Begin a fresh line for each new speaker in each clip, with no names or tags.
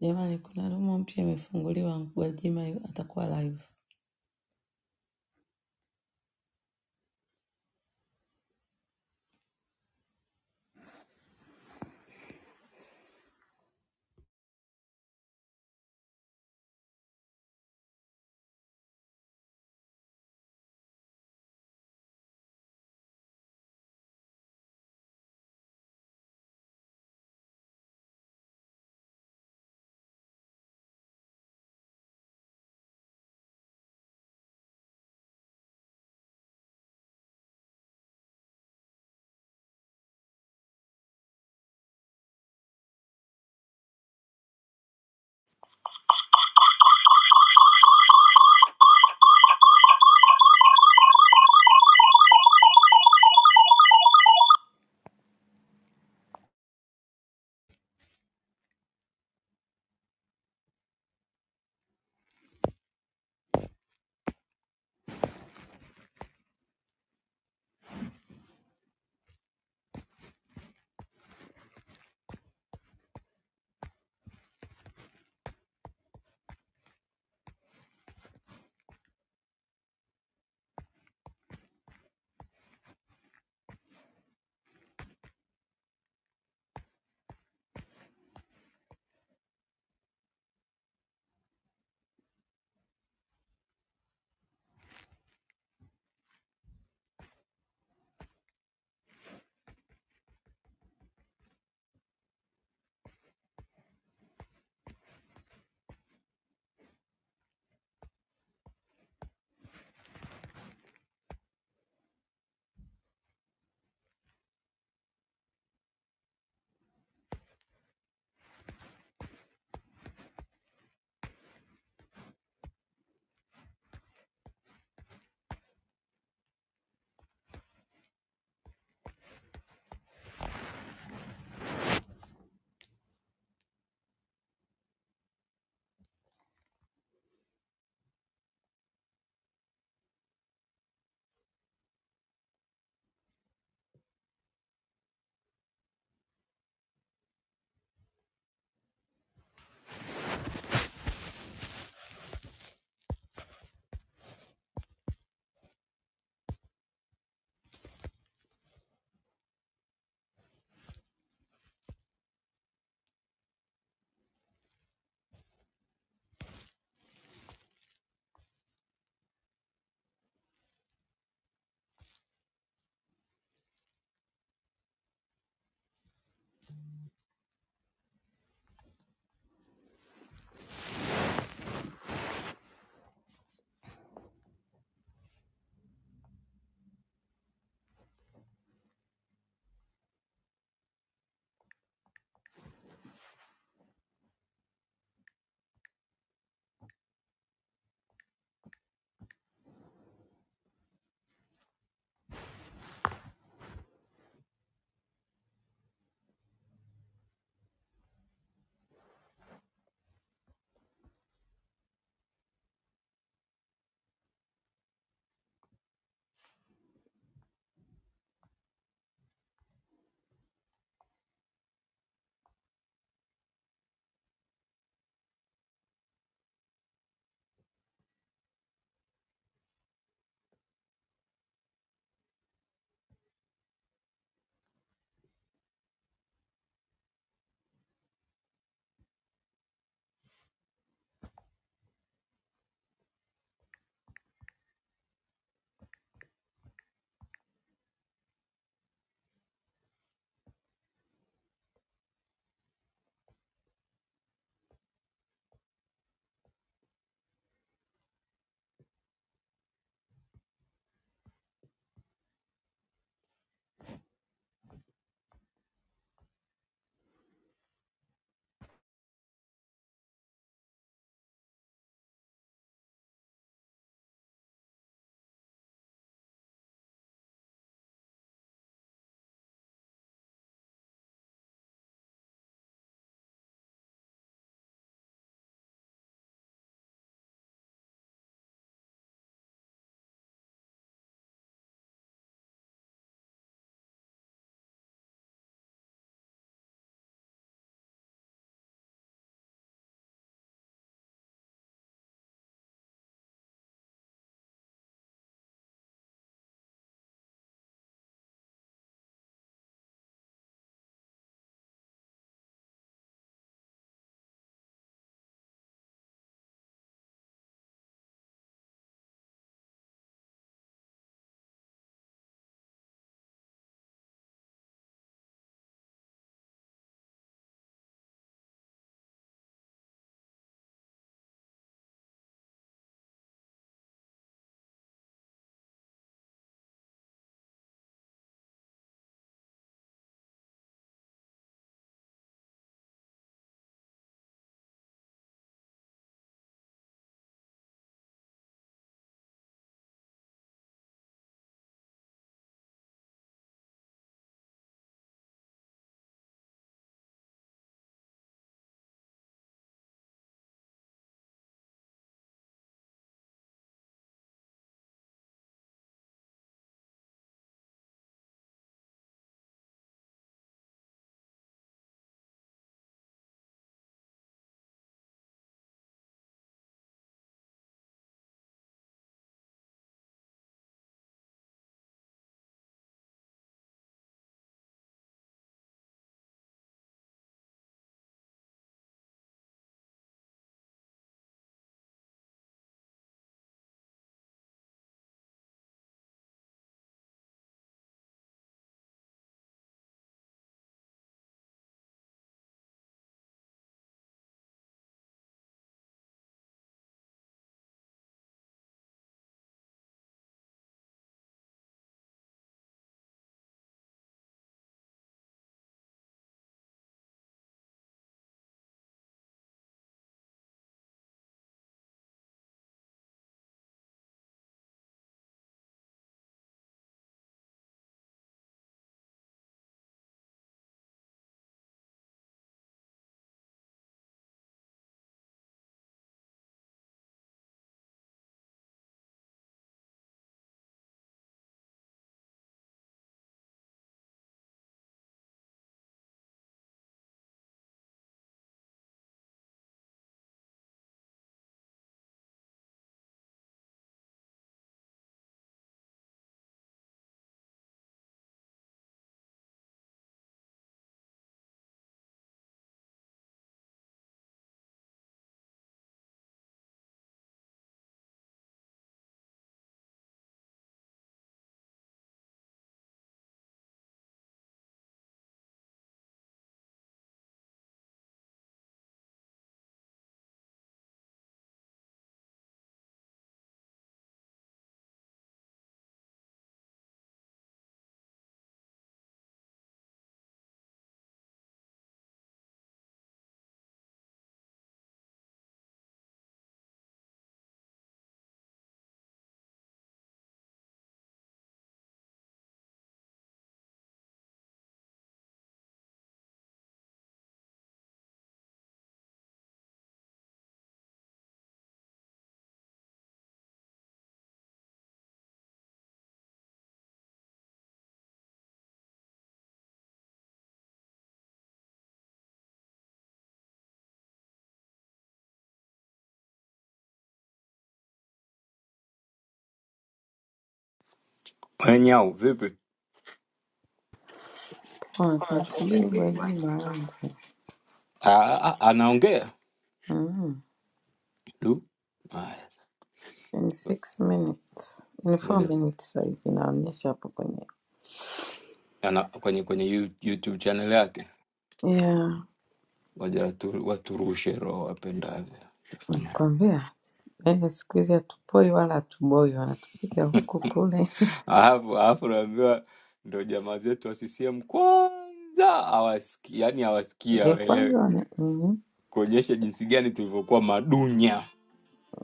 Jamani, kuna room mpya imefunguliwa, Gwajima yu- atakuwa live.
Wenyau vipi?
Haya, tumsubiri Gwajima aanze.
Ah, ah, anaongea
Mm.
du. Haya,
In
basi.
six minutes. In four
Ngoja
minutes sasa hivi inaonyesha hapo kwenye
ana kwenye kwenye You- YouTube channel yake,
yeah.
ngoja watu waturushe roho wapendavyo. Tafanya
Kwambia yaani siku hizi hatupoi wala hatuboi, wanatupiga huku kule.
alafu alafu naambiwa ndo jamaa zetu wa CCM kwanza hawasiki, yani hawasikii
Ya kwanza
hawaelewi,
wana mm.
kuonyesha jinsi gani tulivyokuwa madunya,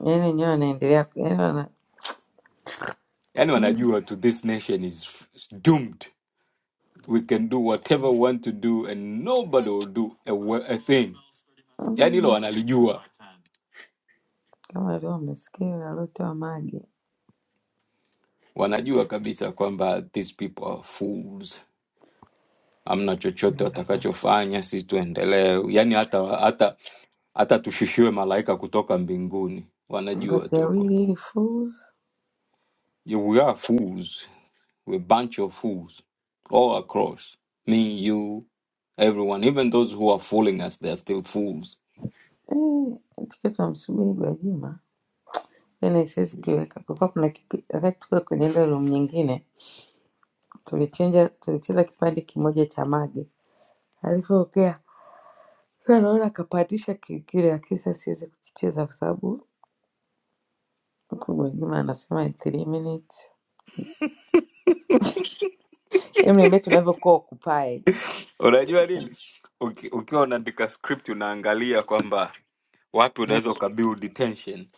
Yaani wenyewe wanaendelea yaani wana
yani
mm.
wanajua tu this nation is is doomed, we can do whatever we want to do and nobody will do a, wa- a thing yaani hilo
Mm.
wanalijua,
Kama leo umesikia aliotoa mage
wanajua kabisa kwamba these people are fools, amna chochote watakachofanya, sisi tuendelee. Yaani hata hata hata tushushiwe malaika kutoka mbinguni,
but
wanajua
they are
tu kwamba
really fools.
you- we are fools, we bunch of fools all across me, you, everyone, even those who are fooling us, they are still fools.
Eh, tukiwa tunamsubiri Gwajima tena siwezi kuiweka, kulikuwa kuna kipi, wakati tuko kwenye ile room nyingine Tulichenja, tulicheza kipande kimoja cha mage, alivyoongea sasa naona akapandisha kingine, lakini sasa siwezi kukicheza kwa sababu huku mwingine anasema in three minutes. Hebu niambie tunavyokuwa occupied.
Unajua
Jesus.
nini, Uki- ukiwa unaandika script unaangalia kwamba wapi
Mm,
unaweza ukabuild tension.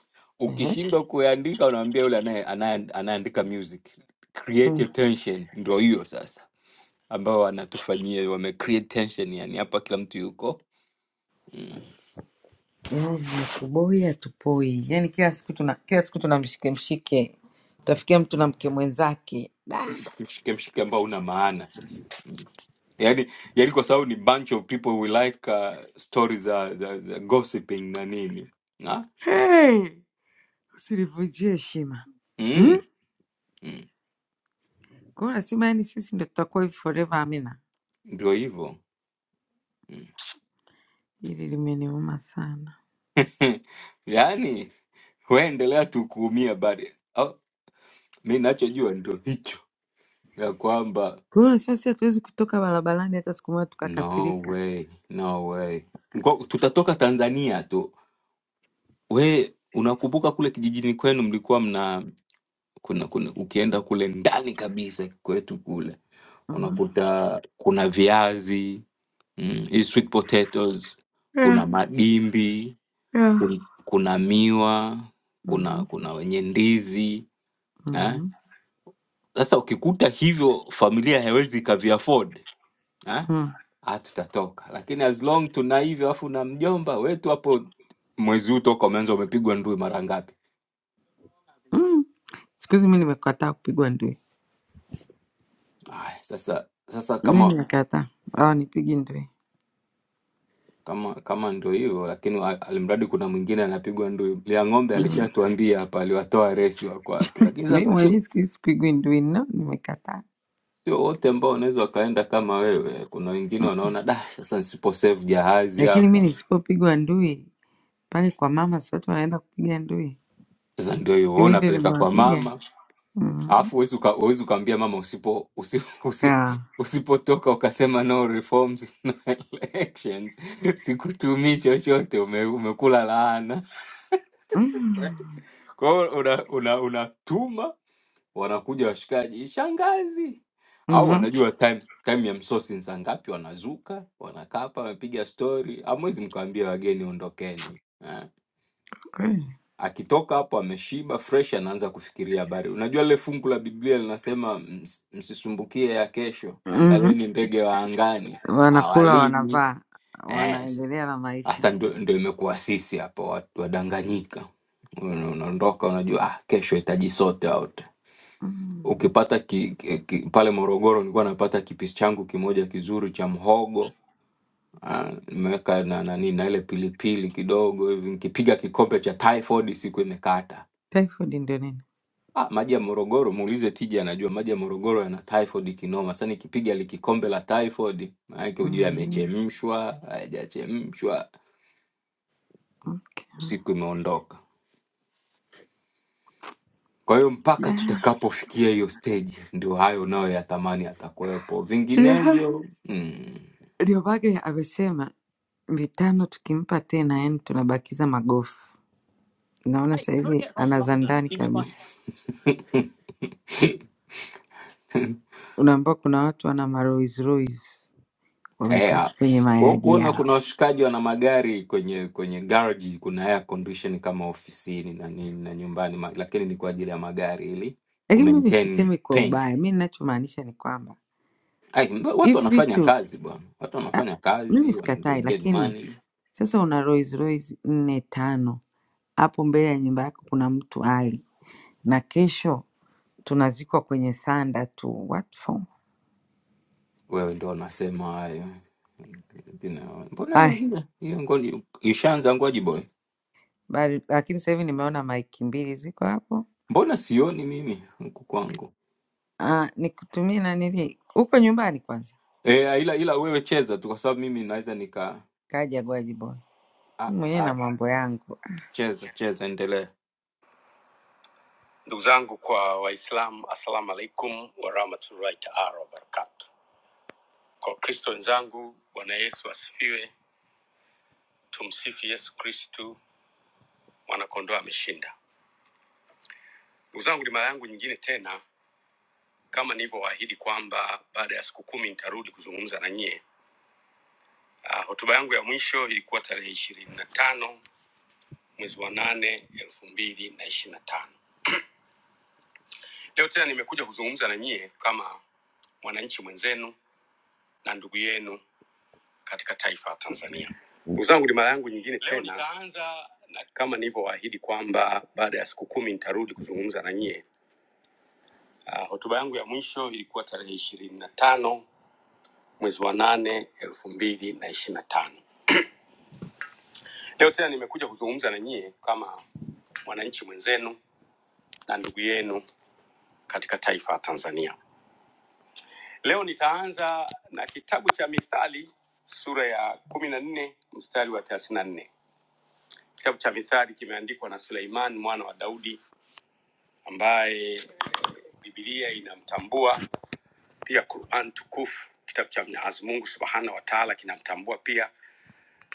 ehe.
Ukishindwa kuandika, unaambia yule anaye anaye- anayeandika music create a
Mm.
tension. Ndio hiyo sasa ambao wanatufanyia wame create tension, yani hapa kila mtu yuko
Yaani tuboi hatupoi, yaani kila siku tuna kila siku tuna mshike mshike, utafikia mtu na mke mwenzake Da.
mshike mshike ambao una maana sasa yani, yani kwa sababu ni bunch of people we like uh, stories za za za gossiping na nini na
hey, usinivunjie heshima hmm?
mm, mm,
Kwa hiyo unasema yani sisi ndo tutakuwa hivi forever? Amina,
ndio hivyo mm.
hili limeniuma sana.
yani we endelea tu kuumia bade. Oh, mi nachojua ndio hicho ya kwamba
Kwa hiyo unasema sisi hatuwezi kutoka barabarani hata siku moja
no
tukakasirika.
way, no way. Ngo- tutatoka Tanzania tu. We unakumbuka kule kijijini kwenu mlikuwa mna kuna, kuna ukienda kule ndani kabisa kwetu kule
Mhm,
unakuta kuna viazi mm, hii sweet potatoes,
yeah,
kuna madimbi,
yeah.
kun- kuna miwa, kuna
mhm,
kuna wenye ndizi eh?
mhm,
Sasa ukikuta hivyo, familia haiwezi ikavi afford eh?
mm,
Ah, tutatoka, lakini as long tuna hivyo, afu na mjomba wetu hapo, mwezi huu toka umeanza umepigwa ndui mara ngapi?
mm. Siku hizi mi nimekataa kupigwa ndui,
Aya, sasa sasa
mi
kama
nimekataa, awanipigi ndui.
kama kama ndio hivyo, lakini wa- alimradi kuna mwingine anapigwa ndui. Lia ng'ombe
Mm.
alishatuambia hapa, aliwatoa resi wa kwake, lakini
Mi
sasa sio
mwenyewe siku hizi sipigwi ndui, no, nimekataa.
sio wote ambao wanaweza wakaenda kama wewe. Kuna wengine wanaona da, sasa nisipo save jahazi
Lakini mi
hapa,
nisipopigwa ndui pale kwa mama, si watu wanaenda kupiga ndui,
sasa ndio hiyo
Si
wewe
mi ndio
unapeleka kwa
nimewapiga.
mama
Mhm,
alafu huwezi uka, huwezi ukaambia mama usipo usi, usi,
yeah.
usipotoka ukasema no reforms no elections sikutumii chochote ume, umekula laana
Mm,
kwa hiyo una, una, unatuma wanakuja washikaji shangazi au
mhm,
wanajua time time ya msosi ni saa ngapi wanazuka wanakaa hapa wamepiga stori amwezi mkawambia wageni ondokeni Eh.
kweli.
akitoka hapo ameshiba fresh anaanza kufikiria habari unajua lile fungu la biblia linasema "Ms- msisumbukie ya kesho
Mhm,
angalieni ndege wa angani
wanakula,
awalimi
wanavaa,
Eh,
wanaendelea na maisha.
sasa ndio, ndio imekuwa sisi hapa watu wadanganyika Una- unaondoka unajua ah, kesho itaji sote out
Mm.
ukipata ki, ki, ki, pale morogoro nilikuwa napata kipisi changu kimoja kizuri cha mhogo ah, nimeweka na nani na ile pilipili kidogo hivi nikipiga kikombe cha typhoid siku imekata
Typhoid ndio nini?
Ah, maji ya Morogoro muulize Tija anajua maji ya Morogoro yana typhoid kinoma. Sasa nikipiga likikombe la typhoid, maana yake ujue
Mm,
yamechemshwa, hayajachemshwa,
okay.
siku imeondoka. Kwa hiyo mpaka
Da,
tutakapofikia hiyo stage ndio hayo nayo yatamani atakuwepo.
ndio ha-
Vinginevyo mm.
ndio bage amesema vitano, tukimpa tena yani tunabakiza magofu. Naona sasa hivi ana za ndani kabisa. Unaambiwa kuna watu wana marois rois
Eh, ah.
wamepaki kwenye
Wewe
mayadi
kuona
yao,
kuna washikaji wana magari kwenye kwenye garage kuna air condition kama ofisini na nini na nyumbani ma- lakini ni kwa ajili ya magari ili
lakini mimi
kumaintain
sisemi kwa
paint
ubaya. Mi ninachomaanisha ni kwamba
Ai, mba- watu
hivi
wanafanya
vitu
kazi bwana, watu
ah,
wanafanya
mimi
kazi, wana they
sikatai,
get
lakini
money.
sasa una Rolls Royce nne tano hapo mbele ya nyumba yako, kuna mtu ali na kesho tunazikwa kwenye sanda tu what for?
Wewe ndio wanasema hayo Lakini, mbona
Ay,
hiyo hiyo ngoni ishaanza ngoji boy,
bali lakini sasa hivi nimeona maiki mbili ziko hapo.
mbona sioni mimi huku kwangu
Ah, nikutumie nanili huko nyumbani kwanza,
e, ila ila wewe cheza tu, kwa sababu mimi naweza nika
kaja Gwaji Boy
a,
Mimi mwenyewe na
a,
mambo yangu.
cheza cheza, endelea
Ndugu zangu kwa Waislamu, assalamu alaikum warahmatullahi taala wabarakatu. Kwa Wakristo wenzangu, Bwana Yesu asifiwe. Tumsifu Yesu Kristu, mwanakondoo ameshinda. Ndugu zangu, ni mara yangu nyingine tena, kama nilivyowaahidi kwamba baada ya siku kumi nitarudi kuzungumza na nyie Uh, hotuba yangu ya mwisho ilikuwa tarehe ishirini na tano mwezi wa nane elfu mbili na ishirini na tano. Leo tena nimekuja kuzungumza na nyie kama mwananchi mwenzenu na ndugu yenu katika taifa la Tanzania. Ndugu zangu, ni mara yangu nyingine tena. Leo nitaanza na kama nilivyowaahidi kwamba baada ya siku kumi nitarudi kuzungumza na nyie. Ah, Hotuba yangu ya mwisho ilikuwa tarehe ishirini na tano mwezi wa nane elfu mbili na ishirini na tano. Leo tena nimekuja kuzungumza na nyie kama mwananchi mwenzenu na ndugu yenu katika taifa la Tanzania. Leo nitaanza na kitabu cha Mithali sura ya kumi na nne mstari wa thelathini na nne. Kitabu cha Mithali kimeandikwa na Suleiman mwana wa Daudi ambaye Biblia inamtambua pia, Quran tukufu kitabu cha Mwenyezi Mungu subhanahu wa taala kinamtambua pia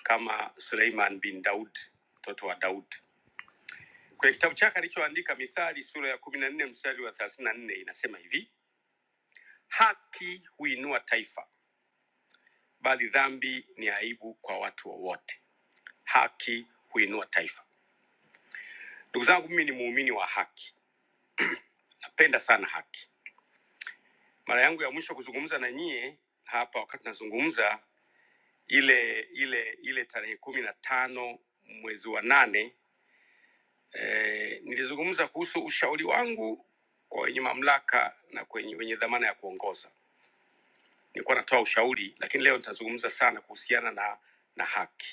kama Suleiman bin Daud, mtoto wa Daud. Kwenye kitabu chake alichoandika Mithali sura ya kumi na nne mstari wa thelathini na nne inasema hivi: haki huinua taifa bali dhambi ni aibu kwa watu wowote. Haki huinua taifa. Ndugu zangu, mimi ni muumini wa haki, napenda sana haki. Mara yangu ya mwisho kuzungumza na nyie hapa, wakati nazungumza ile ile ile tarehe kumi na tano mwezi wa nane eh, nilizungumza kuhusu ushauri wangu kwa wenye mamlaka na kwenye wenye dhamana ya kuongoza. Nilikuwa natoa ushauri, lakini leo nitazungumza sana kuhusiana na na haki.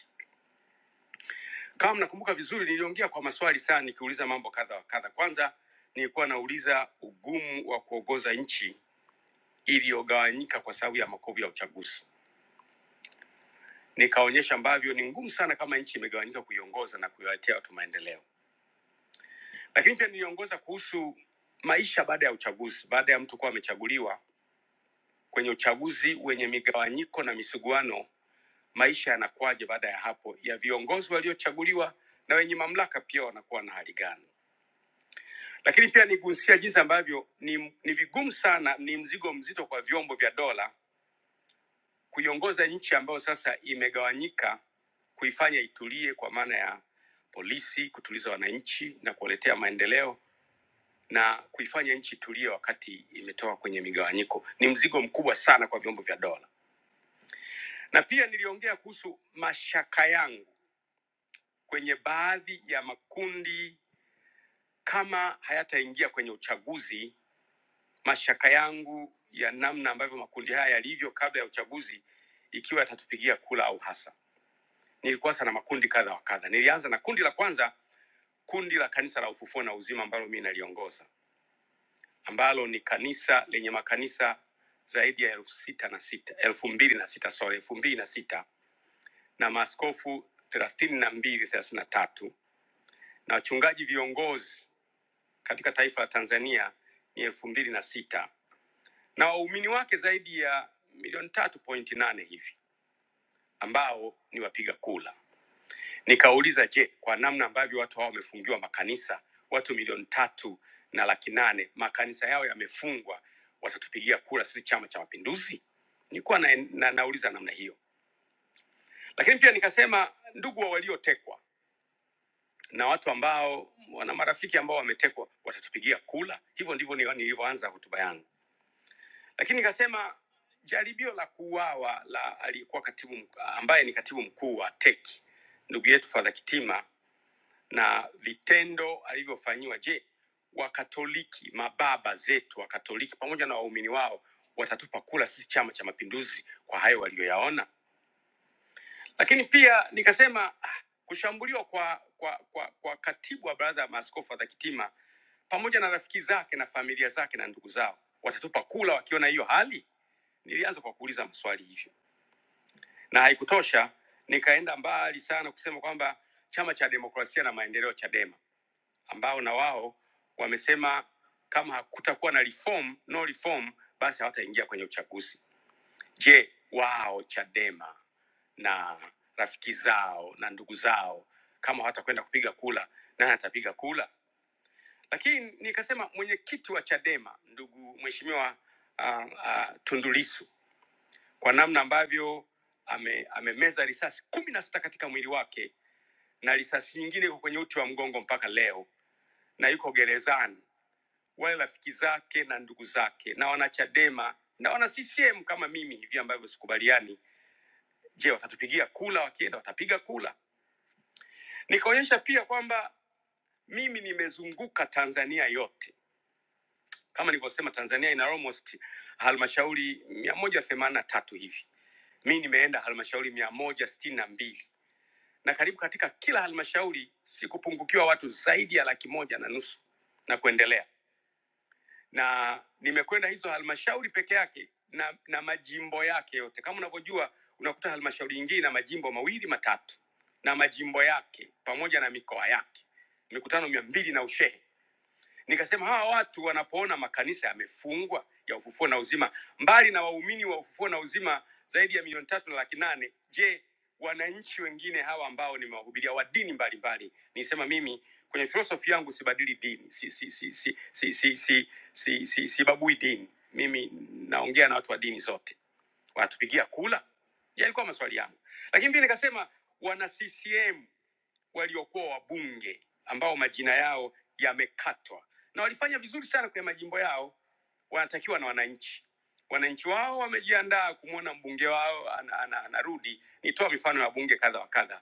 Kama mnakumbuka vizuri, niliongea kwa maswali sana, nikiuliza mambo kadha wa kadha. Kwanza nilikuwa nauliza ugumu wa kuongoza nchi iliyogawanyika kwa sababu ya makovu ya uchaguzi, nikaonyesha ambavyo ni ngumu sana kama nchi imegawanyika kuiongoza na kuiwaletea watu maendeleo. Lakini pia niliongoza kuhusu maisha baada ya uchaguzi, baada ya mtu kuwa amechaguliwa kwenye uchaguzi wenye migawanyiko na misuguano, maisha yanakuwaje baada ya hapo, ya viongozi waliochaguliwa na wenye mamlaka pia wanakuwa na hali gani? Lakini pia nigusia jinsi ambavyo ni, ni vigumu sana, ni mzigo mzito kwa vyombo vya dola kuiongoza nchi ambayo sasa imegawanyika, kuifanya itulie, kwa maana ya polisi kutuliza wananchi na kuwaletea maendeleo na kuifanya nchi tulie wakati imetoka kwenye migawanyiko ni mzigo mkubwa sana kwa vyombo vya dola. Na pia niliongea kuhusu mashaka yangu kwenye baadhi ya makundi, kama hayataingia kwenye uchaguzi mashaka yangu ya namna ambavyo makundi haya yalivyo kabla ya uchaguzi, ikiwa yatatupigia kula au hasa. Nilikuwa sana makundi kadha wa kadha. Nilianza na kundi la kwanza, kundi la kanisa la ufufuo na uzima ambalo mimi naliongoza, ambalo ni kanisa lenye makanisa zaidi ya elfu sita na sita elfu mbili na sita sorry, elfu mbili na sita na maaskofu thelathini na mbili thelathini na tatu na wachungaji viongozi katika taifa la Tanzania ni elfu mbili na sita na waumini wake zaidi ya milioni tatu pointi nane hivi ambao ni wapiga kula. Nikauliza, je, kwa namna ambavyo watu hao wamefungiwa makanisa, watu milioni tatu na laki nane makanisa yao yamefungwa, watatupigia kura sisi Chama cha Mapinduzi? Nilikuwa na, na, nauliza namna hiyo, lakini pia nikasema, ndugu wa waliotekwa na watu ambao wana marafiki ambao wametekwa watatupigia kula. Hivyo ndivyo ni- nilivyoanza hotuba yangu. lakini nikasema jaribio la kuuawa la aliyekuwa katibu mk- ambaye ni katibu mkuu wa TEC ndugu yetu Fadha Kitima na vitendo alivyofanyiwa, je, Wakatoliki mababa zetu wa Katoliki pamoja na waumini wao watatupa kula sisi Chama cha Mapinduzi kwa hayo waliyoyaona? Lakini pia nikasema ah, kushambuliwa kwa, kwa, kwa, kwa katibu wa Baraza ya Maaskofu Fadha Kitima pamoja na rafiki zake na familia zake na ndugu zao watatupa kula wakiona hiyo hali? Nilianza kwa kuuliza maswali hivyo, na haikutosha, nikaenda mbali sana kusema kwamba chama cha demokrasia na maendeleo CHADEMA, ambao na wao wamesema kama hakutakuwa na reform, no reform, basi hawataingia kwenye uchaguzi. Je, wao CHADEMA na rafiki zao na ndugu zao kama hawatakwenda kupiga kula, nani atapiga kula? Lakini nikasema mwenyekiti wa CHADEMA ndugu mheshimiwa uh, uh, Tundu Lissu kwa namna ambavyo ame, amemeza risasi kumi na sita katika mwili wake na risasi nyingine iko kwenye uti wa mgongo mpaka leo na yuko gerezani. Wale rafiki zake na ndugu zake na wanachadema na wana CCM kama mimi hivi ambavyo sikubaliani, je, watatupigia kula? Wakienda watapiga kula. Nikaonyesha pia kwamba mimi nimezunguka Tanzania yote, kama nilivyosema, Tanzania ina almost halmashauri mia moja themanini na tatu hivi, mi nimeenda halmashauri mia moja sitini na mbili na karibu katika kila halmashauri si kupungukiwa watu zaidi ya laki moja na nusu na kuendelea, na nimekwenda hizo halmashauri peke yake na, na majimbo yake yote. Kama unavyojua, unakuta halmashauri nyingine na majimbo mawili matatu na majimbo yake pamoja na mikoa yake, mikutano mia mbili na ushehe Nikasema hawa watu wanapoona makanisa yamefungwa ya ufufuo na uzima, mbali na waumini wa ufufuo na uzima zaidi ya milioni tatu na laki nane, je, wananchi wengine hawa ambao nimewahubiria wa dini mbalimbali? Nisema mimi kwenye filosofi yangu sibadili dini, si si si si si si si si si sibabui dini. Mimi naongea na watu wa dini zote, wanatupigia kula. Ya, Yalikuwa maswali yangu, lakini pia nikasema wana CCM waliokuwa wabunge ambao majina yao yamekatwa na walifanya vizuri sana kwenye majimbo yao wanatakiwa na wananchi wananchi wao wamejiandaa kumwona mbunge wao anarudi. ana- ana- anarudi nitoa mifano ya wabunge kadha wa kadha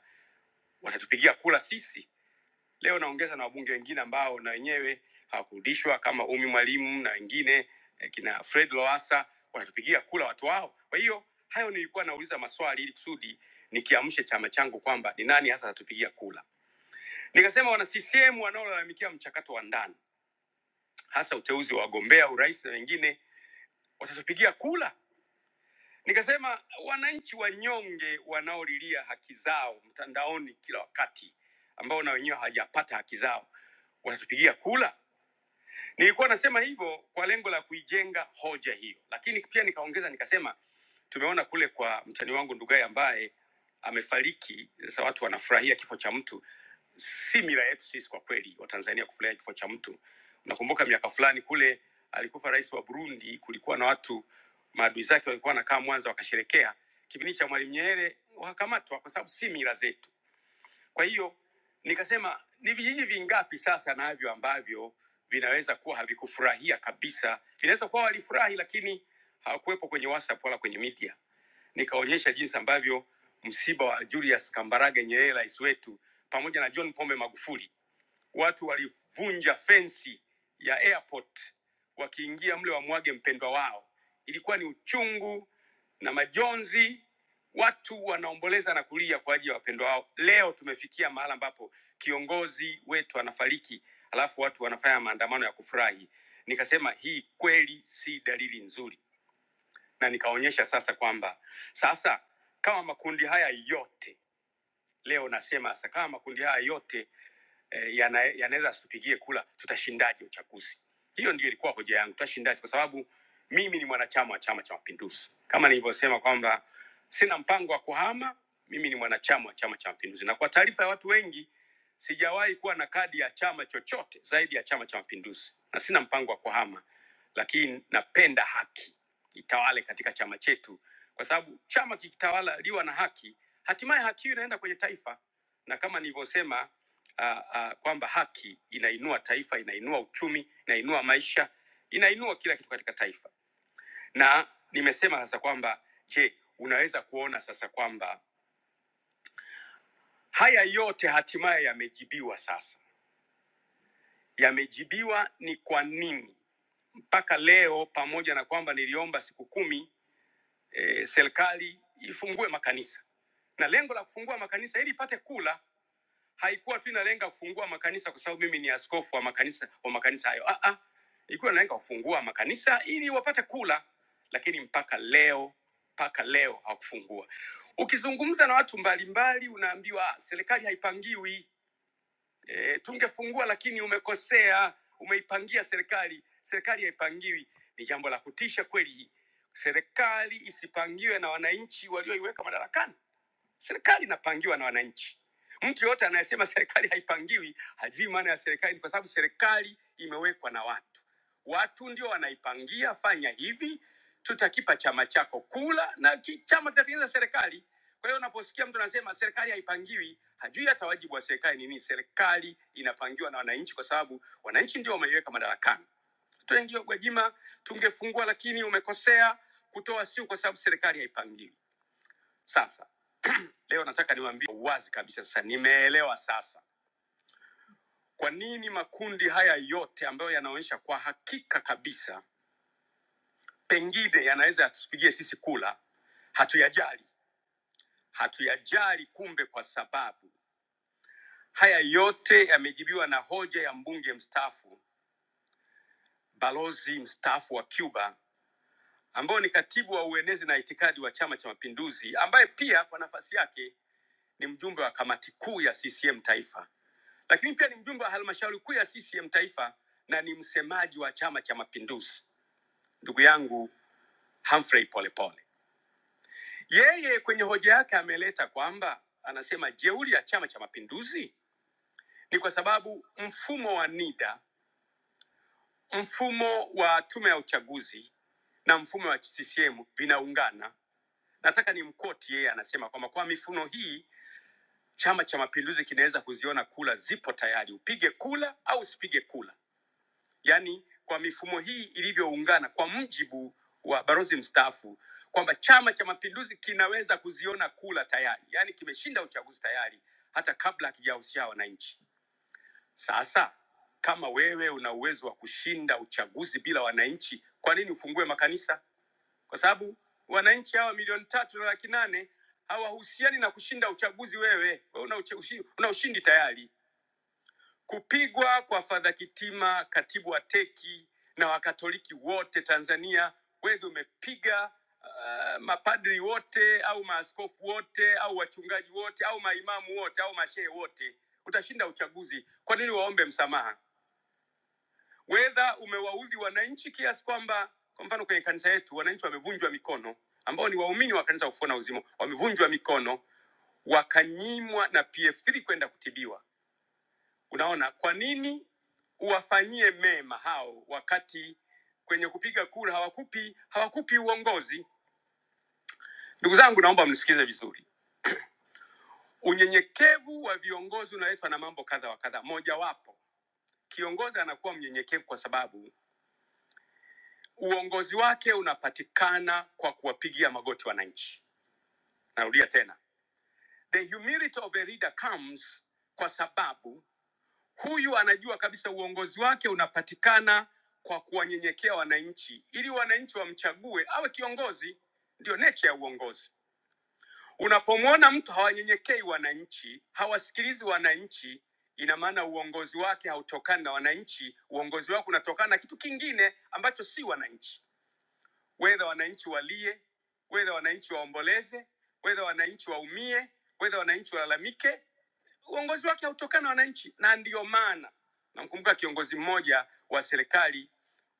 watatupigia kula sisi leo naongeza na wabunge wengine ambao na wenyewe hawakurudishwa kama umi mwalimu na wengine eh, kina fred loasa wanatupigia kula watu wao kwa hiyo hayo nilikuwa nauliza maswali ili kusudi nikiamshe chama changu kwamba ni nani hasa atatupigia kula Nikasema wana CCM wanaolalamikia mchakato wa ndani, hasa uteuzi wa wagombea urais na wengine, watatupigia kula. Nikasema wananchi wanyonge wanaolilia haki zao mtandaoni kila wakati, ambao na wenyewe hawajapata haki zao, watatupigia kula. Nilikuwa nasema hivyo kwa lengo la kuijenga hoja hiyo, lakini pia nikaongeza nikasema, tumeona kule kwa mtani wangu Ndugai ambaye amefariki. Sasa watu wanafurahia kifo cha mtu, si mila yetu sisi kwa kweli Watanzania kufurahia kifo cha mtu. Nakumbuka miaka fulani kule alikufa rais wa Burundi, kulikuwa na watu maadui zake walikuwa wanakaa Mwanza wakasherekea. Kipindi cha Mwalimu Nyerere wakakamatwa, kwa sababu si mila zetu kwa hiyo nikasema ni vijiji vingapi sasa navyo ambavyo vinaweza kuwa havikufurahia kabisa, vinaweza kuwa walifurahi lakini hawakuwepo kwenye WhatsApp wala kwenye media. Nikaonyesha jinsi ambavyo msiba wa Julius Kambarage Nyerere rais wetu pamoja na John Pombe Magufuli watu walivunja fensi ya airport wakiingia mle wamwage mpendwa wao. Ilikuwa ni uchungu na majonzi, watu wanaomboleza na kulia kwa ajili ya wapendwa wao. Leo tumefikia mahala ambapo kiongozi wetu anafariki, alafu watu wanafanya maandamano ya kufurahi. Nikasema hii kweli si dalili nzuri, na nikaonyesha sasa kwamba sasa kama makundi haya yote Leo nasema sasa, kama makundi haya yote eh, yana- yanaweza asitupigie kula, tutashindaje uchaguzi? Hiyo ndio ilikuwa hoja yangu, tutashindaje? Kwa sababu mimi ni mwanachama wa Chama cha Mapinduzi, kama nilivyosema kwamba sina mpango wa kuhama. Mimi ni mwanachama wa Chama cha Mapinduzi, na kwa taarifa ya watu wengi, sijawahi kuwa na kadi ya chama chochote zaidi ya Chama cha Mapinduzi, na sina mpango wa kuhama, lakini napenda haki itawale katika chama chetu, kwa sababu chama kikitawaliwa na haki Hatimaye haki hiyo inaenda kwenye taifa, na kama nilivyosema uh, uh, kwamba haki inainua taifa, inainua uchumi, inainua maisha, inainua kila kitu katika taifa. Na nimesema sasa kwamba je, unaweza kuona sasa kwamba haya yote hatimaye yamejibiwa sasa, yamejibiwa ni kwa nini mpaka leo, pamoja na kwamba niliomba siku kumi eh, serikali ifungue makanisa na lengo la kufungua makanisa ili ipate kula haikuwa tu inalenga kufungua makanisa kwa sababu mimi ni askofu wa makanisa wa makanisa hayo ah, ah. ilikuwa inalenga kufungua makanisa ili wapate kula lakini mpaka leo mpaka leo hawakufungua ukizungumza na watu mbalimbali unaambiwa "Ah, serikali haipangiwi e, tungefungua lakini umekosea umeipangia serikali serikali haipangiwi ni jambo la kutisha kweli serikali isipangiwe na wananchi walioiweka madarakani Serikali inapangiwa na wananchi. Mtu yoyote anayesema serikali haipangiwi hajui maana ya serikali, kwa sababu serikali imewekwa na watu. Watu ndio wanaipangia, fanya hivi, tutakipa chama chako kula, na ki- chama kitatengeneza serikali. Kwa hiyo unaposikia mtu anasema serikali haipangiwi, hajui hata wajibu wa serikali ni nini. Serikali inapangiwa na wananchi, kwa sababu wananchi ndio wameiweka madarakani. Tuengio Gwajima, tungefungua lakini umekosea kutoa siu, kwa sababu serikali haipangiwi. Sasa leo nataka niwaambie kwa uwazi kabisa, sasa nimeelewa sasa kwa nini makundi haya yote ambayo yanaonyesha kwa hakika kabisa pengine yanaweza yatusipigie sisi kula, hatuyajali, hatuyajali. Kumbe kwa sababu haya yote yamejibiwa na hoja ya mbunge mstaafu, balozi mstaafu wa Cuba ambao ni katibu wa uenezi na itikadi wa Chama cha Mapinduzi, ambaye pia kwa nafasi yake ni mjumbe wa kamati kuu ya CCM taifa lakini pia ni mjumbe wa halmashauri kuu ya CCM taifa na ni msemaji wa Chama cha Mapinduzi, ndugu yangu Humphrey Polepole. Yeye kwenye hoja yake ameleta kwamba anasema jeuri ya Chama cha Mapinduzi ni kwa sababu mfumo wa NIDA, mfumo wa tume ya uchaguzi na mfumo wa CCM vinaungana. Nataka nimkoti yeye, anasema kwamba kwa mifuno hii Chama cha Mapinduzi kinaweza kuziona kula zipo tayari, upige kula au usipige kula yaani kwa mifumo hii ilivyoungana, kwa mujibu wa balozi mstaafu kwamba Chama cha Mapinduzi kinaweza kuziona kula tayari, yaani kimeshinda uchaguzi tayari hata kabla hakijahusisha wananchi. Sasa kama wewe una uwezo wa kushinda uchaguzi bila wananchi, kwa nini ufungue makanisa? Kwa sababu wananchi hawa milioni tatu na laki nane hawahusiani na kushinda uchaguzi. Wewe wewe una, uche- ushi- una ushindi tayari. Kupigwa kwa Fadha Kitima, katibu wa teki na wakatoliki wote Tanzania, wedhi umepiga uh, mapadri wote au maaskofu wote au wachungaji wote au maimamu wote au mashehe wote, utashinda uchaguzi. Kwa nini waombe msamaha? Wedha umewaudhi wananchi kiasi kwamba, kwa mfano kwenye kanisa yetu wananchi wamevunjwa mikono, ambao ni waumini wa kanisa Ufufuo na Uzima, wamevunjwa mikono wakanyimwa na PF3 kwenda kutibiwa Unaona, kwa nini uwafanyie mema hao wakati kwenye kupiga kura hawakupi hawakupi uongozi? Ndugu zangu, naomba mnisikize vizuri. Unyenyekevu wa viongozi unaletwa na mambo kadha wa kadha. Mojawapo, kiongozi anakuwa mnyenyekevu kwa sababu uongozi wake unapatikana kwa kuwapigia magoti wananchi. Narudia tena, the humility of a leader comes kwa sababu Huyu anajua kabisa uongozi wake unapatikana kwa kuwanyenyekea wananchi, ili wananchi wamchague awe kiongozi. Ndio nature ya uongozi. Unapomwona mtu hawanyenyekei wananchi, hawasikilizi wananchi, ina maana uongozi wake hautokani na wananchi. Uongozi wake unatokana na kitu kingine ambacho si wananchi wedha wananchi walie, wedha wananchi waomboleze, wedha wananchi waumie, wedha wananchi walalamike. Uongozi wake hautokana na wananchi, na ndiyo maana namkumbuka kiongozi mmoja wa serikali,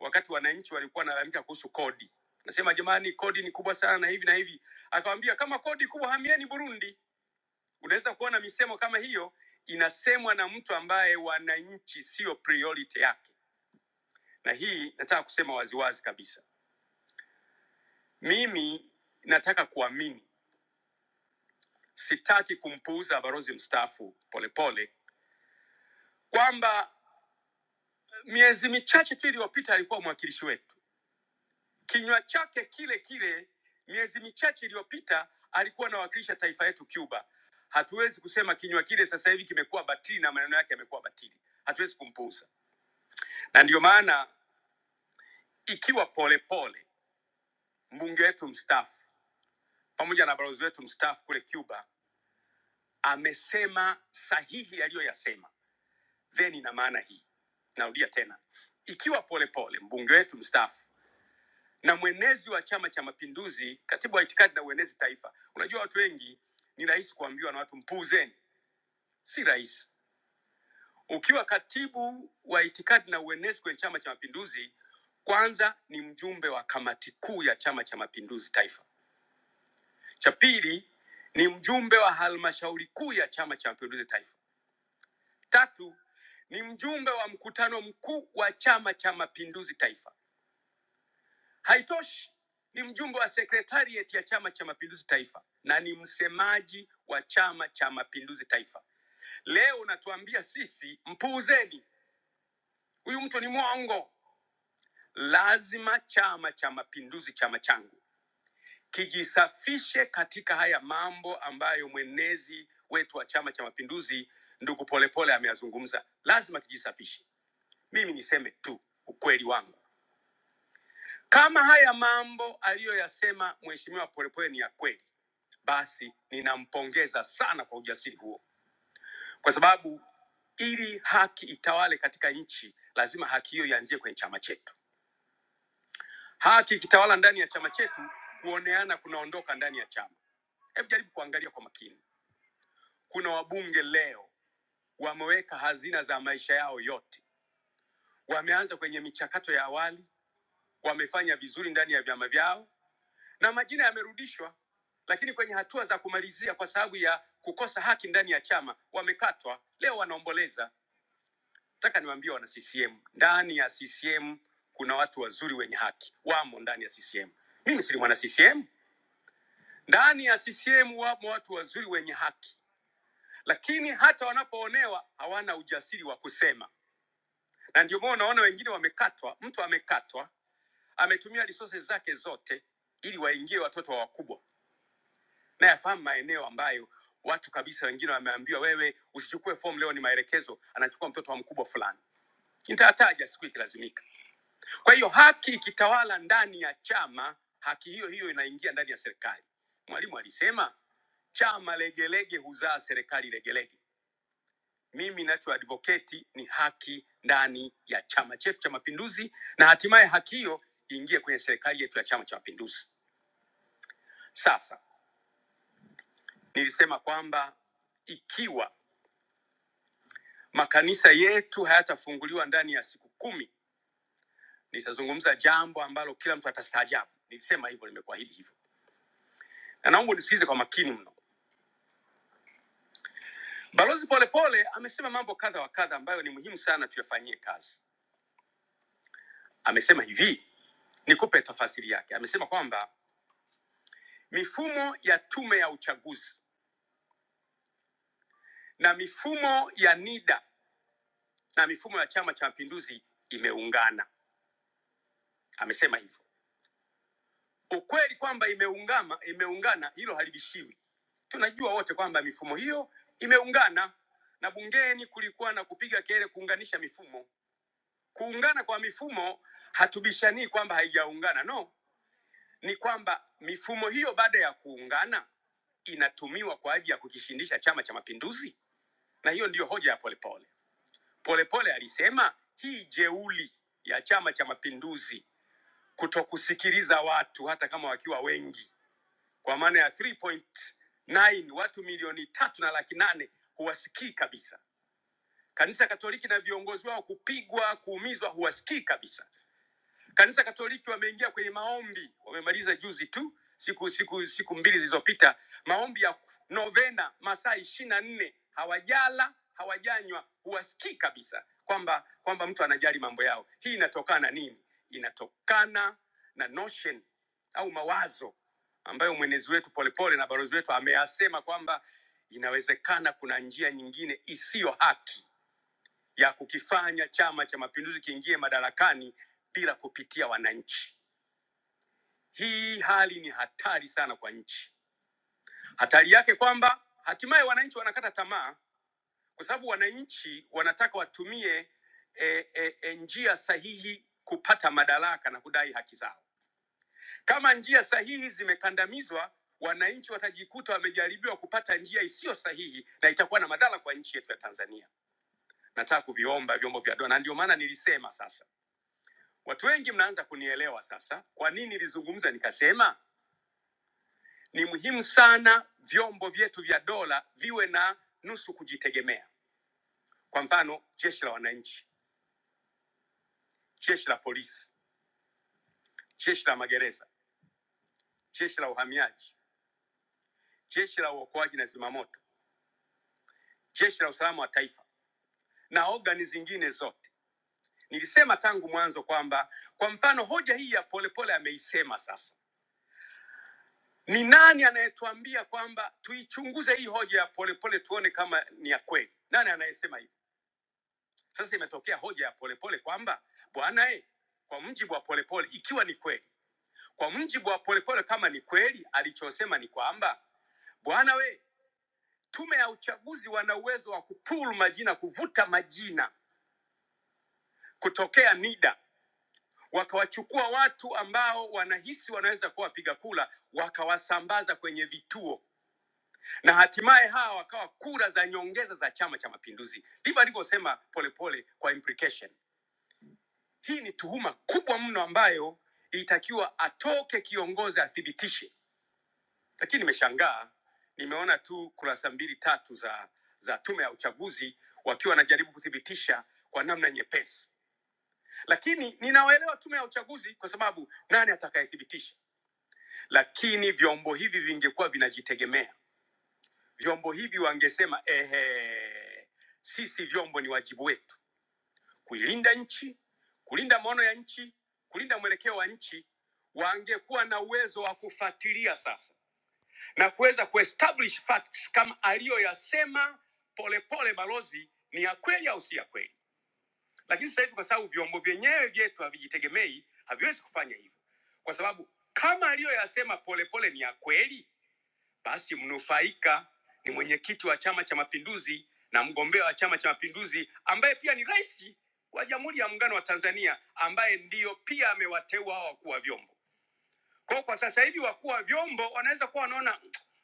wakati wananchi walikuwa wanalalamika kuhusu kodi, nasema jamani, kodi ni kubwa sana na hivi na hivi, akawambia kama kodi kubwa, hamieni Burundi. Unaweza kuona misemo kama hiyo inasemwa na mtu ambaye wananchi sio priority yake, na hii nataka kusema waziwazi kabisa. Mimi nataka kuamini, sitaki kumpuuza balozi mstaafu Polepole kwamba miezi michache tu iliyopita alikuwa mwakilishi wetu, kinywa chake kile kile miezi michache iliyopita alikuwa anawakilisha taifa yetu Cuba. Hatuwezi kusema kinywa kile sasa hivi kimekuwa batili na maneno yake yamekuwa batili, hatuwezi kumpuuza. Na ndiyo maana ikiwa Polepole mbunge wetu mstaafu pamoja na balozi wetu mstaafu kule Cuba amesema sahihi aliyoyasema then ina maana hii narudia tena ikiwa polepole mbunge wetu mstaafu na mwenezi wa chama cha mapinduzi katibu wa itikadi na uenezi taifa unajua watu wengi ni rahisi kuambiwa na watu mpuuzeni si rahisi ukiwa katibu wa itikadi na uenezi kwenye chama cha mapinduzi kwanza ni mjumbe wa kamati kuu ya chama cha mapinduzi taifa cha pili ni mjumbe wa halmashauri kuu ya chama cha mapinduzi taifa tatu ni mjumbe wa mkutano mkuu wa chama cha mapinduzi taifa Haitoshi, ni mjumbe wa sekretarieti ya Chama cha Mapinduzi Taifa na ni msemaji wa Chama cha Mapinduzi Taifa. Leo unatuambia sisi, mpuuzeni, huyu mtu ni mwongo. Lazima Chama cha Mapinduzi, chama changu, kijisafishe katika haya mambo ambayo mwenezi wetu wa Chama cha Mapinduzi ndugu Polepole ameyazungumza. Lazima kijisafishe. Mimi niseme tu ukweli wangu. Kama haya mambo aliyoyasema Mheshimiwa Polepole ni ya kweli, basi ninampongeza sana kwa ujasiri huo, kwa sababu ili haki itawale katika nchi, lazima haki hiyo ianzie kwenye chama chetu. Haki ikitawala ndani ya chama chetu, kuoneana kunaondoka ndani ya chama. Hebu jaribu kuangalia kwa makini, kuna wabunge leo wameweka hazina za maisha yao yote, wameanza kwenye michakato ya awali, wamefanya vizuri ndani ya vyama vyao, na majina yamerudishwa, lakini kwenye hatua za kumalizia kwa sababu ya kukosa haki ndani ya chama wamekatwa. Leo wanaomboleza. Nataka niwaambie wana CCM, ndani ya CCM kuna watu wazuri wenye haki, wamo ndani ya CCM. Mimi si mwana CCM. Ndani ya CCM wamo watu wazuri wenye haki, lakini hata wanapoonewa hawana ujasiri wa kusema, na ndio maana unaona wengine wamekatwa. Mtu amekatwa, ametumia resources zake zote ili waingie watoto wa wakubwa na yafahamu maeneo ambayo watu kabisa wengine wameambiwa wewe usichukue fomu leo ni maelekezo anachukua mtoto wa mkubwa fulani nitataja siku ikilazimika kwa hiyo haki ikitawala ndani ya chama haki hiyo hiyo inaingia ndani ya serikali mwalimu alisema chama legelege huzaa serikali legelege mimi nachoadvoketi ni haki ndani ya chama chetu cha mapinduzi na hatimaye haki hiyo iingie kwenye serikali yetu ya chama cha mapinduzi sasa nilisema kwamba ikiwa makanisa yetu hayatafunguliwa ndani ya siku kumi nitazungumza jambo ambalo kila mtu atastaajabu nilisema hivyo nimekuahidi hivyo na naomba nisikize kwa makini mno balozi polepole amesema mambo kadha wa kadha ambayo ni muhimu sana tuyafanyie kazi amesema hivi nikupe tafasiri yake amesema kwamba mifumo ya tume ya uchaguzi na mifumo ya nida na mifumo ya chama cha mapinduzi imeungana amesema hivyo Ukweli kwamba imeungama imeungana, hilo halibishiwi. Tunajua wote kwamba mifumo hiyo imeungana, na bungeni kulikuwa na kupiga kelele kuunganisha mifumo. Kuungana kwa mifumo hatubishanii kwamba haijaungana, no, ni kwamba mifumo hiyo baada ya kuungana inatumiwa kwa ajili ya kukishindisha Chama cha Mapinduzi, na hiyo ndiyo hoja ya Polepole. Polepole alisema hii jeuli ya Chama cha Mapinduzi kutokusikiliza watu hata kama wakiwa wengi kwa maana ya 3.9 watu milioni tatu na laki nane huwasikii kabisa. Kanisa Katoliki na viongozi wao kupigwa, kuumizwa, huwasikii kabisa. Kanisa Katoliki wameingia kwenye maombi, wamemaliza juzi tu, siku siku siku mbili zilizopita, maombi ya novena masaa ishirini na nne, hawajala hawajanywa, huwasikii kabisa kwamba kwamba mtu anajali mambo yao. Hii inatokana na nini? Inatokana na notion au mawazo ambayo mwenezi wetu Polepole na balozi wetu ameyasema kwamba inawezekana kuna njia nyingine isiyo haki ya kukifanya Chama cha Mapinduzi kiingie madarakani bila kupitia wananchi. Hii hali ni hatari sana kwa nchi. Hatari yake kwamba hatimaye wananchi wanakata tamaa, kwa sababu wananchi wanataka watumie e, e, e, njia sahihi kupata madaraka na kudai haki zao. Kama njia sahihi zimekandamizwa, wananchi watajikuta wamejaribiwa kupata njia isiyo sahihi, na itakuwa na madhara kwa nchi yetu ya Tanzania. Nataka kuviomba vyombo vya dola, na ndio maana nilisema sasa Watu wengi mnaanza kunielewa sasa, kwa nini nilizungumza nikasema ni muhimu sana vyombo vyetu vya dola viwe na nusu kujitegemea. Kwa mfano, jeshi la wananchi, jeshi la polisi, jeshi la magereza, jeshi la uhamiaji, jeshi la uokoaji na zimamoto, jeshi la usalama wa taifa na ogani zingine zote. Nilisema tangu mwanzo kwamba, kwa mfano, hoja hii ya polepole ameisema sasa Ni nani anayetuambia kwamba tuichunguze hii hoja ya polepole tuone kama ni ya kweli? Nani anayesema hivyo? Sasa imetokea hoja ya polepole kwamba bwana e, kwa mujibu wa polepole, ikiwa ni kweli, kwa mujibu wa polepole, kama ni kweli, alichosema ni kwamba bwana we, tume ya uchaguzi wana uwezo wa kupul majina, kuvuta majina kutokea NIDA, wakawachukua watu ambao wanahisi wanaweza kuwa wapiga kura, wakawasambaza kwenye vituo na hatimaye hawa wakawa kura za nyongeza za Chama cha Mapinduzi. Ndivyo alivyosema Polepole kwa implication. Hii ni tuhuma kubwa mno ambayo ilitakiwa atoke kiongozi athibitishe, lakini nimeshangaa, nimeona tu kurasa mbili tatu za za tume ya uchaguzi wakiwa wanajaribu kuthibitisha kwa namna nyepesi, lakini ninawaelewa tume ya uchaguzi kwa sababu nani atakayethibitisha, lakini vyombo hivi vingekuwa vinajitegemea Vyombo hivi wangesema ehe, sisi vyombo ni wajibu wetu kuilinda nchi, kulinda maono ya nchi, kulinda mwelekeo wa nchi. Wangekuwa na uwezo wa kufuatilia sasa na kuweza kuestablish facts kama aliyoyasema Polepole balozi ni ya kweli au si ya kweli. Lakini sasa hivi kwa sababu vyombo vyenyewe vyetu havijitegemei, haviwezi kufanya hivyo, kwa sababu kama aliyoyasema Polepole ni ya kweli basi mnufaika ni mwenyekiti wa Chama cha Mapinduzi na mgombea wa Chama cha Mapinduzi ambaye pia ni rais wa Jamhuri ya Muungano wa Tanzania, ambaye ndiyo pia amewateua hawa wakuu wa vyombo. Kwa, kwa sasa hivi wakuu wa vyombo wanaweza kuwa wanaona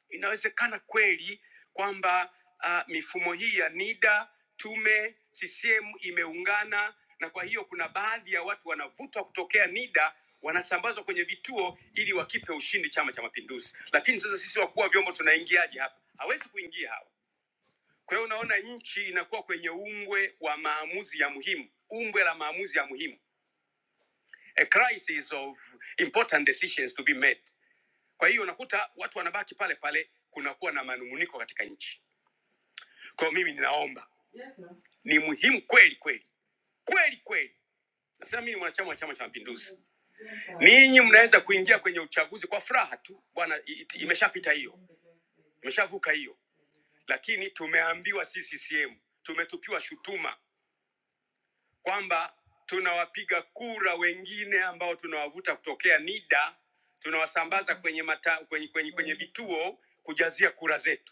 inawezekana kweli kwamba uh, mifumo hii ya NIDA, tume, CCM imeungana na kwa hiyo kuna baadhi ya watu wanavutwa kutokea NIDA wanasambazwa kwenye vituo ili wakipe ushindi Chama cha Mapinduzi. Lakini sasa sisi wakuu wa vyombo tunaingiaje hapa? Hawezi kuingia hawa. Kwa hiyo unaona nchi inakuwa kwenye ungwe wa maamuzi ya muhimu, ungwe la maamuzi ya muhimu, a crisis of important decisions to be made kwa hiyo unakuta watu wanabaki pale pale, kunakuwa na manung'uniko katika nchi. Kwa hiyo mimi ninaomba, ni muhimu kweli kweli kweli kweli Nasema mimi ni mwanachama wa Chama cha Mapinduzi. Ninyi mnaweza kuingia kwenye uchaguzi kwa furaha tu bwana, i- i- imeshapita hiyo, imeshavuka hiyo, lakini tumeambiwa sisi CCM, tumetupiwa shutuma kwamba tunawapiga kura wengine ambao tunawavuta kutokea NIDA, tunawasambaza kwenye, mata, kwenye, kwenye, kwenye vituo kujazia kura zetu.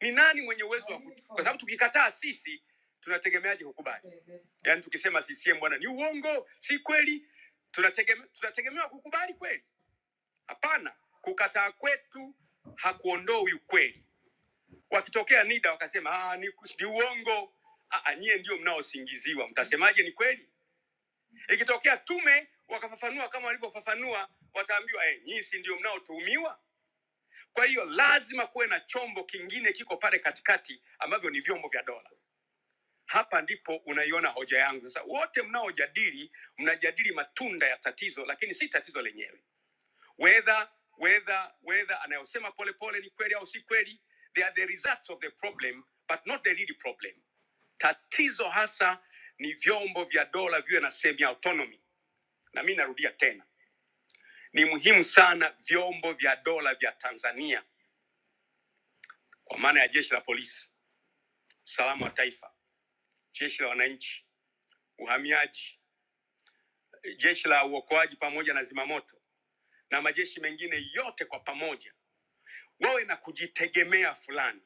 ni nani mwenye uwezo wa kutu? Kwa sababu tukikataa sisi tunategemeaje kukubali? Yaani tukisema CCM bwana ni uongo, si kweli, tunategeme, tunategemewa kukubali kweli? Hapana, kukataa kwetu hakuondoi ukweli. Wakitokea NIDA wakasema ah, ni, ni uongo, ah, ah, nyie ndio mnaosingiziwa, mtasemaje ni kweli? Ikitokea tume wakafafanua kama walivyofafanua, wataambiwa eh, nyinyi si ndio mnaotuhumiwa. Kwa hiyo lazima kuwe na chombo kingine kiko pale katikati ambavyo ni vyombo vya dola Hapa ndipo unaiona hoja yangu. Sasa wote mnaojadili, mnajadili matunda ya tatizo, lakini si tatizo lenyewe. Whether whether whether anayosema polepole ni kweli au si kweli, they are the results of the problem but not the real problem. Tatizo hasa ni vyombo vya dola viwe na sehemu ya autonomy, na mi narudia tena, ni muhimu sana vyombo vya dola vya Tanzania kwa maana ya jeshi la polisi, usalama wa taifa, jeshi la wananchi, uhamiaji jeshi la uokoaji pamoja na zimamoto na majeshi mengine yote kwa pamoja wawe na kujitegemea fulani,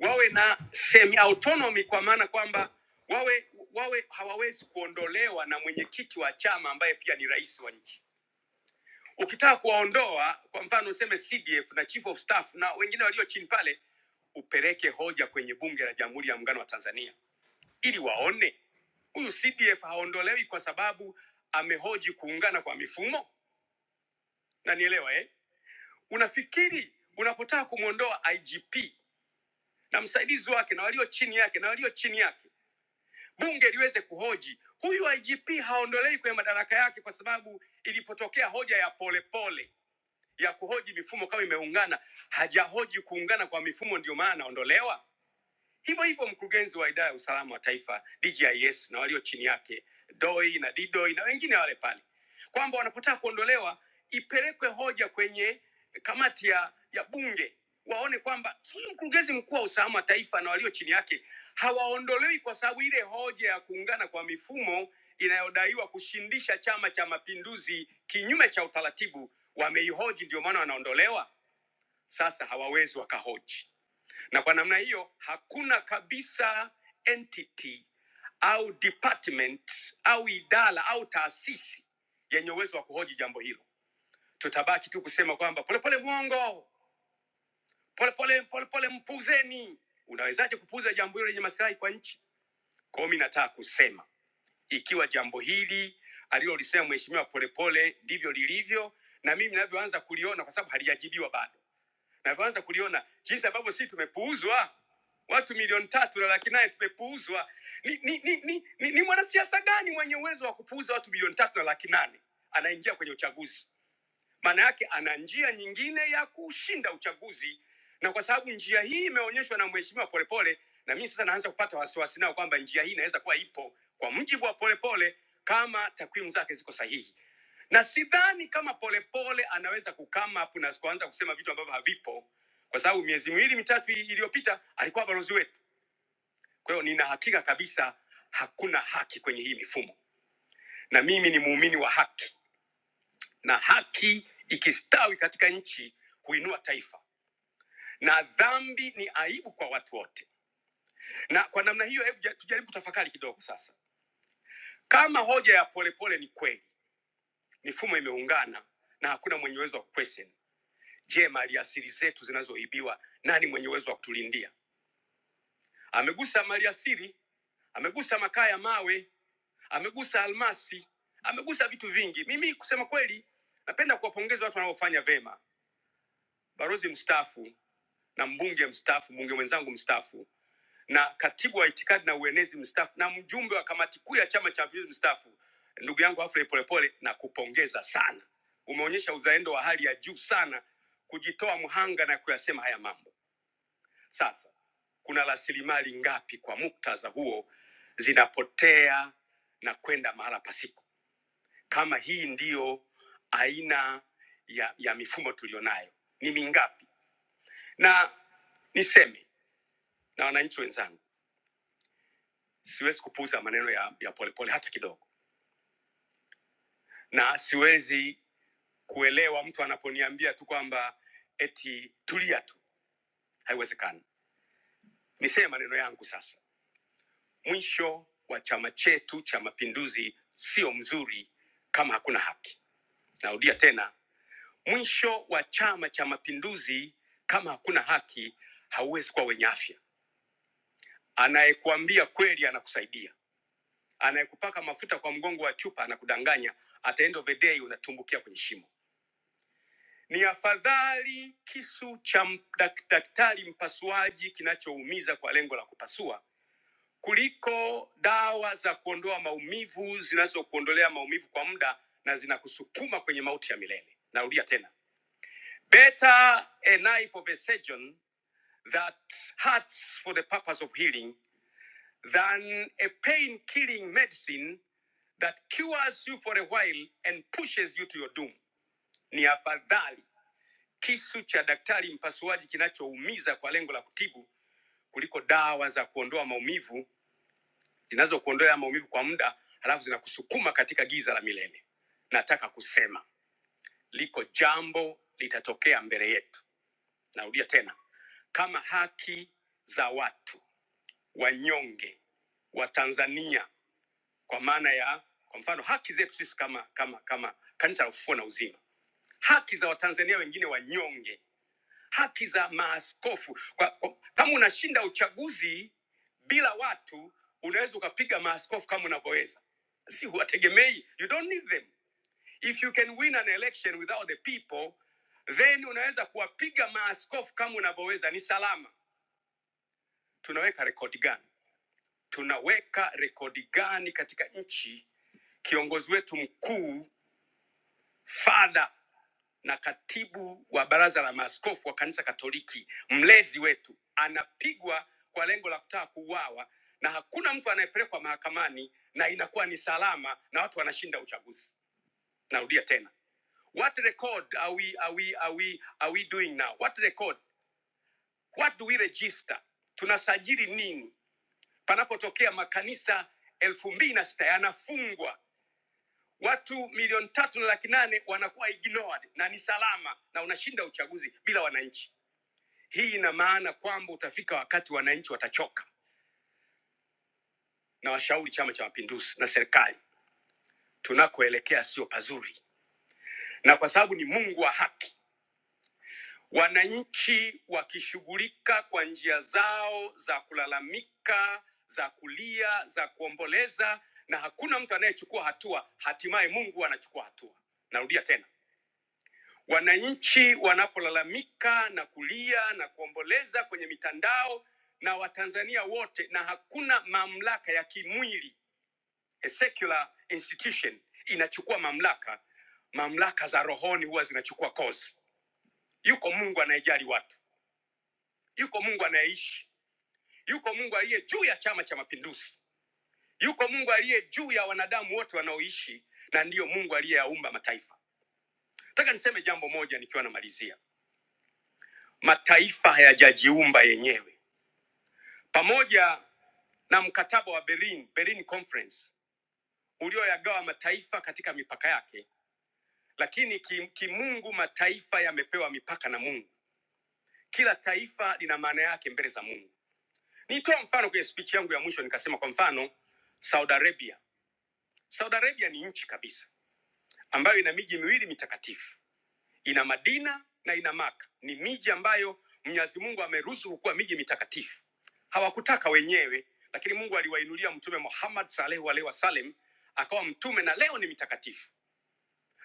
wawe na semi autonomy, kwa maana kwamba wawe wawe hawawezi kuondolewa na mwenyekiti wa chama ambaye pia ni rais wa nchi. Ukitaka kuwaondoa, kwa mfano useme CDF na chief of staff na wengine walio chini pale, upeleke hoja kwenye bunge la Jamhuri ya Muungano wa Tanzania ili waone huyu CDF haondolewi kwa sababu amehoji kuungana kwa mifumo nanielewa eh? Unafikiri unapotaka kumwondoa IGP na msaidizi wake na walio chini yake na walio chini yake, bunge liweze kuhoji huyu IGP haondolewi kwenye madaraka yake, kwa sababu ilipotokea hoja ya polepole pole ya kuhoji mifumo kama imeungana, hajahoji kuungana kwa mifumo, ndio maana anaondolewa. Hivyo hivyo mkurugenzi wa idara ya usalama wa taifa DGIS na walio chini yake DOI na DDOI na wengine wale pale, kwamba wanapotaka kuondolewa ipelekwe hoja kwenye kamati ya, ya bunge waone kwamba huyu mkurugenzi mkuu wa usalama wa taifa na walio chini yake hawaondolewi kwa sababu ile hoja ya kuungana kwa mifumo inayodaiwa kushindisha Chama cha Mapinduzi kinyume cha utaratibu wameihoji, ndio maana wanaondolewa. Sasa hawawezi wakahoji na kwa namna hiyo hakuna kabisa entity au department au idara au taasisi yenye uwezo wa kuhoji jambo hilo. Tutabaki tu kusema kwamba polepole mwongo, polepole polepole mpuzeni. Unawezaje kupuuza jambo hilo lenye masilahi kwa nchi? Kwa hiyo mi nataka kusema ikiwa jambo hili alilolisema mheshimiwa Polepole ndivyo lilivyo, na mimi ninavyoanza kuliona, kwa sababu halijajibiwa bado na kuanza kuliona jinsi ambavyo sisi tumepuuzwa watu milioni tatu na laki nane tumepuuzwa ni, ni, ni, ni, ni, ni mwanasiasa gani mwenye uwezo wa kupuuza watu milioni tatu na laki nane anaingia kwenye uchaguzi maana yake ana njia nyingine ya kushinda uchaguzi, na kwa sababu njia hii imeonyeshwa na Mheshimiwa Polepole, na mimi sasa naanza kupata wasiwasi nao kwamba njia hii inaweza kuwa ipo kwa mujibu wa Polepole kama takwimu zake ziko sahihi, na sidhani kama Polepole anaweza kukama hapo na kuanza kusema vitu ambavyo havipo, kwa sababu miezi miwili mitatu hii iliyopita alikuwa balozi wetu. Kwa hiyo nina hakika kabisa hakuna haki kwenye hii mifumo, na mimi ni muumini wa haki na haki ikistawi katika nchi huinua taifa na dhambi ni aibu kwa watu wote na kwa namna hiyo hebu ja- tujaribu kutafakari kidogo sasa kama hoja ya polepole ni kweli mifumo imeungana na hakuna mwenye uwezo wa kuquestion je maliasili zetu zinazoibiwa nani mwenye uwezo wa kutulindia amegusa maliasili amegusa makaa ya mawe amegusa almasi amegusa vitu vingi mimi kusema kweli napenda kuwapongeza watu wanaofanya vema balozi mstaafu na mbunge mstaafu, mbunge mwenzangu mstaafu na katibu wa itikadi na uenezi mstaafu na mjumbe wa kamati kuu ya Chama cha Mapinduzi mstaafu, ndugu yangu Afrey Polepole, na kupongeza sana. Umeonyesha uzalendo wa hali ya juu sana, kujitoa mhanga na kuyasema haya mambo. Sasa kuna rasilimali ngapi kwa muktadha huo zinapotea na kwenda mahala pasipo? Kama hii ndiyo aina ya, ya mifumo tulionayo, ni mingapi? na niseme na wananchi wenzangu, siwezi kupuuza maneno ya, ya Polepole hata kidogo, na siwezi kuelewa mtu anaponiambia tu kwamba eti tulia tu, haiwezekani. Niseme maneno yangu sasa. Mwisho wa chama chetu cha Mapinduzi sio mzuri kama hakuna haki. Narudia tena, mwisho wa chama cha Mapinduzi kama hakuna haki hauwezi kuwa wenye afya. Anayekuambia kweli anakusaidia Anayekupaka mafuta kwa mgongo wa chupa anakudanganya, at the end of the day unatumbukia kwenye shimo. Ni afadhali kisu cha m- dak- daktari mpasuaji kinachoumiza kwa lengo la kupasua kuliko dawa za kuondoa maumivu zinazokuondolea maumivu kwa muda na zinakusukuma kwenye mauti ya milele. Narudia tena, better a knife of a surgeon that hurts for the purpose of healing than a pain killing medicine that cures you for a while and pushes you to your doom. Ni afadhali kisu cha daktari mpasuaji kinachoumiza kwa lengo la kutibu kuliko dawa za kuondoa maumivu zinazokuondoa maumivu kwa muda halafu zinakusukuma katika giza la milele. Nataka kusema liko jambo litatokea mbele yetu. Narudia tena, kama haki za watu wanyonge wa Tanzania kwa maana ya kwa mfano haki zetu sisi kama kama kama kanisa la ufufuo na uzima haki za watanzania wengine wanyonge haki za maaskofu kwa, kwa, kama unashinda uchaguzi bila watu unaweza ukapiga maaskofu kama unavyoweza si huwategemei you don't need them if you can win an election without the people then unaweza kuwapiga maaskofu kama unavyoweza ni salama tunaweka rekodi gani tunaweka rekodi gani katika nchi kiongozi wetu mkuu fadha na katibu wa baraza la maaskofu wa kanisa Katoliki, mlezi wetu, anapigwa kwa lengo la kutaka kuuawa na hakuna mtu anayepelekwa mahakamani na inakuwa ni salama na watu wanashinda uchaguzi. Narudia tena, what record are we, are we, are we, are we doing now? What record? What do we register? Tunasajili nini panapotokea makanisa elfu mbili na sita yanafungwa watu milioni tatu na laki nane wanakuwa ignored na ni salama na unashinda uchaguzi bila wananchi hii ina maana kwamba utafika wakati wananchi watachoka na washauri chama cha mapinduzi na serikali tunakoelekea sio pazuri na kwa sababu ni mungu wa haki wananchi wakishughulika kwa njia zao za kulalamika za kulia za kuomboleza na hakuna mtu anayechukua hatua hatimaye mungu anachukua hatua narudia tena Wananchi wanapolalamika na kulia na kuomboleza kwenye mitandao na Watanzania wote, na hakuna mamlaka ya kimwili, a secular institution inachukua mamlaka, mamlaka za rohoni huwa zinachukua kozi. Yuko Mungu anayejali watu, yuko Mungu anayeishi, yuko Mungu aliye juu ya Chama cha Mapinduzi, yuko Mungu aliye juu ya wanadamu wote wanaoishi, na ndiyo Mungu aliyeyaumba mataifa. Nataka niseme jambo moja nikiwa namalizia, mataifa hayajajiumba yenyewe pamoja na mkataba wa Berlin, Berlin Conference ulioyagawa mataifa katika mipaka yake, lakini ki- kimungu mataifa yamepewa mipaka na Mungu. Kila taifa lina maana yake mbele za Mungu. Nitoa mfano kwenye speech yangu ya mwisho, nikasema kwa mfano Saudi Arabia. Saudi Arabia ni nchi kabisa ambayo ina miji miwili mitakatifu ina Madina na ina Maka. Ni miji ambayo Mwenyezi Mungu ameruhusu kuwa miji mitakatifu. Hawakutaka wenyewe, lakini Mungu aliwainulia Mtume Muhammad sallallahu alaihi wasallam akawa mtume na leo ni mitakatifu.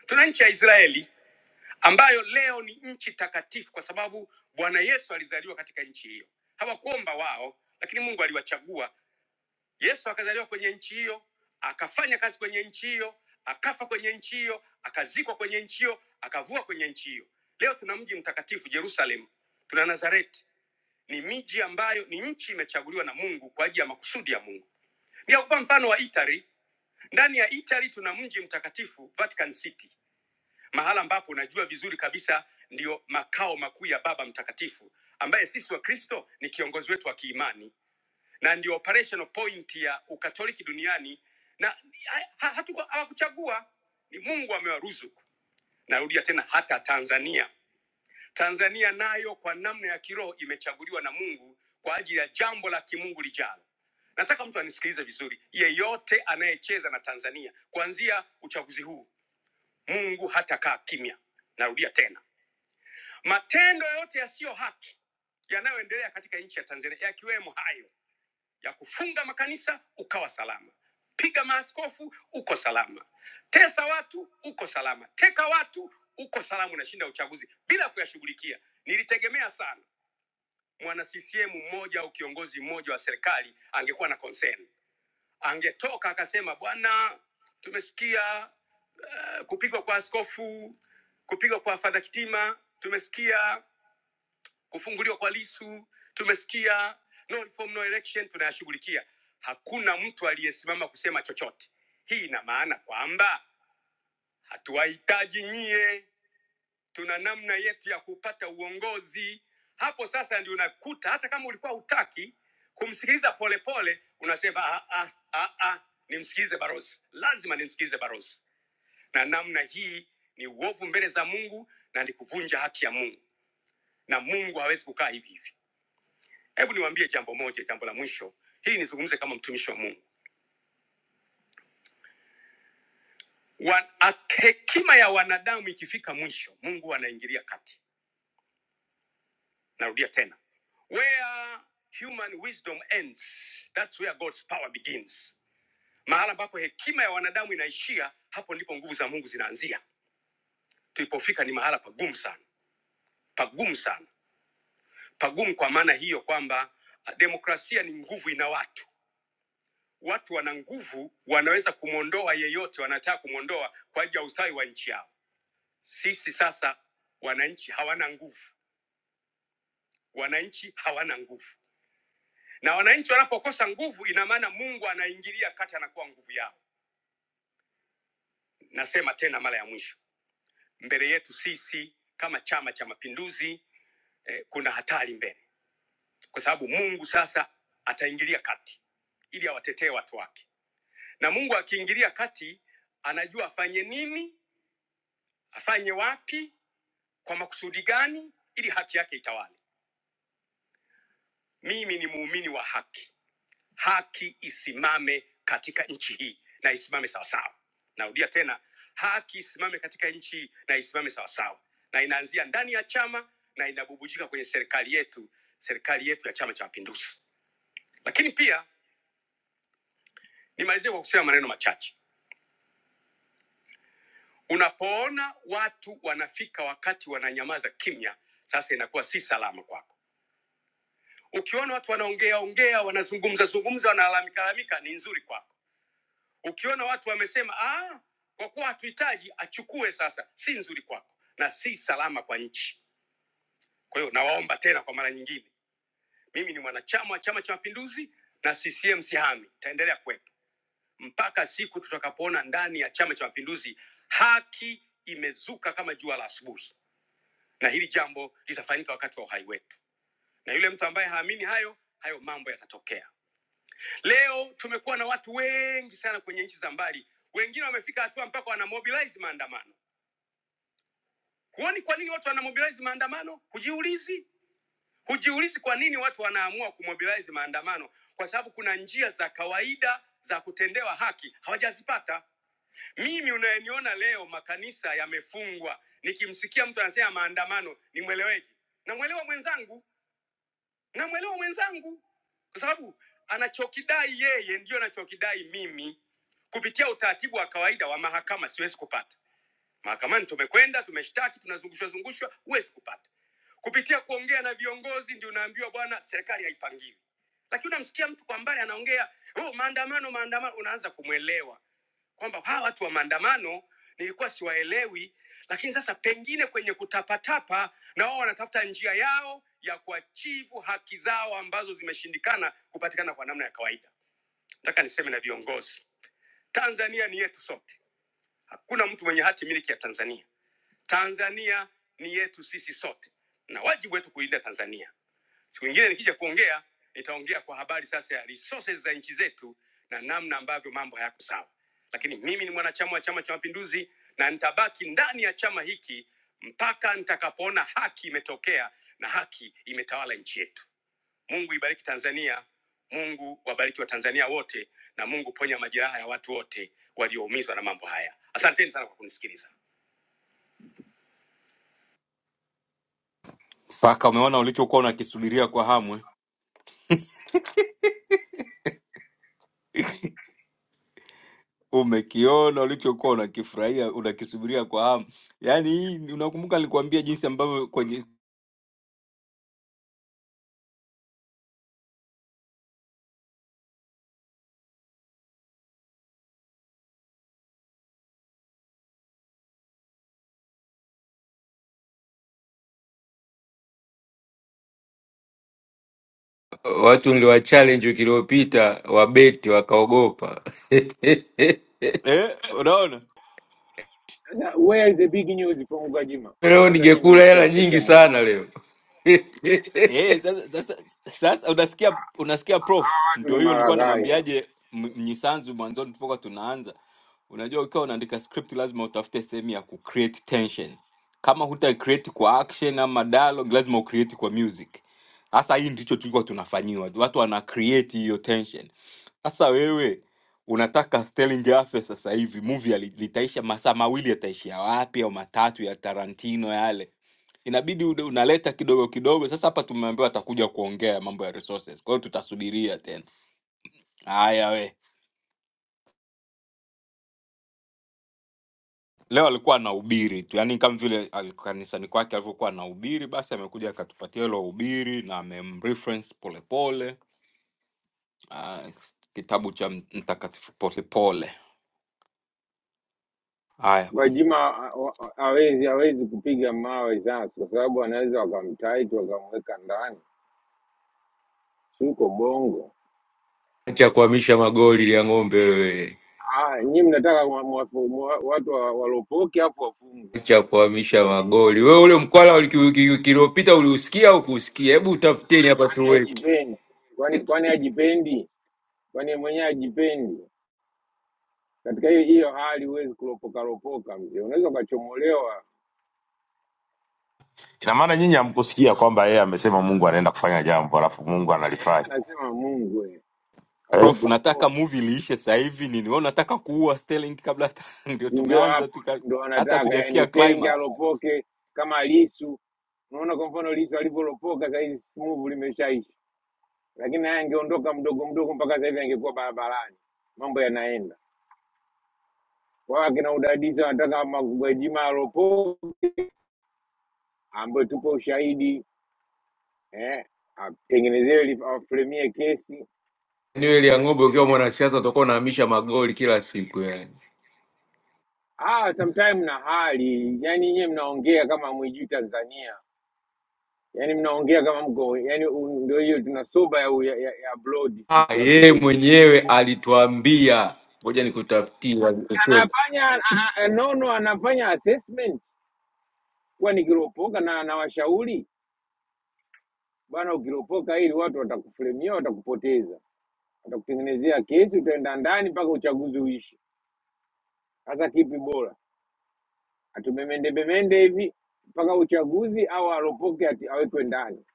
Tuna nchi ya Israeli ambayo leo ni nchi takatifu kwa sababu Bwana Yesu alizaliwa katika nchi hiyo. Hawakuomba wao, lakini Mungu aliwachagua Yesu akazaliwa kwenye nchi hiyo, akafanya kazi kwenye nchi hiyo, akafa kwenye nchi hiyo, akazikwa kwenye nchi hiyo, akavua kwenye nchi hiyo. Leo tuna mji mtakatifu Jerusalem, tuna Nazareti, ni miji ambayo ni nchi imechaguliwa na Mungu kwa ajili ya makusudi ya Mungu. Nitakupa mfano wa Italy. Ndani ya Italy tuna mji mtakatifu Vatican City, mahala ambapo unajua vizuri kabisa ndio makao makuu ya Baba Mtakatifu ambaye sisi Wakristo ni kiongozi wetu wa kiimani na ndio operational point ya ukatoliki duniani na ha- ha- hatuku- hawakuchagua ni mungu amewaruzuku narudia tena hata tanzania tanzania nayo kwa namna ya kiroho imechaguliwa na mungu kwa ajili ya jambo la kimungu lijalo nataka mtu anisikilize vizuri yeyote anayecheza na tanzania kuanzia uchaguzi huu mungu hatakaa kimya narudia tena matendo yote yasiyo haki yanayoendelea katika nchi ya tanzania yakiwemo hayo ya kufunga makanisa ukawa salama piga maaskofu uko salama tesa watu uko salama teka watu uko salama unashinda uchaguzi bila kuyashughulikia nilitegemea sana mwana ccm mmoja au kiongozi mmoja wa serikali angekuwa na concern angetoka akasema bwana tumesikia uh, kupigwa kwa askofu kupigwa kwa fadha kitima tumesikia kufunguliwa kwa Lisu tumesikia, no reform, no election tunayashughulikia. Hakuna mtu aliyesimama kusema chochote. Hii ina maana kwamba hatuwahitaji nyie, tuna namna yetu ya kupata uongozi. Hapo sasa ndio unakuta hata kama ulikuwa hutaki kumsikiliza polepole, unasema ah, ah, ah, ah, nimsikilize Barozi, lazima nimsikilize Barozi. Na namna hii ni uovu mbele za Mungu na ni kuvunja haki ya Mungu, na Mungu hawezi kukaa hivi hivi. Hebu niwaambie jambo moja, jambo la mwisho. Hii nizungumze kama mtumishi wa Mungu. Wa- a- Hekima ya wanadamu ikifika mwisho, Mungu anaingilia kati. Narudia tena, where human wisdom ends, that's where God's power begins. Mahala ambapo hekima ya wanadamu inaishia, hapo ndipo nguvu za Mungu zinaanzia. Tulipofika ni mahala pagumu sana, pagumu sana, pagumu kwa maana hiyo kwamba ah, demokrasia ni nguvu ina watu watu wana nguvu, wanaweza kumwondoa yeyote wanataka kumwondoa kwa ajili ya ustawi wa nchi yao. Sisi sasa wananchi hawana nguvu, wananchi hawana nguvu, na wananchi wanapokosa nguvu, ina maana Mungu anaingilia kati, anakuwa nguvu yao. Nasema tena mara ya mwisho, mbele yetu sisi kama Chama cha Mapinduzi eh, kuna hatari mbele, kwa sababu Mungu sasa ataingilia kati ili awatetee watu wake, na Mungu akiingilia kati anajua afanye nini, afanye wapi Kwa makusudi gani? Ili haki yake itawale. Mimi ni muumini wa haki, haki isimame katika nchi hii na isimame sawasawa. Narudia tena, haki isimame katika nchi hii na isimame sawasawa, na inaanzia ndani ya chama na inabubujika kwenye serikali yetu, serikali yetu ya Chama cha Mapinduzi. Lakini pia nimalizie kwa kusema maneno machache. Unapoona watu wanafika wakati wananyamaza kimya, sasa inakuwa si salama kwako Ukiona watu wanaongea ongea, wanazungumza zungumza, wanalalamika lalamika, ni nzuri kwako. Ukiona watu wamesema ah, kwa kuwa hatuhitaji, achukue sasa, si nzuri kwako na si salama kwa nchi. Kwa hiyo nawaomba tena kwa mara nyingine, mimi ni mwanachama wa Chama cha Mapinduzi na CCM sihami, itaendelea kuwepo mpaka siku tutakapoona ndani ya Chama cha Mapinduzi haki imezuka kama jua la asubuhi, na hili jambo litafanyika wakati wa uhai wetu, na yule mtu ambaye haamini hayo, hayo mambo yatatokea. Leo tumekuwa na watu wengi sana kwenye nchi za mbali, wengine wamefika hatua mpaka wanamobilize maandamano. Huoni kwa nini watu wanamobilize maandamano? Hujiulizi, hujiulizi kwa nini watu wanaamua kumobilize maandamano? Kwa sababu kuna njia za kawaida za kutendewa haki hawajazipata. Mimi unayeniona leo, makanisa yamefungwa, nikimsikia mtu anasema maandamano, nimweleweje? Namwelewa mwenzangu namwelewa mwenzangu kwa sababu anachokidai yeye ndio anachokidai mimi kupitia utaratibu wa kawaida wa mahakama siwezi kupata Mahakamani tumekwenda, tumeshtaki, tunazungushwa zungushwa, huwezi kupata. Kupitia kuongea na viongozi ndio unaambiwa bwana, serikali haipangiwi. Lakini unamsikia mtu kwa mbali anaongea oh, maandamano maandamano, unaanza kumwelewa kwamba hawa watu wa maandamano nilikuwa siwaelewi, lakini sasa pengine kwenye kutapatapa na wao wanatafuta njia yao ya kuachivu haki zao ambazo zimeshindikana kupatikana kwa namna ya kawaida. Nataka niseme na viongozi, Tanzania ni yetu sote, hakuna mtu mwenye hati miliki ya Tanzania. Tanzania ni yetu sisi sote na wajibu wetu kuilinda Tanzania. Siku nyingine nikija kuongea, nitaongea kwa habari sasa ya resources za nchi zetu na namna ambavyo mambo hayako sawa, lakini mimi ni mwanachama wa Chama cha Mapinduzi na nitabaki ndani ya chama hiki mpaka nitakapoona haki imetokea na haki imetawala nchi yetu. Mungu ibariki Tanzania, Mungu wabariki Watanzania wote, na Mungu ponya majeraha ya watu wote walioumizwa na mambo haya. Asanteni sana kwa kunisikiliza.
mpaka umeona ulichokuwa unakisubiria kwa hamu eh? umekiona ulichokuwa unakifurahia unakisubiria kwa hamu. Yani hii ni- unakumbuka nilikwambia jinsi ambavyo kwenye
Watu niliwachallenge wiki iliyopita wabeti wakaogopa.
eh, unaona
Sasa where is the big news from Gwajima?
Leo
Labda nyie
ningekula
mmesikia
hela
kutokea
nyingi
mwanzo,
sana leo.
Eh, sasa sasa sasa unasikia unasikia prof,
watu ni
ndio hiyo nilikuwa
maragaya.
namwambiaje M- Mnyisanzu mwanzoni tulipokuwa tunaanza. Unajua ukiwa unaandika script lazima utafute sehemu ya kucreate tension. Kama huta create kwa action ama dialogue lazima ucreate kwa music. Sasa hii ndicho tulikuwa tunafanyiwa. Watu wana create hiyo tension. Sasa wewe unataka Stelling Afya sasa hivi movie ali- litaisha masaa mawili yataishia wapi au matatu ya Tarantino yale? inabidi ude- unaleta kidogo kidogo. Sasa hapa tumeambiwa atakuja kuongea mambo ya resources, kwa hiyo tutasubiria tena. Haya we, leo alikuwa anahubiri tu, yani kama vile al- kanisani kwake alivyokuwa anahubiri, basi amekuja akatupatia hilo hubiri na amemreference polepole ah, kitabu cha mtakatifu polepole. Haya bwana.
Gwajima ha- ha- hawezi hawezi kupiga mawe sasa, kwa sababu anaweza wakamtaiti wakamweka ndani, si uko bongo.
Acha kuhamisha magoli ya ng'ombe wewe,
Ah, nyie mnataka wa- mwafu- mwa- watu wa- walopoke afu wafungwe?
acha kuhamisha magoli wewe. Ule mkwala wa wiki wiki- wiki iliyopita uliusikia au kuusikia? Hebu utafuteni hapa
Kwani
tuweke
hajipendi? Kwani kwani hajipendi? Kwani yeye mwenyewe hajipendi? Katika hiyo hiyo hali huwezi kulopoka lopoka, mzee, unaweza ukachomolewa.
Ina maana nyinyi hamkusikia kwamba yeye amesema Mungu anaenda kufanya jambo alafu Mungu
Eh, eh,
analifanya
Anasema Mungu eh,
eh?
hawezi
Prof,
kulopoka.
nataka movie liishe sasa hivi nini? Wewe unataka kuua Sterling kabla hata ndio
si ndio?
tumeanza
Hapo
tu, ka-
ndio
hata
wanataka yani,
hatujafikia
Sterling
climax.
alopoke kama Lisu. Unaona kwa mfano Lisu alivyolopoka saa hizi smooth limeshaisha, lakini naye angeondoka mdogo mdogo mpaka sasa hivi angekuwa barabarani, mambo yanaenda wao. Akina udadisi wanataka Magwajima alopoke, ambayo tupo ushahidi eh, atengenezewe li- afremie kesi
niwe ya ng'ombe. Ukiwa mwanasiasa utakuwa unahamisha magoli kila siku yani.
ah, sometime na hali yani, nyewe mnaongea kama mwijui Tanzania yani mnaongea kama mko yani u- ndio hiyo tuna soba ya, u- ya, ya, ya blood
Ah,
sisi watu
Yeye
huko nje
mwenyewe alituambia, ngoja
Si
nikutafutie,
anafanya a- a- a- nono anafanya assessment kuwa nikiropoka na anawashauri bwana ukiropoka ili watu watakufuremia watakupoteza watakutengenezea kesi utaenda ndani mpaka uchaguzi uishi sasa kipi bora atumemende bemende hivi mpaka uchaguzi au aropoke ati- awekwe ndani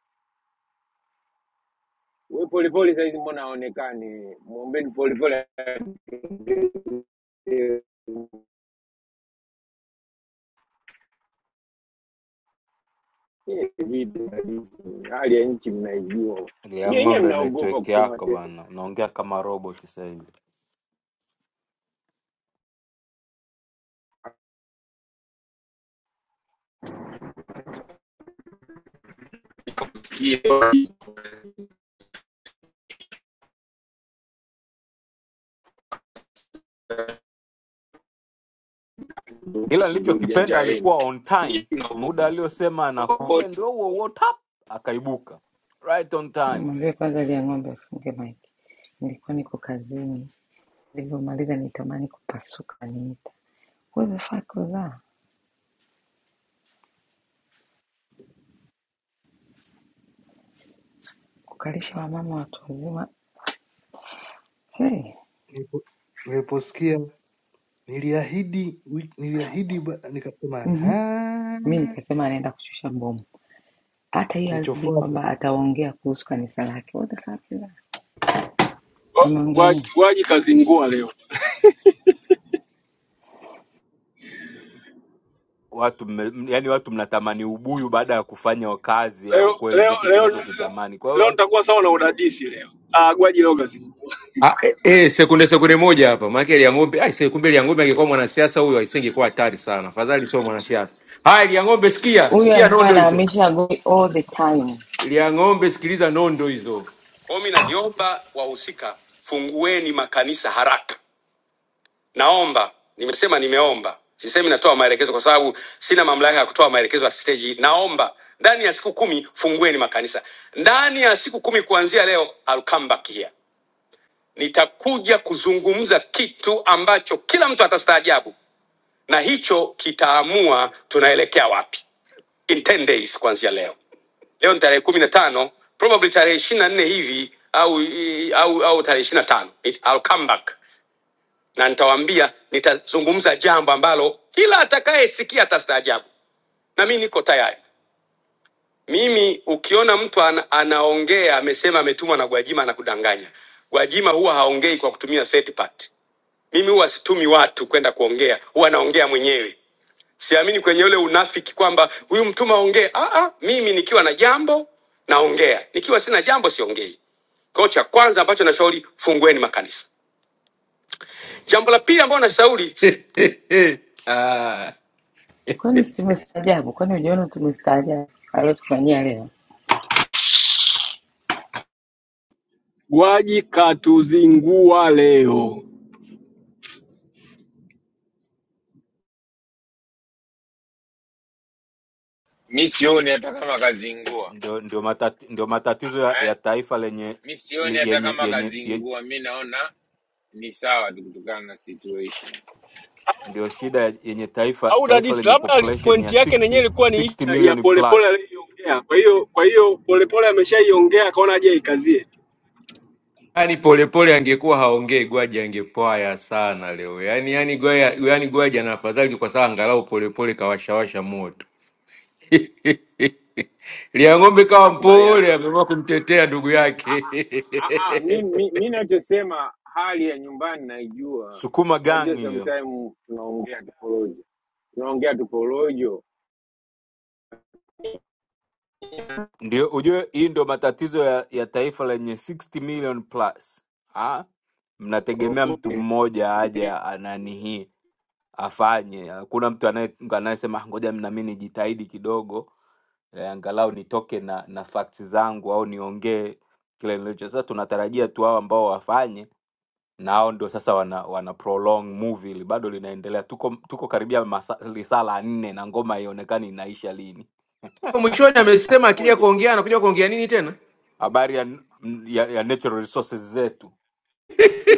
we polepole sahizi mbona aonekane mwombeni polepole Nyie vipi mnaishi? hali ya nchi mnaijua
Ya
Nyie wenyewe
ng'ombe
mnaogopa
network
kusema
yako
sehemu
bana, unaongea kama robot sasa hivi. Ila
ndo ujanja
nilichokipenda
wenu
alikuwa on time,
Nyie mnaogopa
muda aliosema anakuja
wote.
ndio huo huo tap, akaibuka right on time.
Mwambie kwanza ile ya ng'ombe afunge maiki. Nilikuwa niko kazini, nilivyomaliza nitamani kupasuka niita wewe fakoza kukalisha wamama watu wazima hey.
Nilipo- Niliposikia niliahidi wi- niliahidi ba- nikasema
mm Mi
ha
nikasema anaenda kushusha bomu. Hata hiyo alidi
kilichofuata
kwamba
sasa
ataongea kuhusu kanisa lake, what the fuck is that?
Wa-
Ameongea
wa-
nini
Waji kazingua leo
Watu mme- yani, watu mnatamani ubuyu baada ya kufanya kazi ya
leo
ukweli,
leo
ndicho
leo
tunachokitamani. Kwa
leo
hiyo
nitakuwa sawa na udadisi leo. Ah, Gwaji leo kazingua,
Ah, eh, eh, sekunde sekunde moja hapa. Maana ile ng'ombe, ai se- kumbe ile ng'ombe angekuwa mwanasiasa huyo asingekuwa hatari sana. Afadhali sio mwanasiasa. Haya ile ng'ombe sikia,
huyu?
sikia
Alikuwa
nondo hizo.
anahamisha goli all the time.
Ile ng'ombe sikiliza nondo hizo. Kwa hiyo mimi nakiomba wahusika, fungueni makanisa haraka. Naomba, nimesema nimeomba, sisemi natoa maelekezo kwa sababu sina mamlaka ya kutoa maelekezo at stage hii. Naomba ndani ya siku kumi fungueni makanisa, ndani ya siku kumi kuanzia leo, I'll come back here. nitakuja kuzungumza kitu ambacho kila mtu atastaajabu na hicho kitaamua tunaelekea wapi in 10 days kuanzia leo leo ni tarehe kumi na tano probably tarehe ishiri na nne hivi au au, au tarehe ishiri na tano It, I'll come back na nitawaambia nitazungumza jambo ambalo kila atakayesikia atastaajabu na mi niko tayari mimi ukiona mtu ana, anaongea amesema ametumwa na gwajima anakudanganya gwajima huwa haongei kwa kutumia third party Mimi huwa situmi watu kwenda kuongea, huwa naongea mwenyewe. Siamini kwenye ule unafiki kwamba huyu mtume aongee. Ah, ah, mimi nikiwa na jambo naongea, nikiwa sina jambo siongei. Kwa hiyo cha kwanza ambacho nashauri, fungueni makanisa. Jambo la pili ambalo nashauri, Ah,
Kwani si tumestaajabu? Kwani ujiona tumestaajabu aliotufanyia leo?
Gwaji katuzingua leo
mi sioni hata kama kazingua
ndio ndio matati, ndio matatizo ya, ya
eh?
taifa lenye
mi sioni
li-
hata
yenye
kama
yenye, yenye
kazingua mi naona ni sawa tu kutokana na situation
ndio shida ya- yenye taifa
au
taifa
udadisi,
lenye
labda ali-
population ya
pointi yake nenyewe
60,
ilikuwa ni hii.
60
ya
million
polepole
plus.
aliyoiongea. Kwa hiyo kwa hiyo polepole ameshaiongea, akaona aje ikazie.
yaani polepole angekuwa haongei Gwaji angepwaya sana leo. Yaani yaani Gwaji yaani Gwaji ana afadhali kwa sababu angalau polepole kawashawasha moto. Liang'ombe
mi
kawa
nakubaliana
mpole,
na wewe.
ameamua kumtetea ndugu yake.
Ah, ah, mi mi- mi nachosema hali ya nyumbani naijua
Sukuma gang
unajua
hiyo
sometime tunaongea tuporojo tunaongea tuporojo
Ndio ujue, hii ndio matatizo ya, ya taifa lenye 60 million plus. Ah, mnategemea mtu mmoja aje anani hii afanye. Hakuna mtu anaye- anayesema ngoja mna mimi nijitahidi kidogo eh, angalau nitoke na, na facts zangu au niongee kile nilicho. Sasa tunatarajia tu hao ambao wafanye na hao ndio sasa wana, wana prolong movie ili bado linaendelea. Tuko tuko karibia masa- lisaa la nne na ngoma haionekani inaisha lini.
Mwishoni amesema akija
moja
kuongea anakuja kuongea nini tena?
Habari ya, ya, ya natural resources zetu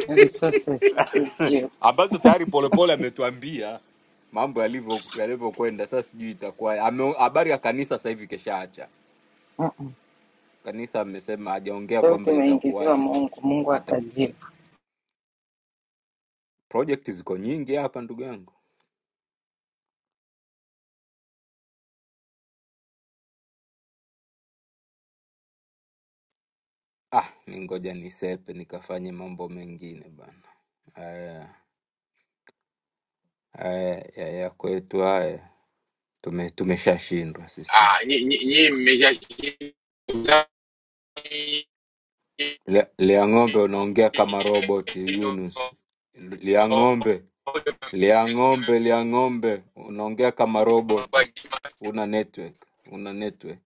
resources idiots.
ambazo tayari Polepole ametuambia mambo yalivyo yalivyokwenda. Sasa sijui itakuwa ame- habari ya kanisa sasa hivi keshaacha
Ah,
kanisa, amesema hajaongea
sauti
kwamba
imeingiziwa
itakuwaje tu,
Mungu, Mungu
hata
atajibu.
project ziko nyingi hapa ndugu yangu. Ah, ni ngoja nisepe nikafanye mambo mengine bana. Haya haya ya ya kwetu haya tume tumeshashindwa sisi.
Ah, nyie nyie- nyie mmeshashinda utani.
Lia Lia ng'ombe unaongea kama robot Yunus. Lia ng'ombe Lia ng'ombe, lia ng'ombe, unaongea kama roboti, una network, una network.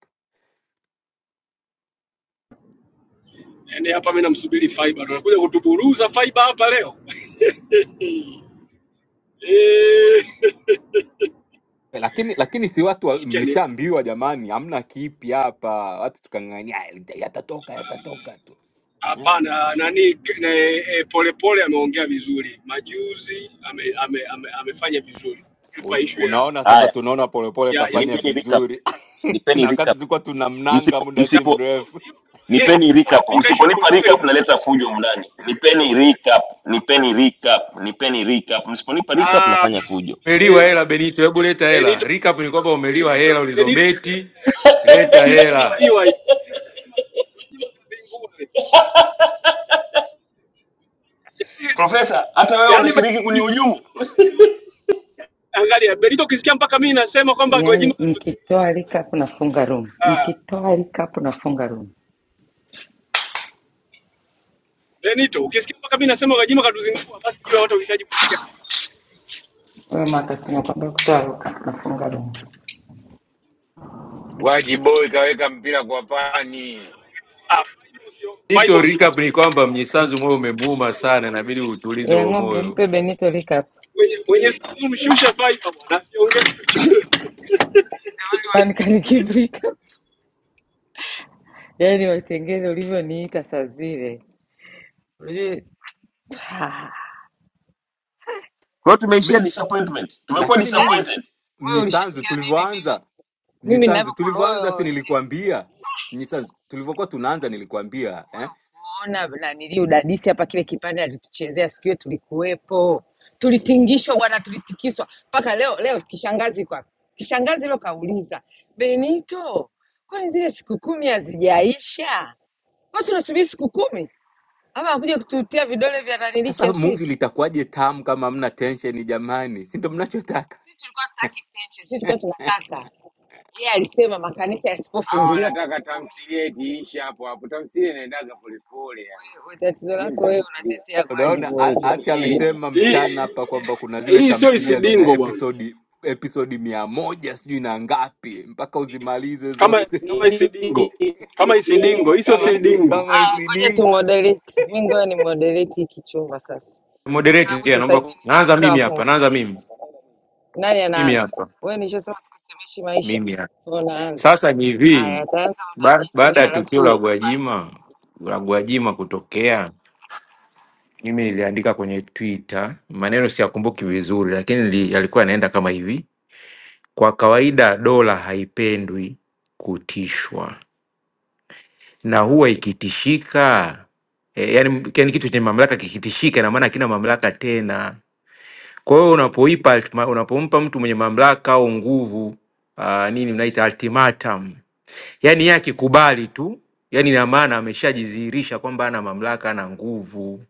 Yaani hapa mimi namsubiri Faiba, tunakuja kutuburuza Faiba hapa leo Eh,
Eh, Lakini lakini si watu wa-
utasikia nini?
mlishaambiwa jamani, hamna kipi hapa, watu tukang'ang'ania "Ah, yata- yatatoka yatatoka tu eh?
Hapana, nani ne, e, Polepole ameongea vizuri majuzi, ame, ame, ame, amefanya vizuri ipa
Un,
ishu ya
unaona sasa,
haya
tunaona polepole
ya ya,
kafanya
uji-
nipeni recap
vizuri
nipeni
na wakati
recap
tulikuwa tunamnanga
msipo
muda
ya
si
msipo
of course
mrefu
hiyo kama yeye wewe
nipeni
kama
recap
unapinga ishu ya
msiponipa
Polepole ni
recap
wewe
naleta
mtazamo
fujo
wako.
mndani nipeni recap nipeni recap nipeni recap msiponipa recap
Ah,
nafanya fujo
e,
Umeliwa hela Benito, hebu leta
Benito
hela. Recap ni kwamba umeliwa
Benito
hela
Benito
ulizobeti, leta
timu
hela.
tumeliwa hizi. Unajua kazi ngumu.
Profesa, hata wewe
Yaani yaani Benito
unashiriki
ukisikia
kunihujumu. Kwa
angalia Benito ukisikia mpaka mimi nasema kwamba Gwajima
Yaani
atuzingua
mkitoa
leo
likapu nafunga room,
Ah,
mkitoa likapu nafunga room.
Benito, ukisikia mpaka mimi nasema Gwajima katuzingua, basi jua watu huhitaji kusikia.
Wewe Makasi, nakwambia kutoa likapu nafunga room.
Wajiboi kaweka mpira kwa pani.
Ah, fiber usio- fiber
Benito,
Likapu
recap ni
usiongee.
kwamba Mnyisanzu moyo umemuuma
Fiber
sana, inabidi
usiongee.
utulize
ya
huo
ng'ombe,
moyo.
mpe Benito likapu,
Mwenye mwenye simu mshushe fiber bwana, asiongee chochote.
kwani kanikivu likapu. Yaani watengeze ulivyoniita saa zile, Unajua- Ah,
hiyo tumeishia
mimi,
disappointment, tumekuwa
lakini mimi
disappointed.
wewe
Mnyisanzu
ulishasikia mimi mimi
tulivyoanza
mimi
Mnyisanzu
ninavyokuwa
tulivyoanza si
wewe
nilikwambia Mnyisanzu tulivyokuwa tunaanza nilikwambia eh?
Ona nanili udadisi hapa, kile kipande alituchezea siku hiyo, tulikuwepo, tulitingishwa bwana, tulitikiswa mpaka leo. Leo kishangazi kwa kishangazi leo kauliza Benito, kwani zile siku kumi hazijaisha? Watu tunasubiri siku kumi ama akuja kututia vidole vya nanili
Sasa movie
kiasiki?
litakuwaje tamu kama hamna tension jamani? Si ndio mnachotaka?
Sisi tulikuwa tutaki tension, sisi tulikuwa tunataka yeye alisema makanisa
Hawa
yasipofunguliwa siku
wanataka
kumi.
tamthilia eti iishe hapo hapo. Tamthilia inaendaga polepole yani.
Wewe wewe, tatizo
Hiyo ni
lako wewe,
tamthilia.
unatetea gwaji
Unaona
boy
ha- hata
Jishikilieni.
alisema
Hii
mchana hapa kwamba kuna zile
hii sio
tamthilia zina
isidingo bwana.
episodi episodi mia moja sijui na ngapi mpaka uzimalize
Kama
zote
kama isidingo. Kama isidingo, hii sio
kama
isidingo.
kama
Ngoja tu
isidingo
moderate. Mimi ngoja ni moderate hiki chumba sasa. Kwa
Moderate
sababu
pia
sasa hivi
naomba,
nina
naanza
muda wa
mimi hapa, naanza mimi
kumoderate. Nani
mimi
anaanza?
hapa,
Wewe nishasema sikusemeshi maisha.
mimi hapa.
Wewe unaanza.
Sasa ni hivi,
Aya, ataanza
ba-
udadisi
baada ya tukio la
alafu
Gwajima la Gwajima kutokea mimi niliandika kwenye Twitter, maneno siyakumbuki vizuri, lakini nili- yalikuwa yanaenda kama hivi: kwa kawaida dola haipendwi kutishwa, na huwa ikitishika e, yani, yani kitu chenye mamlaka kikitishika, ina maana hakina mamlaka tena. Kwa hiyo unapoipa ultima- unapompa mtu mwenye mamlaka au nguvu uh, nini mnaita ultimatum, yani yeye akikubali tu, yani ina maana ameshajidhihirisha kwamba ana mamlaka, ana nguvu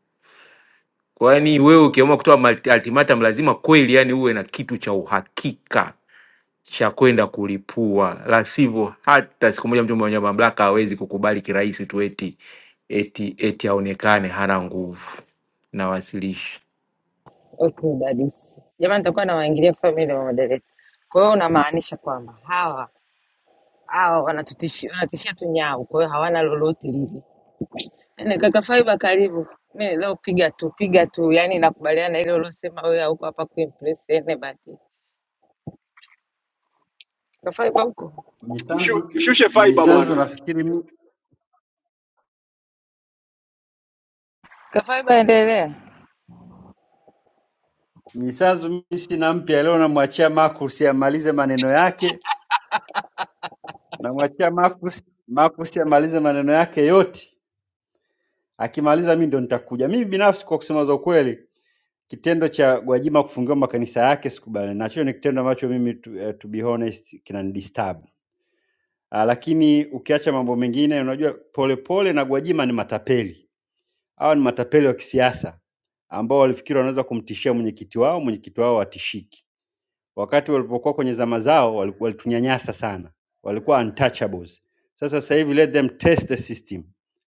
Kwani wewe ukiamua kutoa malt- ultimatum lazima kweli yani uwe na kitu cha uhakika cha kwenda kulipua, la sivyo hata siku moja mtu mwenye mamlaka hawezi kukubali kirahisi tu eti eti eti aonekane hana nguvu. Nawasilisha.
okay, udadisi. Jamani nitakuwa nawaingilia kwa sababu mimi ndio moderate. Kwa hiyo unamaanisha kwamba hawa hawa wanatutishia wanatishia tu nyau, kwa hiyo hawana lolote lile. Yaani kaka Faiba karibu. Mimi leo piga tu, piga tu. Yaani nakubaliana na ile ulosema wewe huko hapa kuimpress anybody. Kafaiba huko,
Mnyisanzu
Mshu- Mshushe fiber
Mnyisanzu
bwana.
nafikiri mi-
Kafaiba endelea.
Mnyisanzu mimi sina mpya leo, namwachia Marcus amalize maneno yake, namwachia Marcus Marcus amalize maneno yake yote. Akimaliza mimi ndo nitakuja. Mimi binafsi kwa kusema za ukweli, kitendo cha Gwajima kufungiwa makanisa yake sikubaliani nacho, ni kitendo ambacho mimi to, uh, to be honest kinanidisturb. Uh, lakini ukiacha mambo mengine, unajua polepole na Gwajima ni matapeli Hawa ni matapeli wa kisiasa ambao walifikiri wanaweza kumtishia mwenyekiti wao, mwenyekiti wao watishiki. Wakati walipokuwa kwenye zama zao wali- walitunyanyasa sana, walikuwa untouchables. Sasa sasa hivi let them test the system,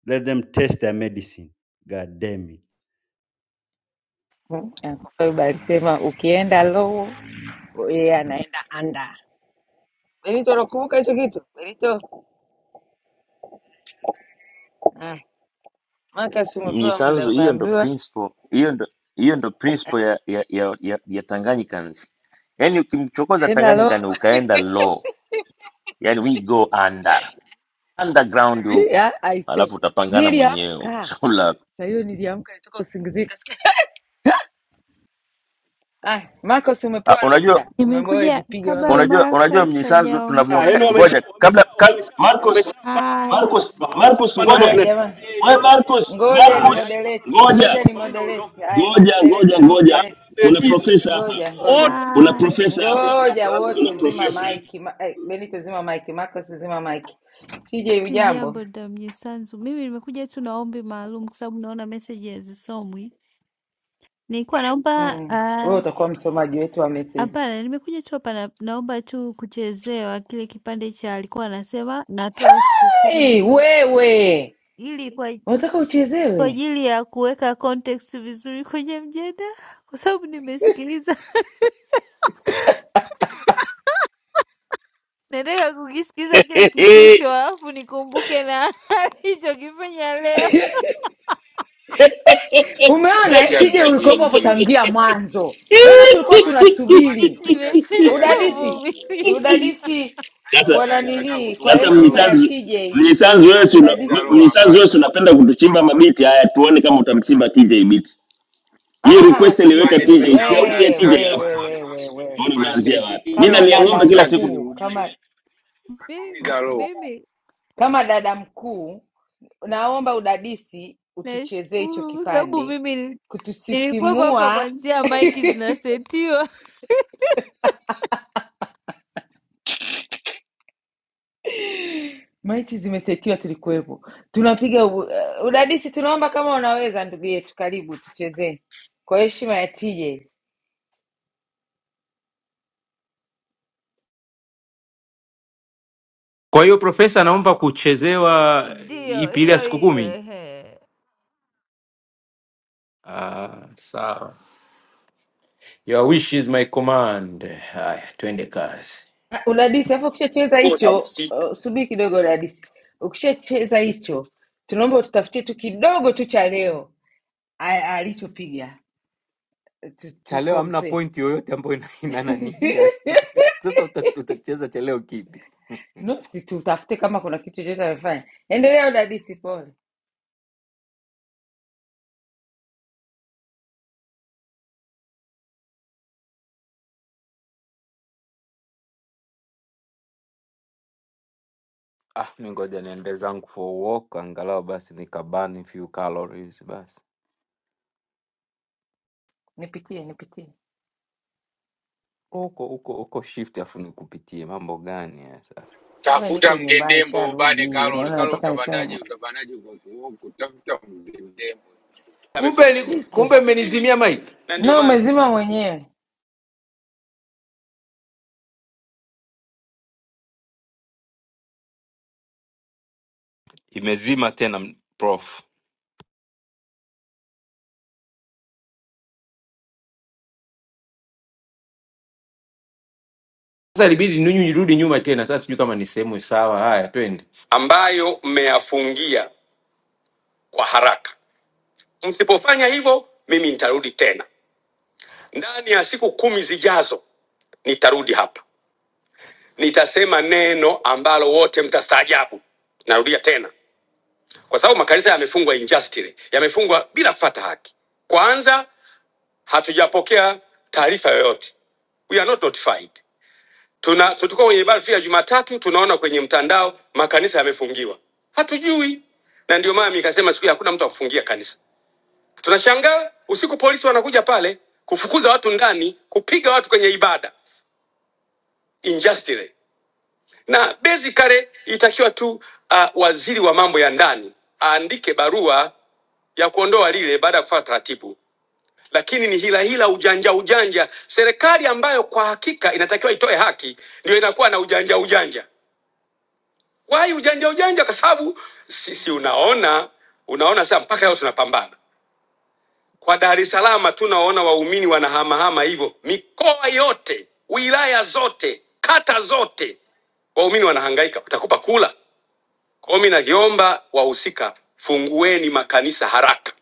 let them test their medicine. God damn it.
Hmm? Ah, Kafaiba alisema ukienda low yeye anaenda under. Benito, unakumbuka hicho kitu Benito? Ah, Marcus, umepewa muda,
mjisanzu hiyo ndo
umeambiwa
principle hiyo ndo hiyo ndo principle ya ya ya, ya, ya Tanganyikans yaani ukimchokoza
ukienda low
Tanganyika ni ukaenda low yaani we go under underground
hivi.
huko,
ah, I say
alafu utapangana mwenyewe huko
niliamka
shauri lako.
saa hiyo, niliamka nitoka usingizini, kasikia ah, Marcus,
Ah,
umepewa leo
Unajua,
muda, umeambiwa wewe
Nimekuja
jipige
kabla
unavyoweza.
unajua, unajua
Marcus
mnyisanzu
Ah,
tunavyo eh,
yaani
hajaongea.
wamesha
ngoja
wamesha
kabla ka,
wamesha
Marcus,
wameshapanda
Hai,
watu
Marcus,
hapa,
Marcus,
wameshapanda hapa
ngoja
Haya
kina
jamaa,
DJ.
we Marcus,
ngoja ni
Ah, yaani
Marcus,
wote
moderate,
ngoja
ngoja
wananichapa
ni
hapa, mimi
moderate.
naondoka.
Haya na
ngoja
moderate,
ngoja
na
Ah,
ngoja,
moderate,
kuna
Benito,
profesa
yaani
hapa,
ngoja ngoja
wote
kuna
hai,
profesa
wananichapa
hapa,
mimi hapa
Ngoja
kuna
wote,
sasa.
zima
profesa hapa
maiki. Ma, eh, Benito zima maiki, Marcus zima maiki, TJ
si
ujambo?
jambo damnyisanzu. Mimi nimekuja tu na ombi maalum kwa sababu naona meseji hazisomwi. Nilikuwa naomba
Mm. Wewe
ah,
utakuwa msomaji wetu wa meseji.
hapana, nimekuja tu hapa na, naomba tu kuchezewa kile kipande cha alikuwa anasema natoa siku kumi
Hey,
tu
wewe
ili kwa
unataka
kwa
uchezewe?
ajili ya kuweka context vizuri kwenye mjadala, kwa sababu nimesikiliza Nataka kukisikiza kile kitisho alafu nikumbuke na alichokifanya leo.
Umeona eh?
Sikia
TJ
hatutaki
ulikuwepo hapo
irudiwe.
tangia mwanzo, yaani tulikuwa
Afande, afande
tunasubiri
tumeshasikia
Nimeshindwa
hiyo hatutaki
udadisi,
irudiwe.
kuvumilia.
udadisi
Sasa
sasa
kwa
irudiwe yani unataka
nanilii, kwa
Sasa
kutuumiza
heshima
roho.
ya
mnyisanzu,
TJ
mnyisanzu wewe si una-
kutuumiza
udadisi
roho
mnyisanzu wewe si
afande.
unapenda kutuchimba mabiti haya, tuone kama utamchimba TJ biti.
Ah,
Hii
ah, ah, ah,
request
tuje
aliweka
Afande,
siwezi.
TJ,
tumeshaona
sauti ya
We,
TJ,
hatutaki
we,
alafu
we,
bwana.
tuone
we, we, we,
tuone
we.
Afande
unaanzia wapi. Mimi
Kama
TJ
nalia
dada
ng'ombe kila
hatutaki
siku.
mkuu,
kirudiwe,
kama m-
unatuumiza
Mimi
roho.
mimi
kama dada mkuu, naomba udadisi utuchezee hicho
nashukuru kwa sababu
kipande
mimi nili- nilikuwepo hapa
kutusisimua.
kwanzia maiki zinasetiwa.
Maiti zimesetiwa, tulikuwepo, tunapiga u- uh, udadisi. Tunaomba kama unaweza, ndugu yetu, karibu tuchezee kwa heshima ya tije
Kwa hiyo profesa, naomba kuchezewa
Ndio
ipi ile ya
hiyo
siku
hiyo,
kumi?
ehe,
Ah, sawa. Your wish is my command. Haya, twende kazi.
Ah, udadisi. Hapo ukishacheza hicho, uh, subiri kidogo udadisi, ukishacheza hicho, tunaomba ututafutie tu kidogo tu cha leo a- alichopiga tu,
cha
tu
leo hamna
compare
pointi yoyote ambayo ina ina nanihia. Sasa uta- utacheza cha leo kipi?
no, si tutafute kama kuna kitu chochote amefanya. Endelea udadisi, pole,
Ah, mi ngoja niende zangu for walk angalau basi nikabani few calories basi.
nipitie nipitie.
Uko uko uko shift afu nikupitie mambo gani hasa?
Wewe
Tafuta
niko nyumbani,
mgendembo ubane
sharudi.
Karol.
Unaona
Karol
mpaka
utabandaje?
nisema
Utabandaje kwa kuoku? Tafuta mgendembo.
Kumbe, li-
Jesus,
kumbe mmenizimia mic.
no, umezima mwenyewe.
imezima tena m- prof
Sasa ilibidi ninyi nirudi nyuma tena. Sasa sijui kama ni sehemu sawa. Haya, twende. ambayo mmeyafungia kwa haraka. Msipofanya hivyo, mimi nitarudi tena ndani ya siku kumi zijazo. Nitarudi hapa, nitasema neno ambalo wote mtastaajabu. Narudia tena, kwa sababu makanisa yamefungwa injustice, yamefungwa bila kufata haki. Kwanza, hatujapokea taarifa yoyote, we are not notified. Tuna tulikuwa kwenye ibada ya Jumatatu, tunaona kwenye mtandao makanisa yamefungiwa, hatujui. Na ndio maana nikasema siku hiyo hakuna mtu akufungia kanisa. Tunashangaa usiku polisi wanakuja pale kufukuza watu ndani, kupiga watu kwenye ibada, injustice. Na basically itakiwa tu uh, waziri wa mambo ya ndani aandike barua ya kuondoa lile baada ya kufuata taratibu, lakini ni hila hila, ujanja ujanja. Serikali ambayo kwa hakika inatakiwa itoe haki ndio inakuwa na ujanja ujanja. Wai ujanja ujanja, kwa sababu sisi unaona unaona sasa, mpaka leo tunapambana kwa Dar es Salaam. Tunaona waumini wanahamahama hivyo, mikoa yote, wilaya zote, kata zote, waumini wanahangaika, watakupa kula. Kwa hiyo mimi naviomba wahusika, fungueni makanisa haraka.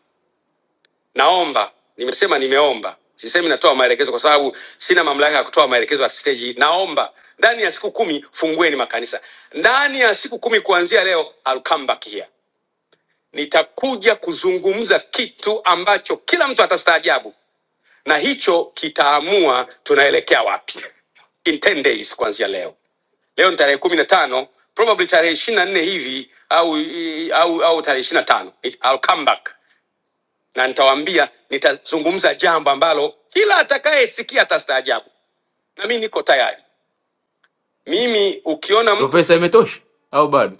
Naomba, nimesema nimeomba, sisemi natoa maelekezo kwa sababu sina mamlaka ya kutoa maelekezo at stage hii. Naomba ndani ya siku kumi fungueni makanisa, ndani ya siku kumi kuanzia leo, I'll come back here nitakuja kuzungumza kitu ambacho kila mtu atastaajabu na hicho kitaamua tunaelekea wapi in 10 days kuanzia leo leo ni tarehe kumi na tano probably tarehe ishiri na nne hivi au, au, au tarehe ishiri na tano I'll come back na nitawaambia nitazungumza jambo ambalo kila atakayesikia atastaajabu na mi niko tayari mimi ukiona mtu Profesa, imetosha au bado?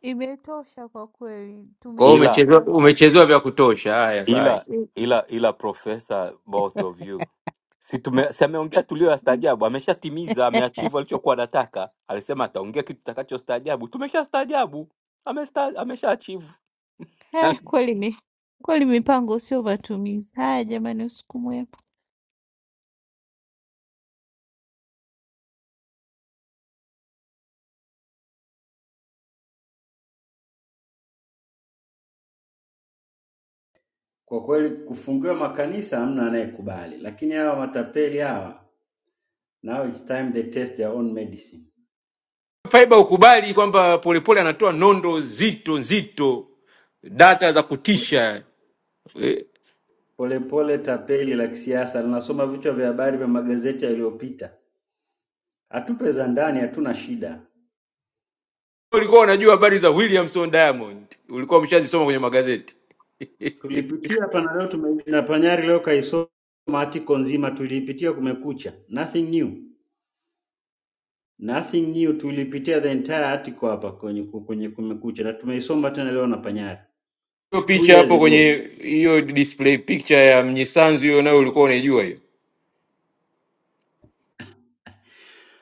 imetosha kwa kweli,
Kwa hiyo
ila
umechezewa,
tumeshangazwa
umechezewa vya kutosha. Haya, bye.
ila ila ila profesa both of you si tume- si ameongea
Mm.
tulioyastaajabu ameshatimiza ameachivu alichokuwa anataka alisema ataongea kitu takachostaajabu tumeshastaajabu Amesta- ameshaachivu
eh, kweli mi kweli mipango sio matumizi. Haya jamani, usiku mwema.
Kwa kweli kufungiwa makanisa hamna anayekubali, lakini hawa matapeli hawa, now it's time they test their own medicine.
Faiba hukubali kwamba Polepole anatoa nondo nzito nzito, data za kutisha. Eh,
Polepole tapeli la kisiasa linasoma vichwa vya habari vya magazeti yaliyopita. Hatupe za ndani, hatuna shida.
Ulikuwa unajua habari za Williamson Diamond, ulikuwa umeshazisoma kwenye magazeti. Hiyo
Tulipitia pana leo tume, na panyari leo kaisoma article nzima tuliipitia kumekucha. Nothing new. Nothing new tulipitia the entire article hapa kwenye kwenye kumekucha na tumeisoma tena leo na panyari. Two
picha
years
hapo
ago.
kwenye hiyo display picture ya Mnyisanzu, hiyo nayo ulikuwa unaijua hiyo.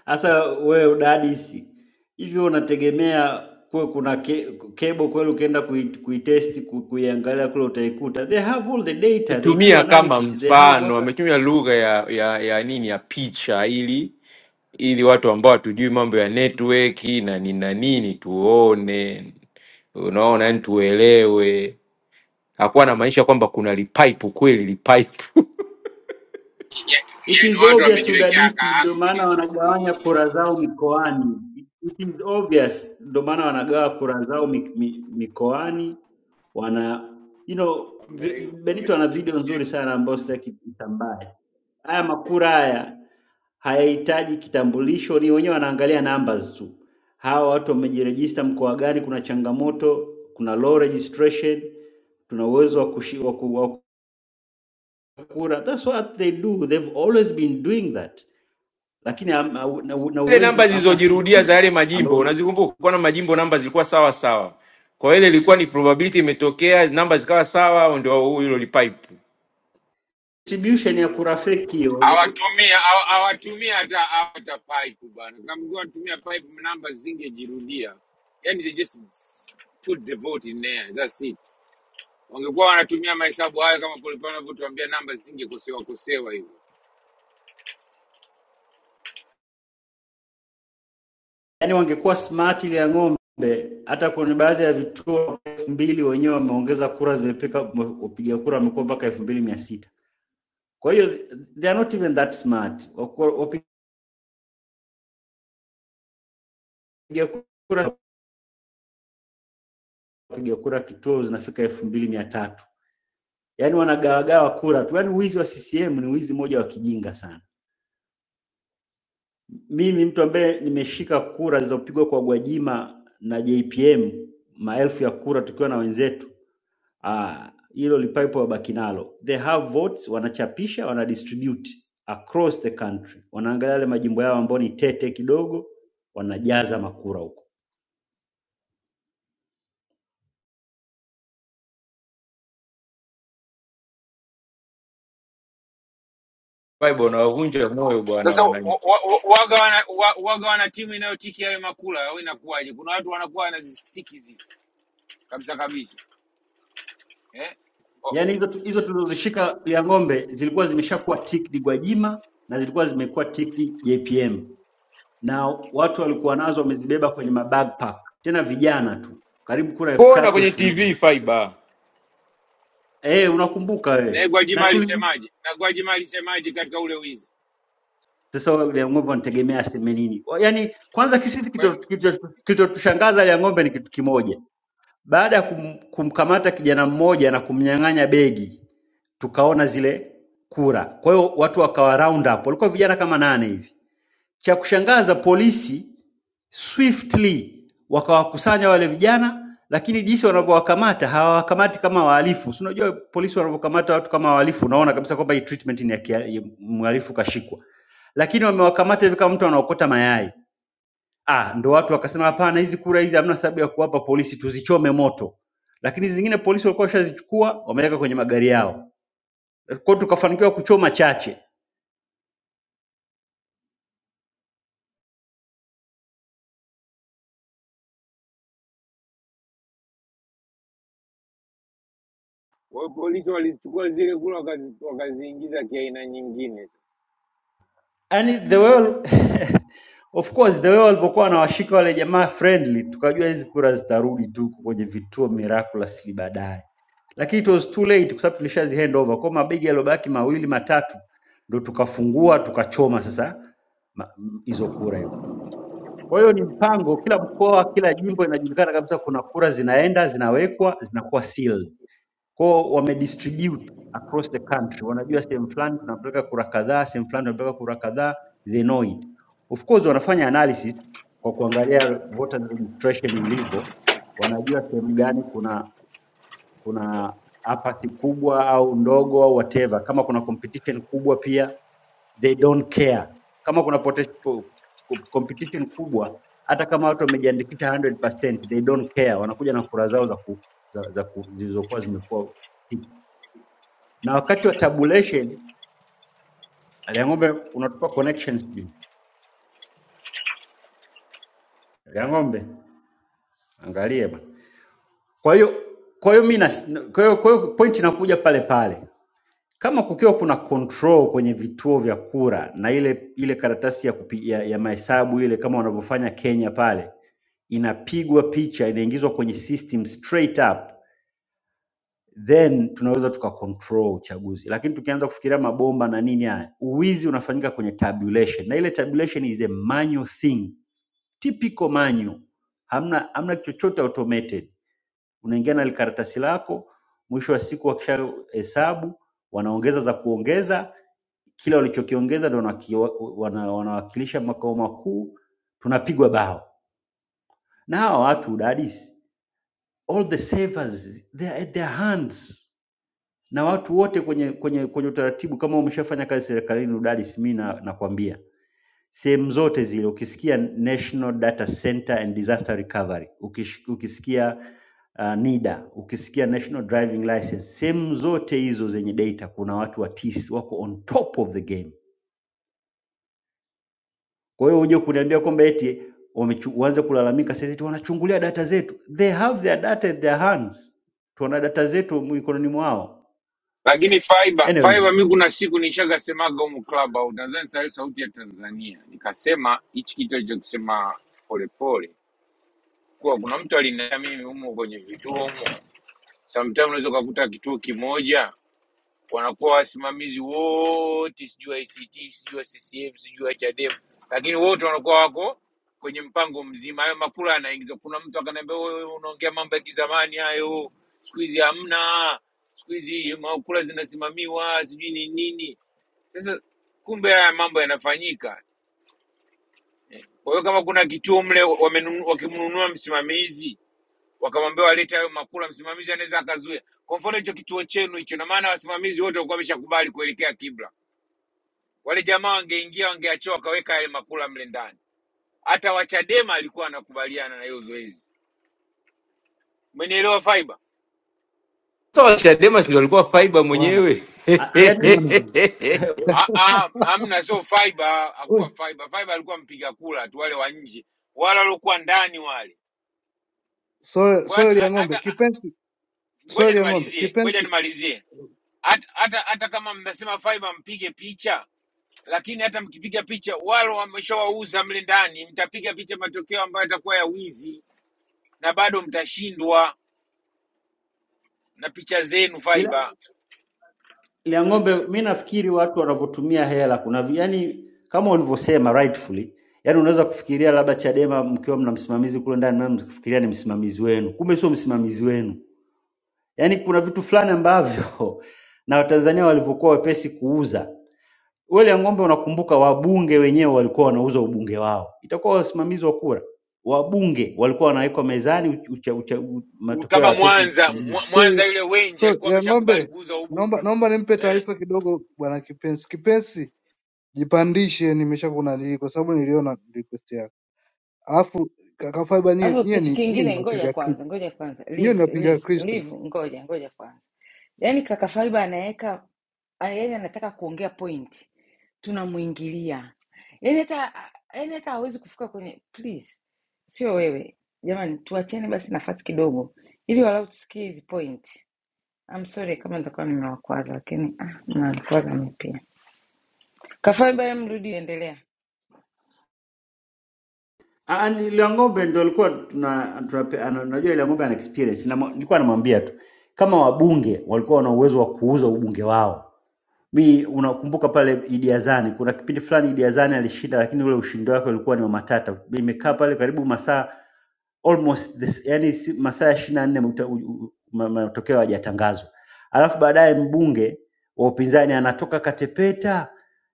Sasa wewe udadisi hivyo unategemea kuwe kuna ke, cable kweli ukienda kui, kuitest ku- kuiangalia kule utaikuta. They have all the data, they do
Tumia kama
analysis, they have
mfano,
what
ametumia lugha ya, ya ya nini ya picha, ili ili watu ambao hatujui mambo ya network na nini na nini tuone, unaona, yani tuelewe hakuwa anamaanisha kwamba kuna lipaipu kweli lipaipu
Ya-
It
Yaani
is
watu
obvious
wamejiwekea
udadisi,
ka
ndio maana
access
wanagawanya kura zao mikoani. It is obvious, ndio maana wanagawa kura zao mi, mi, mikoani. Wana you know, vi-
wame-
Benito ana
wame-
video nzuri sana ambayo sitaki itambae. Haya makura haya hayahitaji kitambulisho, ni wenyewe wanaangalia numbers tu. Hawa watu wamejirejista mkoa gani, kuna changamoto, kuna low registration, tuna uwezo wa kushi- wa ku- wa kura. That's what they do. They've always been doing that, lakini ham- hau- na na
ile
uwezi,
namba
hamna
zilizojirudia
system
za yale
ambayo
majimbo
una-
unazikumbuka kulikuwa na majimbo namba zilikuwa sawa sawa kwa hiyo ile ilikuwa ni probability imetokea namba zikawa sawa ndio huo hilo lipaipu
distribution ya kura feki hiyo. unakuta-
hawatumia hawa- hawatumia hata hata pipe bwana. Kama watumia pipe, namba zingejirudia. Yani they just put the vote in there. That's it. wangekuwa wanatumia mahesabu hayo kama kulikuwa wanavyotuambia namba zisingekosewa kosewa hivyo
Yani wangekuwa smart ile ya ng'ombe, hata kwenye baadhi ya vituo elfu mbili wenyewe wameongeza kura, zimepika wapiga kura wamekuwa mpaka elfu mbili mia sita. Kwa hiyo they are not even that smart. Wakuwa- Wapiga kura wapiga kura kituo zinafika elfu mbili mia tatu. Yani wanagawagawa kura tu, yani wizi wa CCM ni wizi moja wa kijinga sana. Mimi mtu ambaye nimeshika kura zilizopigwa kwa Gwajima na JPM maelfu ya kura tukiwa na wenzetu ah, hilo lipaipo wabaki nalo. They have votes, wanachapisha wana distribute across the country, wanaangalia yale majimbo yao ambayo ni tete kidogo, wanajaza makura huko.
fiber unawavunja moyo bwana
sasa wa-
wananchi
wa- waga wana, wa- waga wana timu inayotiki hayo makula au inakuwaje kuna watu wanakuwa wanazitiki zi kabisa kabisa eh? O-
Yaani hizo tu- hizo tulizozishika ya ng'ombe zilikuwa zimeshakuwa ticked Gwajima na zilikuwa zimekuwa ticked JPM. na watu walikuwa nazo wamezibeba kwenye mabackpack, tena vijana tu, karibu kura elfu
kuona
tatu
kwenye
elfu nne
tv fiber
eh, unakumbuka
na
wewe na
gwajima
tuli
alisemaje na gwajima alisemaje katika ule wizi
sasa wewe Liang'ombe wanategemea aseme nini? Wa- Yaani kwanza kisisi
Kwa-
kilichotushangaza Liang'ombe ni kitu kimoja, baada ya kum, kumkamata kijana mmoja na kumnyang'anya begi, tukaona zile kura. Kwa hiyo watu wakawa round up, walikuwa vijana kama nane hivi. Cha kushangaza polisi swiftly wakawakusanya wale vijana lakini jinsi wanavyowakamata hawawakamati kama wahalifu si unajua polisi wanavyokamata watu kama wahalifu unaona kabisa kwamba hii treatment ni ya kia- ya mhalifu kashikwa lakini wamewakamata hivi kama mtu anaokota mayai ah ndo watu wakasema hapana hizi kura hizi hamna sababu ya kuwapa polisi tuzichome moto lakini zingine polisi walikuwa washazichukua wameweka kwenye magari yao kwa hiyo tukafanikiwa kuchoma chache
wa- polisi walichukua zile kula wakazi- wakaziingiza kiaina nyingine
yani the world Of course the way walivyokuwa wanawashika wale jamaa friendly, tukajua hizi kura zitarudi tu huko kwenye vituo miraculously baadaye, lakini it was too late kwa sababu tulishazi hand over. Kwa hiyo mabegi yaliyobaki mawili matatu ndo tukafungua tukachoma sasa ma- m- hizo kura hiyo. Kwa hiyo ni mpango, kila mkoa, kila jimbo inajulikana kabisa, kuna kura zinaenda zinawekwa zinakuwa sealed. Kwao wamedistribute across the country, wanajua sehemu fulani tunapeleka kura kadhaa, sehemu fulani tunapeleka kura kadhaa, they know it. Of course wanafanya analysis kwa kuangalia voter registration ilivyo, wanajua sehemu gani kuna kuna apathy kubwa au ndogo au whatever. Kama kuna competition kubwa pia they don't care. Kama kuna potes- po- co- competition kubwa, hata kama watu wamejiandikisha 100% they don't care, wanakuja na kura zao za ku, za, za ku, zilizokuwa zimekuwa na wakati wa tabulation Liang'ombe unatupa connections sijui. Liang'ombe angalie bwana. Kwa hiyo kwa hiyo mimi na- kwa hiyo kwa hiyo point inakuja pale pale. Kama kukiwa kuna control kwenye vituo vya kura na ile ile karatasi ya kupi, ya, ya mahesabu ile kama wanavyofanya Kenya pale inapigwa picha inaingizwa kwenye system straight up then tunaweza tuka control uchaguzi, lakini tukianza kufikiria mabomba na nini haya, uwizi unafanyika kwenye tabulation, na ile tabulation is a manual thing typical manual, hamna, hamna chochote automated. Unaingia na likaratasi lako, mwisho wa siku wakisha hesabu wanaongeza za kuongeza, kila walichokiongeza ndio wanaki- wana- wanawakilisha makao makuu, tunapigwa bao na hawa watu udadisi, all the savers they are at their hands na watu wote kwenye kwenye kwenye utaratibu. Kama umeshafanya kazi serikalini udadisi, mimi na- nakwambia Sehemu zote zile ukisikia National Data Center and Disaster Recovery, ukish- ukisikia uh, NIDA, ukisikia National Driving License, sehemu zote hizo zenye data kuna watu wa TIS wako on top of the game. Kwa hiyo uje kuniambia kwamba eti wamechu- waanze kulalamika sasa eti wanachungulia data zetu. They have their data at their hands, tuna data zetu mikononi mwao.
lakini fiber
Anyways,
fiber mi kuna siku nishakasemaga humu club au nadhani Sauti ya tanzania nikasema hichi kitu alichokisema polepole kuwa kuna mtu alinaa mimi humo kwenye vituo humo, sometimes unaweza ukakuta kituo kimoja wanakuwa wasimamizi wote, sijui wa ICT, sijui wa CCM, sijui wa Chadema, lakini wote wanakuwa wako kwenye mpango mzima. Hayo makula yanaingizwa, kuna mtu akaniambia, wewe unaongea mambo ya kizamani hayo, siku hizi hamna, siku hizi makula zinasimamiwa, sijui ni nini. Sasa kumbe haya mambo yanafanyika eh. Kwa hiyo kama kuna kituo mle wamenunu- wakimnunua msimamizi wakamwambia walete hayo makula, msimamizi anaweza akazuia. Kwa mfano hicho kituo chenu hicho, na maana wasimamizi wote walikuwa wameshakubali kuelekea kibla, wale jamaa wangeingia, wangeachoa wakaweka yale makula mle ndani. Hata Wachadema alikuwa anakubaliana na hiyo zoezi, umenielewa Faiba?
sasa wa chadema si ndio walikuwa fiber
bwana
mwenyewe
uh, yani,
bwana bwana
Ah, ah, Amna, sio Faiba,
Oe,
hakuwa Faiba. Faiba alikuwa mpiga kula tu, wale wa nje, wale waliokuwa ndani wale.
sole
Kwa hata,
sole ya ng'ombe
hata
kipenzi
ngoja
sole ya ng'ombe
nimalizie, ngoja
kipenzi
nimalizie. Hata, hata, hata kama mnasema Faiba mpige picha, lakini hata mkipiga picha wale wameshawauza mle ndani, mtapiga picha matokeo ambayo yatakuwa ya wizi na bado mtashindwa na picha zenu
ila
fiber.
ya ng'ombe, mi nafikiri watu wanavyotumia hela kuna vi- yani, kama ulivyosema rightfully, yani unaweza kufikiria labda Chadema mkiwa mna msimamizi kule ndani, mna mkifikiria ni msimamizi wenu, kumbe sio msimamizi wenu. Yani kuna vitu fulani ambavyo na Watanzania walivyokuwa wepesi kuuza wale ya ng'ombe. Unakumbuka wabunge wenyewe walikuwa wanauza ubunge wao, itakuwa wasimamizi wa kura, wabunge walikuwa wanawekwa mezani, ucha, ucha, u-
U-
matokeo
Kama
yatoke.
Mwanza Mwa- Mwanza
sole
yule Wenje
sole
alikuwa
ya
ameshakubali
ng'ombe
kuuza
naomba
ubunge ule.
naomba nimpe
Eh,
taarifa kidogo bwana kipenzi kipenzi jipandishe nimesha kuna nili kwa sababu niliona request yako alafu kaka Faiba nyie
Alafu
nyie
kitu
ni nyie ni
kingine, ngoja
wapinga Kri-
kwanza, ngoja kwanza,
nyie ni
live
wapinga
live
Kristo
live, ngoja ngoja kwanza. Yaani kaka Faiba anaweka yaani anataka kuongea point, tunamwingilia yaani hata yaani hata hawezi kufika kwenye. Please, sio wewe jamani, tuacheni basi nafasi kidogo, ili walau tusikie hizi point. I'm sorry kama nitakuwa nimewakwaza, lakini ah, mnakwaza mimi pia. Kafaiba, mrudi, endelea.
Ah, ah, ni ile ng'ombe ndo alikuwa tuna tunape- ana- unajua ile ng'ombe ana experience na nilikuwa namwambia tu kama wabunge walikuwa wana uwezo wa kuuza ubunge wao. Mi unakumbuka pale Idi Azani, kuna kipindi fulani Idi Azani alishinda, lakini ule ushindi wake ulikuwa ni wa matata. Nimekaa pale karibu masaa almost this, yani si, masaa ishirini na nne mta- u- u- ma- matokeo hayajatangazwa, alafu baadaye mbunge wa upinzani anatoka katepeta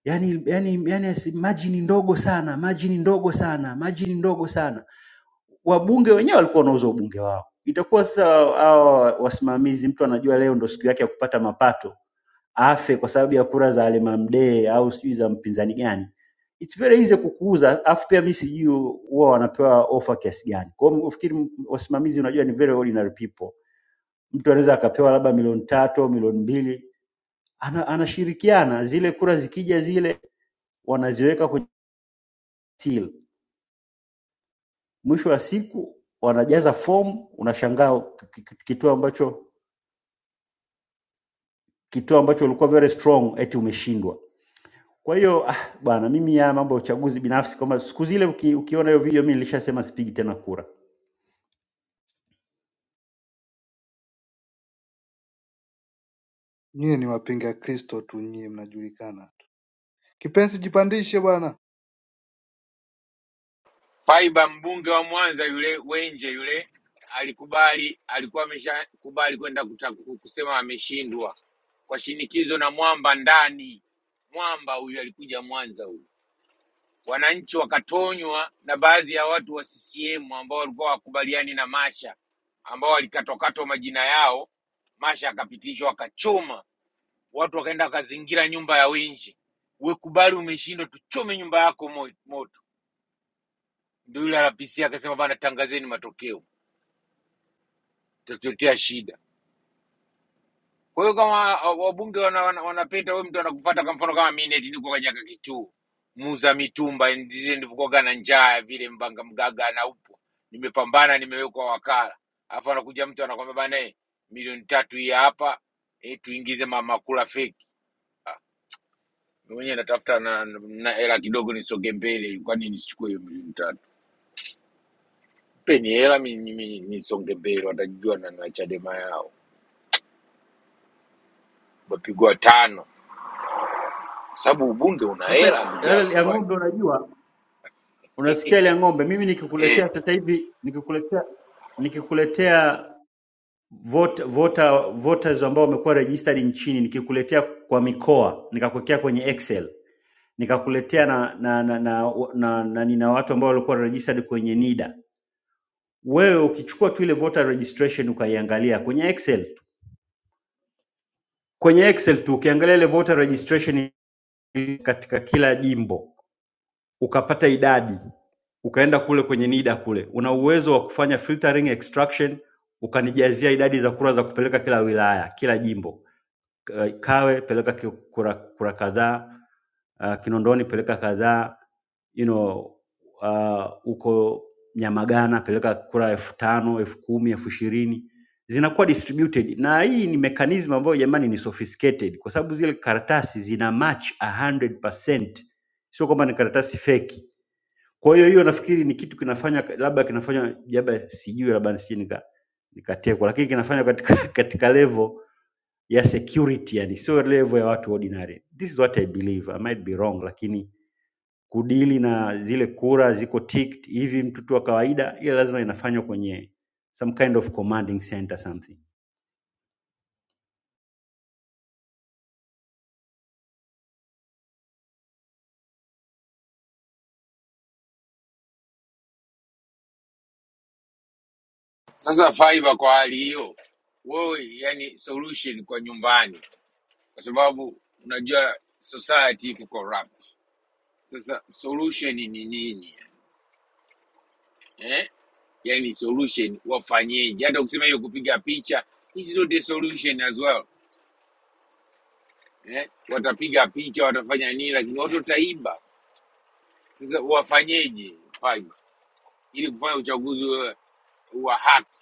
yani, yani, yani margin ndogo sana, margin ndogo sana, margin ndogo sana wabunge wenyewe walikuwa wanauza ubunge wao. Itakuwa sasa hawa wasimamizi, mtu anajua leo ndo siku yake ya kupata mapato, afe kwa sababu ya kura za Alimamdee au sijui za mpinzani gani. It's very easy kukuuza, afu pia mimi sijui huwa wanapewa ofa kiasi gani. Kwa hiyo ufikiri wasimamizi, unajua ni very ordinary people, mtu anaweza akapewa labda milioni tatu au milioni mbili, ana, anashirikiana zile kura zikija zile wanaziweka kwenye till. Mwisho wa siku wanajaza fomu, unashangaa ki- ki- kitu ambacho kituo ambacho ulikuwa very strong, eti umeshindwa. Kwa hiyo ah, bwana, mimi ya mambo ya uchaguzi binafsi, kwamba siku zile uki, ukiona hiyo video mimi nilishasema sipigi tena kura.
nyie ni wapinga Kristo tu nyie mnajulikana Kipenzi jipandishe bwana.
fiber mbunge wa Mwanza yule Wenje yule alikubali, alikuwa ameshakubali kwenda kuta- kusema ameshindwa kwa shinikizo na mwamba ndani. Mwamba huyu alikuja Mwanza huyu wananchi wakatonywa na baadhi ya watu wa CCM ambao walikuwa wakubaliani na Masha, ambao walikatwakatwa majina yao. Masha akapitishwa akachoma, watu wakaenda wakazingira nyumba ya Winji. We kubali umeshindwa, tuchome nyumba yako mo- moto. Ndio yule RPC akasema bana, tangazeni matokeo, tutatuletea shida. Kwa hiyo kama uh, wabunge wanapita wana, wana- wanapita, huyu mtu anakufuata kwa mfano kama mineti niko kanyaka kituu muza mitumba ndizo nilivyokuwaga na njaa ya vile mbanga mgaga na upo nimepambana nimewekwa wakala, alafu anakuja mtu anakwambia bana, eh, milioni tatu hii hapa eh, tuingize mama kula feki. Ah, mimi mwenyewe natafuta na na hela kidogo nisonge mbele, kwa nini nisichukue hiyo milioni tatu? Peni hela mimi mimi nisonge mbele, watajua na, na Chadema yao wapigwa tano, Kwa sababu ubunge una
Sasa
hela ndugu
yale
yangu
ya
fai
ng'ombe, unajua unasikia ile ya ng'ombe, mimi
Eh
nikikuletea sasa hivi nikikuletea nikikuletea vote, voter, voters ambao wamekuwa registered nchini, nikikuletea kwa mikoa, nikakuwekea kwenye Excel, nikakuletea na na na na, na, na, na, na, na watu ambao walikuwa registered kwenye NIDA wewe ukichukua tu ile voter registration ukaiangalia kwenye Excel tu, kwenye Excel tu ukiangalia ile voter registration katika kila jimbo ukapata idadi, ukaenda kule kwenye NIDA kule, una uwezo wa kufanya filtering extraction, ukanijazia idadi za kura za kupeleka kila wilaya, kila jimbo. Kawe peleka ki- kura, kura kadhaa uh, Kinondoni peleka kadhaa you know uh, uko Nyamagana peleka kura elfu tano elfu kumi elfu ishirini zinakuwa distributed, na hii ni mechanism ambayo jamani ni sophisticated, kwa sababu zile karatasi zina match 100%, sio kwamba ni karatasi feki. Kwa hiyo hiyo nafikiri ni kitu kinafanya labda kinafanya labda sijui labda nisije nika nikatekwa, lakini kinafanya katika, katika level ya security yani sio level ya watu ordinary this is what i believe i might be wrong lakini kudili na zile kura ziko ticked hivi mtu tu wa kawaida ile lazima inafanywa kwenye some kind of commanding center something
Sasa fiber kwa hali hiyo, wewe yani solution kwa nyumbani, kwa sababu unajua society iko corrupt. Sasa solution ni nini eh? Yani solution wafanyeje? Hata ukisema hiyo kupiga picha, hizi zote solution as well eh? Watapiga picha, watafanya nini, lakini watu wataiba. Sasa wafanyeje fiber ili kufanya uchaguzi wa wa haki?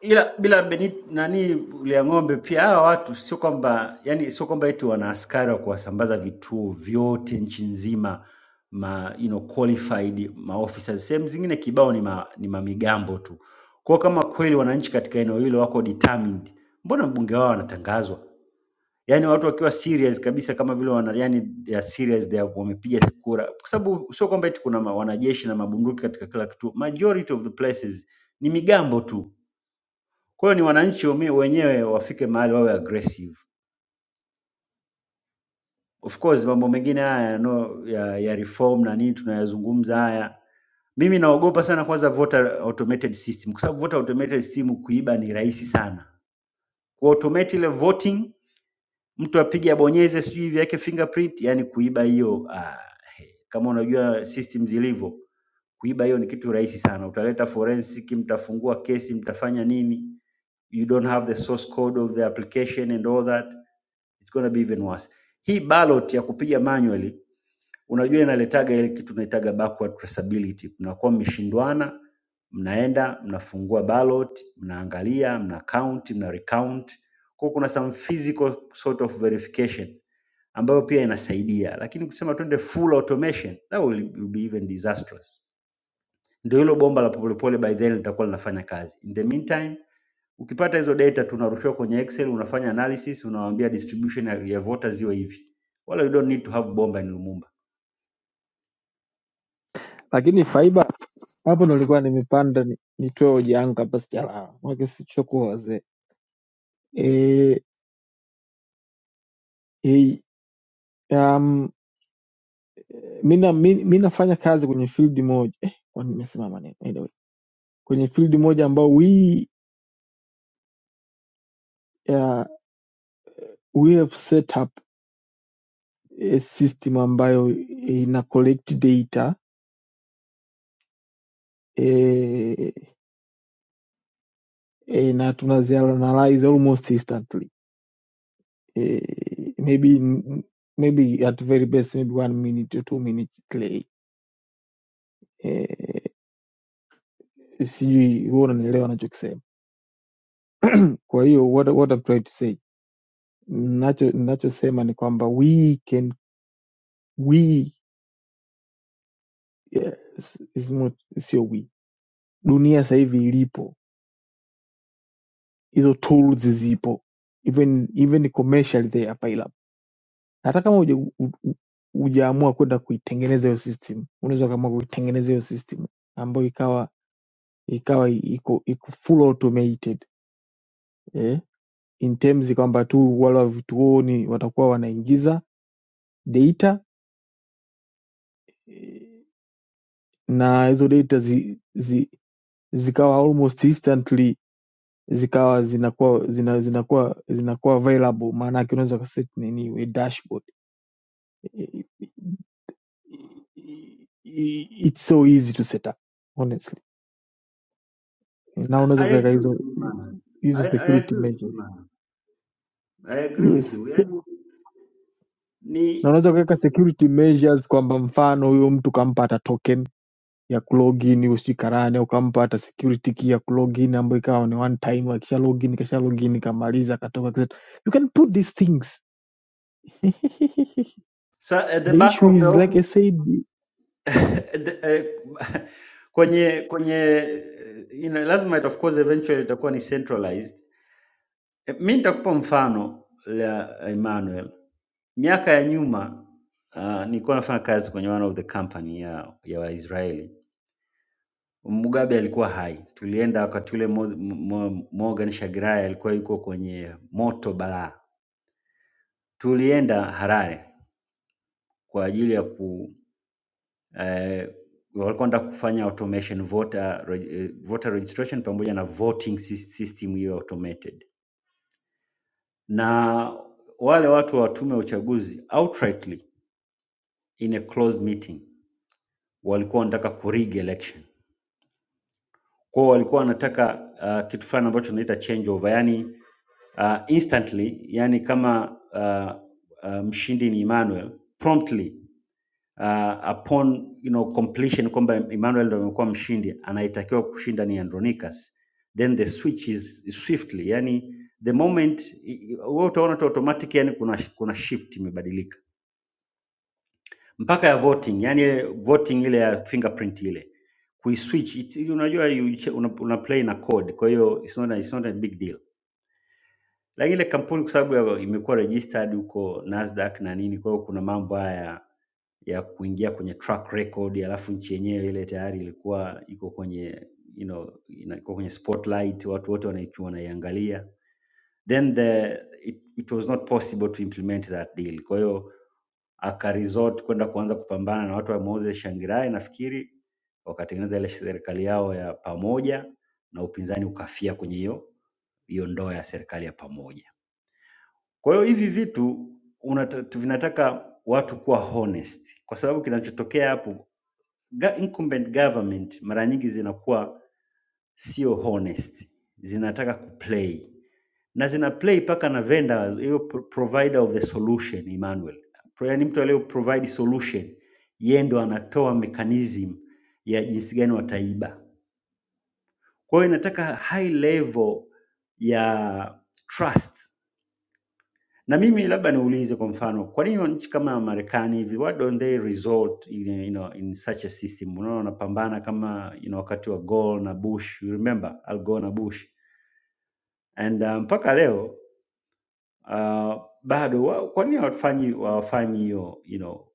ila bila Beni nani lia ng'ombe pia hawa watu sio kwamba yani sio kwamba eti wana askari wa kuwasambaza vituo vyote nchi nzima ma you know, qualified maofficers. Sehemu zingine kibao ni ma, ni mamigambo tu. Kwa kama kweli wananchi katika eneo hilo wako determined, mbona mbunge wao anatangazwa? Yani watu wakiwa serious kabisa kama vile wana yani they are serious they are, wamepiga kura, kwa sababu sio kwamba eti kuna ma- wanajeshi na mabunduki katika kila kituo. Majority of the places ni migambo tu kwa hiyo ni wananchi wame- wenyewe wafike mahali wawe aggressive. Of course mambo mengine haya no, ya, ya reform na nini tunayazungumza haya, mimi naogopa sana kwanza voter automated system, kwa sababu voter automated system kuiba ni rahisi sana. Kuautomate ile voting, mtu apige abonyeze, sijui hivi yake fingerprint, yani kuiba hiyo ah, he. kama unajua system zilivyo, kuiba hiyo ni kitu rahisi sana. Utaleta forensic, mtafungua kesi, mtafanya nini, you don't have the source code of the application and all that it's gonna be even worse. Hii ballot ya kupiga manually, unajua inaletaga ile kitu tunaitaga backward traceability. Mnakuwa mmeshindwana, mnaenda mnafungua ballot, mnaangalia, mna count, mna recount. Kwa hiyo kuna some physical sort of verification ambayo pia inasaidia, lakini kusema twende full automation that will will be even disastrous. Ndio hilo bomba la polepole by then litakuwa linafanya kazi. In the meantime Ukipata hizo data tunarushiwa kwenye Excel, unafanya analysis, unawaambia distribution ya, ya voters iwe hivi. Wala you don't need to have Bomba and Lumumba.
Lakini Faiba, hapo ndo nilikuwa nimepanda ni- nitoe hoja yangu kabla sijalala, maana sichokuwa wazee eh eh, um, mi na- mi- mi nafanya kazi kwenye field moja eh, kwani nimesimama nini? Anyway, kwenye field moja ambao we uh, we have set up a system ambayo ina collect data eh, eh, na tunazianalyze almost instantly eh, maybe maybe at very best maybe one minute to two minutes eh, sijui huwa unanielewa nachokisema. Kwa hiyo what, what I'm trying to say nacho ninachosema ni kwamba we can we eh, is not sio we, dunia sasa hivi ilipo hizo tools zipo even even commercially they are available. Hata kama huja- u- u- hujaamua kwenda kuitengeneza hiyo system, unaweza ukaamua kuitengeneza hiyo system ambayo ikawa ikawa iko iko full automated eh, in terms kwamba tu wale wa vituoni watakuwa wanaingiza data na hizo data zi, zi, zikawa almost instantly zikawa zinakuwa zina, zinakuwa zinakuwa available maana yake unaweza ukaset nini a dashboard it's so easy to set up honestly na unaweza
I, I
kuweka
agree
hizo
with you man. I,
hizo
I
security
agree with you
measures
man. I agree with
yes
you. Yani
na
ni
unaweza kuweka security measures kwamba mfano huyo mtu kampa ya kulogin usikarane ukampa hata security key ya kulogin ambayo ikawa ni one time akisha login kasha login kamaliza akatoka akisema, you can put these things
sa, at the
the
back
issue
of the
is like i
office
said
at the, eh, kwenye kwenye eh, ina, lazima it of course eventually itakuwa ni centralized E, Mi nitakupa mfano la Emmanuel. Miaka ya nyuma uh, nilikuwa nafanya kazi kwenye one of the company ya, ya Waisraeli. Mugabe alikuwa hai, tulienda wakati ule Mo- Mo- Morgan Shagirai alikuwa yuko kwenye moto balaa. Tulienda Harare kwa ajili ya ku eh, walikuwa wanataka kufanya automation voter, reg- eh, voter registration pamoja na voting sys- system hiyo automated, na wale watu wa tume ya uchaguzi outrightly in a closed meeting walikuwa wanataka ku rig election. Kwa hiyo walikuwa wanataka uh, kitu fulani ambacho tunaita change over, yani uh, instantly, yani kama uh, uh, mshindi ni Emmanuel promptly uh, upon you know completion kwamba Emmanuel ndio amekuwa mshindi, anayetakiwa kushinda ni Andronicus, then the switch is is swiftly, yani the moment i- i- wewe utaona tu automatic, yani kuna kuna shift imebadilika mpaka ya voting, yani ile voting ile ya fingerprint ile kuiswitch. It's- ili Unajua you, ch- una, una play na code, kwa hiyo it's not, a- it's not a big deal, lakini ile kampuni kwa sababu ya- imekuwa registered huko Nasdaq na nini, kwa hiyo kuna mambo haya ya kuingia kwenye track record, alafu nchi yenyewe ile tayari ilikuwa iko kwenye you know, ina- iko kwenye spotlight, watu wote wanaichu- wanaiangalia Then the it, it was not possible to implement that deal. Kwa hiyo akaresort kwenda kuanza kupambana na watu wa Moses Shangirai nafikiri wakatengeneza ile serikali yao ya pamoja na upinzani ukafia kwenye hiyo hiyo ndoa ya serikali ya pamoja. Kwa hiyo hivi vitu unata, tu- vinataka watu kuwa honest, kwa sababu kinachotokea hapo ga- incumbent government mara nyingi zinakuwa sio honest, zinataka kuplay na zina play paka na vendor hiyo pro- provider of the solution Emmanuel, Pro- yaani mtu aliyo provide solution yeye ndo anatoa mechanism ya jinsi gani wataiba. Kwa hiyo inataka high level ya trust. Na mimi labda niulize kwa mfano, kwa nini nchi kama Marekani hivi why don't they resort in, you know, in such a system? Unaona wanapambana kama you know, wakati wa Gore na Bush, you remember Al Gore na Bush and uh, mpaka leo uh, bado wa- kwa nini hawafanyi hawafanyi hiyo you know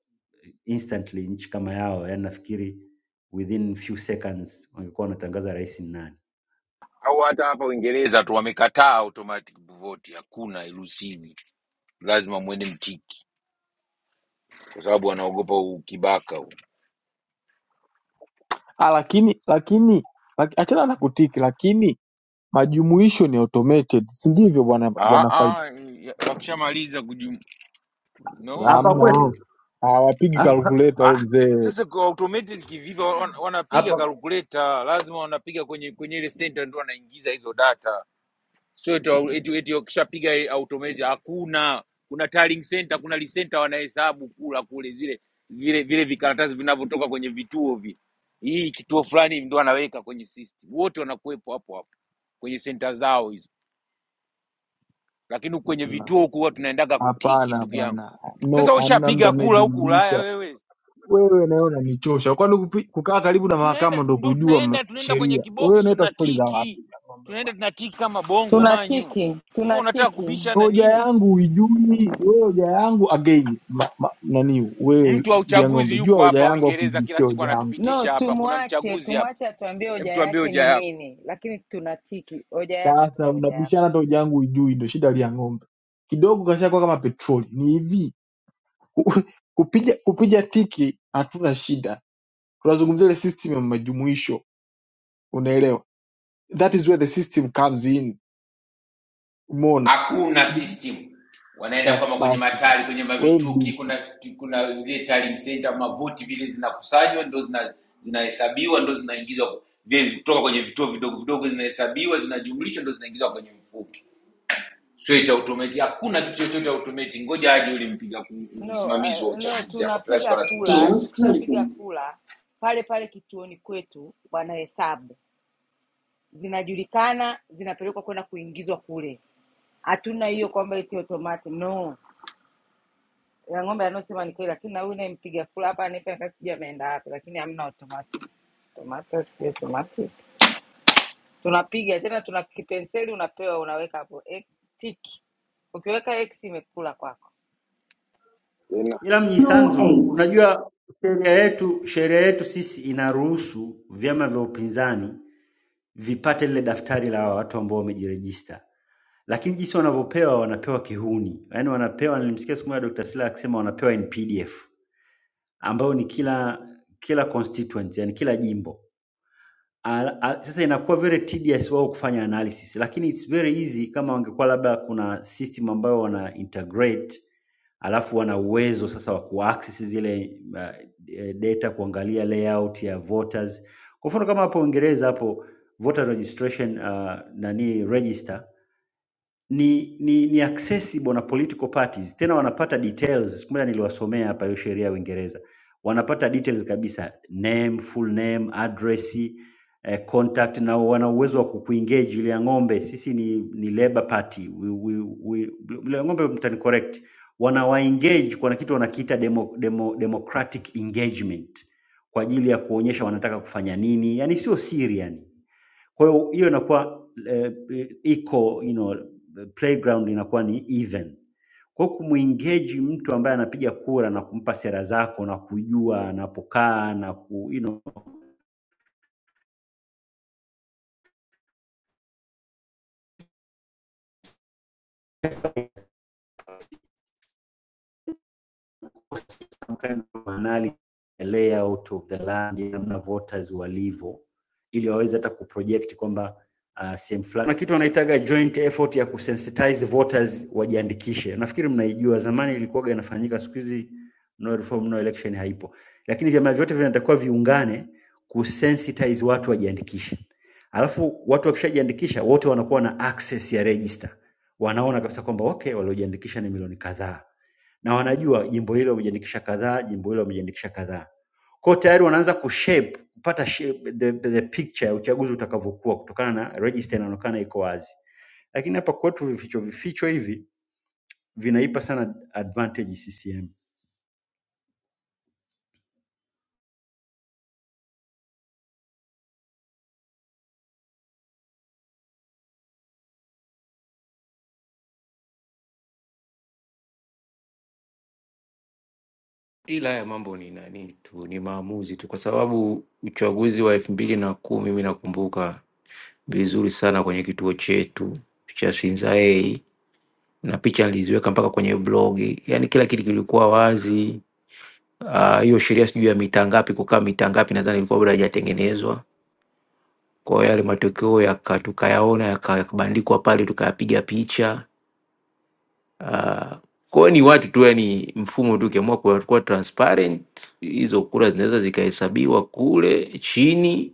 instantly nchi kama yao yani nafikiri within few seconds wangekuwa wanatangaza rais ni nani
Au hata hapa Uingereza tu wamekataa automatic vote, hakuna ilusiwi lazima mwende mtiki kwa sababu anaogopa ukibaka huu.
ah, lakini lakini lak- achana na kutiki lakini Majumuisho ni automated si ndivyo bwana
Ah,
bwana Faiba?
ah, ya- wakishamaliza kujum... no
hapa
Hamna wao.
kwetu
Hawapigi
hapa
calculator wewe
ah,
mzee.
sasa kwa automated kivipi? Wana- Wanapiga
hapa
kalkuleta, lazima wanapiga kwenye kwenye ile center ndio wanaingiza hizo data, sio eti eti- eti wakishapiga ile automated. Hakuna, kuna tallying center, kuna lisenta wanahesabu kula kule zile vile vile vikaratasi vinavyotoka kwenye vituo vi hii kituo fulani ndio anaweka kwenye system, wote wanakuwepo hapo hapo kwenye center zao hizo lakini kwenye vituo huku huwa tunaendaga kutiki
Hapana hapana.
ndugu yangu
bwana. No,
sasa
hamna mtu
ushapiga kula huku ulaya
anayejumlisha.
wewe
Wewe nawe unanichosha. Kwani kupi- kukaa karibu na
tunaenda
mahakama ndo
ndo
kujua m-
tunaenda tunaenda kwenye
sheria? Wewe
kibox
unaita stori za wapi
tunatiki
ya ng'ombe
tunaenda
bwana?
tunatiki kama bongo manyu
Tunatiki,
wewe unataka
tunatiki.
kubisha na
Hoja
nini
yangu huijui. Wewe hoja yangu again ma, ma, nani wewe
mtu wa
lia
uchaguzi
ng'ombe. Jua
yuko
hoja
hapa
yangu afu
uingereza kila
ibishie
siku
hoja yangu.
No,
anatupitisha hapa kuna
tumwache
mchaguzi hapa
tumwache atuambie
hem
hoja
tuambie
yake
hoja
ni
yako
nini, lakini tunatiki hoja yako,
Sasa
tupe hoja
unabishana
yako.
hata hoja yangu ujui, ndio shida ya ng'ombe. Kidogo kashakuwa kama petroli. Ni hivi ku- kupiga kupiga tiki hatuna shida, tunazungumzia ile system ya majumuisho, unaelewa? That is where the system comes in. Umeona?
hakuna system wanaenda
Ah,
kwama kwenye
basi
matali kwenye
wewe
mavituki
mbishi,
kuna kuna vile tallying center mavoti vile zinakusanywa ndo zina zinahesabiwa ndo zinaingizwa vile kutoka kwenye vituo vidogo vidogo zinahesabiwa zinajumlishwa ndo zinaingizwa kwenye mfuko sio ita automate hakuna kitu chochote automate ngoja aje yule mpiga
No,
msimamizi wa
uh, no,
uchaguzi hapa plus
tunapiga
kwa anatupitisha
kula.
Doors
Tukishapiga
closing.
kula pale pale kituoni kwetu wanahesabu, zinajulikana, zinapelekwa kwenda kuingizwa kule. Hatuna hiyo kwamba eti automatic. No, ya ng'ombe anaosema ni kweli, lakini na huyu nayempiga kula hapa anayefanya kazi sijui ameenda wapi, lakini hamna automatic. Automatic, sijui automatic. tunapiga tena, tuna kipenseli unapewa, unaweka hapo eh, tiki. Ukiweka x imekula kwako.
ila
Floor
mnyisanzu
8.
unajua sheria yetu sheria yetu sisi inaruhusu vyama vya upinzani vipate lile daftari la watu ambao wamejirejista lakini jinsi wanavyopewa wanapewa kihuni yaani wanapewa nilimsikia siku moja Dr. Slaa akisema wanapewa in pdf ambayo ni kila kila constituent, yani kila jimbo. Al- al- Sasa inakuwa very tedious wao kufanya analysis, lakini it's very easy kama wangekuwa labda kuna system ambayo wana integrate alafu wana uwezo sasa wa kuaccess zile uh, eh, data kuangalia layout ya voters. Kwa mfano kama hapo Uingereza hapo voter registration uh, nani register ni ni ni accessible na political parties, tena wanapata details. Siku moja niliwasomea hapa hiyo sheria ya Uingereza, wanapata details kabisa, name, full name, address, eh, contact, na wana uwezo wa kukuengage ile ya ng'ombe. Sisi ni ni Labour Party, we, we, we, ile ya ng'ombe mtani correct, wanawaengage, kuna kitu wanakiita demo, demo, democratic engagement kwa ajili ya kuonyesha wanataka kufanya nini, yani sio siri yani kwa hiyo hiyo inakuwa eh, eh, iko you know, playground inakuwa ni even. Kwa hiyo kumuengage mtu ambaye anapiga kura na kumpa sera zako na kujua anapokaa na ku, you know, some kind of analysis a layout of the land, namna voters walivyo, ili waweze hata kuproject kwamba uh, sehemu fulani kuna kitu wanaitaga joint effort ya kusensitize voters wajiandikishe. Nafikiri mnaijua, zamani ilikuwaga inafanyika, siku hizi no reform no election haipo, lakini vyama vyote vinatakiwa viungane kusensitize watu wajiandikishe, alafu watu wakishajiandikisha wote wanakuwa na access ya register, wanaona kabisa kwamba okay, waliojiandikisha ni milioni kadhaa na wanajua jimbo hilo wamejiandikisha kadhaa, jimbo hilo wamejiandikisha kadhaa. Kwa hiyo tayari wanaanza kushape kupata shape, the, the picture ya uchaguzi utakavyokuwa kutokana na register inaonekana iko wazi, lakini hapa kwetu vificho vificho hivi vinaipa sana advantage CCM.
ila haya mambo ni nani tu ni maamuzi tu kwa sababu uchaguzi wa elfu mbili na kumi mi nakumbuka vizuri sana kwenye kituo chetu cha Sinzaei na picha niliziweka mpaka kwenye blogi, yani kila kitu kilikuwa wazi. Ah, Hiyo sheria sijui ya mita ngapi kukaa mita ngapi, nadhani ilikuwa bado haijatengenezwa. Kwa hiyo yale matokeo yaka- tukayaona yaka- yakabandikwa pale, tukayapiga picha Uh, kwa hiyo ni watu tu, yani mfumo tu, ukiamua kuwa kuwa transparent, hizo kura zinaweza zikahesabiwa kule chini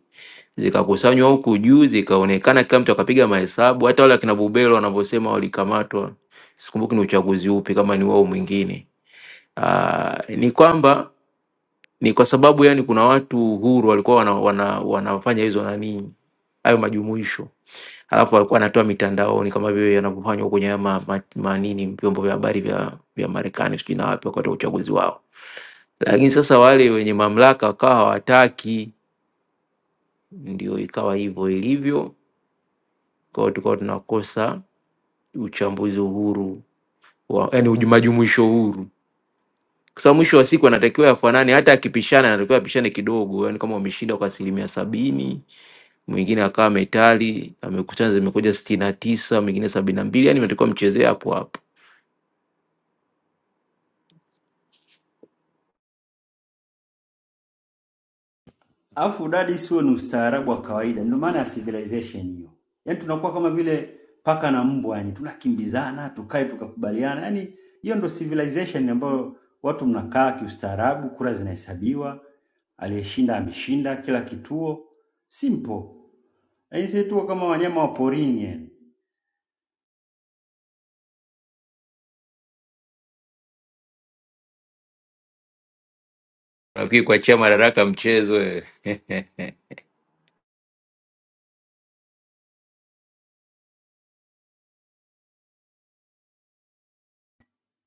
zikakusanywa huku juu zikaonekana, kila mtu akapiga mahesabu. Hata wale akina Bubelo wanavyosema walikamatwa, sikumbuki ni uchaguzi upi, kama ni wao mwingine. Uh, ni kwamba ni kwa sababu yani kuna watu huru walikuwa wana, wana, wanafanya hizo nani hayo majumuisho alafu walikuwa wanatoa mitandaoni kama vile yanavyofanywa kwenye haya ma, ma, manini vyombo vya habari vya, vya Marekani sijui na wapi wakati wa uchaguzi wao, lakini sasa wale wenye mamlaka wakawa hawataki, ndio ikawa hivyo ilivyo. Kwa hiyo tukawa tunakosa uchambuzi uhuru wa, yani uju- majumuisho huru, kwa sababu mwisho wa siku anatakiwa yafanane, hata akipishana anatakiwa apishane kidogo, yani kama wameshinda kwa asilimia sabini mwingine akawa metali amekutana zimekuja sitini na tisa mwingine sabini na mbili yani natakiwa mchezee hapo hapo
Alafu udadisi huo ni ustaarabu wa kawaida, ndio maana ya civilization hiyo. Yaani tunakuwa kama vile paka na mbwa, yani tunakimbizana, tukae tukakubaliana. Yaani hiyo ndio civilization ambayo watu mnakaa kiustaarabu, kura zinahesabiwa, aliyeshinda ameshinda kila kituo. Simple. Yaani sisi tuko kama wanyama wa porini. Yani.
nafikiri kuachia madaraka mchezo wewe.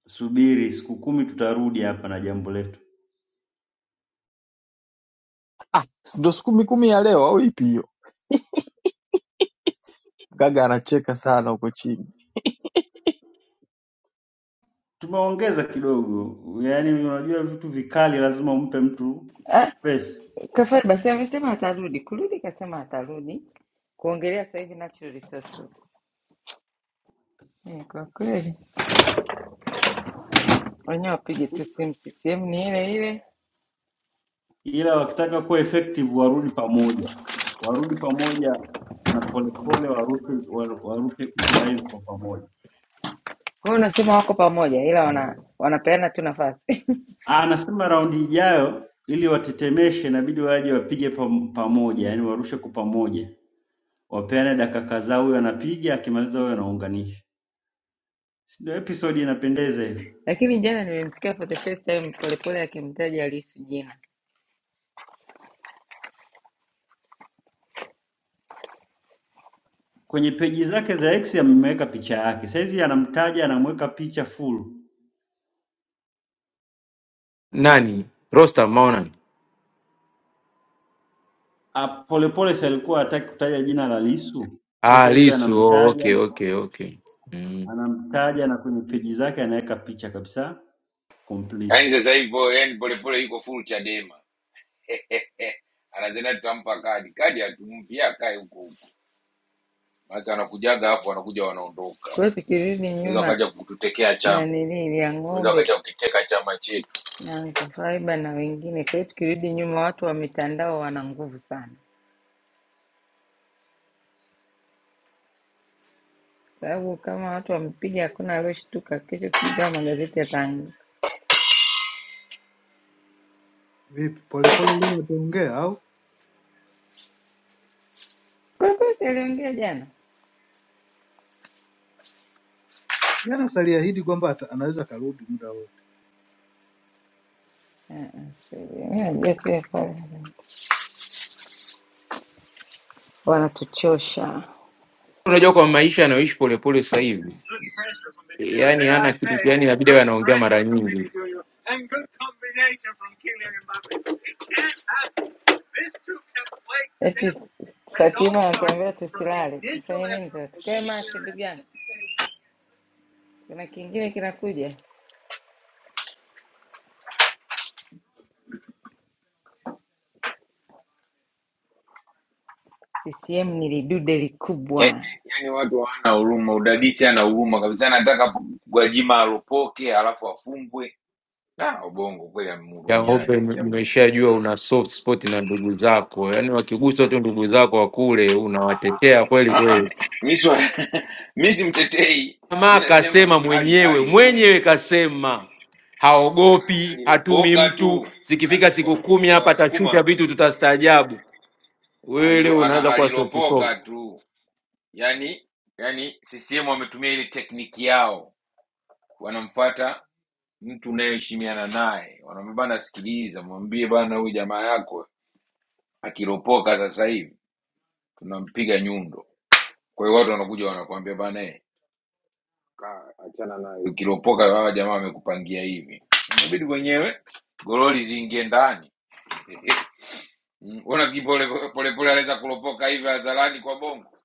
Subiri siku kumi tutarudi hapa na jambo letu.
Si ndio? siku mikumi ya leo au ipi hiyo? Gaga anacheka sana huko chini.
Tumeongeza kidogo. Yaani unajua vitu vikali lazima umpe mtu
Ah,
space.
Kafari basi amesema atarudi, kurudi kasema atarudi, kuongelea sasa hivi natural resources. Eh, kwa kweli wenyewe wapige tu simu, CCM ni ile ile.
ila wakitaka kuwa effective warudi pamoja, warudi pamoja na polepole warushe, wa- warushe kitu live kwa pamoja.
Kwa hiyo unasema wako pamoja, ila wana wanapeana tu nafasi
Ah, Anasema raundi ijayo ili watetemeshe, inabidi waje wapige pam- pamoja, yani warushe kwa pamoja, wapeane dakika kadhaa, huyo anapiga, akimaliza huyo anaunganisha, si ndio? Episode inapendeza hivyo.
lakini jana nimemsikia for the first time Polepole akimtaja Lissu jina.
Kwenye peji zake za X ameweka picha yake, saizi anamtaja, anamweka picha full.
nani Rostam Maonani
Ah, Polepole si alikuwa hataki kutaja jina la Lissu,
ah,
sasa hivi
Lisu oh,
anamtaja
okay okay okay mm.
anamtaja na kwenye peji zake anaweka picha kabisa complete.
yaani sasa hivi po- yaani polepole yuko full chadema anazenda tutampa kadi kadi hatumpi yeye akae huko huko. Maana anakujaga hapo, wanakuja wanaondoka,
Kwa hiyo tukirudi
unaweza
nyuma
wakaja kututekea
na
chama,
nini ya
unaweza
ng'ombe
wakaja kukiteka chama chetu.
na Anko Faiba na wengine. Kwa hiyo tukirudi nyuma, watu wa mitandao wana nguvu sana, sababu kama watu wamepiga, hakuna alioshtuka. Kesho sijui kama magazeti yataanguka.
Vipi? Polepole leo ataongea au?
Kwa kweli, si aliongea jana
Jana si aliahidi kwamba ata- anaweza akarudi muda wote.
Eh, eh, si- mimi najua tu ya pale. wanatuchosha
unajua kwa maisha anayoishi polepole sasa hivi yani ana kitu yani inabidi awe anaongea mara nyingi
eti Sativa anatuambia tusilale, tufanye nini sasa? Tukae macho ndugu yangu, kuna kingine kinakuja. CCM ni lidude
Yaani
likubwa.
yaani watu hawana huruma, udadisi ana huruma kabisa, anataka Gwajima aropoke alafu afungwe. Ah, Ubongo kweli
Ya ng'ombe
amhurumiani
ime-
akia Mungu.
imeshajua una soft spot na ndugu zako yani wakigusa tu ndugu zako wa kule unawatetea kweli
Ah, ah,
kweli
mi swa- mi simtetei, mi
Jamaa
nasema
kasema
hali
mwenyewe
hali ngumu,
mwenyewe, kasema haogopi, hatumi
alilopoka tu
mtu.
Ah,
Zikifika siku
wa-
kumi
wa-
hapa atashusha
Wasukuma
vitu, tutastaajabu. Wewe
alilo,
leo
ana-
unaanza kuwa soft
alilopoka
soft.
tu yani yani, CCM wametumia ile tekniki yao wanamfuata mtu unayeheshimiana naye, wanamwambia bana, sikiliza, mwambie bana, huyu jamaa yako akiropoka sasa hivi tunampiga nyundo. Kwa hiyo watu wanakuja wanakuambia bana, eh, ukiropoka hawa jamaa wamekupangia hivi, inabidi wenyewe gololi ziingie ndani. Mm, Unaona kipole polepole anaweza kuropoka hivi hadharani kwa bongo.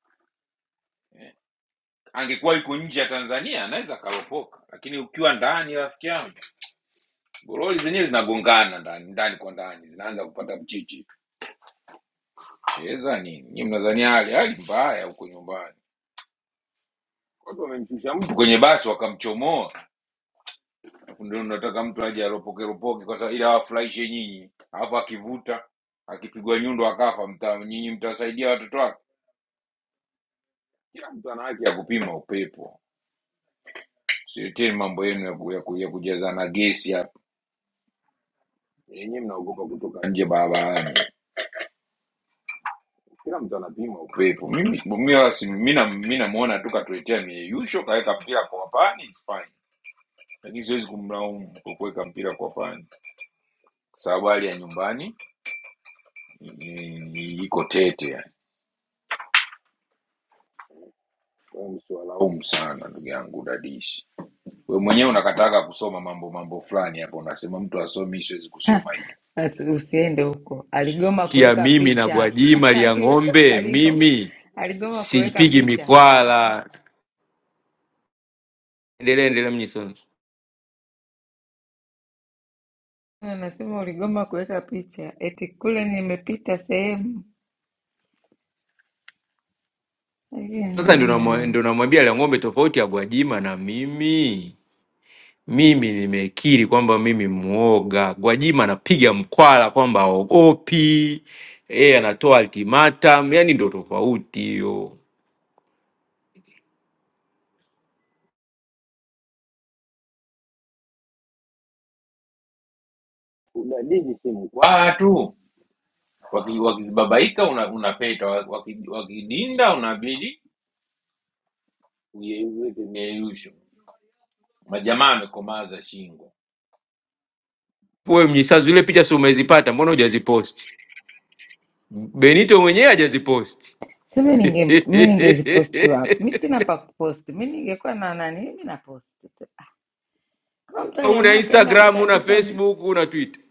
Angekuwa yuko nje ya Tanzania anaweza akaropoka, lakini ukiwa ndani, rafiki yangu, gololi zenyewe zinagongana ndani ndani kwa ndani, zinaanza kupata mchichi. cheza nini nyie mnadhani hali hali mbaya huko nyumbani watu wamemshusha mtu kwenye basi wakamchomoa alafu ndio nataka mtu aje aropoke ropoke kwa sababu ili awafurahishe nyinyi alafu akivuta akipigwa nyundo akafa mta, nyinyi mtasaidia watoto wake kila mtu ana haki ya kupima upepo sileteni mambo yenu ya, ku, ya, ku, ya kujazana gesi hapa yenyewe mnaogopa kutoka nje barabarani kila mtu anapima upepo mimi mimi wala si- mimi na- mimi namuona tu katuletea mieyusho kaweka mpira kwa pani it's fine. lakini siwezi kumlaumu kwa kuweka mpira kwa pani, kwa sababu hali ya nyumbani ni- ni- iko tete yani. Kwa hiyo Usiwalaumu sana ndugu yangu dadisi. Wewe mwenyewe unakataka kusoma mambo mambo fulani hapo, unasema mtu asomi, mimi siwezi kusoma hiyo.
Asi- Usiende huko. Aligoma
Kati ya
kuweka
mimi na
picha
Gwajima ya
aliweka
ng'ombe,
aligoma,
mimi
aligoma kuweka
sipigi
picha.
mikwala. Endelea, endelea Mnyisanzu.
Anasema uligoma kuweka picha, eti kule nimepita sehemu Ai,
Sasa
na-
ndio namu-
na-
ndio namwambia Lia ng'ombe, tofauti ya Gwajima na mimi Mimi nimekiri kwamba mimi mwoga. Gwajima anapiga mkwala kwamba haogopi, yeye anatoa ultimatum, yani ndo tofauti hiyo.
Watu waki- wakizibabaika una, unapeta, waki- wakidinda unabidi uyeyushe. Majamaa amekomaza shingo.
Wewe Mnyisazi, ile picha si umezipata? Mbona hujaziposti? Benito mwenyewe hajaziposti.
sema ninge mi ningeziposti wapi? Mi sina pa kuposti, mi ningekuwa na nani, mi naposti tu. Kama mtu
Una
aliamua akaenda
Instagram, una
akatandika, m-
Facebook, una Twitter.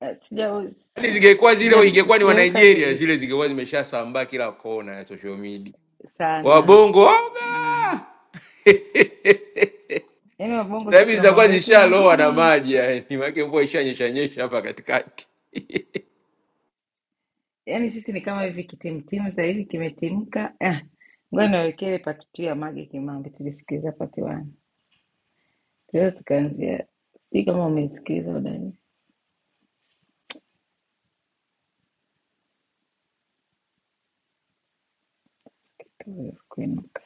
eh, sija
Yani
si-
zingekuwa
sija
zile, ingekuwa ni wa
sijaweka hivyo
Nigeria
vitu
zile, zingekuwa zimeshasambaa kila kona ya social media.
sana
Wabongo
mm.
waoga
Yaani wabongo
Sasa
si
hivi
tuna
zitakuwa
mambo yetu
zishaloa na
mengine
maji yani, maana mvua ishanyesha nyesha hapa katikati.
yaani sisi ni kama hivi kitimtimu sasa hivi kimetimka. Eh, ngoja niwekee ile pati tu ya Mage Kimambi, tulisikiliza pati wani, tunaweza tukaanzia, sijui kama umesikiliza udani kuinuka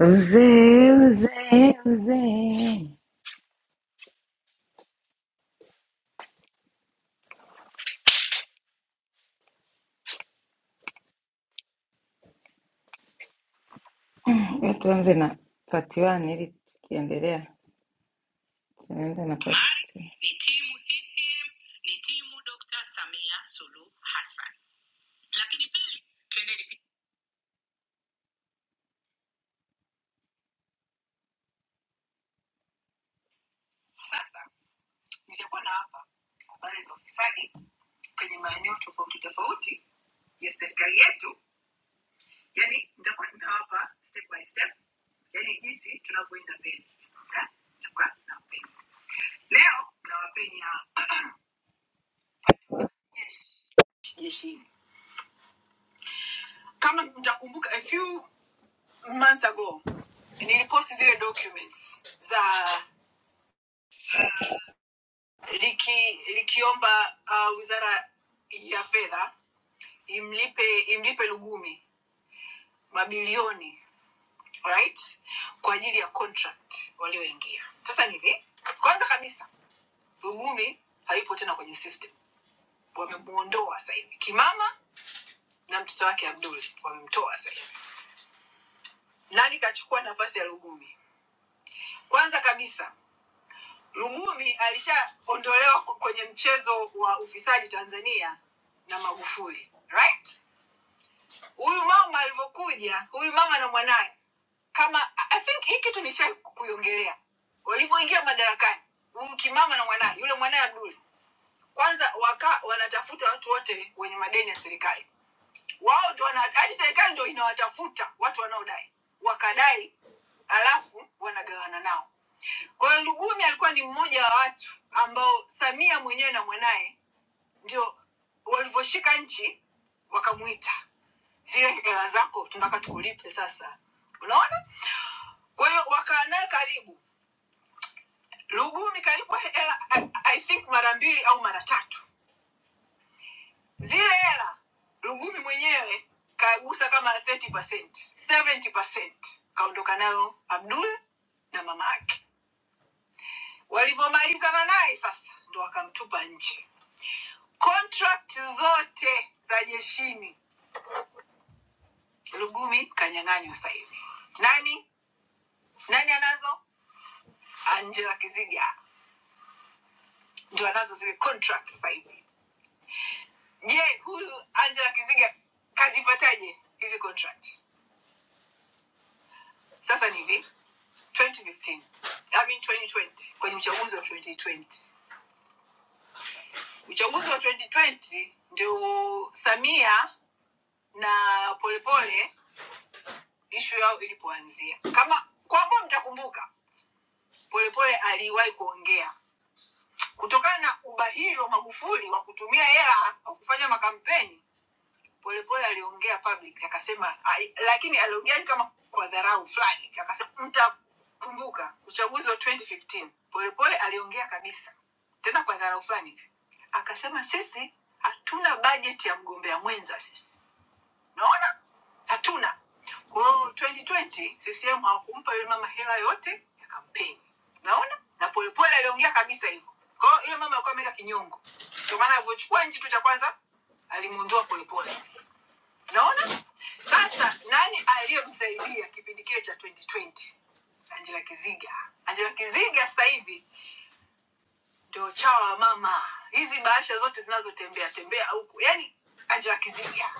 uzee uzee uzee. Ngoja tuanze na pati wani ili tukiendelea tunaanza na pati two. Ni timu CCM, ni timu Dr. Samia Suluhu Hassan, lakini pili, twendeni pi- sasa nitakuwa na hapa habari za ufisadi kwenye maeneo tofauti tofauti ya serikali yetu yani nitakuwa ninawapa step by step yani jinsi tunavyoenda mbele Na nitakuwa nawapeni leo nawapeni hapa jeshi jeshi kama mtakumbuka a few months ago niliposti zile documents za liki, likiomba uh, wizara ya fedha imlipe imlipe lugumi mabilioni right kwa ajili ya contract walioingia sasa ni hivi kwanza kabisa ugumi hayupo tena kwenye system wamemuondoa sasa hivi kimama na mtoto wake abdul wamemtoa sasa hivi nani kachukua nafasi ya lugumi kwanza kabisa lugumi alishaondolewa kwenye mchezo wa ufisadi tanzania na magufuli right huyu mama alivyokuja huyu mama na mwanaye kama i I think hii kitu nishai kuiongelea walivyoingia madarakani huyu kimama na mwanaye yule mwanaye abduli kwanza waka wanatafuta watu wote wenye madeni ya serikali wao ndio wana- hadi serikali ndio inawatafuta watu wanaodai wakadai alafu wanagawana nao kwa hiyo lugumi alikuwa ni mmoja wa watu ambao samia mwenyewe na mwanaye ndio walivyoshika nchi wakamuita zile hela zako tunataka tukulipe sasa unaona kwa hiyo wakaa naye karibu lugumi kalipwa hela I, I think mara mbili au mara tatu zile hela lugumi mwenyewe kagusa kama 30%, 70%. kaondoka nayo abdul na mama yake walivyomalizana naye sasa ndo wakamtupa nje contract zote za jeshini lugumi kanyang'anywa sasa hivi nani nani anazo angela kiziga ndio anazo zile contract sasa hivi. Je, huyu Angela Kizinga kazipataje hizi contract? Sasa ni hivi 2015 I mean 2020 kwenye uchaguzi wa 2020. Uchaguzi wa 2020 ndio Samia na Polepole ishu yao ilipoanzia. Kama kwa ambao mtakumbuka, Polepole aliwahi kuongea kutokana na ubahili wa Magufuli wa kutumia hela wa kufanya makampeni Polepole aliongea public akasema, "Ai," lakini aliongea ni kama kwa dharau fulani, akasema mtakumbuka uchaguzi wa 2015. Polepole aliongea kabisa tena kwa dharau fulani, akasema sisi hatuna bajeti ya mgombea mwenza, sisi naona hatuna. Kwa hiyo 2020 CCM hawakumpa yule mama hela yote ya kampeni, naona na Polepole aliongea kabisa hivyo. Kwa hiyo yule mama alikuwa ameweka kinyongo, ndio maana alivyochukua nchi tu cha kwanza alimwondoa Polepole naona sasa nani aliyemsaidia kipindi kile cha 2020 angela kiziga angela kiziga sasa hivi ndio chawa wa mama hizi bahasha zote zinazotembea tembea huku yani angela kiziga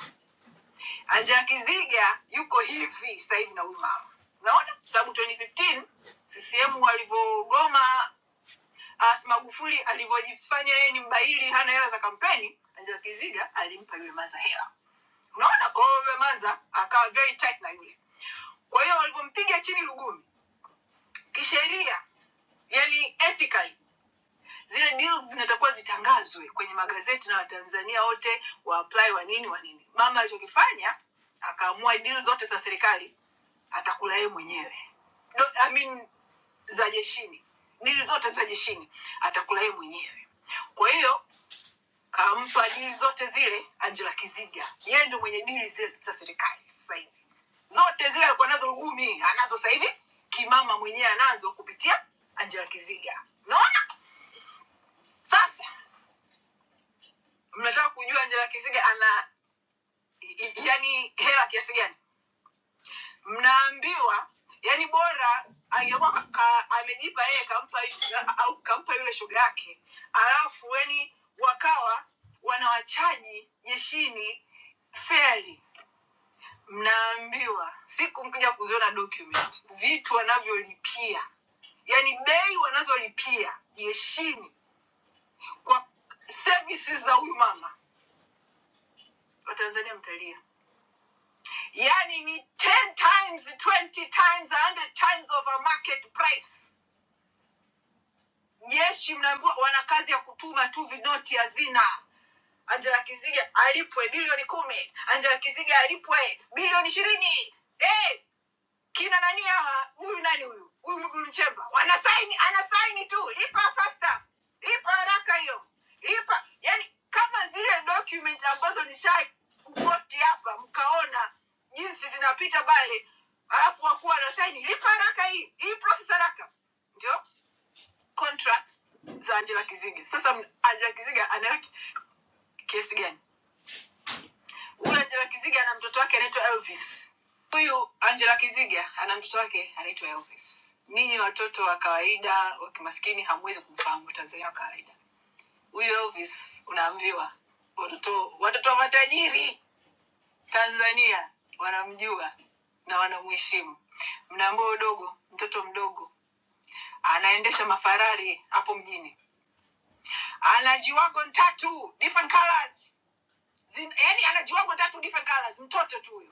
angela kiziga yuko hivi sasa hivi na huyu mama naona sababu 2015 ccm walivyogoma as magufuli alivyojifanya yeye ni mbaili hana hela za kampeni angela kiziga alimpa yule maza hela unaona kwa hiyo yule maza akawa very tight na yule kwa hiyo walivyompiga chini lugumi kisheria yani ethically zile deals zinatakuwa zitangazwe kwenye magazeti na watanzania wote waapply wa nini wa nini mama alichokifanya akaamua deal zote za serikali atakula yeye mwenyewe Do, I mean, za jeshini dili zote za jeshini atakula yeye mwenyewe kwa hiyo kampa dili zote zile Angela Kiziga. Yeye ndio mwenye dili zile za serikali sasa hivi, zote zile alikuwa nazo Lugumi anazo sasa hivi, kimama mwenyewe anazo kupitia Angela Kiziga. Naona sasa mnataka kujua Angela Kiziga ana i- i- yani hela kiasi gani? Mnaambiwa yani bora angekuwa ka, ka, amejipa yeye kampa yu- au kampa yule shoga yake, alafu yani wakawa wanawachaji jeshini feli mnaambiwa siku mkija kuziona document vitu wanavyolipia yani bei wanazolipia jeshini kwa services za huyu mama watanzania mtalia yani ni 10 times 20 times 100 times of a market price jeshi mnaambiwa wana kazi ya kutuma tu vinoti hazina angela kiziga alipwe bilioni kumi angela kiziga alipwe bilioni ishirini Eh, hey, kina nani hawa huyu nani huyu huyu Mwigulu Nchemba wanasaini anasaini tu lipa fasta lipa haraka hiyo lipa yani kama zile document ambazo nishai kuposti hapa mkaona jinsi zinapita pale alafu wakuwa wanasaini lipa haraka hii hii process haraka ndio contract za Angela Kiziga sasa m- Angela Kiziga ana kesi gani Huyu Angela Kiziga ana mtoto wake anaitwa Elvis. Huyu Angela Kiziga ana mtoto wake anaitwa Elvis. Ninyi watoto wa kawaida wa kimaskini hamwezi kumfahamu Tanzania wa kawaida. Huyu Elvis unaambiwa watoto watoto wa matajiri Tanzania wanamjua na wanamheshimu. Mnaambia udogo, mtoto mdogo anaendesha mafarari hapo mjini, ana jiwago tatu different colors, Zin, yani ana jiwago tatu different colors, mtoto tu huyo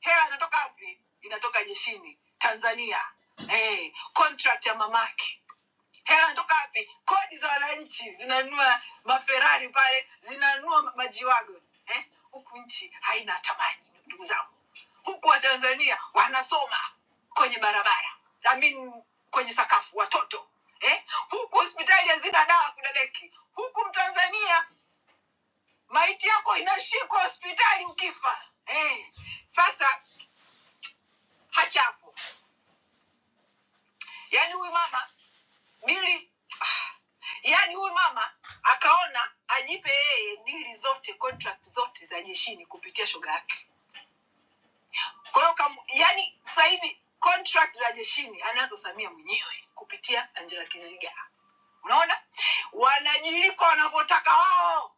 Hela inatoka wapi? Inatoka jeshini Tanzania. Eh, contract ya mamake. Hela inatoka wapi? Kodi za wananchi zinanunua maferari pale, zinanunua ma- majiwago. Eh, huku nchi haina thamani, ndugu zangu. Huku Watanzania wanasoma kwenye barabara, I mean kwenye sakafu watoto eh? Huku hospitali hazina dawa kudadeki. Huku Mtanzania maiti yako inashikwa hospitali ukifa eh. Sasa hachapo yaani huyu mama dili ah, yaani huyu mama akaona ajipe yeye dili zote contract zote za jeshini kupitia shoga yake kwa hiyo kam- yaani sasa hivi contract za jeshini anazo samia mwenyewe kupitia angela kiziga unaona wanajilipa wanavyotaka wao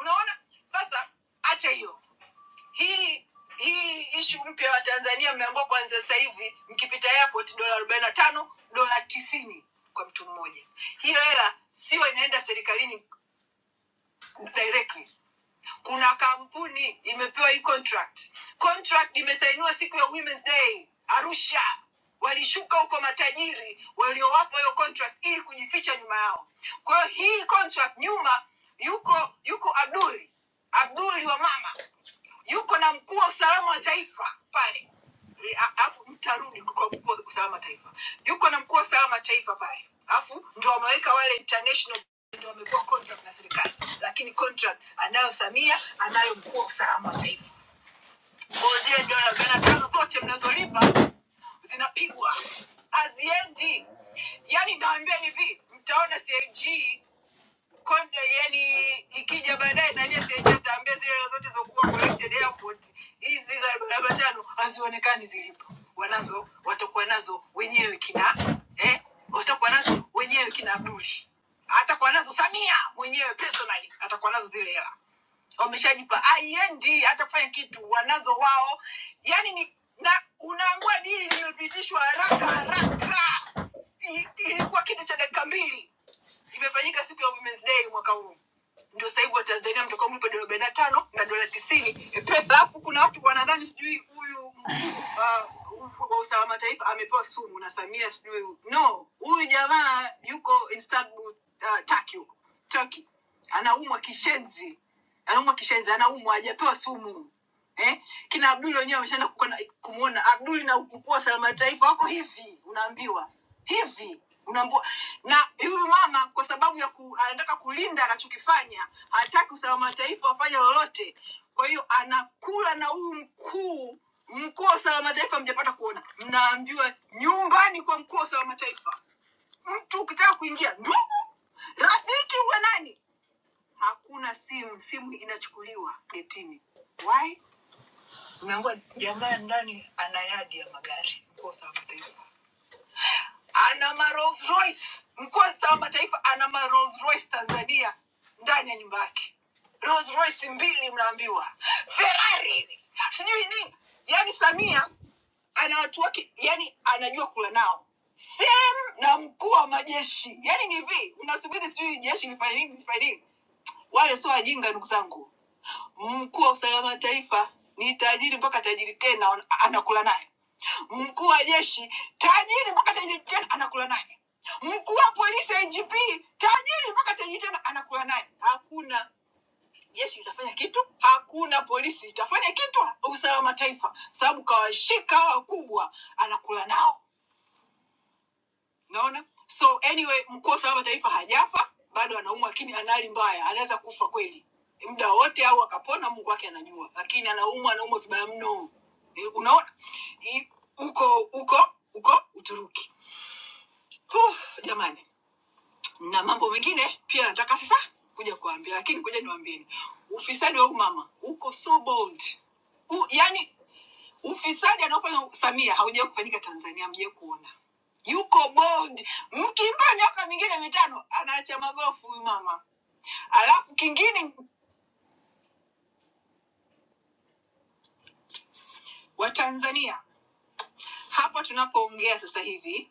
unaona sasa acha hiyo hii hii ishu mpya wa tanzania mmeambiwa kuanzia sasa hivi mkipita airport dola arobaini na tano dola tisini kwa mtu mmoja hiyo hela sio inaenda serikalini directly kuna kampuni imepewa hii contract contract imesainiwa siku ya women's day arusha walishuka huko matajiri waliowapa hiyo contract ili kujificha nyuma yao kwa hiyo hii contract nyuma yuko yuko abduli abduli wa mama yuko na mkuu wa usalama wa taifa pale, E, A- alafu mtarudi kwa mkuu wa usalama wa taifa, yuko na mkuu wa usalama wa taifa pale, alafu ndo wameweka wale international ndo wamepewa contract na serikali, lakini contract anayo Samia, anayo mkuu wa usalama wa taifa. Kwa hiyo zile dola gana tano zote mnazolipa zinapigwa haziendi. Yani naambia hivi, mtaona CAG Konde yani ikija baadaye na nani asiyetaambia zile hela zote zokuwa collected airport hizi za barabara tano hazionekani zilipo, wanazo watakuwa nazo wenyewe kina eh, watakuwa nazo wenyewe kina Abduli, atakuwa nazo Samia mwenyewe personally, atakuwa nazo zile hela wameshajipa IND hata kufanya kitu wanazo wao, yani ni na unaambua dili limepitishwa haraka haraka, I- ilikuwa kitu cha dakika mbili imefanyika siku ya Women's Day mwaka huu ndio sasa hivi watanzania mtakuwa mlipa dola arobaini na tano na dola tisini eh, pesa alafu kuna watu wanadhani sijui huyu uh, wa usalama taifa amepewa sumu na samia sijui no huyu jamaa yuko istanbul uh, turkey huko turkey anaumwa kishenzi anaumwa kishenzi anaumwa hajapewa sumu eh? kina Abdul wenyewe wameshaenda kukwenda- kumuona Abdul na mkuu wa Salama Taifa wako hivi, unaambiwa hivi unaambiwa na huyu mama kwa sababu ya ku, anataka kulinda anachokifanya, hataki usalama wa taifa wafanye lolote. Kwa hiyo anakula na huyu mkuu mkuu wa usalama wa taifa, mjapata kuona, mnaambiwa nyumbani kwa mkuu wa usalama wa taifa, mtu ukitaka kuingia ndugu rafiki wa nani hakuna simu simu inachukuliwa getini why Umeambiwa jamaa ndani ana yadi ya magari mkoa wa mataifa, ana ma Rolls Royce mkoa wa mataifa, ana ma Rolls Royce Tanzania ndani ya nyumba yake, Rolls Royce mbili, mnaambiwa Ferrari sijui nini. Yani Samia ana watu wake, yani anajua kula nao same na mkuu wa majeshi. Yani ni hivi, mnasubiri sijui jeshi lifanye nini lifanye nini? Wale sio wajinga, ndugu zangu Mkuu wa usalama wa taifa ni tajiri mpaka tajiri tena ana- anakula naye. Mkuu wa jeshi tajiri mpaka tajiri tena anakula naye. Mkuu wa polisi IGP tajiri mpaka tajiri tena anakula naye. Hakuna jeshi litafanya kitu, hakuna polisi itafanya kitu, usalama wa taifa, sababu kawashika hawa wakubwa, anakula nao naona so anyway mkuu wa usalama wa taifa hajafa bado anaumwa lakini anali mbaya anaweza kufa kweli muda wote au akapona mungu wake anajua lakini anaumwa anaumwa vibaya mno Eh, unaona I- huko huko huko uturuki huh, jamani na mambo mengine pia nataka sasa kuja kuambia lakini kuja niwambieni ufisadi wa huyu mama uko so bold U, yani Ufisadi anaofanya Samia haujawahi kufanyika Tanzania, mje kuona. Yuko bold, mkimpa miaka mingine mitano anaacha magofu huyu mama. Alafu kingine, Watanzania hapa tunapoongea sasa hivi,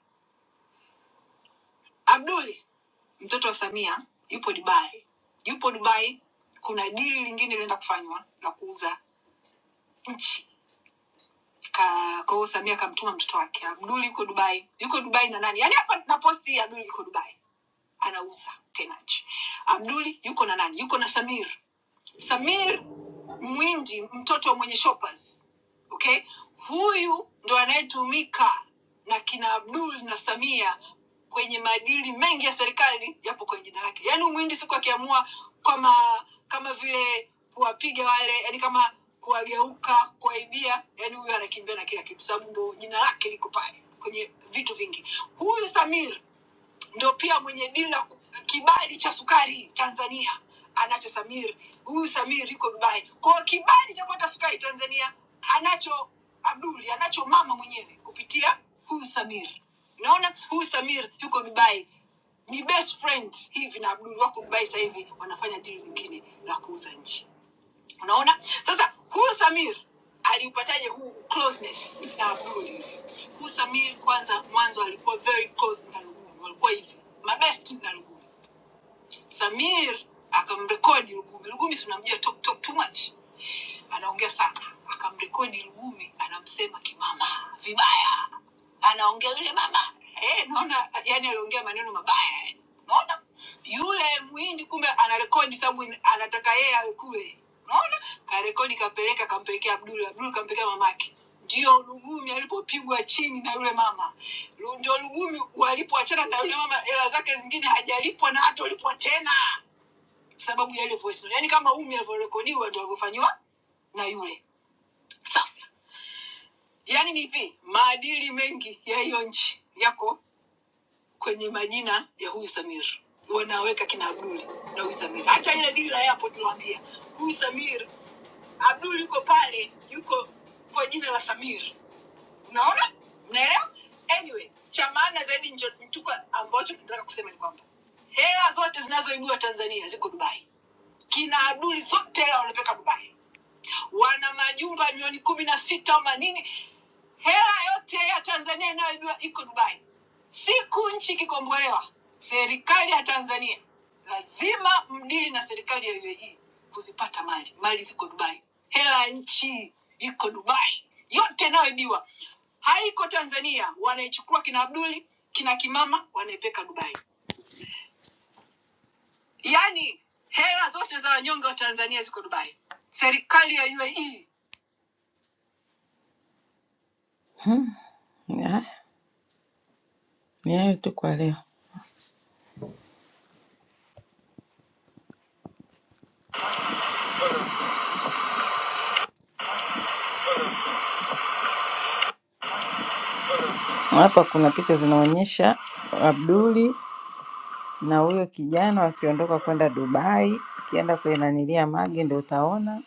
Abduli mtoto wa Samia yupo Dubai, yupo Dubai. Kuna dili lingine linaenda kufanywa la kuuza nchi Ka- kwa hiyo Samia akamtuma mtoto wake Abdul yuko Dubai, yuko Dubai na nani? Yaani hapa naposti hii Abdul yuko Dubai anauza tenach abduli yuko na nani yuko na samir samir mwindi mtoto mwenye shoppers okay huyu ndo anayetumika na kina abdul na samia kwenye maadili mengi ya serikali yapo kwenye jina lake yaani huyu mwindi siku akiamua kama kama vile kuwapiga wale yani kama kuwageuka kuwaibia yani huyu anakimbia na kila kitu sababu ndo jina lake liko pale kwenye vitu vingi huyu samir ndio pia mwenye dila kibali cha sukari tanzania anacho samir huyu samir yuko dubai kwao kibali cha kupata sukari tanzania anacho abduli anacho mama mwenyewe kupitia huyu samir unaona huyu samir yuko dubai ni best friend hivi na abdul wako dubai sasa hivi wanafanya dili nyingine la kuuza nchi unaona sasa huyu samir aliupataje huu closeness na abdul hivi? huyu samir kwanza mwanzo alikuwa very close na lugumi walikuwa hivi mabest na lugumi samir akamrekodi lugumi lugumi si unamjua talk, talk too much anaongea sana, akamrekodi Lugumi anamsema kimama vibaya, anaongea yule mama eh, naona yani aliongea maneno mabaya yani. Unaona yule mwindi kumbe anarekodi sababu in- anataka yeye awe kule, unaona karekodi, kapeleka, kampelekea Abdul, Abdul kampelekea mamake. Ndio Lugumi alipopigwa chini na yule mama, Lu- ndio Lugumi walipoachana na yule mama, hela zake zingine hajalipwa na hata ulipwa tena sababu ya ile voice note. Yani kama umi alivyorekodiwa ndio alivyofanyiwa na yule. Sasa yani ni hivi, maadili mengi ya hiyo nchi yako kwenye majina ya huyu Samir, wanaweka kina Abduli na huyu Samir. Hata ile dili la airport tuliwaambia huyu Samir, Abduli yuko pale, yuko kwa jina la Samir. Unaona, mnaelewa? Anyway, cha maana zaidi ncho- tuko ambacho tunataka kusema ni kwamba hela zote zinazoibua Tanzania ziko Dubai. Kina Abduli zote hela wanapeka Dubai wana majumba milioni kumi na sita au manini hela yote ya tanzania inayoibiwa iko dubai siku nchi ikikombolewa serikali ya tanzania lazima mdili na serikali ya uae kuzipata mali mali ziko dubai hela ya nchi iko dubai yote inayoibiwa haiko tanzania wanaichukua kina abduli kina kimama wanaipeka dubai yaani hela zote za wanyonge wa tanzania ziko dubai serikali ya uae ni hayo tu kwa leo Hapa kuna picha zinaonyesha Abduli na huyo kijana wakiondoka kwenda Dubai. Ukienda kwenye nanilia magi ndio utaona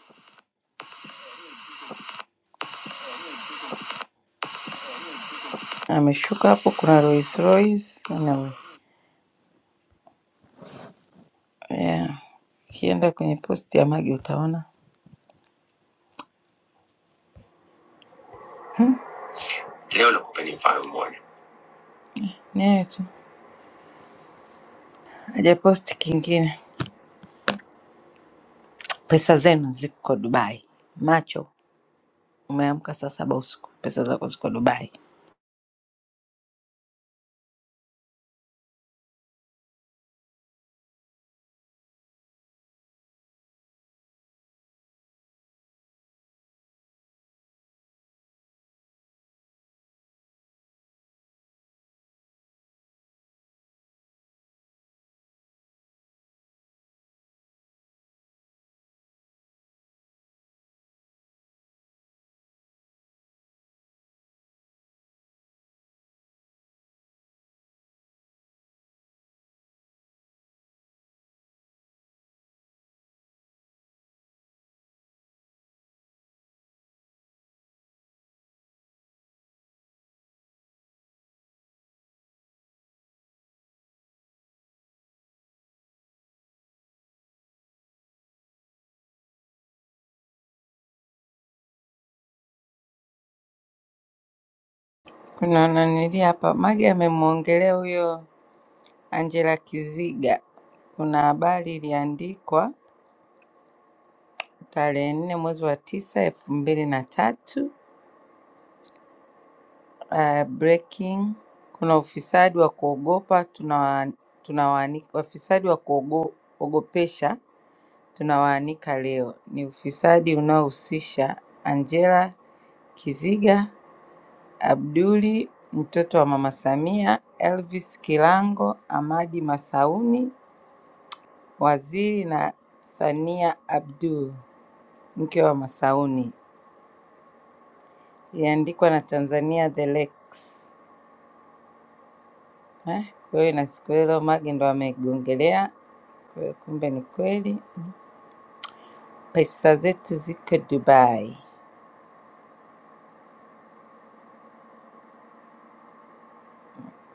ameshuka hapo. Kuna Rolls Royce na yeah. Ukienda kwenye posti ya magi utaona leo. Nakupa ni mfano mmoja yeah, tu hajaposti kingine. Pesa zenu ziko Dubai, macho umeamka saa saba usiku, pesa zako ziko Dubai. Kuna nanilia hapa, Magi amemwongelea huyo Angela Kiziga, kuna habari iliandikwa tarehe nne mwezi wa tisa elfu mbili na tatu ya breaking. Kuna ufisadi wa kuogopa tunawa- tunawaanika wafisadi wa kuogopesha tunawaanika leo. Ni ufisadi unaohusisha Angela Kiziga, Abduli mtoto wa mama Samia, Elvis Kilango, Amadi Masauni, waziri na Sania Abdul. mke wa Masauni iliandikwa na Tanzania the Lake. Eh, Kwa hiyo na siku hilo Magi ndo amegongelea, kwa hiyo kumbe ni kweli. Pesa zetu ziko Dubai.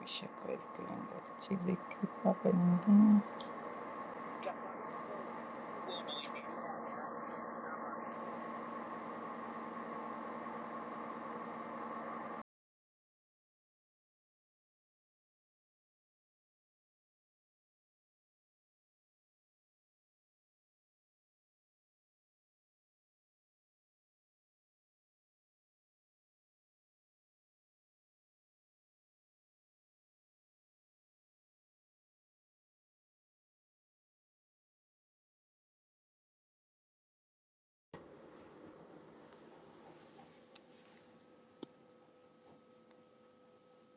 Kisha kweli kilingo chizi hapa nyingine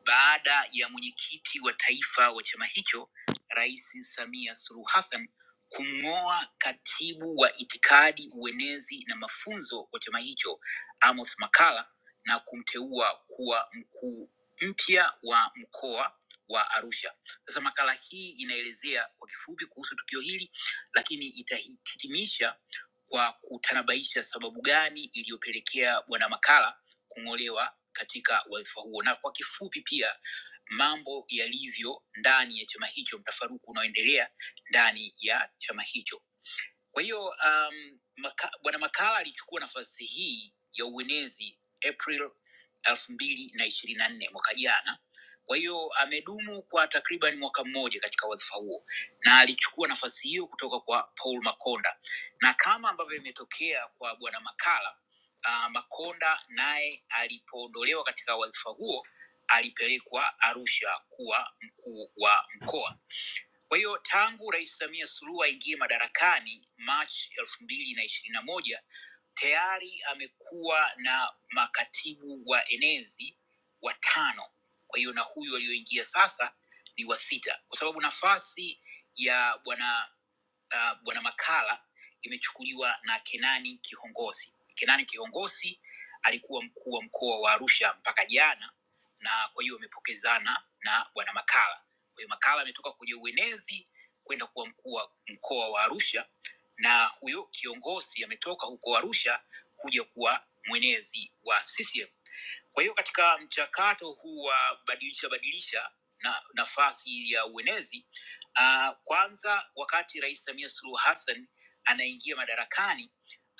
baada ya mwenyekiti wa taifa wa chama hicho Rais Samia Suluhu Hassan kumng'oa katibu wa itikadi, uenezi na mafunzo wa chama hicho Amos Makalla na kumteua kuwa mkuu mpya wa mkoa wa Arusha. Sasa makala hii inaelezea kwa kifupi kuhusu tukio hili, lakini itahitimisha kwa kutanabaisha sababu gani iliyopelekea Bwana Makalla kung'olewa katika wadhifa huo na kwa kifupi pia mambo yalivyo ndani ya chama hicho mtafaruku unaoendelea ndani ya chama hicho kwa hiyo um, maka, bwana Makala alichukua nafasi hii ya uenezi April elfu mbili na ishirini na nne mwaka jana. Kwa hiyo amedumu kwa takriban mwaka mmoja katika wadhifa huo, na alichukua nafasi hiyo kutoka kwa Paul Makonda, na kama ambavyo imetokea kwa bwana Makala uh, Makonda naye alipoondolewa katika wadhifa huo alipelekwa Arusha kuwa mkuu wa mkoa kwa hiyo tangu Rais Samia Suluhu aingie madarakani Machi elfu mbili na ishirini na moja tayari amekuwa na makatibu wa enezi watano. Kwa hiyo na huyu aliyoingia sasa ni wa sita, kwa sababu nafasi ya bwana uh, bwana Makala imechukuliwa na Kenani Kihongosi. Kenani Kihongosi alikuwa mkuu wa mkoa wa Arusha mpaka jana, na kwa hiyo amepokezana na bwana Makala kwa hiyo Makala ametoka kwenye uenezi kwenda kuwa mkuu wa mkoa wa Arusha, na huyo kiongozi ametoka huko Arusha kuja kuwa mwenezi wa CCM. Kwa hiyo katika mchakato huu wa badilisha badilisha na nafasi ya uenezi uh, kwanza wakati Rais Samia Suluhu Hassan anaingia madarakani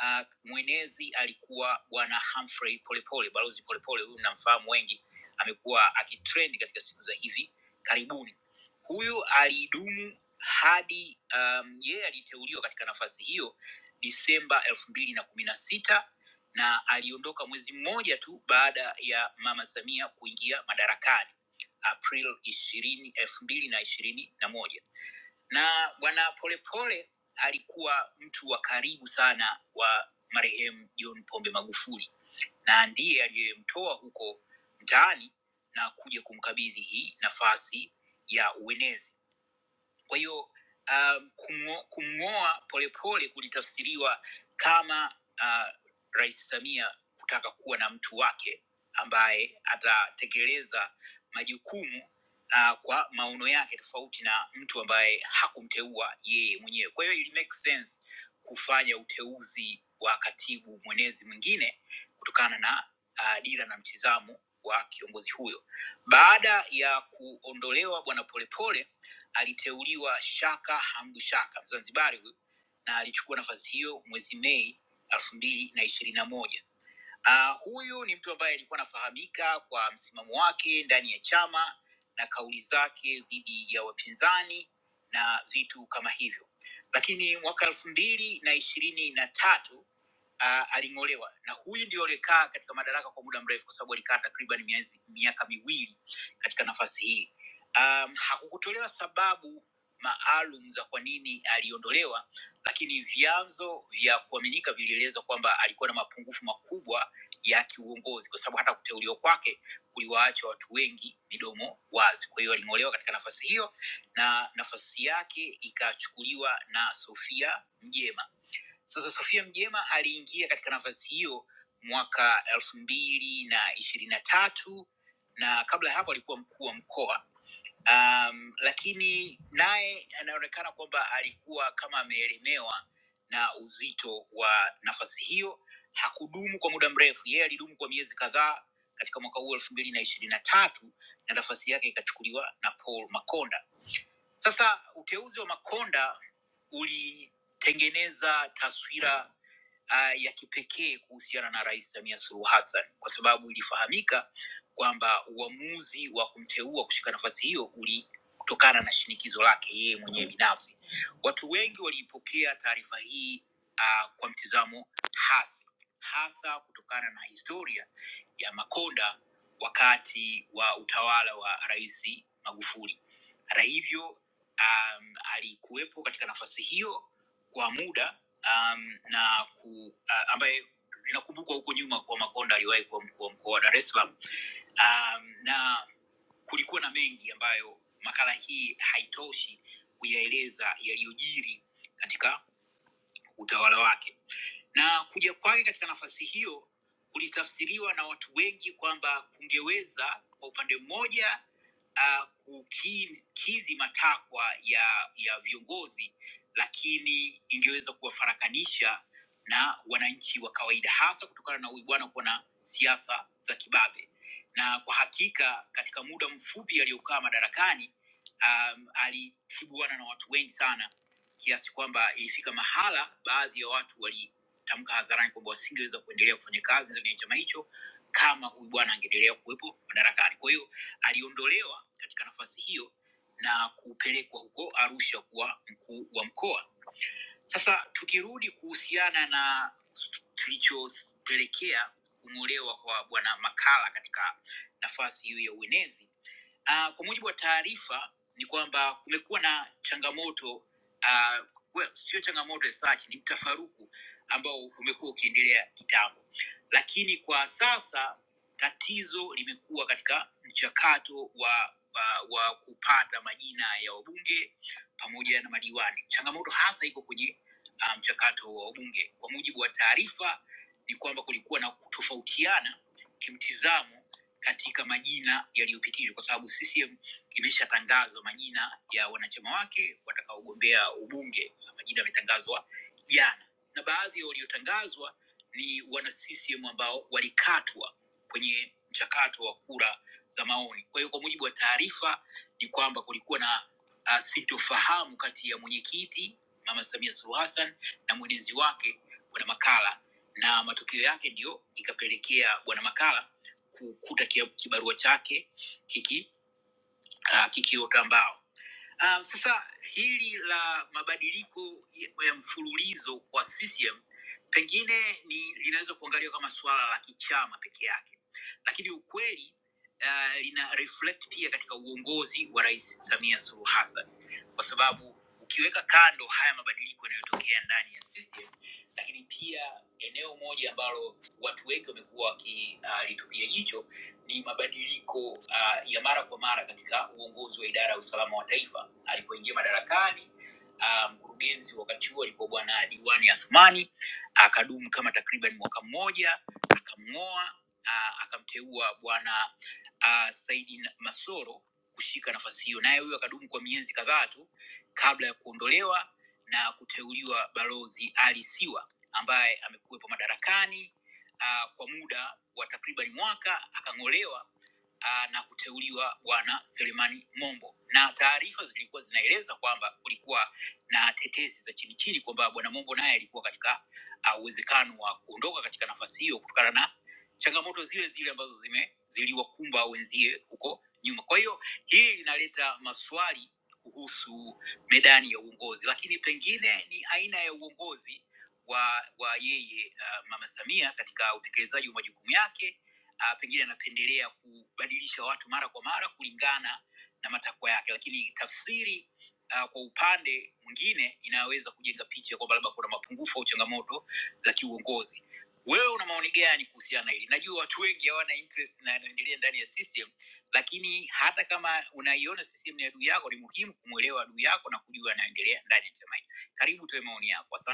uh, mwenezi alikuwa Bwana Humphrey Polepole, Balozi Polepole. Huyu mnamfahamu wengi, amekuwa akitrend katika siku za hivi karibuni. Huyu alidumu hadi um, yeye aliteuliwa katika nafasi hiyo Disemba elfu mbili na kumi na sita na aliondoka mwezi mmoja tu baada ya mama Samia kuingia madarakani April ishirini elfu mbili na ishirini na moja na bwana Polepole alikuwa mtu wa karibu sana wa marehemu John Pombe Magufuli na ndiye aliyemtoa huko mtaani na kuja kumkabidhi hii nafasi ya uenezi kwa hiyo um, kumng'o- kumng'oa polepole kulitafsiriwa kama uh, rais samia kutaka kuwa na mtu wake ambaye atatekeleza majukumu uh, kwa maono yake tofauti na mtu ambaye hakumteua yeye mwenyewe kwa hiyo ili make sense kufanya uteuzi wa katibu mwenezi mwingine kutokana na uh, dira na mtizamo wa kiongozi huyo baada ya kuondolewa bwana polepole aliteuliwa Shaka Hamdu Shaka, Mzanzibari huyu, na alichukua nafasi hiyo mwezi Mei elfu mbili na ishirini na moja Uh, huyu ni mtu ambaye alikuwa anafahamika kwa msimamo wake ndani ya chama na kauli zake dhidi ya wapinzani na vitu kama hivyo, lakini mwaka elfu mbili na ishirini na tatu uh, aling'olewa na huyu ndio aliyekaa katika madaraka kwa muda mrefu, kwa sababu alikaa takriban miezi- miaka miwili katika nafasi hii. Um, hakukutolewa sababu maalum za kwa nini aliondolewa, lakini vyanzo vya kuaminika vilieleza kwamba alikuwa na mapungufu makubwa ya kiuongozi, kwa sababu hata kuteuliwa kwake kuliwaacha watu wengi midomo wazi. Kwa hiyo aling'olewa katika nafasi hiyo na nafasi yake ikachukuliwa na Sofia Mjema. Sasa Sofia Mjema aliingia katika nafasi hiyo mwaka elfu mbili na ishirini na tatu na kabla ya hapo alikuwa mkuu wa mkoa um, lakini naye anaonekana kwamba alikuwa kama ameelemewa na uzito wa nafasi hiyo. Hakudumu kwa muda mrefu, yeye alidumu kwa miezi kadhaa katika mwaka huu elfu mbili na ishirini na tatu na nafasi yake ikachukuliwa na Paul Makonda. Sasa uteuzi wa Makonda ulitengeneza taswira uh, ya kipekee kuhusiana na Rais Samia Suluhu Hassan kwa sababu ilifahamika kwamba uamuzi wa kumteua kushika nafasi hiyo ulitokana na shinikizo lake yeye mwenyewe binafsi. Watu wengi waliipokea taarifa hii uh, kwa mtizamo hasi, hasa kutokana na historia ya Makonda wakati wa utawala wa Rais Magufuli. Hata hivyo um, alikuwepo katika nafasi hiyo kwa muda um, na ku, uh, ambaye inakumbukwa huko nyuma kwa Makonda aliwahi kuwa mkuu wa mkoa wa Dar es Salaam um, na kulikuwa na mengi ambayo makala hii haitoshi kuyaeleza yaliyojiri katika utawala wake na kuja kwake katika nafasi hiyo kulitafsiriwa na watu wengi kwamba kungeweza kwa upande mmoja uh, kukizi matakwa ya ya viongozi lakini ingeweza kuwafarakanisha na wananchi wa kawaida hasa kutokana na uibwana kuwa na siasa za kibabe na kwa hakika katika muda mfupi aliyokaa madarakani um, alitibuana na watu wengi sana kiasi kwamba ilifika mahala baadhi ya watu wali tamka hadharani kwamba wasingeweza kuendelea kufanya kazi ndani ya chama hicho kama huyu bwana angeendelea kuwepo madarakani. Kwa hiyo aliondolewa katika nafasi hiyo na kupelekwa huko Arusha kuwa mkuu wa mkoa. Sasa tukirudi kuhusiana na kilichopelekea kung'olewa kwa bwana Makala katika nafasi hiyo ya uenezi, Uh, kwa mujibu wa taarifa ni kwamba kumekuwa na changamoto uh, well, sio changamoto as such, ni mtafaruku ambao umekuwa ukiendelea kitambo, lakini kwa sasa tatizo limekuwa katika mchakato wa, wa, wa kupata majina ya wabunge pamoja na madiwani. Changamoto hasa iko kwenye uh, mchakato wa wabunge. Kwa mujibu wa taarifa ni kwamba kulikuwa na kutofautiana kimtizamo katika majina yaliyopitishwa, kwa sababu CCM imeshatangazwa majina ya wanachama wake watakaogombea ubunge. Majina yametangazwa jana, na baadhi ya waliotangazwa ni wana CCM ambao walikatwa kwenye mchakato wa kura za maoni. Kwa hiyo, kwa mujibu wa taarifa ni kwamba kulikuwa na uh, sintofahamu kati ya mwenyekiti Mama Samia Suluhu Hassan na mwenezi wake Bwana Makala, na matokeo yake ndiyo ikapelekea Bwana Makala kukuta kia- kibarua chake kiki uh, kikiotambao. Um, sasa hili la mabadiliko ya ya mfululizo kwa CCM pengine ni linaweza kuangaliwa kama suala la kichama peke yake, lakini ukweli uh, lina reflect pia katika uongozi wa Rais Samia Suluhu Hassan, kwa sababu ukiweka kando haya mabadiliko yanayotokea ndani ya CCM, lakini pia eneo moja ambalo watu wengi wamekuwa wakilitupia uh, jicho ni mabadiliko uh, ya mara kwa mara katika uongozi wa idara ya usalama wa taifa. Alipoingia madarakani ah, mkurugenzi um, wakati huo alikuwa bwana Diwani Asmani, akadumu kama takriban mwaka mmoja, akamng'oa, ah, akamteua bwana ah, Saidi Na- Masoro kushika nafasi hiyo, naye huyo akadumu kwa miezi kadhaa tu kabla ya kuondolewa na kuteuliwa balozi Ali Siwa ambaye amekuwepo madarakani uh, kwa muda wa takriban mwaka akang'olewa uh, na kuteuliwa bwana Selemani Mombo, na taarifa zilikuwa zinaeleza kwamba kulikuwa na tetesi za chini chini kwamba bwana Mombo naye alikuwa katika ah, uwezekano uh, wa kuondoka katika nafasi hiyo kutokana na changamoto zile zile ambazo zime ziliwakumba wenzie huko nyuma. Kwa hiyo hili linaleta maswali kuhusu medani ya uongozi, lakini pengine ni aina ya uongozi wa wa yeye uh, mama Samia katika utekelezaji wa majukumu yake uh, pengine anapendelea kubadilisha watu mara kwa mara kulingana na matakwa yake, lakini tafsiri uh, kwa upande mwingine inaweza kujenga picha kwamba labda kuna mapungufu au changamoto za kiuongozi. Wewe una maoni gani kuhusiana na hili? Najua watu wengi hawana interest na yanaendelea ndani ya system, lakini hata kama unaiona system ni adui yako, ni muhimu kumwelewa adui yako na kujua anaendelea ndani ya chama hicho. Karibu tuwe maoni yako. Asante.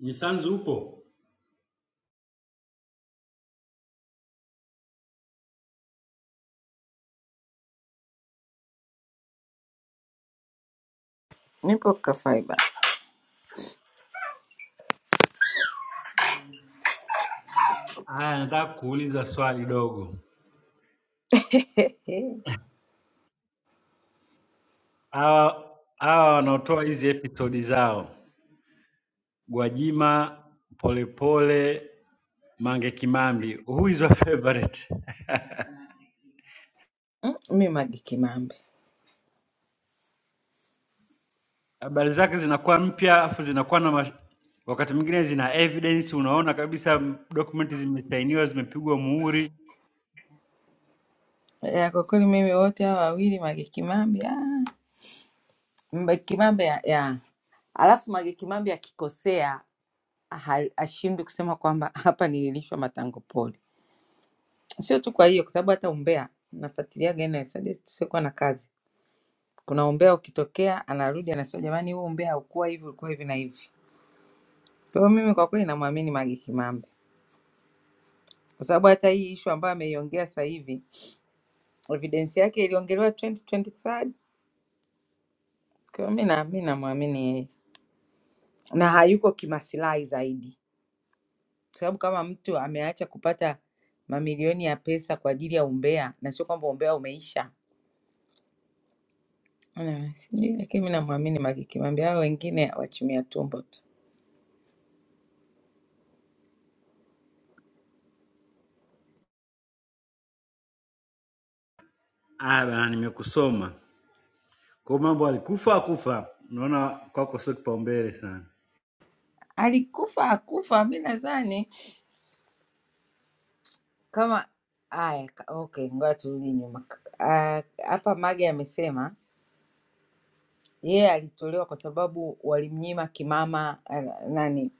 Mnyisanzu upo?
nipo kafaiba
Haya, nataka kuuliza swali dogo. Hawa hawa wanaotoa hizi episodi zao, Gwajima, Polepole, Mange Kimambi, who is your favorite?
Mm, mi Mage Kimambi
Habari zake zinakuwa mpya afu zinakuwa na mash... wakati mwingine zina evidence, unaona kabisa m- document zimesainiwa, zimepigwa muhuri.
ya, kwa kweli mimi wote hawa wawili Mage Kimambi ah, Mage Kimambi ya, ya. Alafu Mage Kimambi akikosea ha- ashindwi kusema kwamba hapa nililishwa matango poli, sio tu kwa hiyo, kwa sababu hata umbea nafuatiliaga NSSD, siokuwa na kazi, kuna umbea ukitokea anarudi anasema jamani, huu umbea haukuwa hivi, ulikuwa hivi na hivi. Kwa hiyo mimi kwa kweli namwamini Mage Kimambi kwa sababu hata hii ishu ambayo ameiongea sasa hivi evidensi yake iliongelewa 2023 Kwa mi na mi namwamini yeye na hayuko kimasilahi zaidi, kwa sababu kama mtu ameacha kupata mamilioni ya pesa kwa ajili ya umbea, na sio kwamba umbea umeisha, Mm, sijui, lakini mi namwamini Mange Kimambi. Hao wengine wachumia tumbo tu,
Aya bana, nimekusoma. Kwa hiyo mambo alikufa akufa, unaona kwako sio kipaumbele sana.
alikufa akufa, mi nadhani kama haya. ka- Okay, ngoja turudi nyuma K- ah, hapa. Mage amesema yeye alitolewa kwa sababu walimnyima kimama ah, nani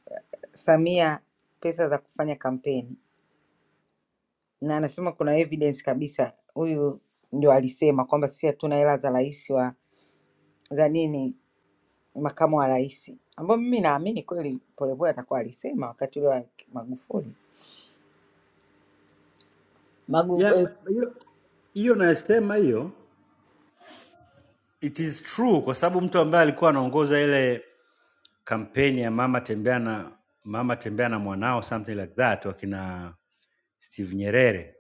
Samia pesa za kufanya kampeni na anasema kuna evidence kabisa, huyu ndio alisema kwamba sisi hatuna hela za rais wa za nini, makamu wa rais, ambayo mimi naamini kweli Polepole atakuwa alisema wakati ule wa Magufuli Magu,
Yeah,
eh,
but hiyo hiyo nayosema hiyo it is true kwa sababu mtu ambaye alikuwa anaongoza ile kampeni ya mama tembea na mama tembea na mwanao something like that wakina Steve Nyerere.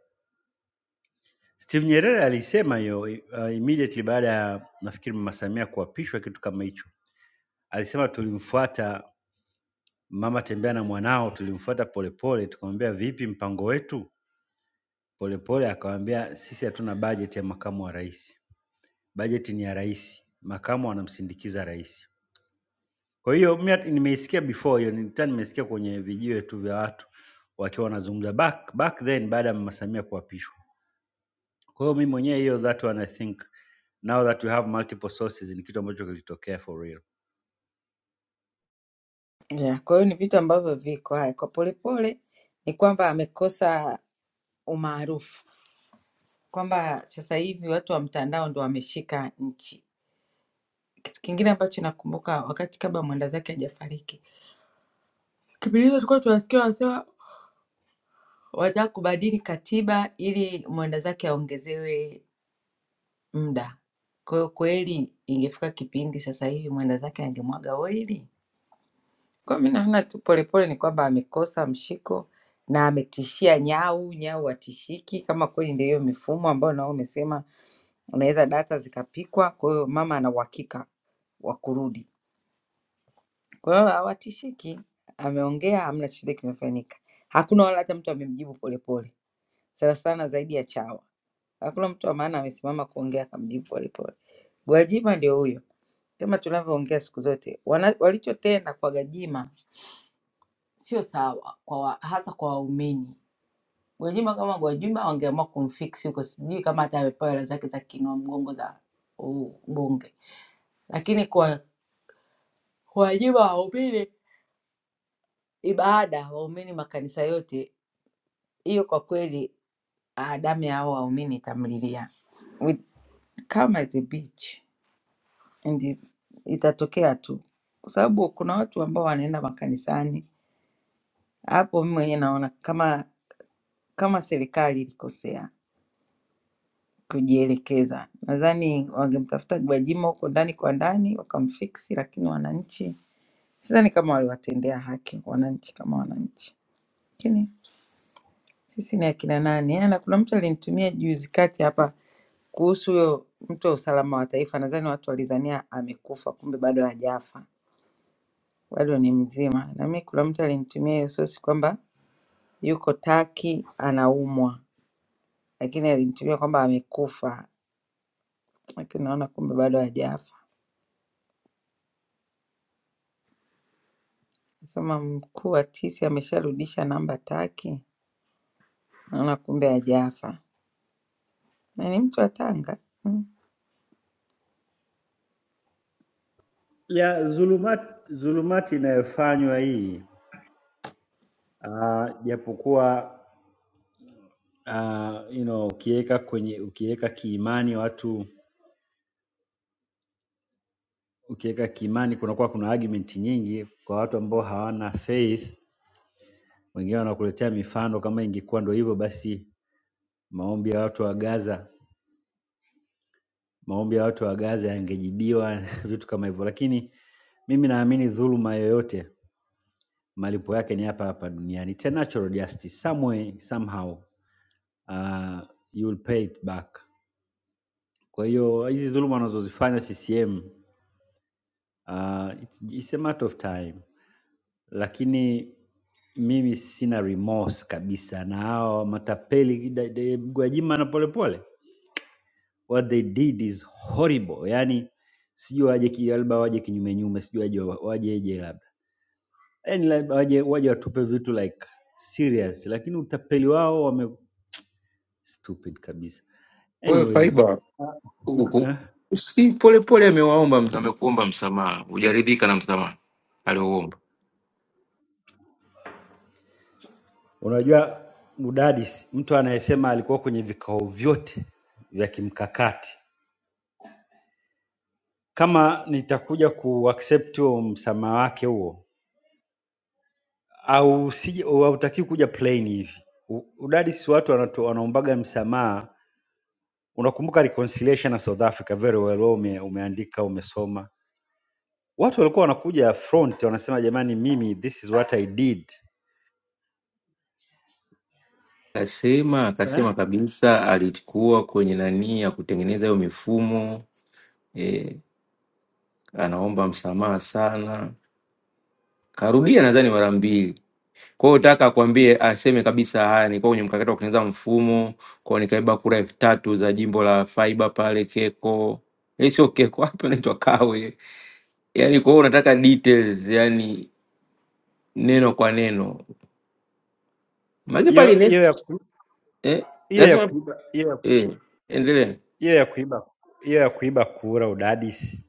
Steve Nyerere alisema hiyo uh, immediately baada ya nafikiri mama Samia kuapishwa kitu kama hicho. Alisema tulimfuata mama tembea na mwanao, tulimfuata polepole tukamwambia vipi mpango wetu? Polepole akawaambia sisi hatuna bajeti ya makamu wa rais, bajeti ni ya rais, makamu anamsindikiza rais. Kwa hiyo mimi hata- nimeisikia before hiyo, nilikuwa nimesikia kwenye vijiwe tu vya watu wakiwa wanazungumza back, back then baada ya mama Samia kuapishwa. Kwa hiyo mimi mwenyewe hiyo that one I think now that we have multiple sources ni kitu ambacho kilitokea for real.
yeah, kwa hiyo ni vitu ambavyo viko haya kwa Polepole ni kwamba amekosa umaarufu, kwamba sasa hivi watu wa mtandao ndo wameshika nchi. Kitu kingine ambacho nakumbuka wakati kabla mwenda zake hajafariki, kipindi hicho tulikuwa tunasikia wanasema Wanataka kubadili katiba ili mwenda zake aongezewe muda. Kwa hiyo kweli ingefika kipindi sasa hivi mwenda zake angemwaga oili. Kwa hiyo mimi naona tu Polepole ni kwamba amekosa mshiko na ametishia Nyau. Nyau hatishiki, kama kweli ndio hiyo mifumo ambayo nao umesema unaweza data zikapikwa. Kwa hiyo mama ana uhakika wa kurudi, kwa hiyo hawatishiki. Ameongea, hamna chochote kimefanyika, hakuna wala hata mtu amemjibu Polepole, sana sana zaidi ya chawa. Hakuna mtu wa maana amesimama kuongea akamjibu Polepole. Gwajima ndio huyo, kama tunavyoongea siku zote, wana- walichotenda kwa Gwajima sio sawa kwa wa, hasa kwa waumini. Gwajima kama Gwajima wangeamua kumfix huko, sijui kama hata amepewa hela zake za kinua mgongo za ubunge, lakini kwa Gwajima waumini, ibada waumini makanisa yote, hiyo kwa kweli ah, damu ya hao waumini itamlilia. We- Calm as a beach. and itatokea tu, kwa sababu kuna watu ambao wanaenda makanisani. Hapo mimi mwenyewe naona kama kama serikali ilikosea kujielekeza, nadhani wangemtafuta Gwajima huko ndani kwa ndani wakamfiksi, lakini wananchi sidhani kama waliwatendea haki wananchi kama wananchi, lakini sisi ni akina nani? Yaani, Na kuna mtu alinitumia juzi kati hapa kuhusu huyo mtu wa usalama wa taifa, nadhani watu walizania amekufa, kumbe bado hajafa bado ni mzima. Na mimi kuna mtu alinitumia hiyo sosi kwamba yuko Taki anaumwa, lakini alinitumia kwamba amekufa, lakini naona kumbe bado hajafa. Nasema mkuu wa tisi amesharudisha namba Taki, naona kumbe hajafa, na ni mtu wa Tanga. Mm.
Ya zulumati, zulumati inayofanywa hii ah, japokuwa ah, you know ukiweka kwenye ukiweka kiimani watu Ukiweka Kiimani kunakuwa kuna argument nyingi kwa watu ambao hawana faith. Wengine wanakuletea mifano kama ingekuwa ndo hivyo basi maombi ya watu wa Gaza, maombi ya watu wa Gaza yangejibiwa vitu kama hivyo. Lakini mimi naamini dhuluma yoyote malipo yake ni hapa hapa duniani. It's a natural justice somewhere somehow uh, you will pay it back. Kwa hiyo hizi dhuluma wanazozifanya CCM uh, it's, it's a matter of time, lakini Mimi sina remorse kabisa na hao matapeli da- da- Gwajima na Polepole. What they did is horrible. Yani sijui waje ki- labda waje kinyume nyume, sijui waje wajeje labda. Yani labda waje waje watupe vitu like serious, lakini utapeli wao wame stupid kabisa.
Kwa hiyo
Anyways,
Faiba huku
eh,
si polepole amewaomba ms- amekuomba msamaha, hujaridhika na msamaha aliouomba?
unajua Mudadis, mtu anayesema alikuwa kwenye vikao vyote vya kimkakati. Kama nitakuja ku accept huo msamaha wake huo au usije au hautakiwi kuja plain hivi. U- Udadisi watu wanato- wanaombaga msamaha. Unakumbuka reconciliation na South Africa very well, wewe ume, umeandika umesoma. Watu walikuwa wanakuja front wanasema, jamani, mimi this is what I did.
Akasema
Eh?
akasema kabisa alikuwa kwenye nani ya kutengeneza hiyo mifumo e, anaomba msamaha sana, karudia nadhani mara mbili Kwa hiyo nataka akwambie aseme kabisa haya, nilikuwa kwenye mkakati wa kutengeneza mfumo kwao, nikaiba kura elfu tatu za jimbo la Faiba pale Keko, Eh, sio Keko hapa inaitwa Kawe. Yani kwa hiyo unataka details, yani neno kwa neno, maana pale
Hiyo hiyo ya
nes
ku-
eh,
hiyo ya
lazima
kuiba hiyo ya
eh, endelea.
hiyo ya kuiba hiyo ya kuiba kura udadisi.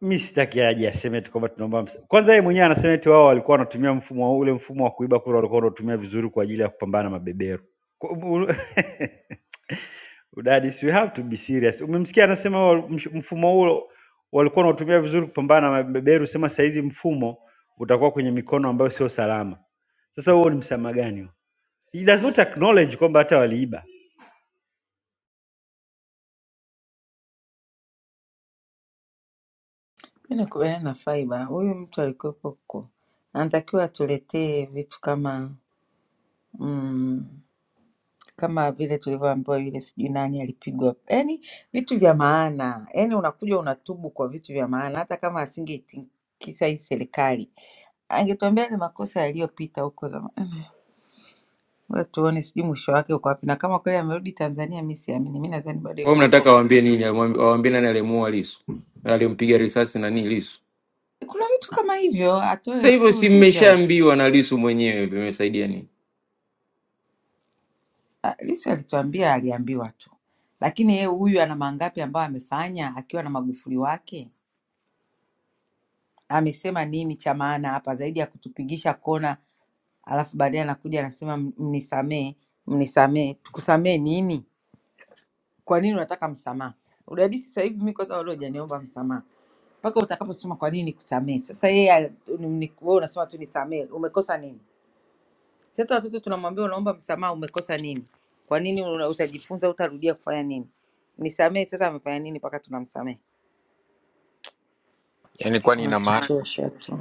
Mi sitaki aje aseme tu kwamba tunaomba msa. Kwanza yeye mwenyewe anasema eti wao walikuwa wanatumia mfumo wa- ule mfumo wa kuiba kura walikuwa wanatumia vizuri kwa ajili ya kupambana na mabeberu. Udadisi, you have to be serious. Umemsikia anasema wal- msh- mfumo huo walikuwa wanaotumia vizuri kupambana na mabeberu, sema saa hizi mfumo utakuwa kwenye mikono ambayo sio salama. Sasa huo ni msamaha gani huo? He does not acknowledge kwamba hata waliiba.
Mimi nakubaliana na Faiba, huyu mtu alikuwepo huko, anatakiwa atuletee vitu kama mm, kama vile tulivyoambiwa yule sijui nani alipigwa, yani vitu vya maana. Yani unakuja unatubu kwa vitu vya maana, hata kama asingeitikisa hii serikali angetuambia ni makosa yaliyopita huko zamani. Ngoja tuone, sijui mwisho wake uko wapi, na kama kweli amerudi Tanzania, mi siamini. Mi nadhani bado
Kwa hiyo
yuko huko
mnataka
Cuba.
waambie nini? Waambie nani alimuua Lisu, alimpiga risasi nani Lisu?
Kuna vitu kama hivyo, atoe
Sasa hivyo
full
si
details.
mmeshaambiwa na Lisu mwenyewe, vimesaidia nini?
Ah, Lissu alituambia, aliambiwa tu, lakini yeye huyu ana mangapi ambayo amefanya akiwa na Magufuli wake? amesema nini cha maana hapa zaidi ya kutupigisha kona, alafu baadaye anakuja anasema "M- mnisamee, mnisamee. Tukusamee nini? Kwa nini unataka msamaha? Udadisi sasa hivi mimi kwanza wale hujaniomba msamaha mpaka utakaposema kwa nini kusamee. Sasa yeye al- ni- ni- wewe unasema tu nisamee, umekosa nini? Sasa watoto tunamwambia unaomba msamaha, umekosa nini? Kwa nini una- utajifunza, utarudia kufanya nini? Nisamee. Sasa amefanya nini mpaka tunamsamee?
Yaani kwani ina
Wanatuchosha tu.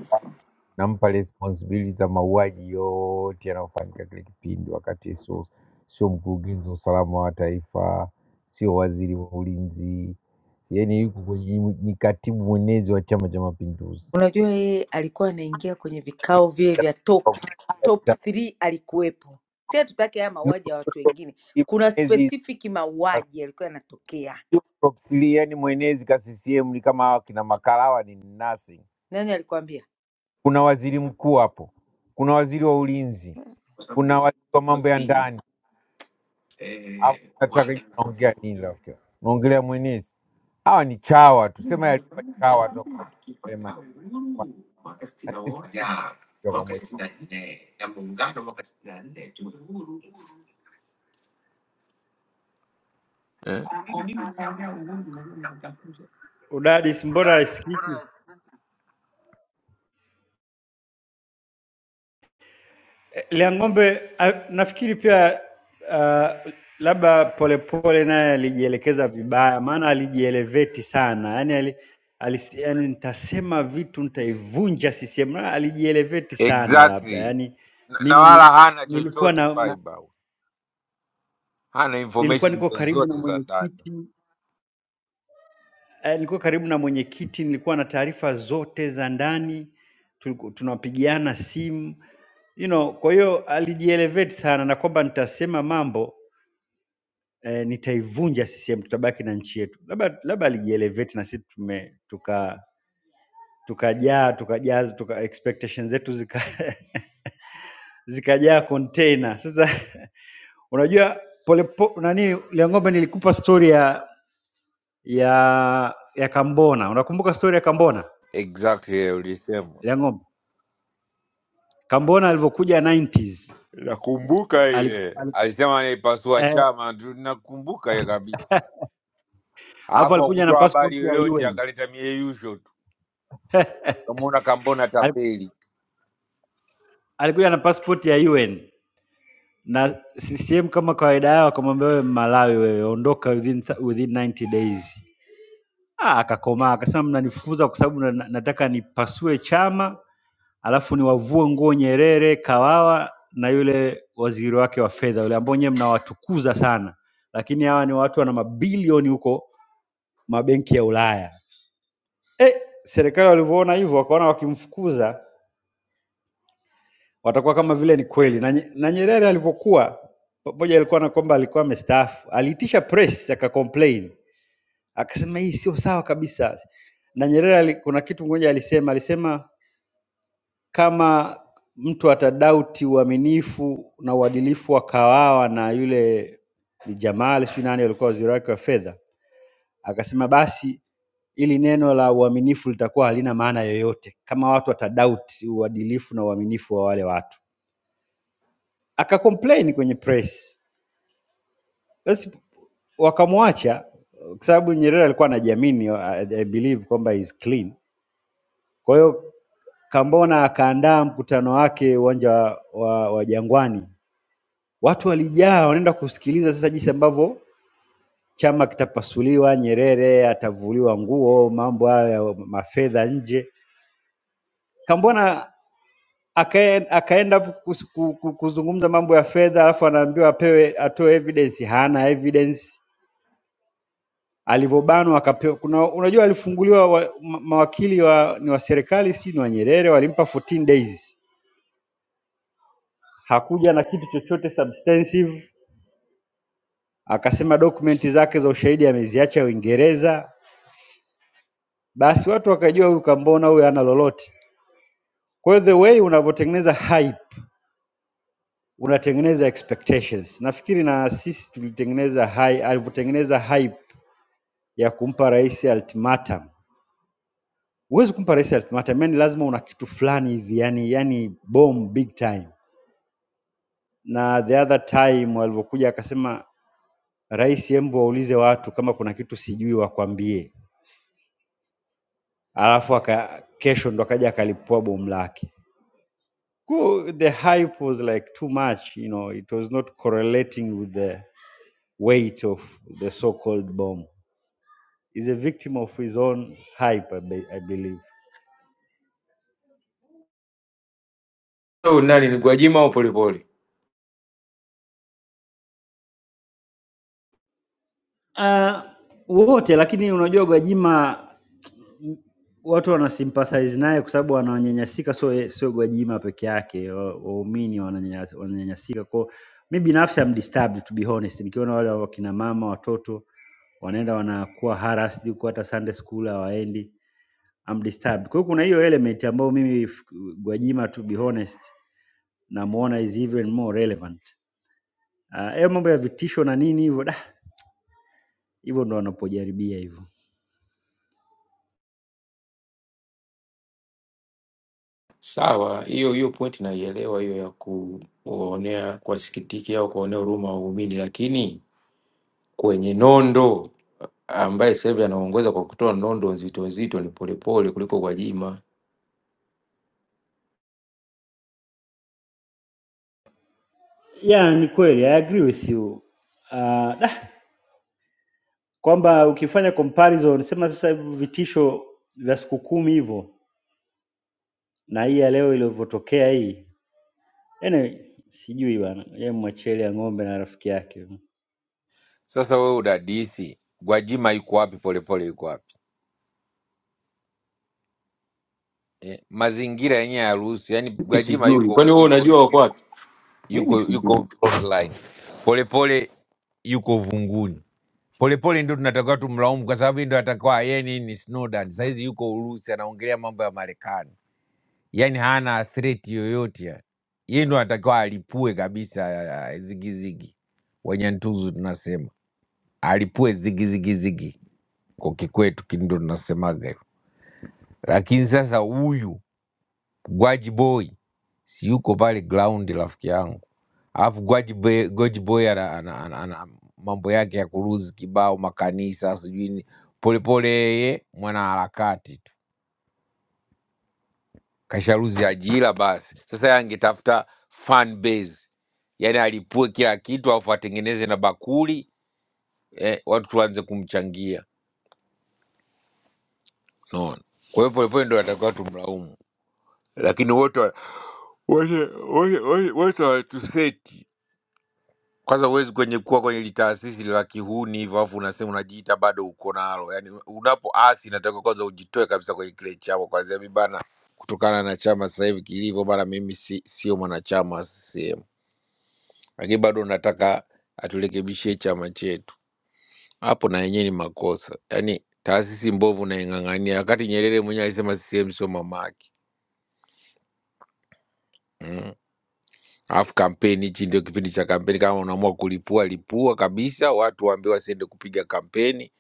nampa responsibility za mauaji yote yanayofanyika kile kipindi, wakati sio sio mkurugenzi wa usalama wa taifa, si ya mapinduzi.
Unajua yeye alikuwa anaingia kwenye vikao vile vya top top 3 alikuwepo. Si hatutaki haya mauaji ya watu wengine. Kuna
Mwenezi
specific mauaji yalikuwa yanatokea.
propsilia, yani mwenezi ka CCM ni kama hawa kina Makalawa ni nothing.
Nani alikwambia?
Kuna waziri mkuu hapo, kuna waziri wa ulinzi, kuna waziri wa mambo ya ndani, alafu nataka naongea nini rafiki? yangu? Naongelea mwenezi. Hawa ni chawa tu, sema yalikuwa chawa tu yale maneno. Lakini sio kwa moja.
Udadisi, mbona isikiki? Liang'ombe a- nafikiri pia uh, labda Polepole naye alijielekeza vibaya, maana alijieleveti sana yani, ali, ali, yani nitasema vitu nitaivunja CCM. Na Alijieleveti sana labda
Exactly.
yani,
Na na
mimi
wala hana
nilikuwa
chochote
na, na
fiber.
nilikuwa niko karibu na mwenyekiti eh, nilikuwa karibu na mwenyekiti, nilikuwa na taarifa zote za ndani, tuliku- tunapigiana simu you know, kwa hiyo alijielevate sana na kwamba nitasema mambo eh, nitaivunja CCM, tutabaki na nchi yetu. Labda labda alijielevate na sisi tume tuka tukajaa tukajaa tuka expectations zetu zika zikajaa container. Sasa unajua pole, po, nani Liang'ombe, nilikupa story ya ya ya Kambona. Unakumbuka story ya Kambona
exactly ulisema
Liang'ombe? Kambona alivyokuja 90s
nakumbuka
aliku,
ile
aliku,
alisema anaipasua
eh,
chama tu nakumbuka ile kabisa
alafu
alafu
alikuja na
akutoa
passport
habari
ya
yoyote
UN
akaleta mieyusho tu kamwona kambona
aliku,
tapeli
alikuja na passport ya UN na CCM kama kawaida yao akamwambia wewe Malawi wewe ondoka within, th- within 90 days. Ah, akakomaa akasema mnanifukuza kwa sababu na, na- nataka nipasue chama alafu niwavue nguo Nyerere, Kawawa na yule waziri wake wa fedha yule ambao nyewe mnawatukuza sana, lakini hawa ni watu wana mabilioni huko mabenki ya Ulaya. Eh, serikali walivyoona hivyo wakaona wakimfukuza watakuwa kama vile ni kweli. Na, Nye- na Nyerere alivyokuwa pamoja, alikuwa na kwamba alikuwa amestaafu, aliitisha press akacomplain, akasema hii sio sawa kabisa. Na Nyerere ali, kuna kitu mmoja alisema, alisema kama mtu atadauti uaminifu na uadilifu wa Kawawa na yule ni Jamal sijui nani alikuwa waziri wake wa fedha, akasema basi ili neno la uaminifu litakuwa halina maana yoyote kama watu watadauti uadilifu na uaminifu wa wale watu akacomplain kwenye press basi wakamwacha kwa sababu Nyerere alikuwa anajiamini I I believe kwamba is clean. Kwa hiyo Kambona akaandaa mkutano wake uwanja wa, wa Jangwani, watu walijaa wanaenda kusikiliza sasa jinsi ambavyo chama kitapasuliwa, Nyerere atavuliwa nguo, mambo hayo ya mafedha nje. Kambona akae- akaenda kus- ku- ku- kuzungumza mambo ya fedha, alafu anaambiwa apewe atoe evidence, hana evidence alivyobanwa akapewa kuna unajua alifunguliwa wa, ma- mawakili wa ni wa serikali sijui ni wa Nyerere walimpa 14 days hakuja na kitu chochote substantive akasema dokumenti zake za ushahidi ameziacha Uingereza basi watu wakajua huyu kambona huyu hana lolote kwa hiyo the way unavyotengeneza hype unatengeneza expectations nafikiri na sisi tulitengeneza hype alivyotengeneza hype ya kumpa rais ultimatum huwezi kumpa rais ultimatum yani lazima una kitu fulani hivi yani yani bomb big time na the other time walivyokuja akasema rais, hebu waulize watu kama kuna kitu sijui wakwambie, alafu aka, kesho ndo akaja akalipua bomu lake. Ku- The hype was like too much, you know, it was not correlating with the weight of the so-called bomb. He's a victim of his own hype, I, be, I believe.
Au nani ni Gwajima au Polepole?
Uh, wote lakini unajua Gwajima watu wanasympathize naye kwa sababu wananyanyasika, sio ye- sio Gwajima peke yake, wa- waumini wananyanya- wananyanyasika. Kwa mi binafsi am disturbed to be honest, nikiona wale wakina mama watoto wanaenda wanakuwa harassed huko, hata Sunday school hawaendi, am disturbed. Kwa hiyo kuna hiyo element ambayo mimi f- Gwajima to be honest namuona is even more relevant. Ah, Hayo mambo ya vitisho na nini hivyo, da, hivyo ndo wanapojaribia hivyo.
Sawa, hiyo hiyo point naielewa, hiyo ya kuonea, kuwasikitikia au kuonea huruma waumini, lakini kwenye nondo ambaye sasa hivi anaongoza kwa kutoa nondo nzito nzito ni Polepole kuliko Gwajima.
Yeah, ni kweli, I agree with you. Uh, kwamba ukifanya comparison sema sasa hivi vitisho vya siku kumi hivyo na hii ya leo ilivyotokea hii anyway, sijui bana ye mwachie ile ya ng'ombe na rafiki yake
sasa wewe udadisi gwajima yuko wapi polepole yuko wapi eh, mazingira yenyewe yaruhusu yani
Mimi
gwajima
sijui,
yuko
kwani wewe
yuko
unajua wako
yuko
wapi? Mimi
yuko,
sijui.
yuko frontline. polepole yuko vunguni polepole ndio tunatakiwa tumlaumu kwa sababu yeye ndio atakuwa yeye nini snowden sahizi yuko urusi anaongelea mambo ya marekani yani hana threat yoyote yani. Yeye ndo anatakiwa alipue kabisa ah, zigizigi, wenye ntuzu tunasema alipue zigizigizigi, kwa kikwetu ki- ndo tunasemaga hivyo. Lakini sasa huyu Gwaji Boy si yuko pale ground, rafiki yangu, alafu Gwaji Boy, Gwaji Boy ana, ana, ana, ana mambo yake ya kuruzi kibao makanisa sijui ni- polepole, yeye mwanaharakati kasharuzi ajira basi. Sasa yeye angetafuta fan base, yani alipue kila kitu alafu atengeneze na bakuli eh, watu tuanze kumchangia, unaona. Kwa hiyo Polepole ndo atakiwa tumlaumu, lakini wote wa- wote wote wote- wote watuseti kwanza. Huwezi kwenye kuwa kwenye litaasisi la kihuni hivyo, alafu unasema unajiita bado uko nalo. Yani unapoasi inatakiwa kwanza ujitoe kabisa kwenye kile chama, kwanza mimi bana, kutokana na chama sasa hivi kilivyo bana, mimi si, sio mwanachama wa CCM lakini bado unataka aturekebishie chama chetu. Hapo na yenyewe ni makosa, yaani taasisi mbovu naing'ang'ania, wakati Nyerere mwenyewe alisema CCM sio mamake. Mm. Alafu kampeni, hichi ndio kipindi cha kampeni. Kama unaamua kulipua, lipua kabisa. Watu waambiwe wasiende kupiga kampeni,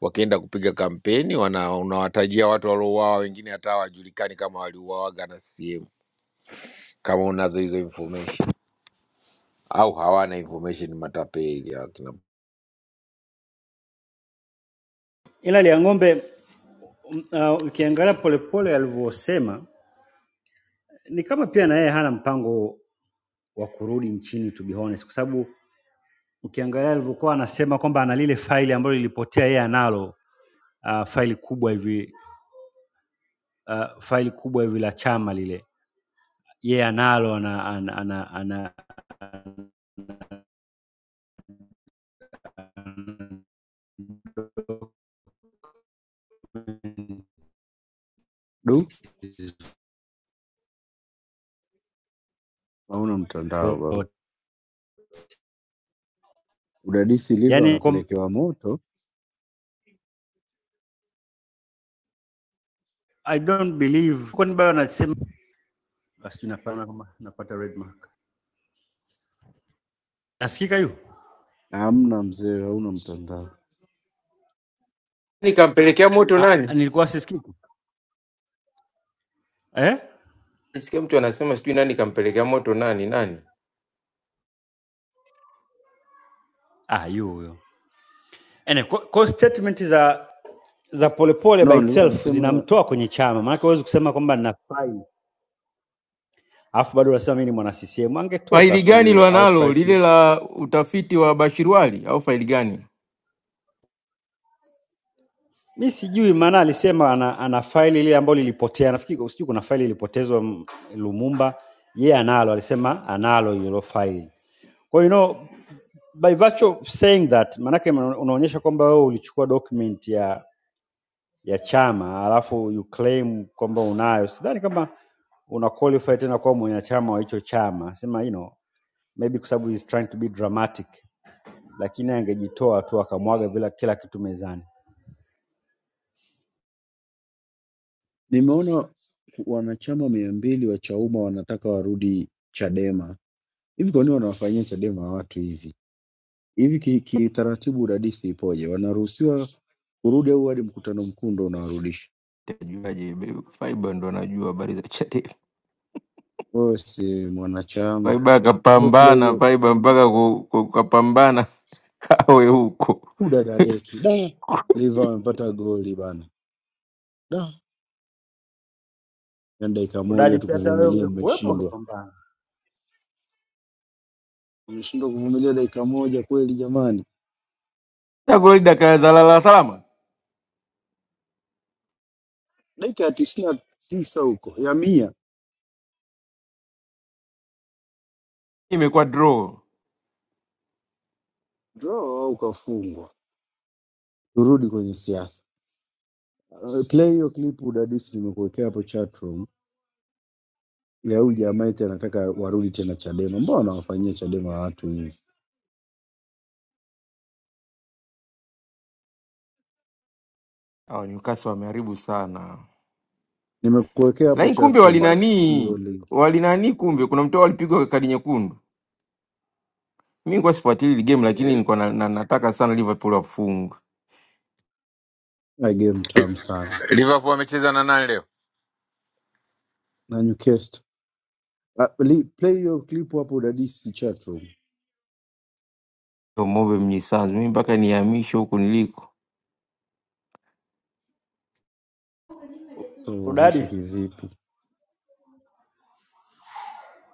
wakienda kupiga kampeni wana, unawatajia watu waliouawa, wengine hata hawajulikani kama waliuawaga na CCM, kama unazo hizo information au hawana information, matapeli hawa kina
ila ile ya ng'ombe mm, uh, ukiangalia polepole alivyosema ni kama pia na yeye hana mpango wa kurudi nchini to be honest kwa sababu ukiangalia alivyokuwa anasema kwamba ana lile faili ambalo lilipotea yeye analo uh, faili kubwa hivi uh, faili kubwa hivi la chama lile yeye analo ana, ana, ana, ana, ana
Du, hauna mtandao babu. Udadisi liva
Yaani kwa-
wanapelekewa moto
I don't believe kwani bado anasema basi tunapana kama napata red mark. Nasikika yu?
na hamna mzee, hauna mtandao.
Nani kampelekea moto nani?
Ah, nilikuwa sisikiki. Eh?
Nasikia mtu anasema sijui nani kampelekea moto nani nani.
Ah, yu huyo. Ene, kwa, kwa statement za za polepole by
No, nilikuwa
itself
nasema
zinamtoa kwenye chama. Maana huwezi kusema kwamba nafai. Alafu bado unasema mimi ni mwana CCM. Angetoka
Faili
tu
gani
huyo
lwanalo
outrightly.
lile la utafiti wa Bashirwali au faili gani?
Mi sijui maana alisema ana, ana faili ile ambayo lilipotea. Nafikiri sijui kuna faili ilipotezwa mm, Lumumba. Yeye yeah, analo, alisema analo hilo faili. Kwa hiyo you know, by virtue of saying that maanake una- unaonyesha kwamba wewe ulichukua document ya ya chama alafu you claim kwamba unayo. Sidhani kama una qualify tena kuwa mwanachama wa hicho chama. Sema you know, maybe kwa sababu he's trying to be dramatic, lakini angejitoa tu akamwaga vila kila kitu mezani.
nimeona wanachama mia mbili wa Chauma wanataka warudi Chadema. Hivi kwa nini wanawafanyia Chadema watu hivi hivi? Kitaratibu ki kiutaratibu udadisi ipoje? Wanaruhusiwa kurudi au hadi mkutano mkuu ndo unawarudisha?
Tajuaje? Faiba ndo anajua habari za Chadema.
Wewe si mwanachama,
Faiba
hebu play
akapambana
hiyo
Faiba mpaka ku- ku- kapambana kawe huko
kuda dadeki da. Liva wamepata goli bana da, yani dakika moja tu
Udadisi hata wewe
kuvumilia,
ungekuwepo
mmeshindwa.
ungepambana.
Wameshindwa kuvumilia dakika moja kweli jamani,
na goli dakika ya zalala salama,
dakika ya tisini na tisa huko ya mia
imekuwa draw.
draw au kafungwa. Turudi kwenye siasa. Uh, Play hiyo clip udadisi nimekuwekea hapo chatroom ya huyu jamaa eti anataka warudi tena Chadema. Mbona wanawafanyia Chadema watu hivi?
Hawa Newcastle wameharibu sana,
Nimekuwekea hapo
lakini kumbe
Hizi
chatroom
pole
hiyo
walinanii
link
walinanii, kumbe kuna mtu walipigwa kadi nyekundu. Mi nilikuwa sifuatili ile game, lakini
eh,
nilikuwa na, na, nataka sana Liverpool wafungwe.
na game tamu sana
Liverpool wamecheza na nani leo?
na Newcastle. Uh, li- play hiyo clip hapo udadisi chatroom.
Yo, Mobe Mnyisanzu, mi mpaka nihamishwe huku niliko.
Tuonyeshe
Udadisi,
kivipi?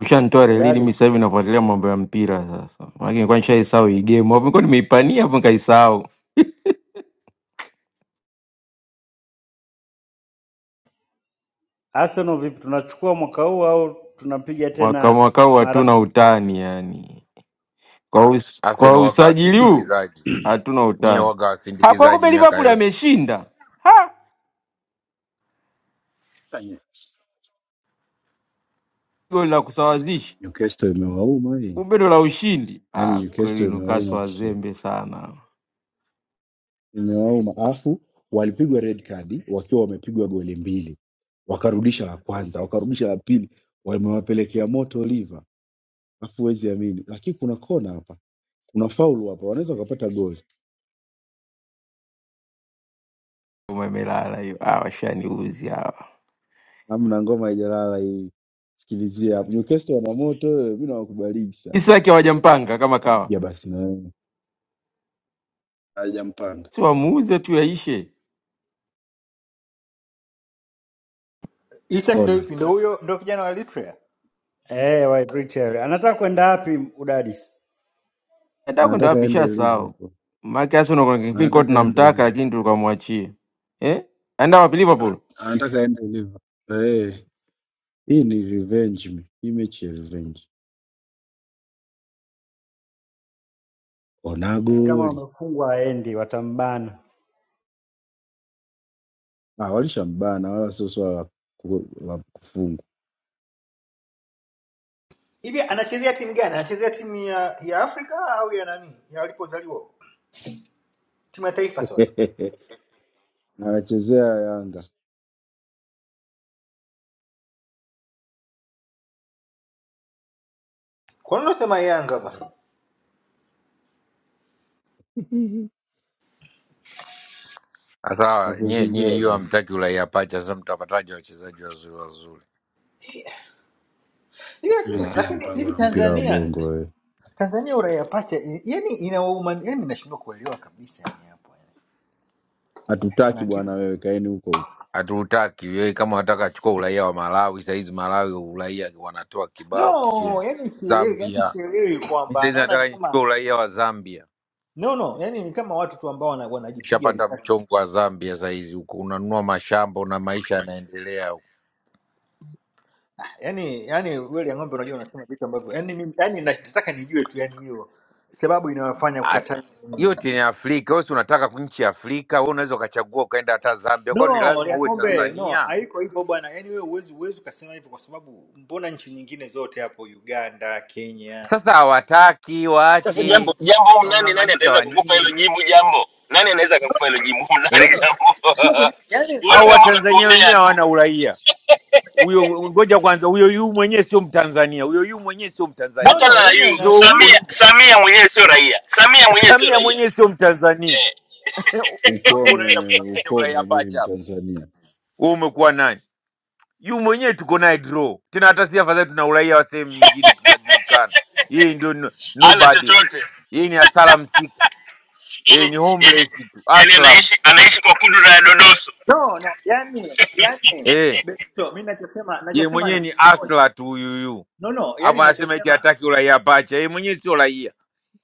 Ushanitoa relini, mi
udadisi.
sasa hivi nafuatilia mambo ya mpira sasa, maana nilikuwa nishaisahau hii game hapo, nilikuwa nimeipania hapo nikaisahau.
Arsenal vipi, tunachukua mwaka huu au tunapiga
Mwaka
tena
mwakau hatuna
marathon?
utani yani, kwa us,
Arsenal
kwa
waga
usajili
Yeah.
huu
wasindikizaji,
hatuna
nyie
utani
waga
hapa.
wasindikizaji
Kumbe
miaka
Liverpool
yote.
ameshinda ha, goli la kusawazisha,
Newcastle imewauma hii.
kumbe ndo la ushindi. Ah,
yani
kweli
Newcastle imewauma
Newcastle
kichwa-
wazembe sana,
imewauma afu walipigwa red card wakiwa wamepigwa goli mbili wakarudisha la kwanza wakarudisha la pili wamewapelekea moto liva afu huwezi amini lakini kuna kona hapa kuna faulu hapa wanaweza wakapata goli
umemelala hiyo. Ah, washaniuzi hawa,
amna ngoma haijalala hii sikilizia hapa Newcastle wana moto wewe mimi nawakubaliki sana
Isaki hawajampanga kama kawa,
ya basi na wewe hajampanda
si wamuuze tu yaishe.
Isak ndio
ona
ipi? Ndio huyo, ndio kijana wa Eritrea.
Eh, White Richard anataka kwenda wapi udadisi?
Nataka kwenda
anataka
wapi?
aende
Nishasahau
Liverpool
maake Arsenal kuna kipindi kwa
anataka aende
tunamtaka
Liverpool
lakini tulikamwachie eh, aenda wapi?
Ana-
Liverpool
anataka aende Liverpool eh Hii ni revenge me- hii mechi ya revenge. Ona
Basi Kama
goli.
wamefungwa aendi, watambana.
Ah, walishambana wala sio swala la ku- la kufungwa.
Hivi anachezea timu gani? Anachezea timu ya ya Afrika au ya nani? Ya walipozaliwa. Timu ya taifa sorry.
Na Anachezea Yanga
Kwa nini unasema Yanga basi?
na
Sasa nyie nyie
kuzingua
hiyo
jambo.
hamtaki uraia pacha, sasa mtapataje wachezaji wazuri wazuri?
Hivi lakini
Mimi
Mm.
sina
lakini
mpango
hivi
na mpira wa
Tanzania
bongo wewe.
Tanzania uraia pacha i- yani ina waumani yani nashindwa kuelewa kabisa yani hapo yani.
Hatutaki
Kuna kitu
bwana
sana.
wewe, kaeni huko huko.
Hatutaki wewe, kama wataka achukua uraia wa Malawi sahizi, Malawi uraia wanatoa kibao kicheni.
No, yani sielewi, yani
Zambia
sielewi
mi
kwamba
sahizi
naona ni
nataka nichukue
kama
uraia wa Zambia,
no no, yani ni kama watu tu ambao wana- wanajipiga
nishapata
risasi.
mchongo wa Zambia sahizi, huko unanunua mashamba na maisha yanaendelea huko.
yani yani wewe ya ng'ombe unajua unasema vitu ambavyo yani mimi yani nataka nijue tu yani hiyo sababu inayofanya
Ah,
ukataa mm.
yote ni Afrika. Wewe si unataka nchi ya Afrika? Wewe unaweza ukachagua ukaenda hata Zambia, kwani ni
no
lazima
ya
uwe
ng'ombe no
Tanzania?
haiko hivyo bwana yani wewe uwezi uwezi ukasema hivyo kwa sababu mbona nchi nyingine zote hapo Uganda Kenya
Sasa hawataki
Sasa jambo
waache,
jambo, huyu nani nani
unang'ang'aniza
ataweza
wa
kukupa hilo
nini
jibu jambo? Nani anaweza kukupa hilo jibu? Huyu
no
eh?
Nani
no
jambo?
sio kunipa yani
Huoni
Au
nataka
kama
watanzania
unatuonea
wenyewe
tu?
hawana uraia huyo? Ngoja kwanza, huyo yu mwenyewe sio Mtanzania, huyo yu mwenyewe sio
no
Mtanzania.
Achana
no
na
yani
yu
Sasa
na,
wewe uko
mimi
Samia,
nje,
Samia mwenyewe sio raia. Samia mwenyewe sio
Samia
raia,
mwenyewe sio Mtanzania, hapo unaenda
Ukome,
kung'ang'ania uraia
ukome, mimi ni
pacha hapo.
Mtanzania.
Wewe umekuwa nani? Yu mwenyewe tuko naye draw tena, hata si afadhali tuna uraia wa sehemu nyingine, tunajulikana. Yeye ndio no-
ana
nobody,
chochote.
yeye ni asala msika, yeye ni
yani, yani,
homeless tu,
yani
aslam
anaishi anaishi kwa kudura ya dodoso
no no yani yani
eh.
Benito mimi nachosema
Yeye
nachosema
mwenyewe
ni
ni
kitu kimoja
asla tu huyuyu,
no no yani
alafu anasema eti
nachosema
hataki uraia pacha. Yeye mwenyewe sio raia,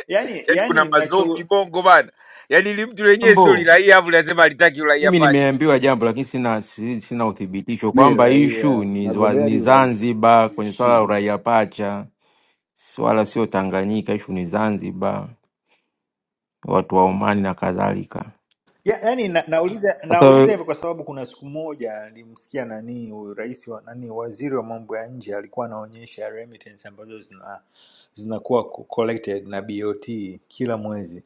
yani
yaani kuna
yani
mazombi bongo bana, yaani li mtu lenyewe sio
mambo
liraia, alafu linasema halitaki uraia
Mimi
pacha.
nimeambiwa jambo lakini sina, si- sina uthibitisho
Mimi
kwamba ishu
raia,
ni, wa-
nagombea hadi
ni
urais.
Zanzibar kwenye swala la
Jiheshimu.
uraia pacha, wala sio Tanganyika. Ishu ni Zanzibar, watu wa Omani na kadhalika.
Ya, yani na, nauliza
Sasa
nauliza hivyo kwa sababu kuna siku moja nilimsikia nani huyu rais wa nani waziri wa mambo ya nje alikuwa anaonyesha remittance ambazo zina zinakuwa co- collected na BOT kila mwezi.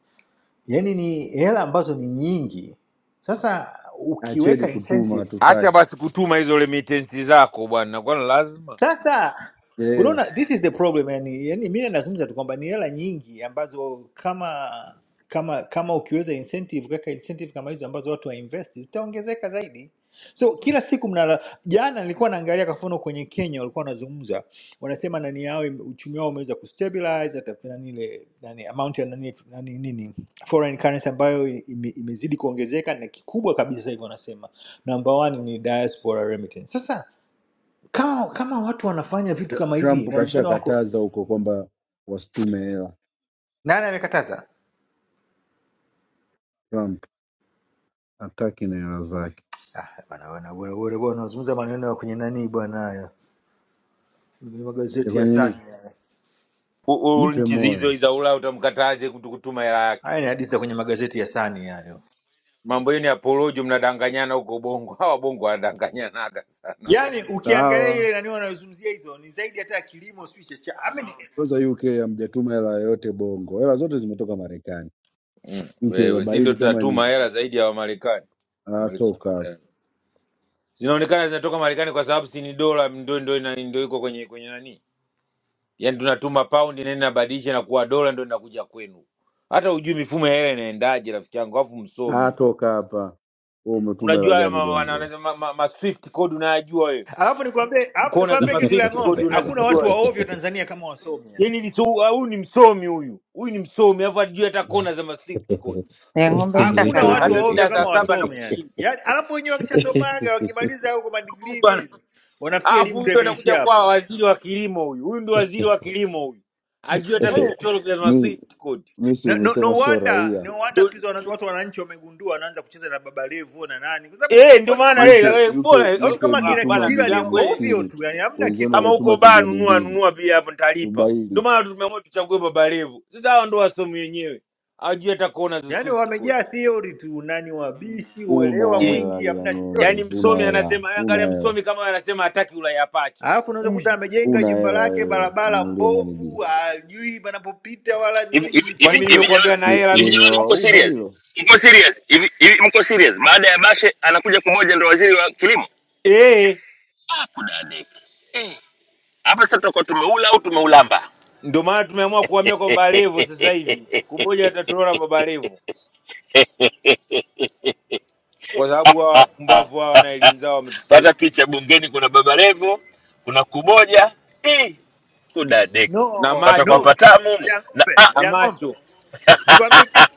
Yaani ni hela ambazo ni nyingi. Sasa
Acheni
ukiweka
kutuma
incentive
Acha
hatutaki.
basi kutuma hizo remittance zako bwana, kwani lazima
Sasa
Eh,
unaona, this is the problem yani, yani mi nazungumza tu kwamba ni hela nyingi ambazo kama kama kama ukiweza incentive kaka incentive kama hizo ambazo watu wainvest zitaongezeka zaidi. So kila siku mnala, jana nilikuwa naangalia kwa mfano kwenye Kenya walikuwa wanazungumza, wanasema nani yao ime- uchumi wao umeweza kustabilize hata nani ile nani amount ya nani, nani nini foreign currency ambayo ime, imezidi kuongezeka na kikubwa kabisa hivyo wanasema number one ni diaspora remittance. Sasa kama, kama watu wanafanya vitu
Tr-
kama hivi
Trump
na wengine wako
kashakataza huko kwamba wasitume hela.
nani amekataza?
Trump. hataki neno zake.
Ah, bwana bwana bwana bwana bwana, unazungumza maneno ya kwenye nani bwana, haya kwenye
Ni
magazeti ya
kwenye
Sani
nini?
haya,
U- u-
Jipe
nchi
moyo.
hizo za Ulaya utamkataje kutu- kutuma hela yake?
haya ni hadithi za kwenye magazeti ya Sani hayo.
Mambo yenu ya porojo, mnadanganyana huko Bongo. Hawa Bongo wanadanganyanaga sana
Yaani ukiangalia
Sawa,
ile nani wanayozungumzia hizo ni zaidi hata ya kilimo sio cha cha. Ame ni-
kwanza UK hamjatuma hela yoyote Bongo, hela zote zimetoka Marekani.
mm.
UK
Wewe si ndo
wabaili kama
tunatuma
nini,
hela zaidi ya Wamarekani
atoka hapa,
Marekani. zinaonekana zinatoka Marekani kwa sababu si ni dola ndo ndo ina- ndo iko kwenye kwenye nani, yaani tunatuma paundi na inabadilisha na kuwa dola ndo inakuja kwenu. Hata hujui mifumo ya hela inaendaje, rafiki yangu, alafu msomi
atoka hapa. Wewe umetuma hela
unajua haya
gani
ma, ma, ma,
Bongo?
ma, ma, ma ma swift code unayajua wewe,
Alafu nikwambie, alafu
kona za
nikwambie
ma
kitu la
swift
ng'ombe,
code
hakuna
unazijua
watu wa
wewe.
ovyo Tanzania kama wasomi yani.
Yaani ni so- huyu ni msomi huyu, huyu ni msomi alafu ajui hata kona za ma swift code.
ya ng'ombe nenda
Hakuna watu
Hata
wa
kalale.
ovyo
mida saa
kama
saba na
wasomi yani.
kushinda
Yaani alafu wenyewe wakishasomaga wakimaliza huko madigrii nini, wanafikia
Alafu
elimu
huyu
ndio
ndo atakuja
imeishia
kuwa
hapo.
waziri wa kilimo huyu. Huyu ndio waziri wa kilimo huyu. Ajui hata
Yaani,
vichochoro vya ma
mi
Swift code.
mi si
No, no,
umesema
no
so
wonder
raia
no wonder
Ndio
siku hizi wana- watu wananchi wamegundua wanaanza kucheza na Baba Levo na nani, kwa sababu
eh, ndio
watu
maana
kama
eh
UK
kina
eh,
UK
bora eh, eh,
watu
UK
kama
ku- ah,
kina
mmetuma
bana ndugu
Kitila ni
yangu
milioni
wewe
ovyo
sitini tu,
tu, yani hamna
wenzenu
kitu
kama
yani,
uko
wametuma
baa
trilioni
nunua
mbili.
nunua pia hapo nitalipa.
Ubaili
Ndio
tu,
maana tumeamua tuchague Baba Levo. Sasa hao ndio wasomi wenyewe. Hawajui hata kuona za
yani
Swift code.
wamejaa theory tu, nani wabishi,
una
uelewa
Eh.
hela
mwingi,
lia
hamna chochote.
Yaani
ng'ombe, una
msomi
hela,
anasema eh, angalia
una hela,
msomi kama wewe anasema hataki ulaya ya pacha.
Alafu unaweza kuta amejenga
una
jumba
hela
lake,
wewe,
barabara
umnulie nani bia?
mbovu, hajui panapopita wala
hivi
nini,
hivi
ni
Kwani
hivi
mimi
fujo
hivi
tu.
jamani
nimekuambia na
Li-
hela
hivi
mimi?
jamani mko
Limewauma
serious
hilo
mko serious hivi hivi mko serious baada ya bashe anakuja kumoja ndo waziri wa kilimo
Eh,
ah kudadeki eh hapa sasa tutakuwa tumeula au tumeulamba
ndio maana tumeamua kuhamia kwa Baba Levo sasa hivi. Kuboja atatolewa na Baba Levo. kwa sababu hawa
Ah,
wapumbavu hawa
ah,
na
ah.
elimu zao wametuchosha,
pata picha bungeni kuna baba levo kuna kumoja eh
No,
kudadeki
na
pata kwa
no,
macho
no,
patamu humu.
lia
na
ng'ombe,
ah,
na
lia
macho,
ng'ombe, nikwambie kitu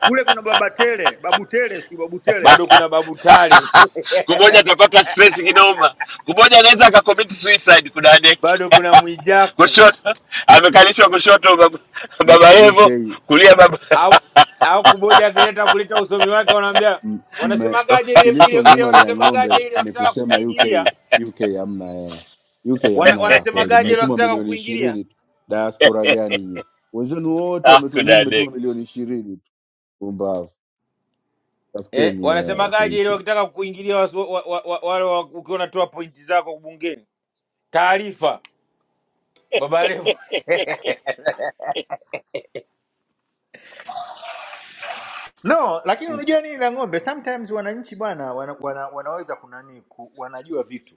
kule kuna baba Tele, babu Tele, si babu Tele yule
bado kuna Babu Tale,
kumoja atapata stress kinoma kumoja anaweza akakomiti suicide kudadeki
bado kuna Mwijaku
kushoto amekalishwa kushoto baba, baba
U- UK
Levo, kulia baba
au au kuboja akileta kuleta usomi wake, wanaambia
m- mme-
wanasemagaje ile ile ile,
kilichomuuma lia
wanasemagaje
ng'ombe
ile
ni
wakitaka
kusema
kukuingilia
UK UK hamna hela, UK
wana,
hamna hela kweli,
wanasemagaje ile
mmetuma
wakitaka
milioni
kukuingilia
ishirini tu. Diaspora gani nyie? Wenzenu wote
ah,
wametuma, nyinyi mmetuma
kudadeki
milioni ishirini tu, pumbavu.
eh,
tafuteni hela huko
wanasemagaje ile
UK.
wakitaka kukuingilia wasu, wa, wa, wa, wale wa- ukiwa unatoa pointi zako bungeni, taarifa baba Levo
no lakini unajua nini la ng'ombe sometimes wananchi bwana wana, wana, wanaweza kunani ku, wanajua vitu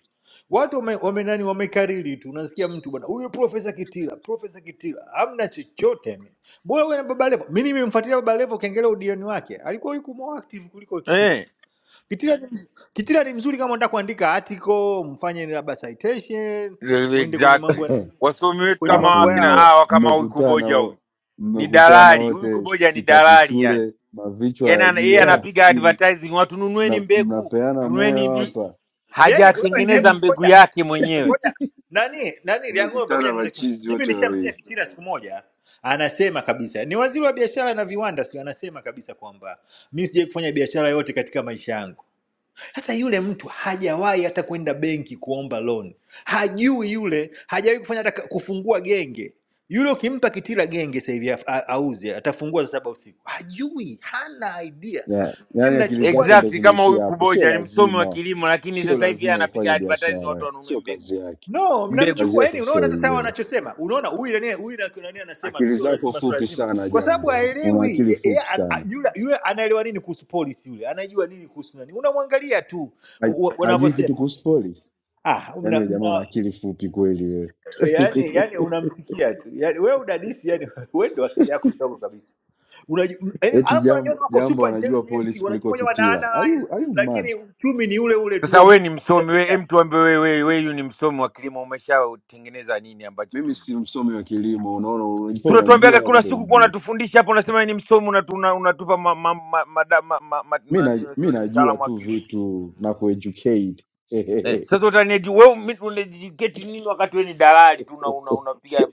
watu wame, wame nani wamekariri tu unasikia mtu bwana huyo profesa kitila profesa kitila hamna chochote ni. mbona huyo na baba levo mi nimemfuatilia baba levo kengele udioni wake alikuwa yuko more active kuliko kitila
eh,
kitila ni, mz- kitila ni mzuri kama unataka kuandika article mfanye labda citation mwende kwenye mambo
exactly
ya-
wasomi wetu
kwenye
kama
Alafu
mambo
wakina
nyie
yao
hawa kama huyu
mmekutana
kuboja huyu
wo-
ni
mmekutana
dalali huyu
wote,
kuboja ni
sitaki
dalali yani
shule, mavichwa
yani ana-
hayajui
yeye
Yeah.
hata
anapiga
kufikiri,
advertising watu nunueni
mna,
mbegu
mnapeana
nunueni
moyo
mbi
hapa
Yaani wewe
hajatengeneza
hebu
mbegu
ngoja
yake
ngoja
mwenyewe
ngoja nani nani lia ng'ombe, ngoja
mmekutana
niulize kitu moja.
machizi
Mimi
wote
nishamsikia
wawili
Kitila siku moja anasema kabisa, ni waziri wa biashara na viwanda, sio? Anasema kabisa kwamba mimi sijawahi kufanya biashara yote katika maisha yangu. Sasa yule mtu hajawahi hata kwenda benki kuomba loan, hajui yule, hajawahi kufanya hata ka- kufungua genge yule ukimpa Kitila genge sasa hivi a- a- auze, atafungua saa saba usiku. Hajui, hana idea.
yeah.
Nyie
Yaani akili
mnachukua
zako ndo
exactly kama huyu
zimeishia hapo. Sio
kuboja ni msomi wa
lazima,
kilimo lakini
sio
sasa hivi yeye
lazima
anapiga
ufanye
advertising watu
biashara,
wanunue
sio
mbegu
kazi yake.
no
mbegu
Kazi
mnamchukua yani
yake
unaona
sio
sasa hawa
hiyo.
wanachosema unaona huyu nani huyu na- nani anasema tu
Akili
sio
zako
lazima sio
fupi
lazima
sana,
kwa sababu
jambo, una
haelewi
akili
Ye- yeye
fupi
a- a-
sana.
yule yule anaelewa nini kuhusu polisi yule anajua nini kuhusu nani unamwangalia tu
Haj-
u- u-
Hajui
wanavyosema
kitu kuhusu polisi
ah
Yaani
mna,
wewe jamaa una
mna
akili fupi kweli wewe.
yani yani unamsikia tu yani wewe udadisi yani wewe ndio akili yako ndogo kabisa Unaji- m- yaani,
Eti
alafu wanajiona
jambo
wako
jambo
super
anajua
intelligent
polisi kuliko
wanajifanya wana
Kitila. Are
analyze
you, are you
lakini
mad?
uchumi ni ule ule tu
sasa
wa
we ni
mwisho kabisa
msomi we
duniani
em tuambe we, we, we yu ni msomi wa kilimo umeshatengeneza nini ambacho
Mimi
tu,
si
tu.
msomi wa kilimo, unaona unajua unajua
tunatuambiaga
ya
kuna
kumbe
siku kuwa
unijui.
unatufundisha hapo unasema we ni msomi unatu, una- unatupa ma, ma, ma, ma, ma, ma, ma,
Mimi
ma, nini,
na, mimi
unasema ni
najua
mtaalamu wa
tu
kilimo
vitu na kueducate.
eh, sasa utanieti wewe mimi unajiketi nini wakati wewe ni dalali tu una- una- unapiga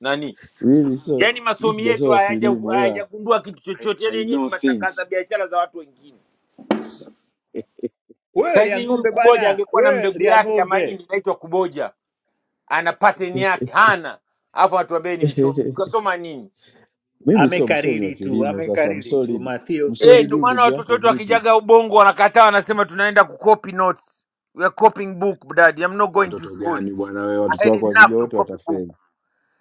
nani
Mimi so
yaani
mimi
masomi yetu
sijasoma
hayaja-
kilimo ila
hayajagundua kitu
I,
chochote yaani
I
yenyewe ni
know
matangaza
things.
biashara za watu wengine
wewe lia
saizi huyu
ng'ombe
kuboja
bwana
angekuwa na
wewe
mbegu
lia
yake ya
ng'ombe
mahindi inaitwa kuboja ana pattern yake hana alafu atuambie ni msomi kasoma nini
Mimi sio msomi wa
amekariri tu
kilimo sasa
amekariri tu
msolid
matheory
eh
msolid
ndio
mengi
huyu
maana
ndugu
watoto
yako
wetu
vipi?
wakijaga ubongo wanakataa wanasema tunaenda kucopy notes we are copying book dad i'm not going to
Watoto
school
gani bwana Na wewe?
i
watoto
had
wako
enough
wakija
to
wote
copy book
watafeli.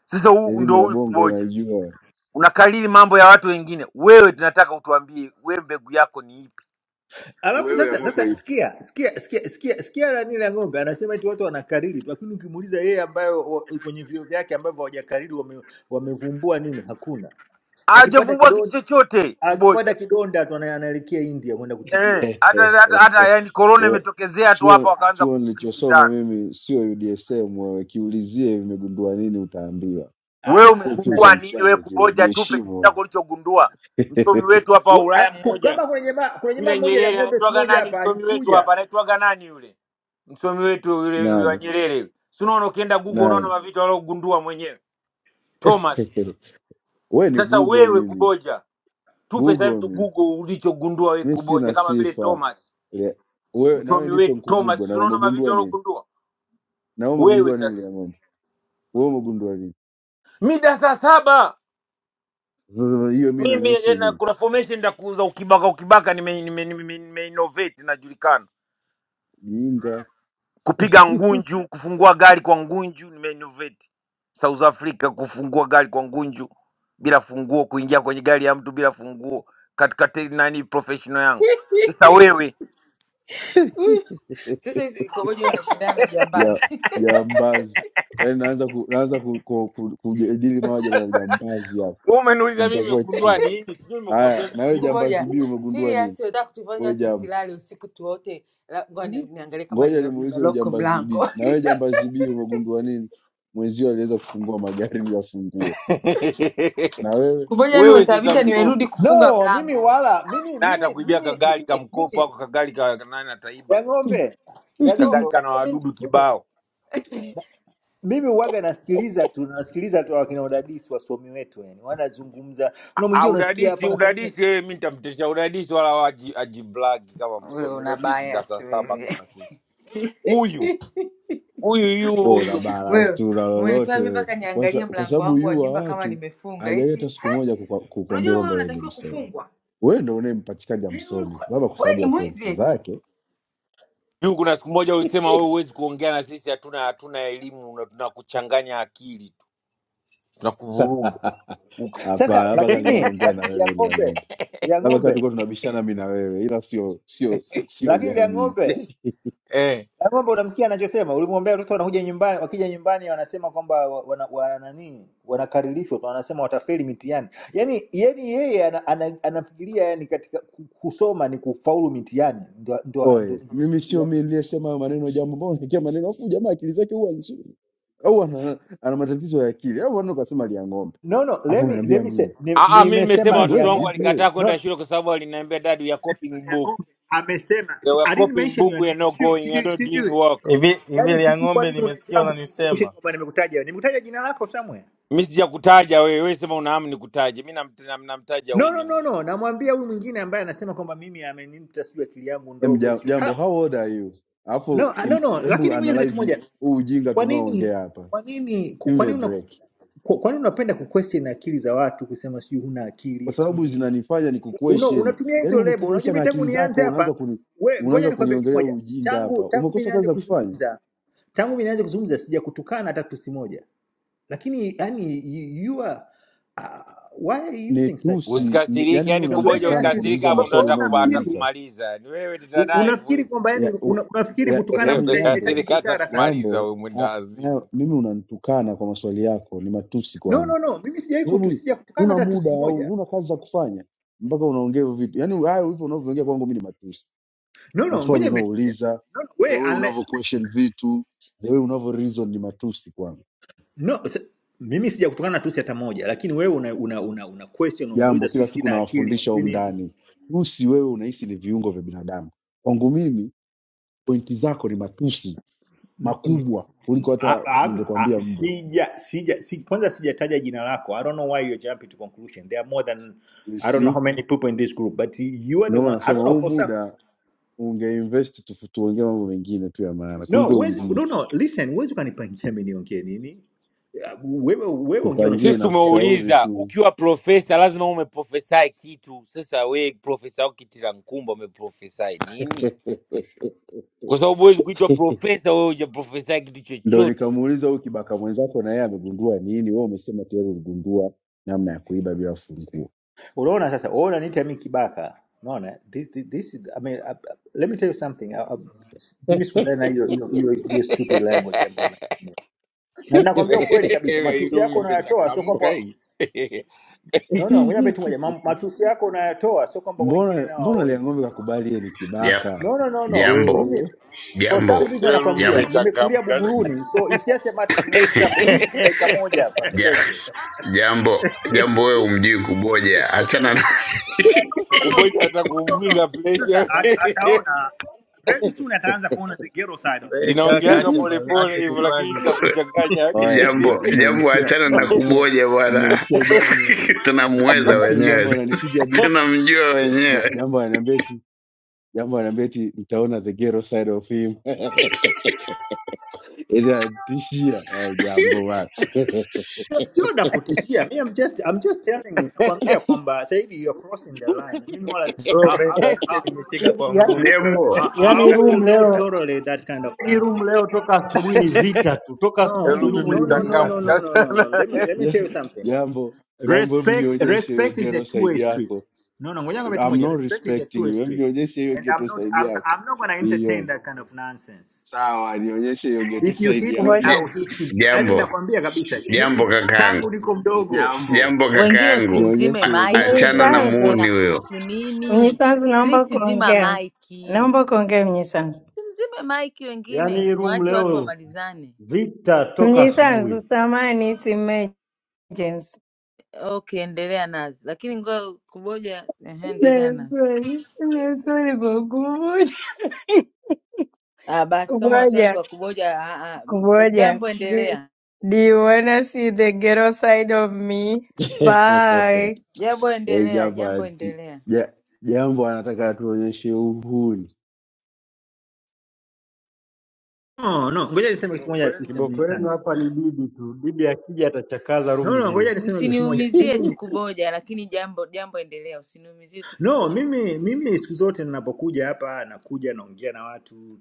sasa huu
Elimu
ndio
ya
huyu
bongo
kuboja
unaijua.
unakalili mambo ya watu wengine. Wewe tunataka utuambie, we mbegu yako ni ipi?
alafu
Wewe ya
sasa
kwako
sasa
ipi?
sikia sikia sikia sikia sikia nani la ng'ombe anasema eti watu wanakariri tu lakini ukimuuliza yeye ambayo wa- kwenye vio vyake ambavyo hawajakariri wame, wamevumbua nini hakuna akipata
Hajavumbua kitu
kidonda
chochote
akipata
kuboja
kidonda tu ana- anaelekea india kwenda kutibiwa
eh,
huko
hata hata, hata yani korona
Ura-
imetokezea tu hapa,
chuo
wakaanza
chuo nilichosoma
kukimbizana.
mimi sio UDSM wewe, kiulizie vimegundua nini utaambiwa.
Ah,
Wewe
Sio chuo
hamna
cha
umegumbua
kitu
nini?
bwana
Wewe
mchezo kile,
kuboja, tupe kitu
jiheshimu wewe.
chako ulichogundua. Msomi wetu hapa wa
Wa-
Ulaya
a- ku-
mmoja
kama kuna jamaa kuna jamaa
yule
mmoja la
Nyerere
ng'ombe siku
anaitwaga
moja
nani?
hapa
Msomi wetu
alikuja
hapa anaitwaga nani yule msomi wetu yule yule wa
Nani
Nyerere yule, si unaona, ukienda Google unaona
nani?
mavitu aliogundua mwenyewe Thomas.
Wewe ni
Sasa
Google
wewe
mimi,
kuboja tupe sasa hivi
Google
tu
mi
google ulichogundua wewe
mi
kuboja
sina
kama vile
sifa
thomas
Le- wewe, nawe
msomi
nipe
wetu
nkugugo
thomas si
na
unaona mavitu
umegundua nini?
alogundua
Na wewe
wewe
umegundua nini
sasa
Liamoni? Wewe umegundua nini?
mida saa saba
Sasa hiyo mi
mimi
nanusu
eh, na
nini
kuna formation ndakuuza ukibaka ukibaka nime, nime, nime, nime innovate najulikana
jinga
kupiga ngunju kufungua gari kwa ngunju nime innovate south africa kufungua gari kwa ngunju bila funguo kuingia kwenye gari ya mtu bila funguo katika te- nani professional yangu sasa wewe wewe
Sasa hizi kuboja unashindana na
ja-
jambazi
jambazi yaani naanza ku, naanza ku, ku, ku, kujadili mawaja na jambazi hapa
umeniuliza mimi
nitakuwa
nimegundua
chizi
nini sijui nimekuambia
haya na
vitu
wewe jambazi
kuboja
b
nilivyogundua
umegundua nini
serious, unataka kutufanya
we jambo
tusilale usiku tuote. la- Ngoja ni-
Hivi,
niangalie kama
ngoja
nime-
nimuulize huyu
nimelock
jambazi
mlango
b na wewe jambazi b umegundua nini mwenzio aliweza kufungua magari bila funguo na wewe
Kuboja yani
wewe sasa
umesababisha
msomi
nimerudi kufunga
no mimi
mlango.
wala mimi
naye
mimi
atakuibia
mimi
kagari ka
mimi
mkopo
mimi
ako kagari ka nani ataiba
ya ng'ombe ya ng'ombe
kagari kana
unajua mimi
wadudu
mimi
kibao
mimi uwaga nasikiliza tu nasikiliza tu wakina udadisi wasomi wetu yani wanazungumza kuna
Ah,
mwingine unasikia
udadisi
hapa anasamia
udadisi yeye mi nitamtesha udadisi wala waji- ajiblagi kama
Wewe
msomi
una
udadisi
bias
dasa saba
wewe.
kama sisi huyu huyu yu-
wewe una
huyu huyu
balance
Wewe
tu na
umenifanya
lolote
mimi mpaka
wewe kwa sa-
niangalie
kwa
mlango
sababu
wangu wa
yua
nyumba kama
watu
nimefunga.
hajawahi hata
Eti
siku moja kukwa- kukwambia
unajua wewe
kwamba yeye ni
unatakiwa
msomi
kufungwa.
wewe ndo unayempachikaga
Yaani wewe
msomi
ulikuwa-
labda kwa
wewe
sababu
ni
ya
mwizi
pointi
eti.
zake
juu kuna siku moja ulisema wewe huwezi kuongea na sisi hatuna hatuna elimu na tunakuchanganya akili tu tunakuvuruga Uku-
hapa
sasa
labda kama nilikuwa
lakini
naongea na
lakini lia
wewe ile ya
ng'ombe
ng'ombe
lia
labda kama tulikuwa
ng'ombe
tunabishana mi na wewe ila sio sio sio
lakini lia
jamii
ng'ombe
eh
lia ng'ombe unamsikia anachosema ulimwombea watoto wanakuja nyumbani wakija nyumbani wanasema kwamba wa- wana, wana nani wanakaririshwa wanasema watafeli mitihani yani yani yeye ana, ana, anafikiria yani katika ku- kusoma ni kufaulu mitihani ndo, ndo, ndo,
oe
ndo,
mimi sio mi
yani.
niliyesema hayo maneno jambo mbao nikia maneno afu jamaa akili zake huwa nzuri au ana, ana matatizo ya akili au ana kasema lia ng'ombe
no no
afu
let me, let
unaniambia
me say
mimi
nimesema
Ah,
ni
ah, mi nimesema
nimesema
"Mm, wewe
watoto
lia
wangu
vipi
ng'ombe
wewe
walikataa
No,
kwenda shule kwa sababu waliniambia dadu ya copying
ya
book
ng'ombe amesema
They
si,
were
I didn't
copying
mention your
Mbuku, you're
name.
not
Sijui
going, you're
sijui
not doing
sijui.
work.
Hivi hivi
Yaani
lia
sijui kwa
ng'ombe
nini una
nimesikia
jambo tukukumbushe
unanisema.
kwamba nimekutaja. wewe. Nimekutaja jina lako somewhere.
Mi sijakutaja wewe, wewe sema unahamu nikutaje. Mi namt- nam- namtaja
No no
huyu.
no no, namwambia huyu mwingine ambaye anasema kwamba mimi amenimta sijui akili yangu
Em,
ndogo
ja-
sijui.
jambo
Ah,
how old are you
No
alafu
ah, no
im-
no,
embu
lakini ngoja niseme kitu
analyze
moja.
huu ujinga
Kwa nini
tunaoongea hapa
kwa nini
give
kwa
me a
nini una
break
kwa kwa nini unapenda kuquestion akili za watu kusema sijui huna
kwa
akili sijui
sababu
nini?
zinanifanya ni
Una,
kuquestion.
unatumia
Yaani
hizo
umekaa
lebo.
kabisa
Unajua
na
mimi tangu
akili
nianze
zako
hapa,
unaanza kuni,
we ngoja
unaanza
nikwambie kitu
kuniongelea
moja.
ujinga hapa.
Tangu tangu mimi
Umekosa kazi
nianze
za kufanya?
kuzungumza tangu mimi nianze kuzungumza sijakutukana hata tusi moja lakini yani you, you are uh, why are you using such
Nitusi,
language
ni,
Usikasirike,
yaani mimi
yani
no let
kuboja
me
unanitukana
ask you this
ukasirika
kuniuliza
wewe
hapo ndo
wewe
maswali
atakuba-
unafikiri
unaoniuliza.
atakumaliza. Yani wewe
u-
nitanaye hivyo
unafikiri
hivyo.
kwamba
Ya,
yani
u,
una, unafikiri
ya,
kutukana
yaani
mtu
Wewe
ina-
jambo
inahitaji
kasirika
busara sana
atakumaliza
jambo
wewe mwenda
a, a,
wazimu.
mimi unanitukana kwa maswali yako, ni matusi
no
kwangu.
no no mimi sijawahi
Kwa
kutu
sababu
sijakutukana
una
hata
muda
tusi moja
au una kazi za kufanya mpaka unaongea hivyo vitu. Yaani hayo hivyo unavyoongea kwangu mimi ni matusi.
no no ngoja
maswali
niambie kitu moja
unaouliza,
no, no,
the
wewe
way
unle-
unavyo question vitu, the way unavyo reason ni matusi kwangu.
no s- mimi sijakutukana tusi hata moja lakini wewe una una una, una question
Jambo
unauliza sijui
kila siku
sina akili
nawafundisha
sijui
humu
nini
ndani, tusi wewe unahisi ni viungo vya binadamu. Kwangu mimi pointi zako ni matusi makubwa kuliko
I-
hata
I'm, I,
ningekwambia mbwa.
sija, sija, si, kwanza sijataja jina lako. I don't know why you're jumping to conclusion. There are more than
You
I don't know
see?
how many people in this group, but you are the
Ndio maana
one. I
nasema
don't know
huu
for some.
muda ungeinvest tufu- tuongee mambo mengine tu ya maana
No,
kuliko
huwezi, no,
ujinga.
no, listen, huwezi ukanipangia mimi niongee nini. Ya, Wewe wewe ongea
Sikupangie
Sisi
unachotaka.
na
kuongea.
kushauri
tumeuliza
tu,
ukiwa profesa lazima umeprofesai kitu. Sasa wewe profesa wako Kitila Nkumba umeprofesai nini? Kwa sababu huwezi kuitwa profesa wewe hujaprofesai kitu
ndo
chochote.
nikamuuliza huyu kibaka mwenzako, na yeye amegundua nini? Wewe umesema tayari uligundua namna ya kuiba bila funguo.
Unaona sasa, wewe unaniita mimi kibaka. Unaona? This, this, this is, I mean, uh, uh, let me tell you something. Uh, uh, Mimi sikubaliana na hiyo hiyo hiyo hiyo stupid language ambayo una na nakwambia ukweli kabisa,
Ile
matusi
room
yako unayatoa, sio
imechangamka
kwamba
hii. Ile
No, no, ngoja
Hihi,
beti moja. Mam- Matusi yako unayatoa, sio kwamba wengine
mbona
nao
mbona
hawawezi.
liang'ombe kakubali yeye ni
Ja-
kibaka
No, no, no, no.
Jambo,
Mimi
Oh.
for
jambo,
some reason
room
nakwambia
jambo,
nimekulia
imechangamka.
Buguruni, so isiase nita flip tu dakika moja hapa
ja-
msenge.
jambo, jambo, wewe umjui kuboja, achana na
No, no, no, no, no,
Kuboja hata
no, no, no.
kuuguza
Sasa
pressure.
at, ataona very soon ataanza kuona the ghetto side of me.
Wewe kaka
Linaongeaga
acha
Hihi.
bana,
polepole
acha
hivyo lakini
kufanya.
cha kuchanganya.
oe
Ile
jambo,
mme-
jambo,
mmemsikia
achana na
mmemsikia
kuboja bwana.
mmemsikia jambo
Tunamweza
mmemsikia
wenyewe
jambo
sisi,
ananipiga biti
tunamjua
Ja-
wenyewe.
jambo ananiambia eti jambo ananiambia eti mtaona the ghetto side of him eti anatishia au jambo bana
Sio na kutishia. Mimi I'm just I'm just telling you nakwambia kwamba sasa hivi you're crossing the line. Mimi wala I,
Bro,
I, mean,
umenisababisha
I,
nimecheka
I-
kwa
ya,
nguvu sana.
Jambo,
I,
yani
I
hii
will
room
not
leo
tolerate that kind of
hii
nonsense.
room leo toka asubuhi ni vita tu, toka asubuhi hii
No,
room
room ni
no, no, no,
vita
no,
tu,
no,
imechangamka
no, no, no.
sana.
Let me let me tell
Ja-
you something.
jambo jambo hebu
Respect,
nionyeshe hiyo
respect is a
ghetto
two-way
side
street.
yako
No, no, ngoja nikwambie kitu
I'm
moja.
not
Respect is a
respecting
two-way
you hebu
street,
nionyeshe hiyo
and I'm
ghetto
not,
side
I'm,
yako
I'm not gonna entertain
niione
that kind of nonsense.
sawa nionyeshe hiyo ghetto
If you
side
hit me,
yako
Ngoja
I'll
ja-
hit you. Yani
jambo,
nakwambia kabisa,
jambo
mimi tangu
kakaangu,
niko mdogo.
Jambo,
jambo
Wengine si
kakaangu,
mzime
Nionyeshe hiyo
A-
ghetto
maiki,
achana
side.
na
Krisi
mnyisanzu,
muuni
na
huyo
kuhusu nini?
mnyisanzu, naomba
Krisi zima
kuongea,
maiki,
naomba kuongea mnyisanzu.
si mzime maiki,
yani
wengine
hii room
mwache watu
leo
wamalizane.
Vita toka
Mnyisanzu,
asubuhi.
samahani, it's emergency.
Okay, endelea nazi, lakini ngoja kuboja. Ehe, endelea nazi.
Naswali, naswali kwa kumoja,
Ah, basi kama unaswali
kumoja,
kwa kuboja. Ah, ah, m-
kumoja.
jambo
Do,
endelea,
do you wanna see the ghetto side of me? Bye.
jambo
Eh,
endelea,
jambo
jambo
anti.
endelea.
Ja, jambo anataka tuonyeshe uhuni.
No, no, ngoja niseme kitu moja system ni
Kiboko yenu
sanzu.
hapa ni bibi tu, bibi akija atachakaza room
No, no,
nzima.
ngoja niseme kitu kimoja.
Msiniumizie tu
Mimi
kuboja, lakini jambo jambo endelea, usiniumizie tu
no,
kuboja.
mimi mimi siku zote ninapokuja hapa nakuja naongea na watu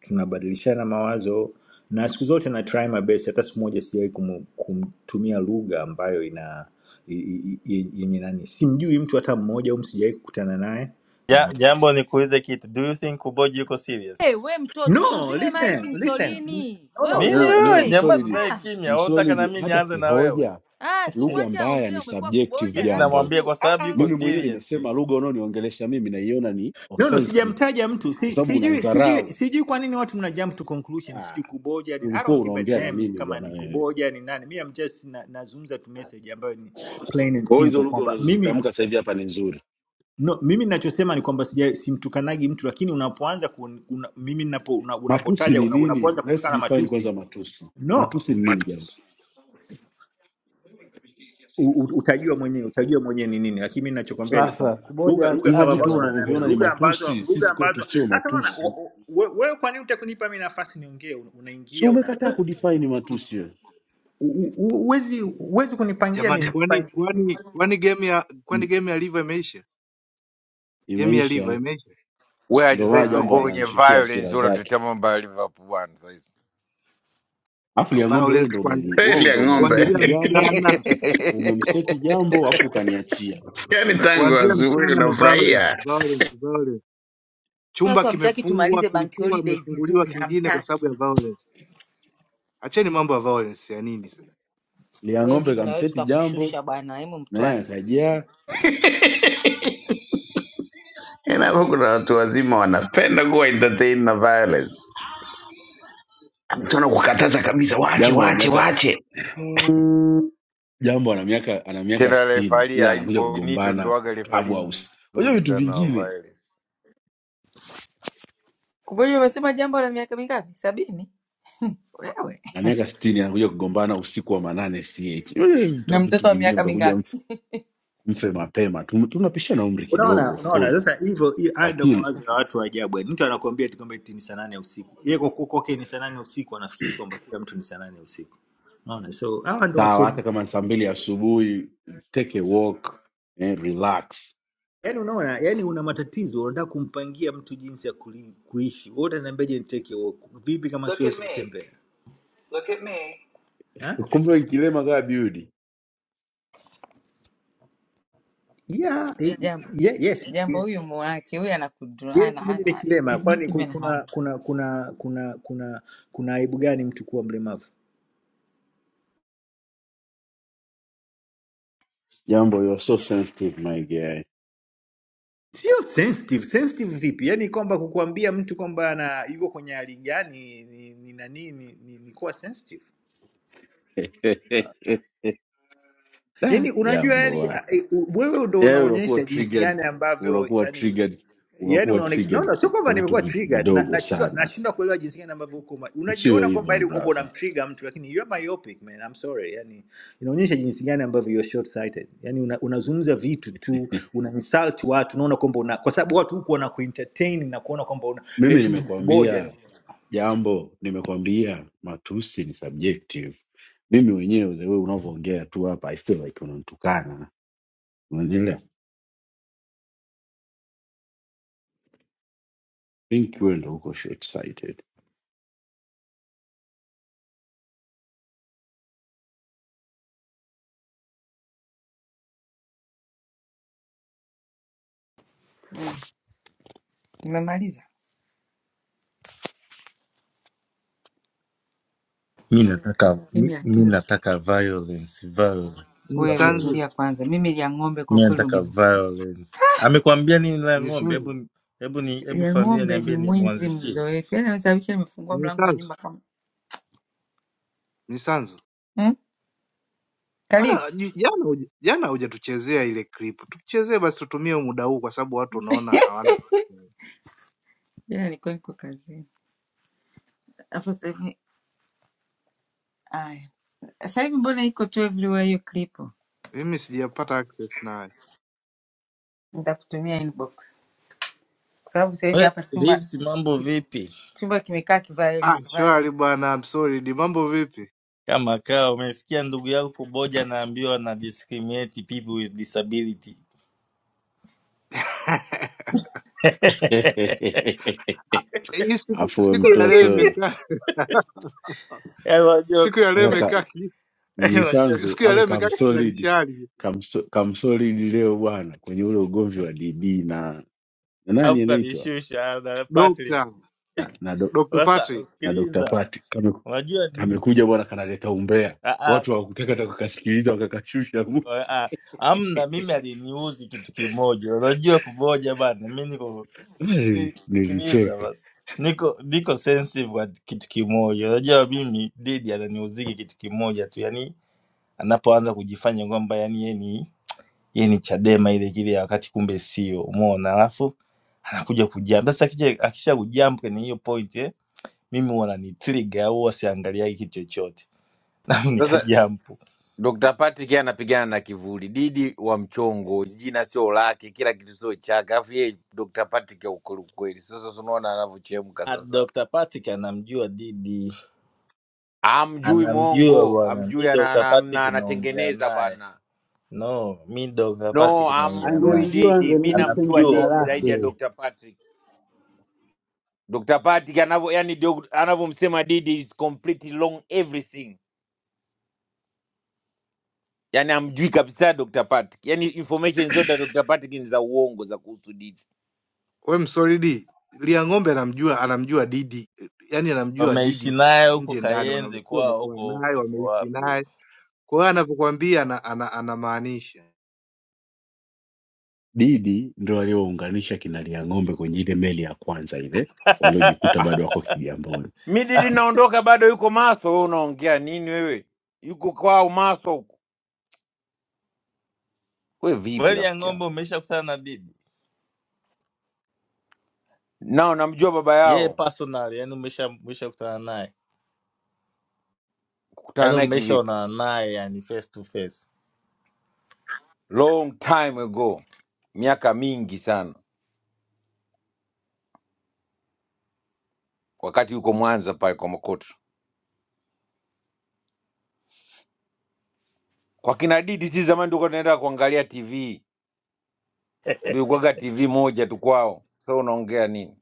tunabadilishana mawazo na siku zote na try my best hata siku moja sijawai kum- kumtumia lugha ambayo ina i- i- i- yenye nani simjui mtu hata mmoja um sijawai kukutana naye
Ja,
na
jambo nikuulize kitu. Do you think Kuboji yuko serious?
Hey, we mtoto, si
no
uzime
listen
maiki
listen
msolini.
no
We
no
Nini
Neno
listen
wewe
neno
ukoje?
jamaa
msolidi.
zinaye
Ah,
kimya? Wewe unataka na
Msolidi
mimi
hata
nianze na wewe?
kihoja
ah, si
lugha
umwache
mbaya
aongee,
ni
umekuwa
subjective
Mimi
kuboja, that's
jambo.
sinamwambia
true.
kwa
Ah,
sababu
ah.
yuko
Mimi mwenyewe
serious.
nimesema lugha unaoniongelesha mimi naiona ni
no no
offensive
sijamtaja mtu si,
kwa sababu
sijui sijui
unanzarau.
sijui kwa nini watu mna jump to conclusion
Ah,
sijui kuboja ni, i
ulikuwa
don't give a
unaongea na
damn
mimi
kama
bwana
ni
wewe.
kuboja ni nani mi am just na, nazungumza tu message ambayo ni plain and
Kwa hiyo hizo
simple
lugha
kwamba mimi
unazozitamka sasa hivi hapa ni nzuri.
No, mimi ninachosema ni kwamba sija- simtukanagi mtu, lakini unapoanza ku, una, mimi ninapo, una,
Matusi
unapotaja
ni
una,
nini?
unapoanza
Let's
kutukana
define
matusi
kwanza matusi.
no,
Matusi ni nini jambo?
u, u, utajua mwenyewe utajua mwenyewe ni nini, lakini mimi ninachokwambia ni kwamba
Sasa
Kuboja
lugha lugha
hivyo
kama
acha
vitu
ambazo
bana,
unaniambia
kuboja.
unavyoviona ni
lugha ambazo
matusi,
lugha
sisi kwetu
ambazo
sio
hasa unaona
matusi.
u- u- we- wewe, kwa nini utakunipa mimi nafasi niongee? Una-
Si
Unaingia una
umekataa kudefine ni matusi wewe?
u- u- u- huwezi huwezi kunipangia mimi
Jamani, kwani
nafasi.
kwani kwani game ya kwani
Mm,
game ya liver imeisha? Game ya liver
Imeisha.
imeisha?
Wewe aje
Ndio
sasa
maana
Ah,
jambo
tulikuwa
imeisha.
kwenye
ananishushia hasira
violence
zake.
unatutetea mambo ya Liverpool bwana sasa.
Afu
Ah,
ya ng'ombe, wewe
Violence
ndio
kuanzia
umeli,
kweli
wewe
ya
ndio
ng'ombe.
kuanzia
umemseti jambo,
mchana.
umemseti jambo afu ukaniachia.
Yaani tangu
Kuanzia
asubuhi
mchana ni violence,
unafurahia
violence, violence. Chumba
Watu hamtaki
kimefungwa,
tumalize bank
kilifungwa,
holiday
kimefunguliwa
vizuri,
kingine kwa sababu ya
hamtaki.
violence. Acheni mambo ya violence ya nini sasa?
Lia
We
ng'ombe
live na wewe
kamseti jambo
tutakushusha bwana, hemu
na yeye
mtuache sisi.
akajaa
Yaani hapo kuna watu wazima wanapenda kuwa entertain na violence. Tuna kukataza kabisa, waache
jambo ana
waache
miaka
waache
jambo ana miaka ana miaka
Tena
sitini
refali
ila anakuja
hayupo Benito ndo
kugombana
waga
club
refali
house. Unajua
mzuri
vitu
sana wa
vingine
violence.
Kuboja umesema jambo la miaka mingapi? Sabini? Wewe.
na miaka sitini anakuja kugombana usiku wa manane ch Wewe mta
na mtoto
vitu
wa
vingine
miaka
mtakuja
mingapi?
mfe mapema. Tum- Tunapishana umri kidogo
unaona
of
unaona
course,
sasa hivyo hiyo haya ndio
lakini
mawazo ya watu wa ajabu yaani mtu anakuambia eti kwamba eti ni saa nane ya usiku yeye kwa kuwa kwake ni saa nane ya usiku anafikiri kwamba kila mtu ni saa nane ya usiku unaona so hawa ndo
sawa,
wasomi
hata kama ni saa mbili asubuhi, take a walk eh, relax.
yaani unaona yaani una matatizo unataka kumpangia mtu jinsi ya kuli, kuishi wewe utaniambiaje niteke walk vipi kama Look at siwezi at me. kutembea Look at me. Ha?
Kumbe kilema kaa biudi
Yeah, eh,
Jambo
ye- yes, ni
jambo,
kilema.
huyu muache huyu, anakudra ana
Yes, mimi ni
ana
kilema.
is not
Kwani ku-
even harm.
kuna kuna kuna kuna kuna kuna aibu gani mtu kuwa mlemavu?
jambo, you are so sensitive my guy
sio sensitive sensitive vipi yaani kwamba kukuambia mtu kwamba ana yuko kwenye hali gani ni, ni nani ni, ni, ni kuwa sensitive
Da,
yaani unajua
jambo
yani
bwana,
a- e, u- wewe ndo
yaani unakuwa
unaonyesha jinsi
triggered,
gani ambavyo
unakuwa
yaani
triggered,
yani
unakuwa
unaonekana no,
triggered
no, sio
ki-
kwamba
kwa vitu
nimekuwa
vi-
triggered na
vidogo
nashindwa
sana.
nashindwa kuelewa jinsi gani ambavyo uko ma-
Usiwe
unajiona kwamba
hivyo
ili kwamba
brother.
unamtrigger mtu lakini you are myopic man I'm sorry yani inaonyesha jinsi gani ambavyo you are short sighted yani una, unazungumza vitu tu una insult watu unaona kwamba una kwa sababu watu huko wana kuentertain na kuona kwamba una
Mimi
eti
nimekuambia
uboja
Jambo, nimekwambia matusi ni subjective. Mimi mwenyewe wewe unavyoongea tu hapa, I feel like unanitukana, unanielewa? Think wewe ndo uko short sighted.
Umemaliza
mi nataka
mimi,
mi, mi
lakini
nataka violence violence
wewe
violence.
Mnisanzu,
tulia kwanza. Mimi lia ng'ombe kwa
mi
kweli
nataka
umenisikitisha.
violence amekwambia nini la ng'ombe
mnisanzu,
hebu hebu ni hebu
Lia
familia
ng'ombe ni
niambie ni
mwizi
mwanzishie
mzoefu, yaani anasababisha nimefungua mlango wa nyumba
mnisanzu,
kama
mnisanzu.
hmm? Karibu
Bwana, ju- jana huja- jana hujatuchezea ile clip, tuchezee basi, tutumie muda huu kwa sababu watu unaona hawana cha kufanya.
jana nilikuwa niko kazini, alafu sasa hivi aya, sasa hivi mbona iko tu everywhere hiyo klipo?
Mimi sijapata access nayo.
Nitakutumia inbox kwa sababu sasa hivi
we
hapa chumba
Reeves mambo
ki-
vipi
chumba kimekaa
Ah,
kiviolent
shwari
violent.
bwana, I'm sorry. Ni mambo vipi?
kama kaa umesikia ndugu yangu kuboja anaambiwa na discriminate people with disability
Hii siku
Afu we
siku ya leo
mtoto
imekaa
Eh, unajua
siku ya leo
aka ka-
imekaa ki-
unajua
mnyisanzu
siku ya
aka
leo imekaa
kamsolid
kisharishari.
kamso- kamsolid leo bwana kwenye ule ugomvi wa DB na na nani
alafu
anaitwa
kanishusha na Patrick
Dokta
na na, do,
Dr.
sasa
Patrick,
na Dr.
usikiliza
Pati kame
unajua ni
kamekuja bwana kanaleta umbea,
ah, ah,
watu hawakutaka hata kukasikiliza wakakashusha.
ah, ah. amna mimi aliniuzi kitu kimoja unajua kuboja bana mi niko eh,
Nili-
sikiliza
Nilicheka.
basi niko niko sensitive kwa kitu kimoja unajua mimi didi ananiuziki kitu kimoja tu yani anapoanza kujifanya kwamba yani yeye ni Hii ni Chadema ile ile ya wakati, kumbe sio, umeona. Alafu anakuja kujump. Sasa akija akisha kujump kwenye hiyo point eh, mimi huwa ananitrigger au huwa siangaliagi kitu chochote na
Sasa
nikajump.
Dr. Patrick yeye anapigana na kivuli, Didi wa mchongo, jina sio lake, kila kitu sio chake. Alafu yeye Dr. Patrick ya ukweli ukweli. Sasa tunaona anavyochemka
Ah,
sasa,
Dr. Patrick anamjua Didi,
amjui
anamjua
mwongo,
bwana. Mi
amjui ana,
Dr.
ana,
Patrick
ana,
naongea
anatengeneza
naye
bana.
no, mi Dr.
No,
Patrick naongea
amjui
naye,
angemjua
Didi. Mi
angemention
namjua
jina
anamjua
Didi zaidi
bwana.
ya
lake
Dr. Patrick. Dr. Patrick anavyo yani doc- anavyomsema Didi is completely wrong everything. Yani amjui kabisa Dr. Patrick, yani information zote za Dr. Patrick ni za uongo za kuhusu Didi.
we msolidi lia ng'ombe anamjua anamjua Didi, yani anamjua
Wameishi
Didi
naye huko
nje ndani,
Kayenzi
wanamsio
kwao
wamekuwa
huko
naye
huko
wameishi
wapi
naye,
huko.
kwa hiyo anavyokuambia ana, ana, anamaanisha
Didi ndo aliyounganisha kina Liang'ombe kwenye ile meli ya kwanza ile waliojikuta
Ah,
bado wako Kigamboni.
Midi linaondoka bado yuko Maso. Wewe unaongea nini wewe? Yuko kwao Maso huko. We vipi
Kweli ya
rafiki
ng'ombe,
yangu?
umeshakutana na Didi
Nao namjua baba
yeye
yao,
personally, yani umesha umeshakutana naye?
kukutana
yaani
naye kivipi?
umeshaona naye yani face to face
Long time ago, miaka mingi sana, wakati yuko Mwanza pale kwa Makoto. Kwa kina Didi si zamani tulikuwa tunaenda kuangalia TV, ndio ilikuwaga TV moja tu kwao. Sasa unaongea nini?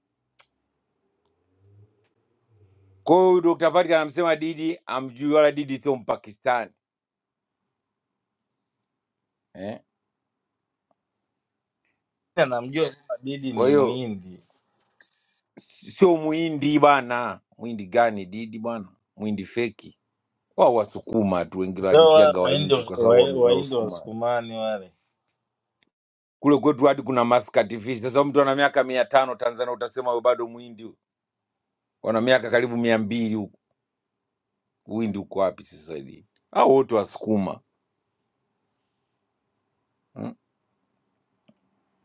Kwa hiyo huyu Dr. Patrick anamsema Didi amjui, wala Didi sio Mpakistani eh?
namjua kwamba didi ni
Kwa hiyo
muhindi
sio mwindi bana. Mwindi gani Didi bwana, mwindi feki. Wao wasukuma tu, wengine
ndo wale
wajitiaga
wahindi
waindi kwa sababu
wa-
wamezaa
wahindi
usukuma.
wasukumani wale
Kule kwetu hadi kuna maskati fish. Sasa mtu ana miaka mia tano Tanzania utasema wewe bado mwindi, wana miaka karibu mia mbili huku. Uwindi uko wapi sasa hivi? Hao wote wasukuma hmm?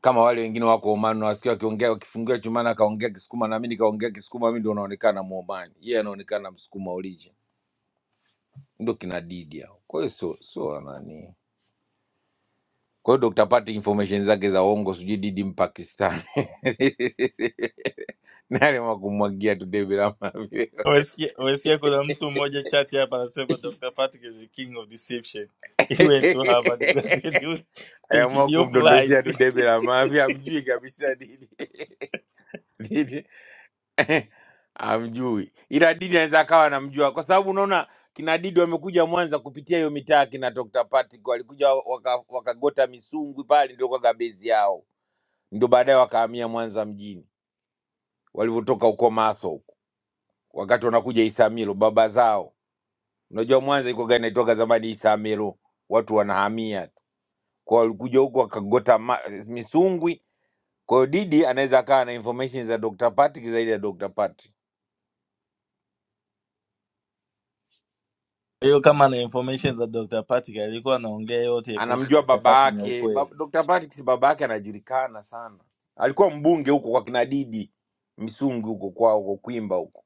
kama wale wengine wako Oman, nawasikia wakiongea, wakifungiwa chumani akaongea Kisukuma na mimi nikaongea Kisukuma, mimi ndio naonekana Muomani, yeye anaonekana Msukuma origin, ndio kina Didi hao. Kwa hiyo sio sio nani Kwa hiyo Dr. Pati information zake za uongo, sijui didi Mpakistani na aliamua kumwagia tu debe la mafya
Wasikia wasikia kuna mtu mmoja chati hapa anasema Dr. Patrick is the king of deception. He went to Harvard he graduated with
aliamua
PhD of lies.
kumdondoshia tu
Kwa
debe la mafya, amjui kabisa didi didi amjui, ila didi anaweza akawa anamjua kwa sababu unaona kina didi wamekuja Mwanza kupitia hiyo mitaa, kina Dr. Patrick walikuja wakagota waka wakagota Misungwi pale, ndio kwa base yao, ndio baadaye wakahamia Mwanza mjini walivyotoka huko Maso wakati wanakuja Isamilo baba zao. Unajua Mwanza iko gani naitoka zamani Isamilo, watu wanahamia tu kwa walikuja huku wakagota ma, misungwi. Kwa hiyo Didi anaweza akawa na information za Dr. Patrick zaidi ya Dr. Patrick,
hiyo kama na information za Dr. Patrick alikuwa anaongea yote kuhusu
anamjua
Dr.
baba
Patrick ni
yake ba,
ukweli.
Dr. Patrick si baba yake anajulikana sana, alikuwa mbunge huko kwa kina Didi Misungwi huko kwao huko Kwimba huko,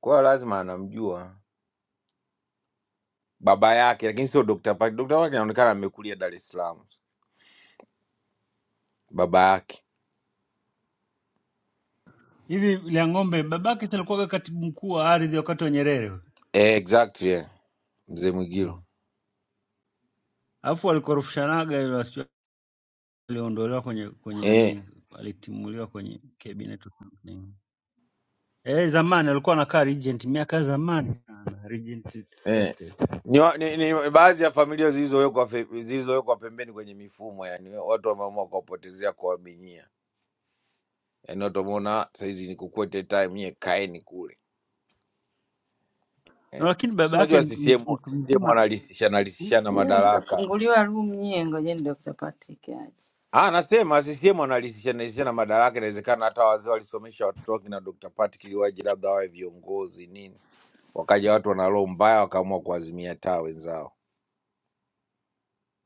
kwa hiyo lazima anamjua baba yake, lakini sio Dr. Patrick. Dr. Patrick anaonekana amekulia Dar es Salaam, baba yake
Hivi Liang'ombe, babake si alikuwaga katibu mkuu wa ardhi wakati wa Nyerere,
eh, exactly yeah. Mzee Mwigilo
mm. alafu alikorofishanaga ile, sijui aliondolewa kwenye kwenye
eh,
nani, alitimuliwa kwenye cabinet or something. Eh, zamani alikuwa anakaa Regent miaka ya zamani sana, Regent
eh.
Estate.
Ni, wa- ni, ni baadhi ya familia zilizowekwa fe- zilizowekwa pembeni kwenye mifumo, yani watu wameamua kuwapotezea kuwaminyia, yani watu wameona sahizi ni kukwete time, nyie kaeni kule
Na
eh.
lakini
Si
baba yake
unajua CCM,
mtu mtu
CCM
mzima
wanalisishana
siku
lisishana
Nyie
madaraka.
mtafunguliwa room nyie, ngojeni Dr. Patrick aje.
Ah, nasema CCM wanalisishana lisishana madaraka. Inawezekana hata wazee walisomesha watoto wake na Dr. Patrick ili waje labda wawe viongozi nini, wakaja watu wana roho mbaya wakaamua kuwazimia taa wenzao.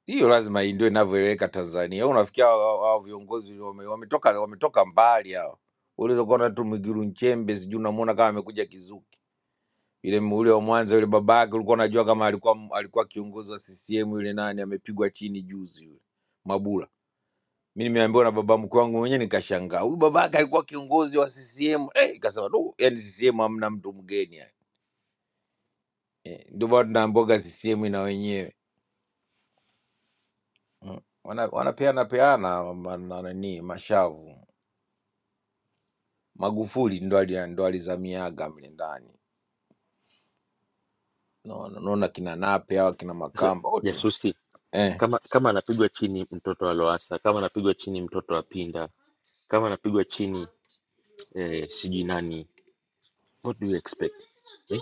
Hiyo lazima hii ndio inavyoeleweka Tanzania. Wewe Unafikia hao hao- hao viongozi wame- wametoka wametoka mbali hao. Uliweza kuona tu Mwigulu Nchembe, sijui unamuona kama amekuja kizuki. Yule m- ule wa Mwanza yule babake ulikuwa unajua kama alikuwa m- alikuwa kiongozi wa CCM yule nani amepigwa chini juzi yule Mabula. Mimi nimeambiwa na baba mkuu wangu mwenyewe nikashangaa. Huyu babake alikuwa kiongozi wa CCM. Eh, ikasema tu yani CCM hamna mtu mgeni yani. Eh, ndio bado tunaambiwa CCM ina wenyewe. Wana- Wanapeana peana ma- na nani mashavu. Magufuli ndo ali- ndo alizamiaga mle ndani, naona naona kina Nape hawa kina
Sasa
Makamba wote
jasusi,
eh.
kama kama anapigwa chini mtoto wa Loasa, kama anapigwa chini mtoto wa Pinda, kama anapigwa chini eh, sijui nani, what do you expect eh?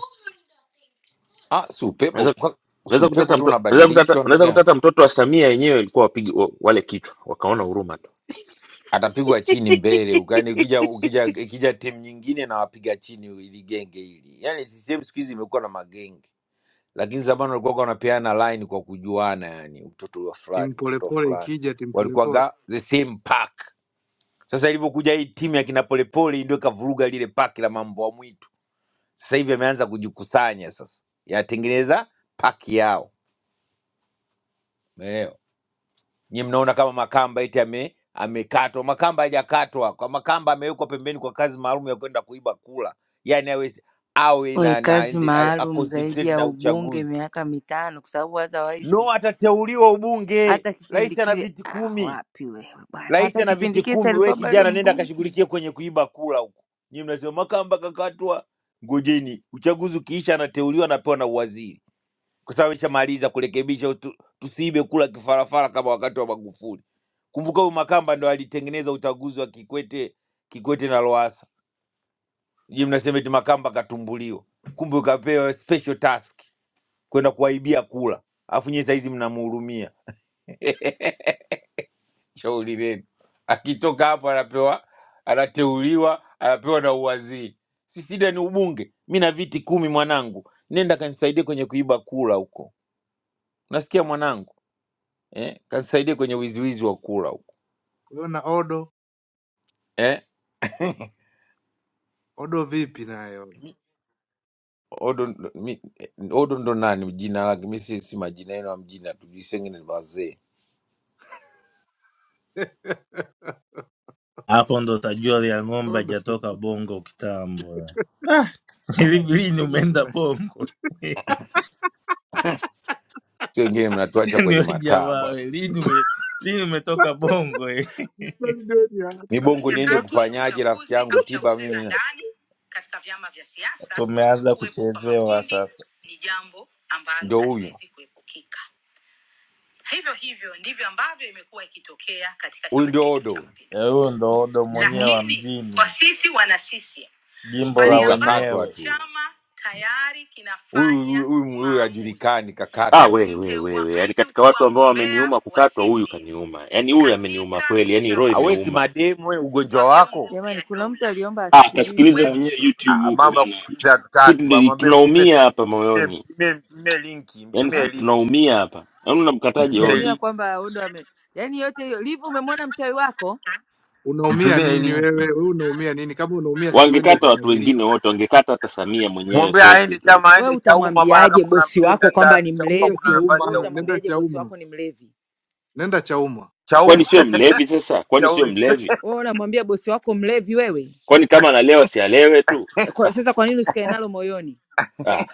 Ah, si upepo
Unaweza
kwa- si
unaweza
upepo
kutata
tu
mtoto unaweza kutata
unabadilishwa ndugu
unaweza kutata
yangu,
mtoto wa Samia yenyewe ilikuwa wapige wa- wale kichwa wakaona huruma
atapigwa chini mbele ukani, ukija ukija ikija timu nyingine na wapiga chini ili genge hili. Yani CCM siku hizi imekuwa na magenge, lakini zamani walikuwa wanapeana line kwa kujuana, yani mtoto wa fulani
timu
mtoto wa
polepole
fulani
ikija timu polepole.
walikuwaga the same pack. Sasa ilivyokuja hii timu ya kina Polepole ndio ikavuruga lile pack la mambo ya mwitu Sasa hivi yameanza kujikusanya sasa, yatengeneza paki yao, umeelewa? Nyinyi mnaona kama Makamba eti ame amekatwa. Makamba hajakatwa, kwa Makamba amewekwa pembeni kwa kazi maalum ya kwenda kuiba kula, yani awe awe
we
na na
kazi
ndi- a, a
maalum zaidi
concentrate
ya
na
ubunge
uchaguzi.
miaka mitano, kwa sababu otherwise
No, atateuliwa ubunge,
hata kipindi
rais ana
kile
viti
ah,
kumi,
wapi wewe bwana,
rais
hata
ana
kipindi
viti
kile si
kumi. We
alikuwa bado
kijana, nenda
mbunge.
akashughulikie kwenye kuiba kula huko. Nyinyi mnasema Makamba kakatwa, ngojeni uchaguzi ukiisha, anateuliwa anapewa na uwaziri kwa sababu ishamaliza kurekebisha, utu- tusiibe kula kifarafara kama wakati wa Magufuli. Kumbuka huyu Makamba ndo alitengeneza uchaguzi wa Kikwete, Kikwete na Lowassa. Je, mnasema eti Makamba katumbuliwa, kumbe ukapewa special task kwenda kuwaibia kula, alafu nyie saizi mnamhurumia. Shauri lenu, akitoka hapo anapewa, anateuliwa, anapewa na uwaziri. Si shida ni ubunge, mi na viti kumi mwanangu, nenda kanisaidia kwenye kuiba kula huko. Nasikia mwanangu eh, kanisaidia kwenye wiziwizi wa kula huko
Kwa hiyo na Odo,
eh,
Odo vipi naye Odo?
odo, ndo- mi, eh, odo ndo nani jina lake? Mi si si majina yenu ya mjina tu, sisi wengine ni wazee,
Hapo ndo utajua lia ng'ombe
Odo si
hajatoka bongo kitambo. Ah, ilibidi
Odo.
umeenda bongo.
si wengine mnatuacha kwenye
niwe
mataa
jamaa
bwana.
we, lini ume- lini umetoka bongo we?
Mkweli gani ya-
Mibongo
akili
niende
yako?
michakato ya
kufanyaje? Rafiki
uchaguzi
yangu
au
tiba
chaguzi
mimi
za
na
ndani katika vyama vya siasa
Tumeanza
kuwepo kwa
kuchezewa
makundi
sasa.
ni jambo ambalo
ndo huyu
haliwezi kuepukika hivyo hivyo ndivyo ambavyo imekuwa ikitokea katika
huyu
chama
ndio
chetu
odo
cha
huyu
Eh,
mapinduzi
Huyo ndo odo
mm-hmm.
mwenyewe wa
lakini kwa
mjini,
sisi wana CCM
jimbo la
Huyu
pale
kakatwa
ambapo
wenyewe.
tu
chama tayari
huyu huyu
kinafanya
huyu- huyu
maamuzi
hajulikani,
Ah,
ya
kakatwa tu
we we
huyu.
we
kumteua
we, yaani
mtu
katika watu
kuwa
ambao
mgombea
wameniuma
wa
kukatwa, huyu
CCM
kaniuma, yaani huyu ameniuma
katika
kweli, yaani roho
Ah, we si
imeuma.
uchaguzi
mademu we,
wa
ugonjwa
vyombo
wako
Jamani, vya dola, kuna mtu dola. aliomba
Ah,
Wajibu
kasikilize
wetu asikilize
mwenyewe YouTube
Ah,
huko
mambo ya
bana,
kusikiliza
si
hatutaki bwana,
ndi-
mwambie mpe
tunaumia hapa
simu, mtumie
moyoni,
mtumie mtumie linki,
yaani
ha?
si
mtumie linki,
tunaumia hapa. Yaani unamkataje
mtumie
Odo?
Unaumia
linki
kwamba Odo ame yaani yote hiyo livu. Umemwona mchawi wako
Unaumia
mtumie
nini wewe?
linki,
Wewe unaumia nini? Kama unaumia si uende
Wangekata watu wengine
ukananiliu.
wote, wangekata hata Samia mwenyewe
mwambie
fresh
aende
tu.
chama,
wewe,
aende Chauma bwana,
utamwambiaje
kama
bosi wako
unampenda
kwamba
sana
ni
Chauma.
Nenda
Kuna
mlevi?
nafasi
Wewe
za
Chauma, nenda
ubunge
utamwambiaje bosi
Chauma,
wako ni mlevi?
nenda Chauma.
Chauma
Kwani sio mlevi sasa? Kwani sio
shauri.
mlevi?
Wewe unamwambia bosi wako mlevi wewe?
Kwani kama analewa si alewe tu?
Kwa,
Ah,
sasa kwa nini usikae nalo moyoni?
ah,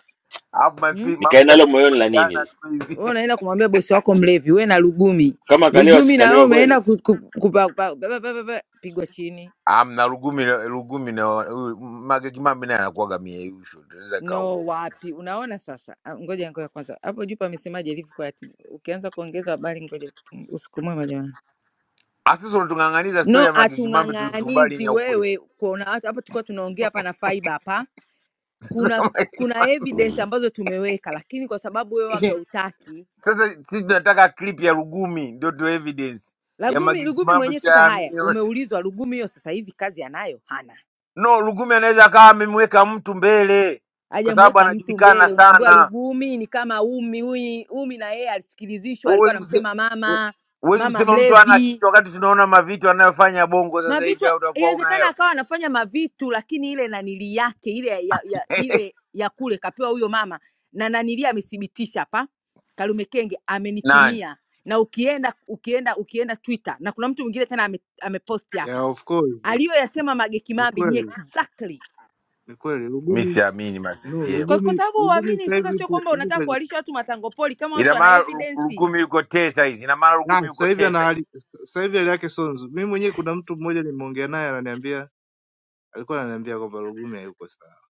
Alafu
Hmm?
maskini
nikae
mamtu
nalo moyoni la
anarekodiana
nini?
siku hizi
Wewe unaenda kumwambia bosi wako mlevi, we na lugumi.
Kama kalewa
Lugumi na wewe
sikalewa kweli?
umeenda ku- ku- kupa- pa- ba- ba- ba- ba- ba- pigwa chini.
amna Lugumi na Lugumi na huyu Mange Kimambi naye anakuwaga mieyusho, tunaweza kaa
No
uongo.
wapi? Unaona sasa? Ah, Ngoja ngoja kwanza. Hapo juu pamesemaje ilivyokuwa ati ukianza kuongeza habari ngoja usiku mwema jamani.
Asusu unatung'ang'aniza stori
No
ya Mange Kimambi, tulikubali ni
atung'ang'anizi
ya ukweli.
wewe kuona watu hapa tulikuwa tunaongea hapa na fiber hapa. Kuna kuna evidence
Mm.
ambazo tumeweka lakini kwa sababu wewe waga utaki
Sasa sisi tunataka clip ya Lugumi ndio tu evidence ya
Lagumi,
Mange
Lugumi
Kimambi,
mwenyewe sasa, haya
tutaamini.
umeulizwa Lugumi hiyo sasa hivi kazi anayo? Hana,
No, Lugumi anaweza akawa amemweka mtu mbele kwa sababu
hajamweka mtu
anajulikana
mbele. Unaambiwa
sana.
Lugumi ni kama Umi. Umi, Umi na yeye alisikilizishwa, alikuwa
Huwezi kuse-
anamsema
hu-
mama
huwezi
mama
kusema mtu ana
mlevi.
kitu wakati tunaona mavitu anayofanya Bongo sasa
mavitu
hivi, au utakuwa una
inawezekana
hela
akawa anafanya mavitu lakini ile nanili yake ile ya, ya, ile ya kule kapewa huyo mama na nanili amethibitisha hapa Kalume Kenge
nani?
amenitumia na ukienda ukienda ukienda Twitter na kuna mtu mwingine tena ame, ameposti ame
Yeah,
hapa
of course.
aliyoyasema Mage
Ni
Kimambi ni
kweli,
exactly
ni kweli.
Mi
Lugumi
siamini ma
no,
CCM.
kwa, kwa
Lugumi
sababu
Lugumi
uamini
sasa
sasa,
hivi
sio
yupo
kwamba
yupo
unataka
kwenye
kuwalisha watu matangopoli kama watu
Ina
wana
maana Lu-
evidence.
Lugumi yuko tesa hizi, ina maana Lugumi
ah,
yuko
sasa hivi ana
tesa hizi.
hali sasa hivi hali yake sio nzuri. Mimi mwenyewe kuna mtu mmoja nimeongea naye ananiambia alikuwa ananiambia kwamba Lugumi hayuko sawa.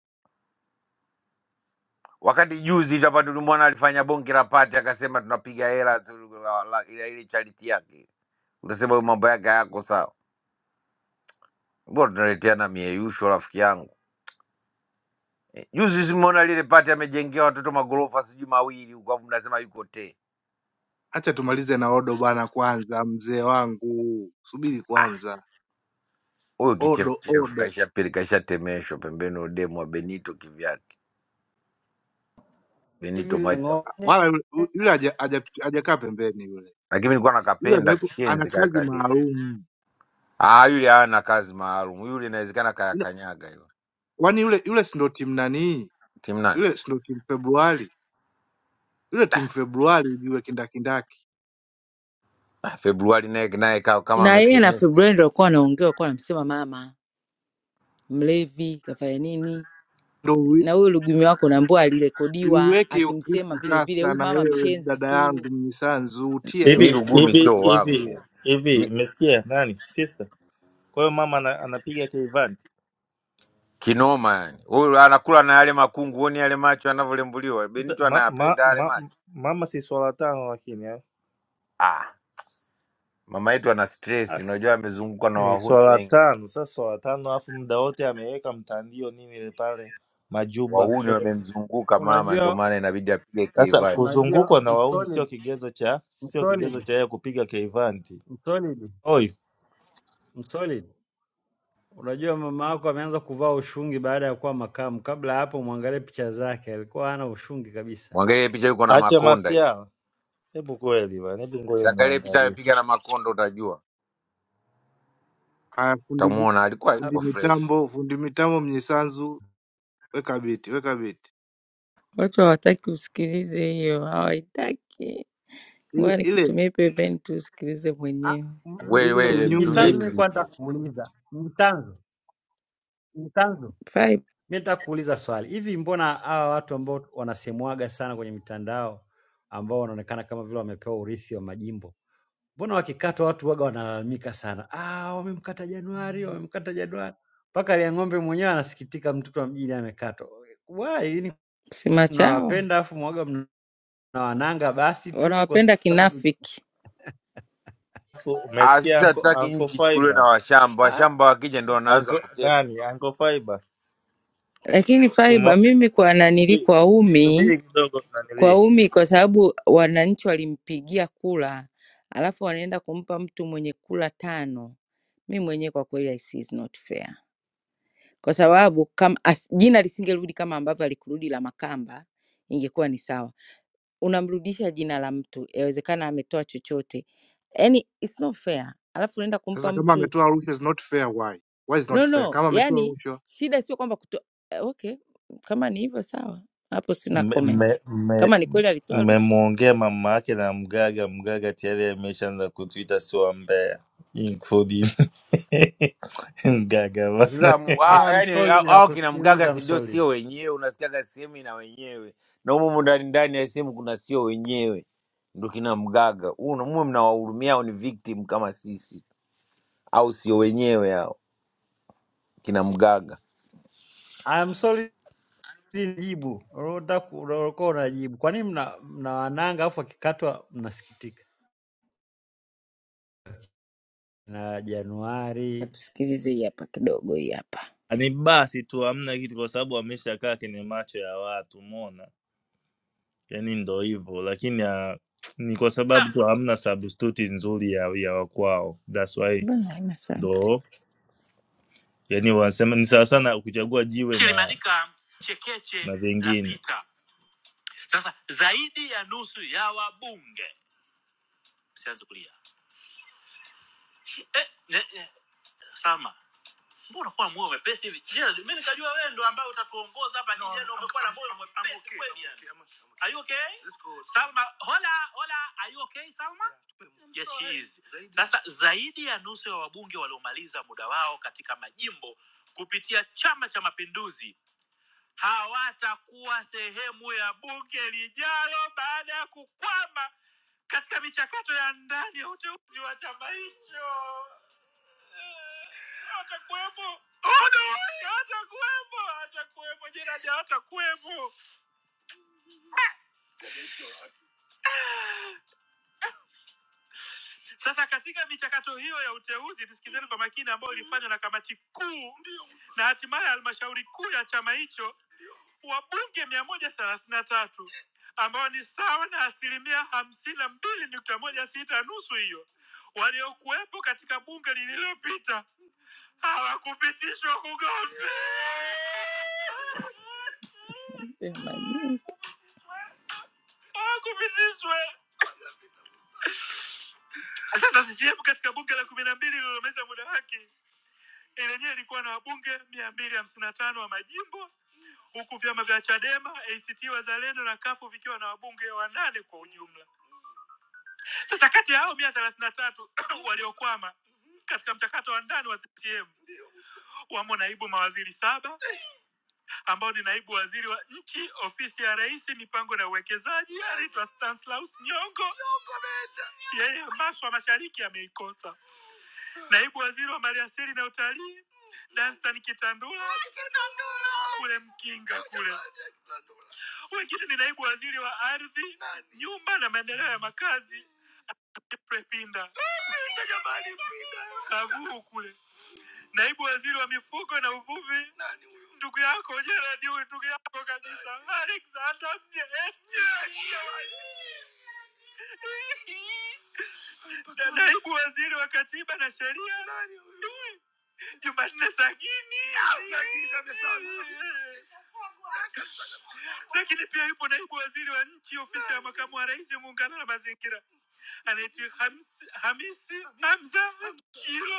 Wakati juzi hapa tulimwona alifanya bonge la pati, akasema tunapiga hela tu la- la- ile ile charity yake. Utasema huyu mambo yake hayako sawa. Mbona tunaleteana mieyusho, rafiki yangu? Juzi simeona lile pati amejengea watoto magorofa sijui mawili huko, afu mnasema yuko te.
Acha tumalize na Odo bana kwanza, mzee wangu, subiri kwanza.
Huyo
Odo
kichefuchefu
Odo
kaisha pili kaisha temeshwa pembeni, udemu wa Benito kivyake.
hizi. hivi
Benito mwacha, huyo.
Liang'ombe,
wala yule yule haja- haja- hajakaa pembeni yule
lakini nilikuwa
yule
nakapenda
amewekwa, ana
kishenzi kale
kazi
kademu.
maalum.
Ah, yule hana kazi maalum yule, inawezekana
Yule-
kayakanyaga hiyo
Kwani yule yule si ndo timu nanii?
timu nani.
Yule si ndo timu Februari? Yule timu Februari ujue kindakindaki,
Ah, Februari naye naye ka- kama
na yeye na
ametemeshwa.
Februari ndio walikuwa wanaongea, walikuwa wanamsema mama mlevi, kafanya nini.
ndo ui-
na huyo lugumi wako unaambiwa alirekodiwa
uiweke hiyo
akimsema
klipu
vile vile,
sasa.
huyu
Na
mama
wewe
mshenzi
dada
tu.
yangu Mnyisanzu, utia hiyo
Mi
Hivi
klipu
Lugumi
hapa
hivi
sio
hivi
wangu
tusikie.
hivi,
Mi,
umesikia nani sister? Kwa hiyo mama ana, anapiga keivanti
kinoma yani, huyu anakula na yale makungu, huoni yale macho anavyolembuliwa.
sasa.
Benito
Ma, ma,
anayapenda yale
ma,
macho
mama si swala tano, lakini eh?
ah. Mama yetu ana stress,
Asi,
unajua amezungukwa na
ni
wahuni
swala
wengi,
tano. Sasa swala tano, alafu muda wote ameweka mtandio nini ile pale majuba.
wahuni wamemzunguka mama, ndio
Unajua,
maana inabidi apige
Sasa
keivati.
unajua
kuzungukwa na wahuni sio
msolid,
kigezo cha sio kigezo
msolid,
cha yeye kupiga keivanti.
msolid,
Oi,
msolid. Unajua mama yako ameanza kuvaa ushungi baada ya kuwa makamu. Kabla ya hapo, mwangalie picha zake, alikuwa hana ushungi kabisa.
Mwangalie picha, yuko na
acha
makonda hii,
masiala. Hebu kweli bana, hebu ngoja
siangalie picha
niangalie.
amepiga na makonda, utajua
Haya, fundi
utamuona alikuwa
fundi
yuko fresh.
mitambo, fundi mitambo Mnyisanzu, weka biti, weka biti.
Watu hawataki usikilize hiyo, hawaitaki.
Ile
Ngoja
ile
nikutumie pembeni tu usikilize
Ah,
mwenyewe.
m-
ah,
m-
Wewe
ile ya
wewe,
unyunyu
Mnyisanzu,
mtumie
mimi
Ipi?
ile.
nilikuwa nataka
klipu.
kumuuliza Mnyisanzu, Mnyisanzu,
Fai
Mi nataka kuuliza swali hivi, mbona hawa watu ambao wanasemwaga sana kwenye mitandao ambao wanaonekana kama vile wamepewa urithi wa majimbo, mbona wakikatwa watu waga wanalalamika sana, ah, wamemkata Januari, wamemkata Januari, mpaka Liang'ombe mwenyewe anasikitika, mtoto wa mjini amekatwa. Why? Yaani
simachawa
mnawapenda afu mwaga mna na wananga basi tu kwa
wanawapenda
sababu
kinafiki,
Fu-
Ah,
Umesikia
sisi
anko
Ba-
hatutaki
anko
nchi ichukuliwe na
fiber?
washamba.
ah,
Washamba wakija ndio wanaanza
Anko
kutekwa.
nani? Anko fiber.
lakini Faiba,
Umo,
mimi kwa nanili,
subiri,
kwa umi,
subiri kidogo
kwa
nanili.
umi, kwa sababu wananchi walimpigia kula, alafu wanaenda kumpa mtu mwenye kula tano. Mi mwenyewe kwa kweli, I see is not fair. kwa sababu kama as, jina lisingerudi kama ambavyo alikurudi la Makamba, ingekuwa ni sawa. Unamrudisha jina la mtu, yawezekana ametoa chochote, yani it's not fair. Alafu unaenda kumpa
Sasa kama
mtu
ametoa rushwa is not fair why? Why is not
no
fair?
no,
Kama ametoa
yani
rushwa.
shida sio kwamba kuto... eh, okay, kama ni hivyo sawa, hapo sina comment.
Mmemwongea mme, mme
Kama ni kweli alitoa rushwa,
mmemwongea mama yake na mgaga mgaga tayari ameshaanza kutuita sio mbea including mgaga
Sasa mu-
I
ah,
am
yani ah,
solid na
hao kina mgaga
kusikiliza I'm
sidio,
solid.
sio wenyewe, unasikiaga sehemu na wenyewe, na humo humo ndani ndani ya sehemu kuna sio wenyewe, ndo kina mgaga Huo na- muwe mnawahurumia, hao ni victim kama sisi, au sio wenyewe hao kina mgaga.
I am solid ni jibu. Unataka unakuwa unajibu. Kwa nini mna, mna wananga afu akikatwa mnasikitika? Na Januari.
sikilize hii hapa kidogo, hii hapa
ni basi tu hamna kitu kwa sababu ameshakaa kwenye macho ya watu umeona yani ndo hivyo lakini ah, ni kwa sababu tu hamna substitute nzuri ya, ya wakwao thats why
bwana, haina sauti.
ndo yani wanasema ni sawa sana kuchagua jiwe
Jeshi
na
limeandika chekeche
na
la
vingine
pita. Sasa zaidi ya nusu ya wabunge, msianze kulia Shi- eh, ne- eh, Salma, mbona unakuwa moyo mwepesi hivi? Je, mimi nikajua wewe ndo ambaye utatuongoza hapa no, kijana, umekuwa na moyo mwepesi okay, kweli yani. I'm okay. Are you okay? Let's go. Salma, hola, hola, are you okay Salma? Yeah, yes, she is. Zaidi. Sasa zaidi ya nusu ya wabunge waliomaliza muda wao katika majimbo kupitia Chama cha Mapinduzi hawatakuwa sehemu ya bunge lijalo baada ya kukwama katika michakato ya ndani ya uteuzi wa chama hicho. Eh, hatakuwepo. Oh, no! Hatakuwepo, hatakuwepo, Gerald hatakuwepo. Sasa katika michakato hiyo ya uteuzi, tusikizeni kwa makini, ambayo ilifanywa na kamati kuu na hatimaye halmashauri kuu ya chama hicho, wabunge mia moja thelathini na tatu ambao ni sawa na asilimia hamsini na mbili nukta moja sita nusu hiyo waliokuwepo katika bunge lililopita hawakupitishwa kugombea. kupitishwa. Sasa CCM katika bunge la kumi na mbili lililomaliza muda wake, lenyewe ilikuwa na wabunge mia mbili hamsini na tano wa majimbo huku vyama vya Chadema, ACT Wazalendo na kafu vikiwa na wabunge wanane kwa ujumla. Sasa kati ya hao mia moja thelathini na tatu waliokwama katika mchakato wa ndani wa CCM wamo naibu mawaziri saba ambao ni naibu waziri wa nchi ofisi ya rais mipango na uwekezaji anaitwa Stanislaus Nyongo. Nyongo ameenda. Yeye maswa mashariki ameikosa. Naibu waziri wa maliasili na utalii Danstan Kitandula Kitandula. kule Mkinga kule. Wengine ni naibu waziri wa ardhi, nyumba na maendeleo ya makazi Godfrey Pinda Kavuu kule. naibu waziri wa mifugo na uvuvi Nani huyo? ndugu yako Gerard huyu ndugu yako kabisa Alexander Mje- Mje- Mje- na naibu waziri wa katiba na sheria Nani huyo? Jumanne Sagini Ah, Sagini amesema. lakini pia yupo naibu waziri wa nchi ofisi ya makamu wa rais muungano na mazingira anaitwa Hams- Hamisi Hamza Kilo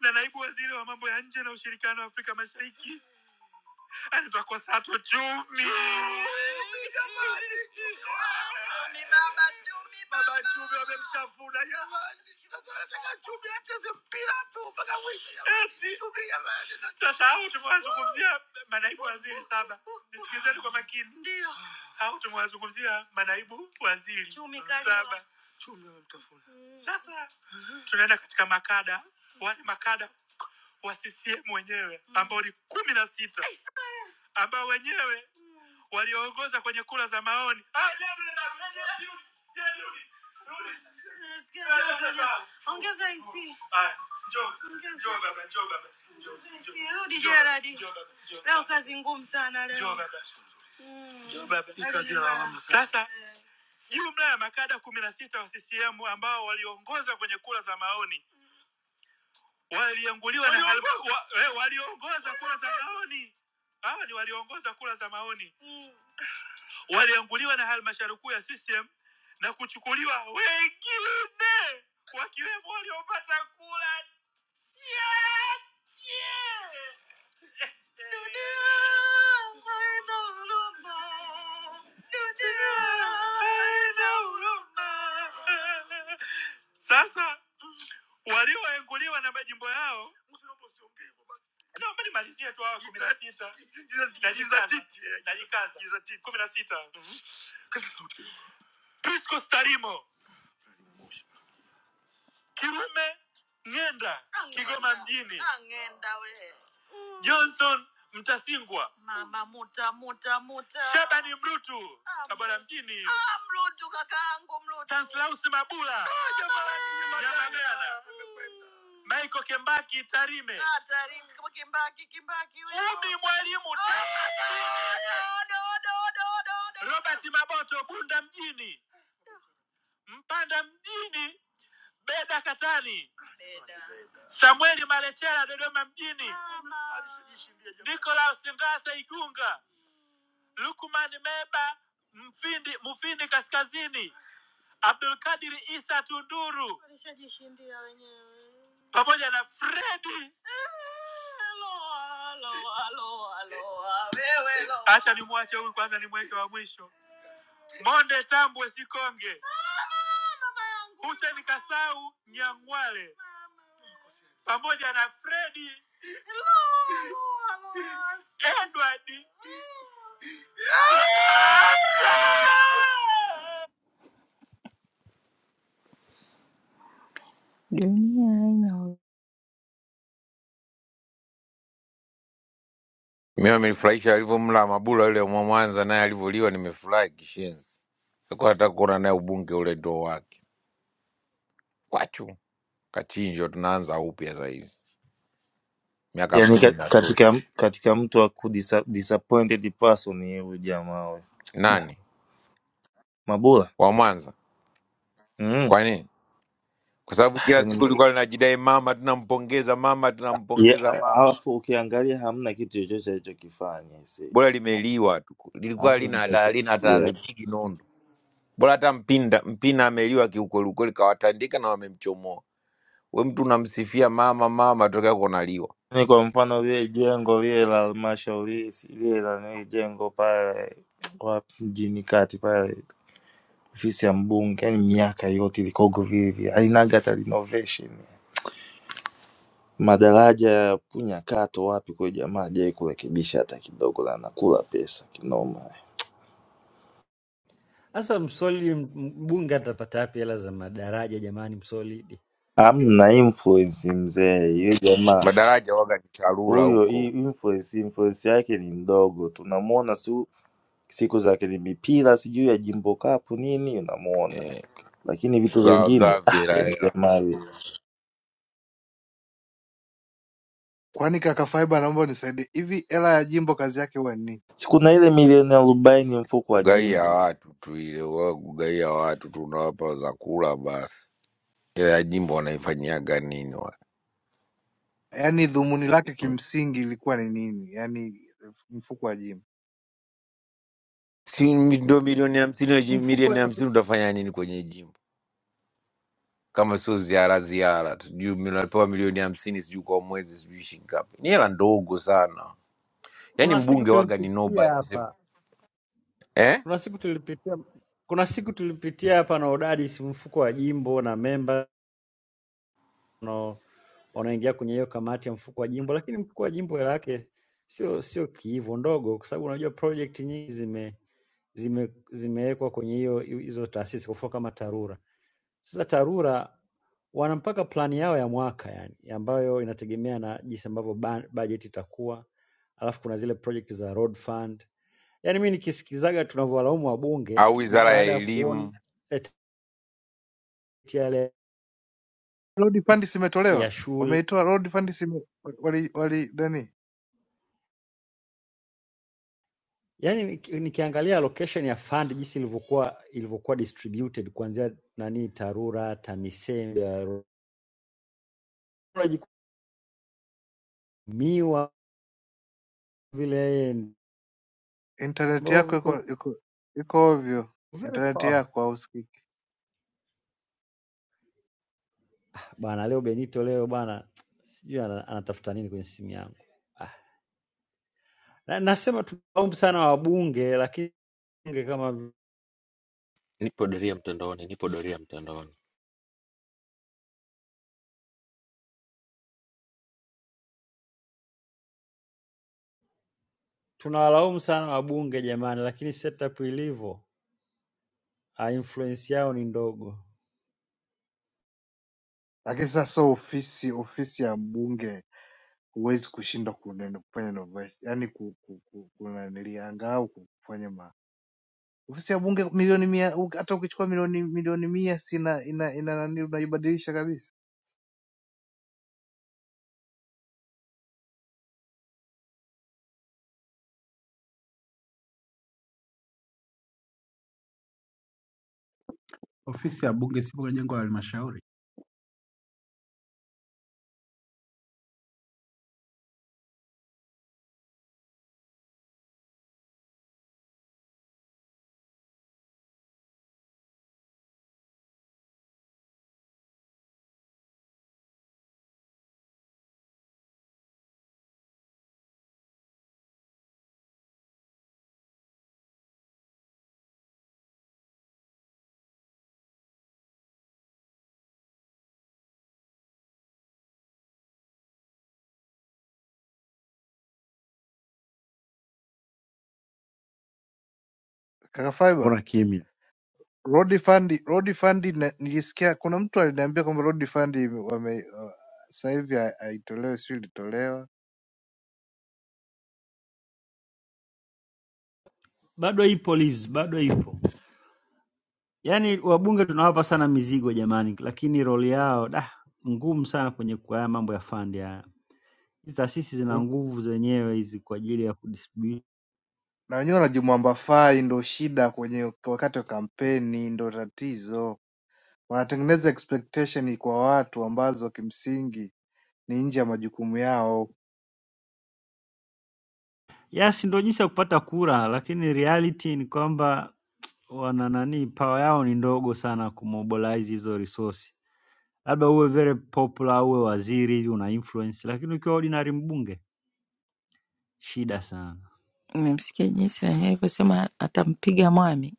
na naibu waziri wa mambo ya nje na ushirikiano wa Afrika Mashariki tutakosa tu chumi. Chumi baba, chumi baba. Baba chumi wamemtafuna jamani, na chumi ati ati chumi jamani. Sasa hao tumewazungumzia manaibu waziri sana, nisikilizeni kwa makini. Ndio hao tumewazungumzia manaibu waziri chumi kali saba. Sasa tunaenda katika makada, wale makada wa CCM wenyewe ambao ni kumi na sita ambao wenyewe walioongoza kwenye kura za maoni. Ah, rudi, rudi, rudi. Nimesikia joto joto. Ongeza IC. Haya, njoo, Ongeza. njoo baba, njoo baba, njoo, Ongeza njoo. IC. Rudi Njoo baba, Gerard. njoo baba, njoo Leo baba. kazi ngumu sana leo. Njoo baba. Mm. Njoo baba. Hii kazi ya lawama sana. Sasa Eh. jumla ya makada kumi na sita wa CCM ambao waliongoza kwenye kura za maoni walianguliwa na halma- wa- eh, waliongoza kura za maoni hawa ni waliongoza kura za maoni walianguliwa na halmashauri kuu ya CCM na kuchukuliwa wengine wakiwemo waliopata kula chache. Dunia haina huruma. Dunia haina huruma. Sasa walioenguliwa na majimbo yao, naomba nimalizie tu hawa kumi na sita, najikaza, najikaza, kumi na sita, Priscus Tarimo Kirume ng'enda Ah, Kigoma ng'enda. mjini. Ah, ng'enda we. Johnson Mtasingwa, mama muta muta muta. Shabani Mrutu, Ah, Tabora mjini. Ah, Mrutu kakaangu Mrutu. Tanslaus Mabula, Ah, jamani, jamani. Nyamagana. Mm. Michael Kembaki Tarime. Ah, Tarime kama Kembaki Kembaki. huyo. Umi Mwalimu Tabora. Oda, oda, oda, oda, oda. Robert Maboto Bunda mjini, Mpanda mjini. Beda Katani, Beda Samueli Malechela Dodoma mjini, Nikolaus Ngasa Igunga, Lukman Meba Mfindi, Mufindi Kaskazini, Abdulkadir Isa Tunduru pamoja na Fredi. Acha nimwache huyu kwanza, nimweke wa mwisho. Monde Tambwe Sikonge, Hussein Kasau Nyang'wale pamoja na Fredi Edward. Dunia haina huruma.
Mimi amenifurahisha alivyomla Mabula yule mwa Mwanza, naye alivyoliwa, nimefurahi kishenzi. Sikuwa nataka kuona naye ubunge ule ndo wake kwachu kachinjwa, tunaanza upya saa hizi, miaka
yani ka-
kumi na tosha.
katika katika mtu wa kudisa- disappointed person ni huyu jamaa we Da,
Nani
mabula
wa Mwanza?
mm.
Kwa nini? kwa sababu kila siku
yani,
lilikuwa linajidai mama, tunampongeza mama,
ye-
tunampongeza
a-
mama.
alafu ukiangalia hamna kitu chochote alichokifanya see.
Bora limeliwa tu, lilikuwa
hamna
halina hata- halina hata lipigi nondo. Bora hata mpinda mpina ameliwa kiukweli ukweli, kawatandika na wamemchomoa. We mtu unamsifia mama mama, tokea kunaliwa
Yaani kwa mfano lile jengo lile la halmashauri si- lile la nini jengo pale wapi mjini kati pale ofisi ya mbunge, yaani miaka yote ilikuwa huko vile vile, halinaga hata renovation. Madaraja ya Punyakato wapi kwa jamaa hajai kurekebisha hata kidogo, na anakula pesa kinoma.
Sasa msolid mbunge atapata wapi hela za madaraja jamani msolid?
Amna influence mzee, yule jamaa
madaraja waga ni tarura
huyo, hii
huko
influence influence yake ni ndogo, tunamwona si siku za mipira sijui ya Jimbo Cup nini, unamuona
eh,
lakini vitu vingine
kugaagavi
ah,
hela
yani
hela,
jamani,
Kwani kaka Faiba naomba unisaidie. Hivi hela ya jimbo kazi yake huwa ni nini?
sikuna ile milioni arobaini mfuko wa
kugaia
jimbo
watu tu, ile waga kugaia watu tu, unawapa za kula basi. Ile ya jimbo wanaifanyiaga nini?
Yaani dhumuni lake kimsingi ilikuwa ni nini? Yaani mfuko wa jimbo.
si ndo milioni hamsini na ji- milioni
Mfuko
hamsini utafanya nini kwenye jimbo kama sio ziara ziara tu juu napewa milioni hamsini sijui kwa mwezi sijui shilingi ngapi ni hela ndogo sana yaani
kuna siku
mbunge waga ni
tulipitia
nobody sema.
hapa.
eh?
Kuna siku tulipitia kuna siku tulipitia hapa na udadisi mfuko wa jimbo na memba no. wanaoingia kwenye hiyo kamati ya mfuko wa jimbo, lakini mfuko wa jimbo hela yake sio sio kiivo ndogo, kwa sababu unajua project nyingi zime zime zimewekwa kwenye hiyo hizo taasisi, kwa mfano kama TARURA. Sasa TARURA wana mpaka plani yao ya mwaka yani, ambayo inategemea na jinsi ambavyo ba- budget itakuwa, alafu kuna zile project za road fund. Yani mi nikisikizaga tunavyowalaumu wabunge
au
ni
wizara ya
baada ya kuona
elimu
yale
Road funds
ya
imetolewa.
shule
Wameitoa road funds ime, wali wali nani?
Yaani niki- nikiangalia allocation ya fund jinsi ilivyokuwa ilivyokuwa distributed kuanzia nani TARURA, TAMISEMI, RURA jikumiwa vile
Internet
ambavyo
yako
viko
iko iko iko ovyo.
very
Internet
power.
yako hausikiki.
Bana leo Benito leo bana sijui ana- anatafuta nini kwenye simu yangu. Ah, na, nasema tunalaumu sana wabunge lakini bunge kama vi-
Nipo doria mtandaoni, nipo doria mtandaoni.
tunawalaumu sana wabunge jamani, lakini setup ilivyo ah, influence yao ni ndogo.
Lakini sasa ofisi ofisi ya mbunge huwezi kushindwa kunene- kufanya innovation, yani ku- ku- ku- kunanilianga au kufanya ma ofisi ya bunge milioni mia u- hata ukichukua milioni milioni mia sina ina ina nani unaibadilisha kabisa.
Ofisi ya Bunge sipo kwenye jengo la Halmashauri
Kaka Fiber,
Mbona kimya?
road fund road fund ina- nilisikia kuna mtu aliniambia kwamba road fund ime- wame uh, sasa hivi ha- haitolewi, sio ilitolewa
Bado ipo Liz, bado ipo. Yaani wabunge tunawapa sana mizigo jamani, lakini roli yao da ngumu sana kwenye kwa haya mambo ya fund ya hizi taasisi zina
Mm.
nguvu zenyewe hizi kwa ajili ya kudistribute.
na wenyewe wanajimwambafai, ndo shida kwenye wakati wa kampeni, ndo tatizo. Wanatengeneza expectation kwa watu ambazo kimsingi ni nje ya majukumu yao.
Yes, ndio jinsi ya kupata kura, lakini reality ni kwamba wana nani, power yao ni ndogo sana kumobilize hizo resource. Labda uwe very popular, uwe waziri hivi una influence, lakini ukiwa ordinary mbunge shida sana.
Nimemsikia jinsi nani alivyosema atampiga mwami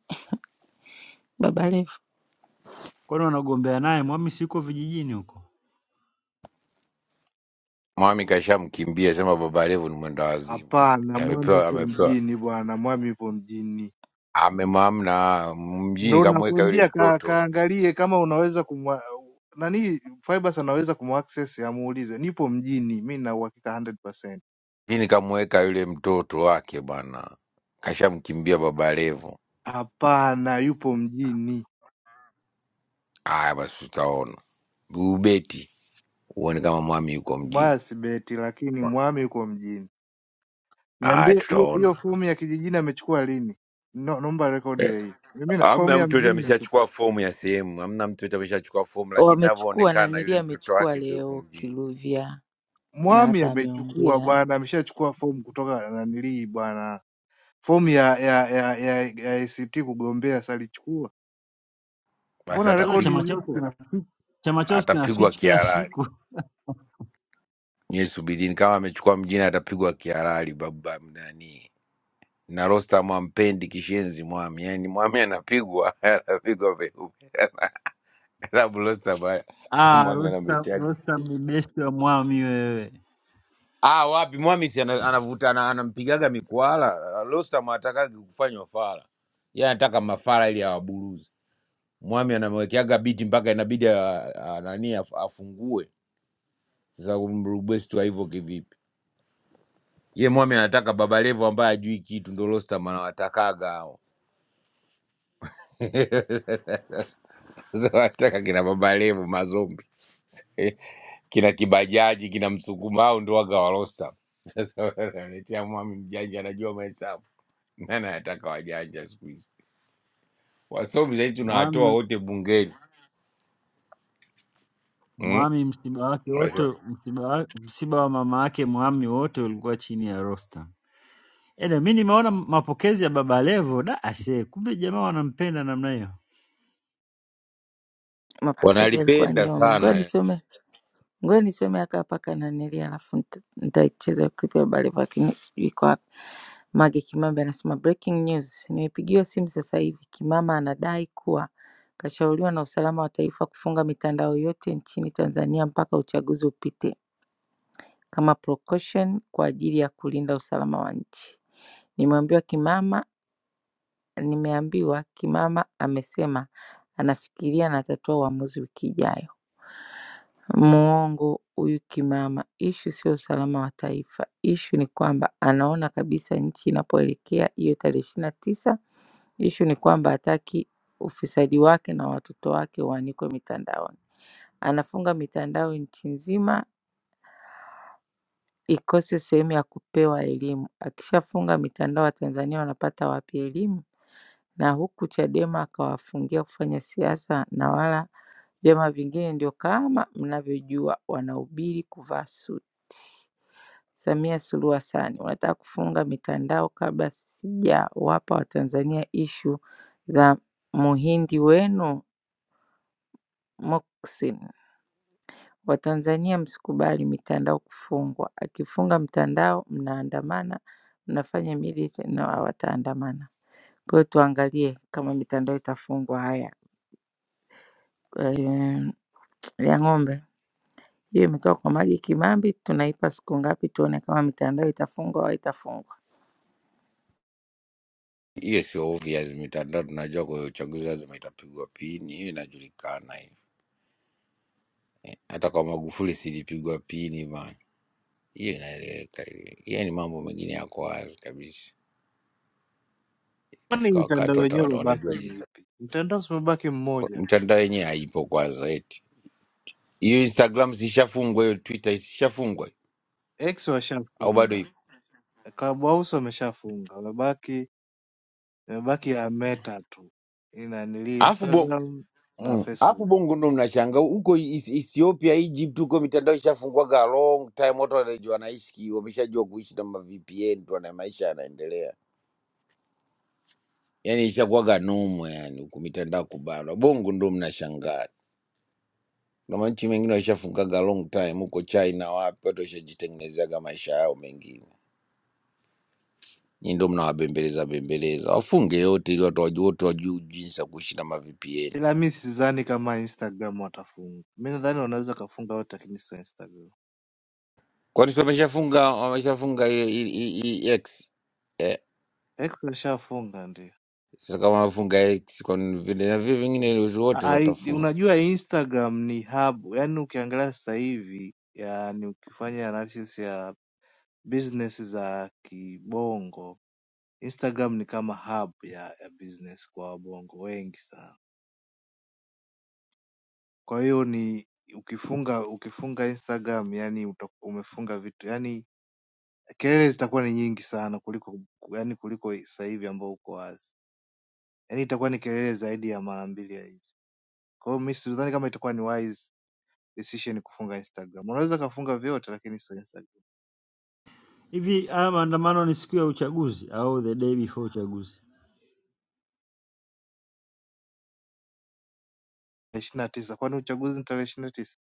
Baba Levo.
Kwani wanagombea naye Mwamisi yuko vijijini huko.
mwami kashamkimbia sema baba levu ni mwenda wazimu tu.
Hapana, mwami
amepewa
yupo
amepewa
mjini bwana, mwami yupo mjini.
amemamna mjini
Ndo
kamweka yule
nakwambia ka,
mtoto
kaangalie kama unaweza kumwa nani Fibers anaweza kumaccess amuulize, nipo mjini, mi na uhakika 100%.
mjini kamweka yule mtoto wake bwana kashamkimbia baba levu
Hapana, yupo mjini.
haya basi tutaona bubeti uone kama mwami yuko mjini.
Basi beti, lakini mwami yuko mjini.
Haya,
Niambie hiyo hiyo
tutaona.
fomu ya kijijini amechukua lini? No, naomba rekodi ya hiyo. Mimi na- fomu
Amna
ya
mtu yote
mjini nakupa.
ameshachukua fomu ya sehemu, amna mtu yote ameshachukua fomu, lakini
Wamechukua
inavyoonekana yule
nanili,
mtoto
amechukua
wake ndio yuko
leo
mjini,
Kiluvya na
Mwami
hata
amechukua
ameongea,
bwana, ameshachukua fomu kutoka nanilii bwana. fomu ya ya ya ya, ya ACT kugombea salichukua,
basi
mbona
Sasa
rekodi
chama
atapigwa,
chao
zipo?
kina chama chao kina
atapigwa
switch kila
kihalali.
siku.
Nyie subirini, kama amechukua mjini atapigwa kihalali. Baba nani na Rostam ampendi kishenzi mwami, yani mwami anapigwa anapigwa peupe, sababu Rostam haya,
Ah,
mwami
Rostam,
anamletea
Rostam ni besti wa Mwami wewe.
ah, wapi mwamisi ana- anavuta ana- anampigaga mikwala lostam atakagi kufanywa fala ye anataka mafala ili awaburuzi mwami anamwekeaga biti mpaka inabidi a- a- nani af- afungue sasa umrubwesti wa hivyo kivipi ye mwami anataka babalevo ambaye ajui kitu ndo lostam anawatakaga hao Sasa wanataka kina babalevo mazombi eh, kina kibajaji kina msukuma au ndo waga wa lostam sasa wanaletea mwami mjanja anajua mahesabu nani anataka wajanja siku hizi wasomi sahii
Mwami,
tunawatoa wote bungeni mm?
Mwami msiba wake wote,
Wasa-
msiba, wa- msiba wa mama yake Mwami wote ulikuwa chini ya Rostam. Ede, mi nimeona mapokezi ya Baba Levo da ase, kumbe jamaa wanampenda namna hiyo.
mapokezi yalikuwa
wanalipenda
nyomi. Ngoja
sana
nisome, ngoja nisome aka paka nanili, alafu nita- nitaicheza clip ya Baba Levo, lakini sijui kwa Mage Kimambi anasema breaking news nimepigiwa simu sasa hivi Kimama anadai kuwa kashauriwa na usalama wa taifa kufunga mitandao yote nchini Tanzania mpaka uchaguzi upite kama precaution kwa ajili ya kulinda usalama wa nchi. Nimeambiwa Kimama nimeambiwa Kimama amesema anafikiria na atatoa uamuzi wiki ijayo. Muongo huyu Kimama. Issue sio usalama wa taifa. Issue ni kwamba anaona kabisa nchi inapoelekea hiyo tarehe ishirini na tisa Issue ni kwamba hataki ufisadi wake na watoto wake uanikwe mitandaoni. Anafunga mitandao nchi nzima ikose sehemu ya kupewa elimu. Akishafunga mitandao Watanzania wanapata wapi elimu? na huku Chadema akawafungia kufanya siasa na wala vyama vingine ndio kama mnavyojua wanahubiri kuvaa suti. Samia Suluhu Hassan, wanataka kufunga mitandao kabla sijawapa Watanzania ishu za muhindi wenu Moksin. Watanzania msikubali mitandao kufungwa. Akifunga mtandao mnaandamana, mnafanya militant na wataandamana. Kwa hiyo tuangalie kama mitandao itafungwa. Haya. eh, ya ng'ombe. Hiyo imetoka kwa maji Kimambi, tunaipa siku ngapi tuone kama mitandao itafungwa au itafungwa.
hiyo, sio obvious. Mitandao tunajua kwa hiyo uchaguzi lazima itapigwa pini, hiyo inajulikana. Hiyo hata kwa Magufuli silipigwa pini bana, hiyo inaeleweka. hiyo. Hiyo ni mambo mengine yako wazi kabisa.
Kwani
Itafika wakati
mitandao
wata-
yenyewe
wata-
iliyobaki
wanajua
ni
jinsi.
ipi? Mtandao si umebaki
Kwa-
mmoja tu,
mitandao yenyewe haipo kwanza, eti hiyo Instagram zishafungwa, hiyo Twitter zishafungwa
X
au bado
washafunga,
ipo?
Clubhouse wameshafunga, wamebaki wamebaki ya Meta tu inanili
Alafu
Instagram na
Mm. Alafu
Facebook.
bongo ndo mnashanga huko Is- Ethiopia, Egypt huko mitandao ishafungwaga long time, watu wanajua wanaishi, wameshajua kuishi na ma VPN tu, na maisha yanaendelea, yani ishakuwaga nomo yani huku mitandao kubanwa. Bongo ndo mnashangaa na manchi mengine waishafungaga long time huko China, wapi watu waishajitengenezeaga maisha yao mengine. Nyi ndo mnawabembeleza bembeleza, wafunge yote ili watu wajue, watu wajue jinsi ya kuishi na ma VPN,
Ila mi sidhani kama Instagram watafunga, mi nadhani wanaweza kafunga wote, lakini sio Instagram.
kwani si wameshafunga wameshafunga ile- ile- ile X
X washafunga ndio.
Sasa kama wafunga X, kwani vile na vile vingine uzi wote
Ai,
watafunga.
unajua Instagram ni hub, yaani ukiangalia sasa hivi yaani ukifanya analysis ya business za kibongo, Instagram ni kama hub ya, ya business kwa wabongo wengi sana. Kwa hiyo ni ukifunga ukifunga Instagram yaani uta, umefunga vitu yaani kelele zitakuwa ni nyingi sana kuliko yaani kuliko sasa hivi ambao uko wazi, yaani itakuwa ni kelele zaidi ya mara mbili ya hizi. Kwa hiyo mi sidhani kama itakuwa ni wise decision kufunga Instagram. Unaweza kafunga vyote lakini sio Instagram.
Hivi haya maandamano ni siku ya uchaguzi au the day before uchaguzi?
Tarehe 29 kwani uchaguzi ni tarehe 29?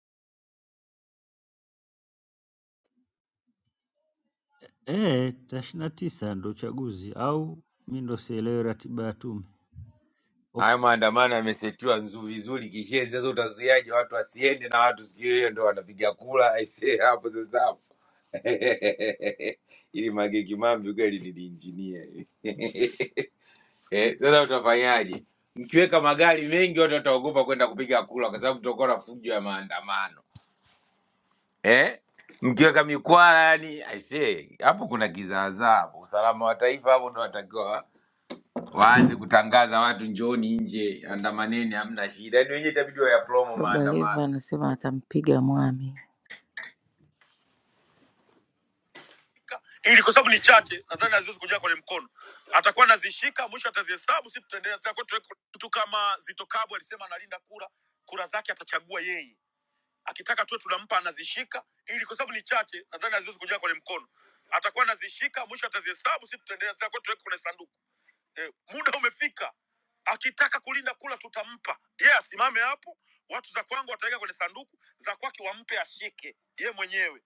Eh, tarehe 29 ndo uchaguzi au mi ndo sielewi ratiba ya tume. Ok,
Hayo maandamano yamesetiwa nzu- vizuri kishenzi. Sasa utazuiaje watu wasiende na watu siku hiyo ndo wanapiga kula? Aisee, hapo sasa hapo ili Mange Kimambi kweli ni injinia Eh, sasa utafanyaje? Mkiweka magari mengi, watu wataogopa kwenda kupiga kula, kwa sababu tutakuwa na fujo ya maandamano eh? Mkiweka mikwala, yani aisee, hapo kuna kizaazaa hapo. Usalama wa taifa hapo ndo watakiwa waanze kutangaza watu njooni nje andamaneni hamna shida yaani wenyewe itabidi ya promo
Baba Levo
maandamano
anasema atampiga mwami. ili kwa sababu ni chache, nadhani haziwezi kujaa kwenye mkono, atakuwa anazishika, mwisho atazihesabu, si tutaendelea sasa. Kwetu tuweko- mtu kama Zito Kabwe alisema analinda kura, kura zake atachagua yeye, akitaka tu tunampa, anazishika, ili kwa sababu ni chache, nadhani haziwezi kujaa kwenye mkono, atakuwa anazishika, mwisho atazihesabu, si tutaendelea sasa. Kwetu tuweke kwenye sanduku. eh, muda umefika, akitaka kulinda kula tutampa yeye, yeah, asimame hapo, watu za kwangu wataweka kwenye sanduku, za kwake wampe ashike yeye mwenyewe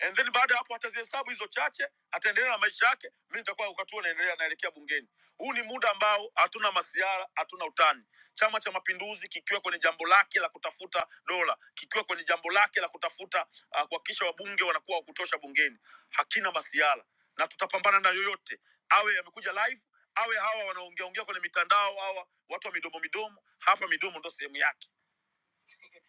and then baada ya hapo atazihesabu hizo chache, ataendelea na maisha yake. Mimi nitakuwa wakati huo naendelea naelekea bungeni. Huu ni muda ambao hatuna masiara, hatuna utani. Chama cha Mapinduzi kikiwa kwenye jambo lake la kutafuta dola, kikiwa kwenye jambo lake la kutafuta uh, kuhakikisha wabunge wanakuwa wa kutosha bungeni, hakina masiara na tutapambana na yoyote, awe yamekuja live, awe hawa wanaongea ongea kwenye mitandao, hawa watu wa midomo midomo. Hapa midomo ndo sehemu yake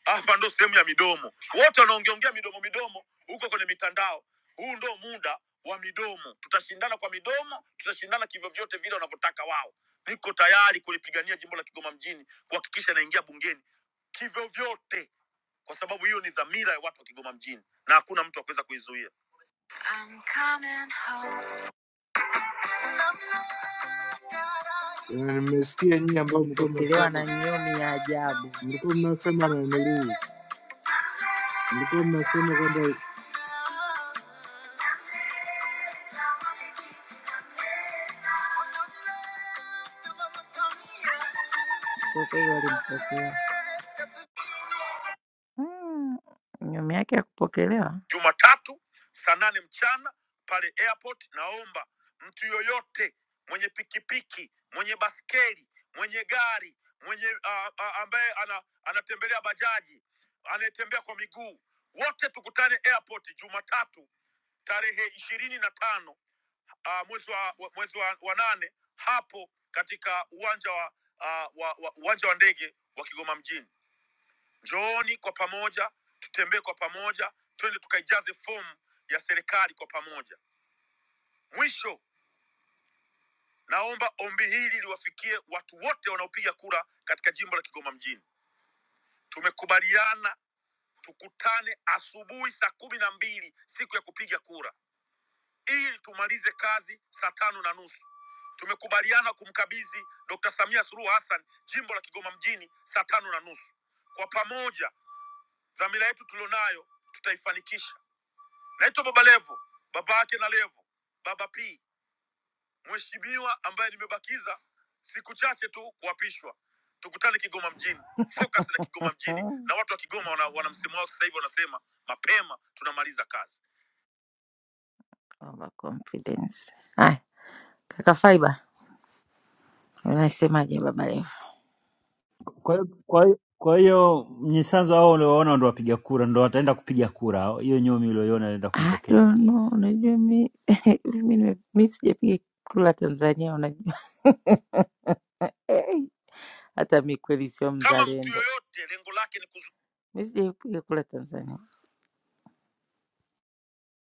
hapa ndo sehemu ya midomo. Wote wanaongeongea midomo midomo huko kwenye mitandao, huu ndo muda wa midomo. Tutashindana kwa midomo, tutashindana kivyovyote vile wanavyotaka wao. Niko tayari kulipigania jimbo la Kigoma mjini, kuhakikisha naingia bungeni kivyovyote, kwa sababu hiyo ni dhamira ya watu wa Kigoma mjini na hakuna mtu akuweza kuizuia. I'm coming home.
Jamani, Nimesikia nyinyi ambao mlikuwa
Nilipokelewa na
mnasema
nyomi ya ajabu.
mlikuwa mnasema nanilii, mlikuwa mnasema kwamba
Kwa kweli walimpokea. Mm, Nyumi yake ya kupokelewa. Jumatatu saa nane mchana pale airport. Naomba mtu yoyote mwenye pikipiki, mwenye baskeli, mwenye gari, mwenye ah, ah, ambaye ana, anatembelea bajaji, anayetembea kwa miguu, wote tukutane airport Jumatatu tarehe ishirini na tano ah, mwezi wa wa- mwezi wa, wa nane hapo katika uwanja wa, ah, wa, wa uwanja wa ndege wa Kigoma mjini. Njooni kwa pamoja, tutembee kwa pamoja, twende tukaijaze fomu ya serikali kwa pamoja. Mwisho, naomba ombi hili liwafikie watu wote wanaopiga kura katika jimbo la Kigoma mjini. Tumekubaliana tukutane asubuhi saa kumi na mbili siku ya kupiga kura ili tumalize kazi saa tano na nusu. Tumekubaliana kumkabidhi Dr. Samia Suluhu Hassan jimbo la Kigoma mjini saa tano na nusu. Kwa pamoja, dhamira yetu tulionayo tutaifanikisha. Naitwa Baba Levo, baba yake na Levo, Baba P, mheshimiwa ambaye nimebakiza siku chache tu kuapishwa. Tukutane Kigoma mjini, focus na Kigoma mjini, na watu wa Kigoma wana, wana msemo wao sasa hivi wanasema mapema tunamaliza kazi. Over confidence. Haya, kaka Faiba, unasemaje Baba Levo?
Kwa hiyo kwa hiyo kwa hiyo Mnyisanzo hao uliowaona ndo wapiga kura, ndo wataenda kupiga kura hao. Hiyo nyomi ulioiona anaenda
I
kumpokea.
don't know, unajua mi mi nime- mi sijapiga kula Tanzania, unajua Hata mi kweli sio mzalendo. kama mtu mzalendo, yoyote lengo lake ni kuzu... mi sijaipiga kura Tanzania.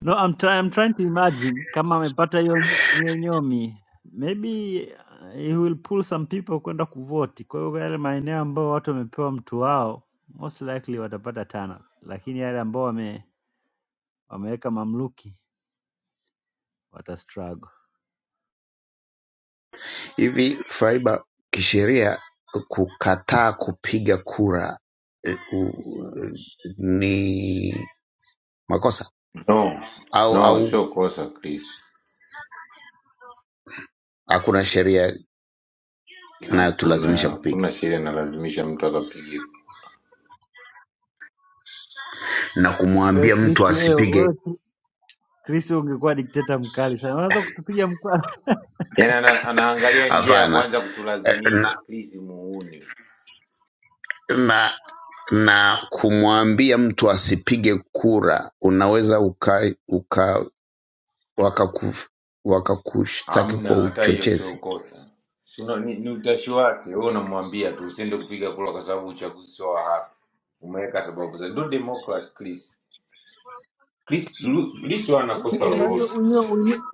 No, I'm, try, I'm trying to imagine kama amepata hiyo hiyo nyomi maybe uh, he will pull some people kwenda kuvoti. Kwa hiyo yale maeneo ambayo watu wamepewa mtu wao most likely watapata tana, lakini yale ambao wame, wameweka mamluki wata struggle.
hivi. Faiba, kisheria kukataa kupiga kura u- ni makosa
No,
au
no, sio
au
kosa Chris.
hakuna sheria
Hakuna
inayotulazimisha kupiga
hakuna sheria inalazimisha mtu akapiga.
na
Wewe
kumwambia
Chris,
mtu
wewe
asipige?
wewe Chris, ungekuwa dikteta mkali sana, unaweza kutupiga mkwara.
Yaani ana, anaangalia njia ya
Hapana.
kuanza
Eh,
kutulazimisha
Na,
Chris, muuni
na, na kumwambia mtu asipige kura unaweza uka, uka wakaku, wakakushtaki
hamna
kwa
hata hiyo, sio
uchochezi
kosa. Si una- ni, ni utashi wake. Wewe unamwambia tu usiende kupiga kura kwa sababu uchaguzi sio wa haki. Umeweka sababu za do democracy Chris. Chris, Lu- Lissu hana kosa lolote.
Unajua,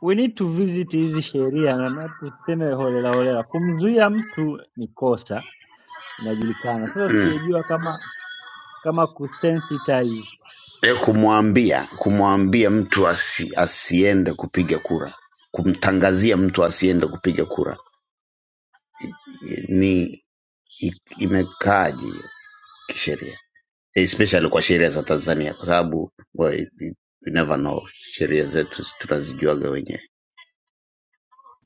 we need to visit hizi sheria na maana tuseme holela holela. Kumzuia mtu ni kosa inajulikana. Sasa
Mm.
sijajua kama kama kusensitize
E kumwambia kumwambia mtu asi, asiende kupiga kura kumtangazia mtu asiende kupiga kura ni i- imekaaje hiyo kisheria especially kwa sheria za tanzania kwa sababu well, it- we never know sheria zetu tunazijuaga wenyewe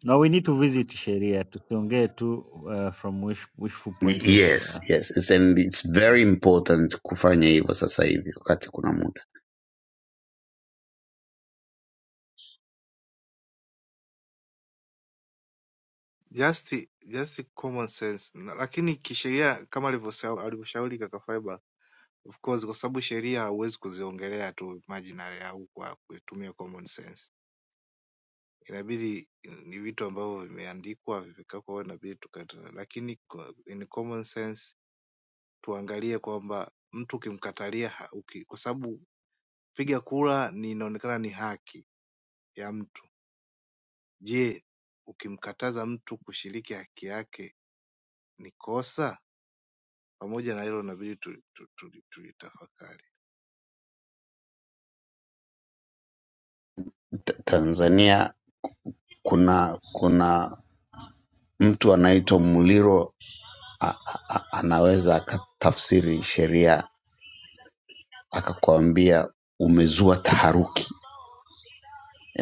na we need to visit sheria, tusiongee tu uh, from wish, wishful point of uh,
yes yes it's, and it's very important kufanya hivyo sasa hivi wakati kuna muda
Just just common sense. Na, lakini kisheria kama alivyosha- alivyoshauri kaka Faiba, of course kwa sababu sheria hauwezi kuziongelea tu marginally au kwa kutumia common sense. Inabidi ni vitu ambavyo vimeandikwa vimekakwa, inabidi tukata, lakini kwa- in common sense tuangalie kwamba mtu ukimkatalia ha- uki- kwa sababu piga kura ni inaonekana ni haki ya mtu. Je, ukimkataza mtu kushiriki haki yake ni kosa? Pamoja na hilo inabidi tulitafakari tu, tu, tu, tulitafakari.
Ta- tanzania kuna kuna mtu anaitwa Muliro a, a, a, anaweza akatafsiri sheria akakwambia umezua taharuki,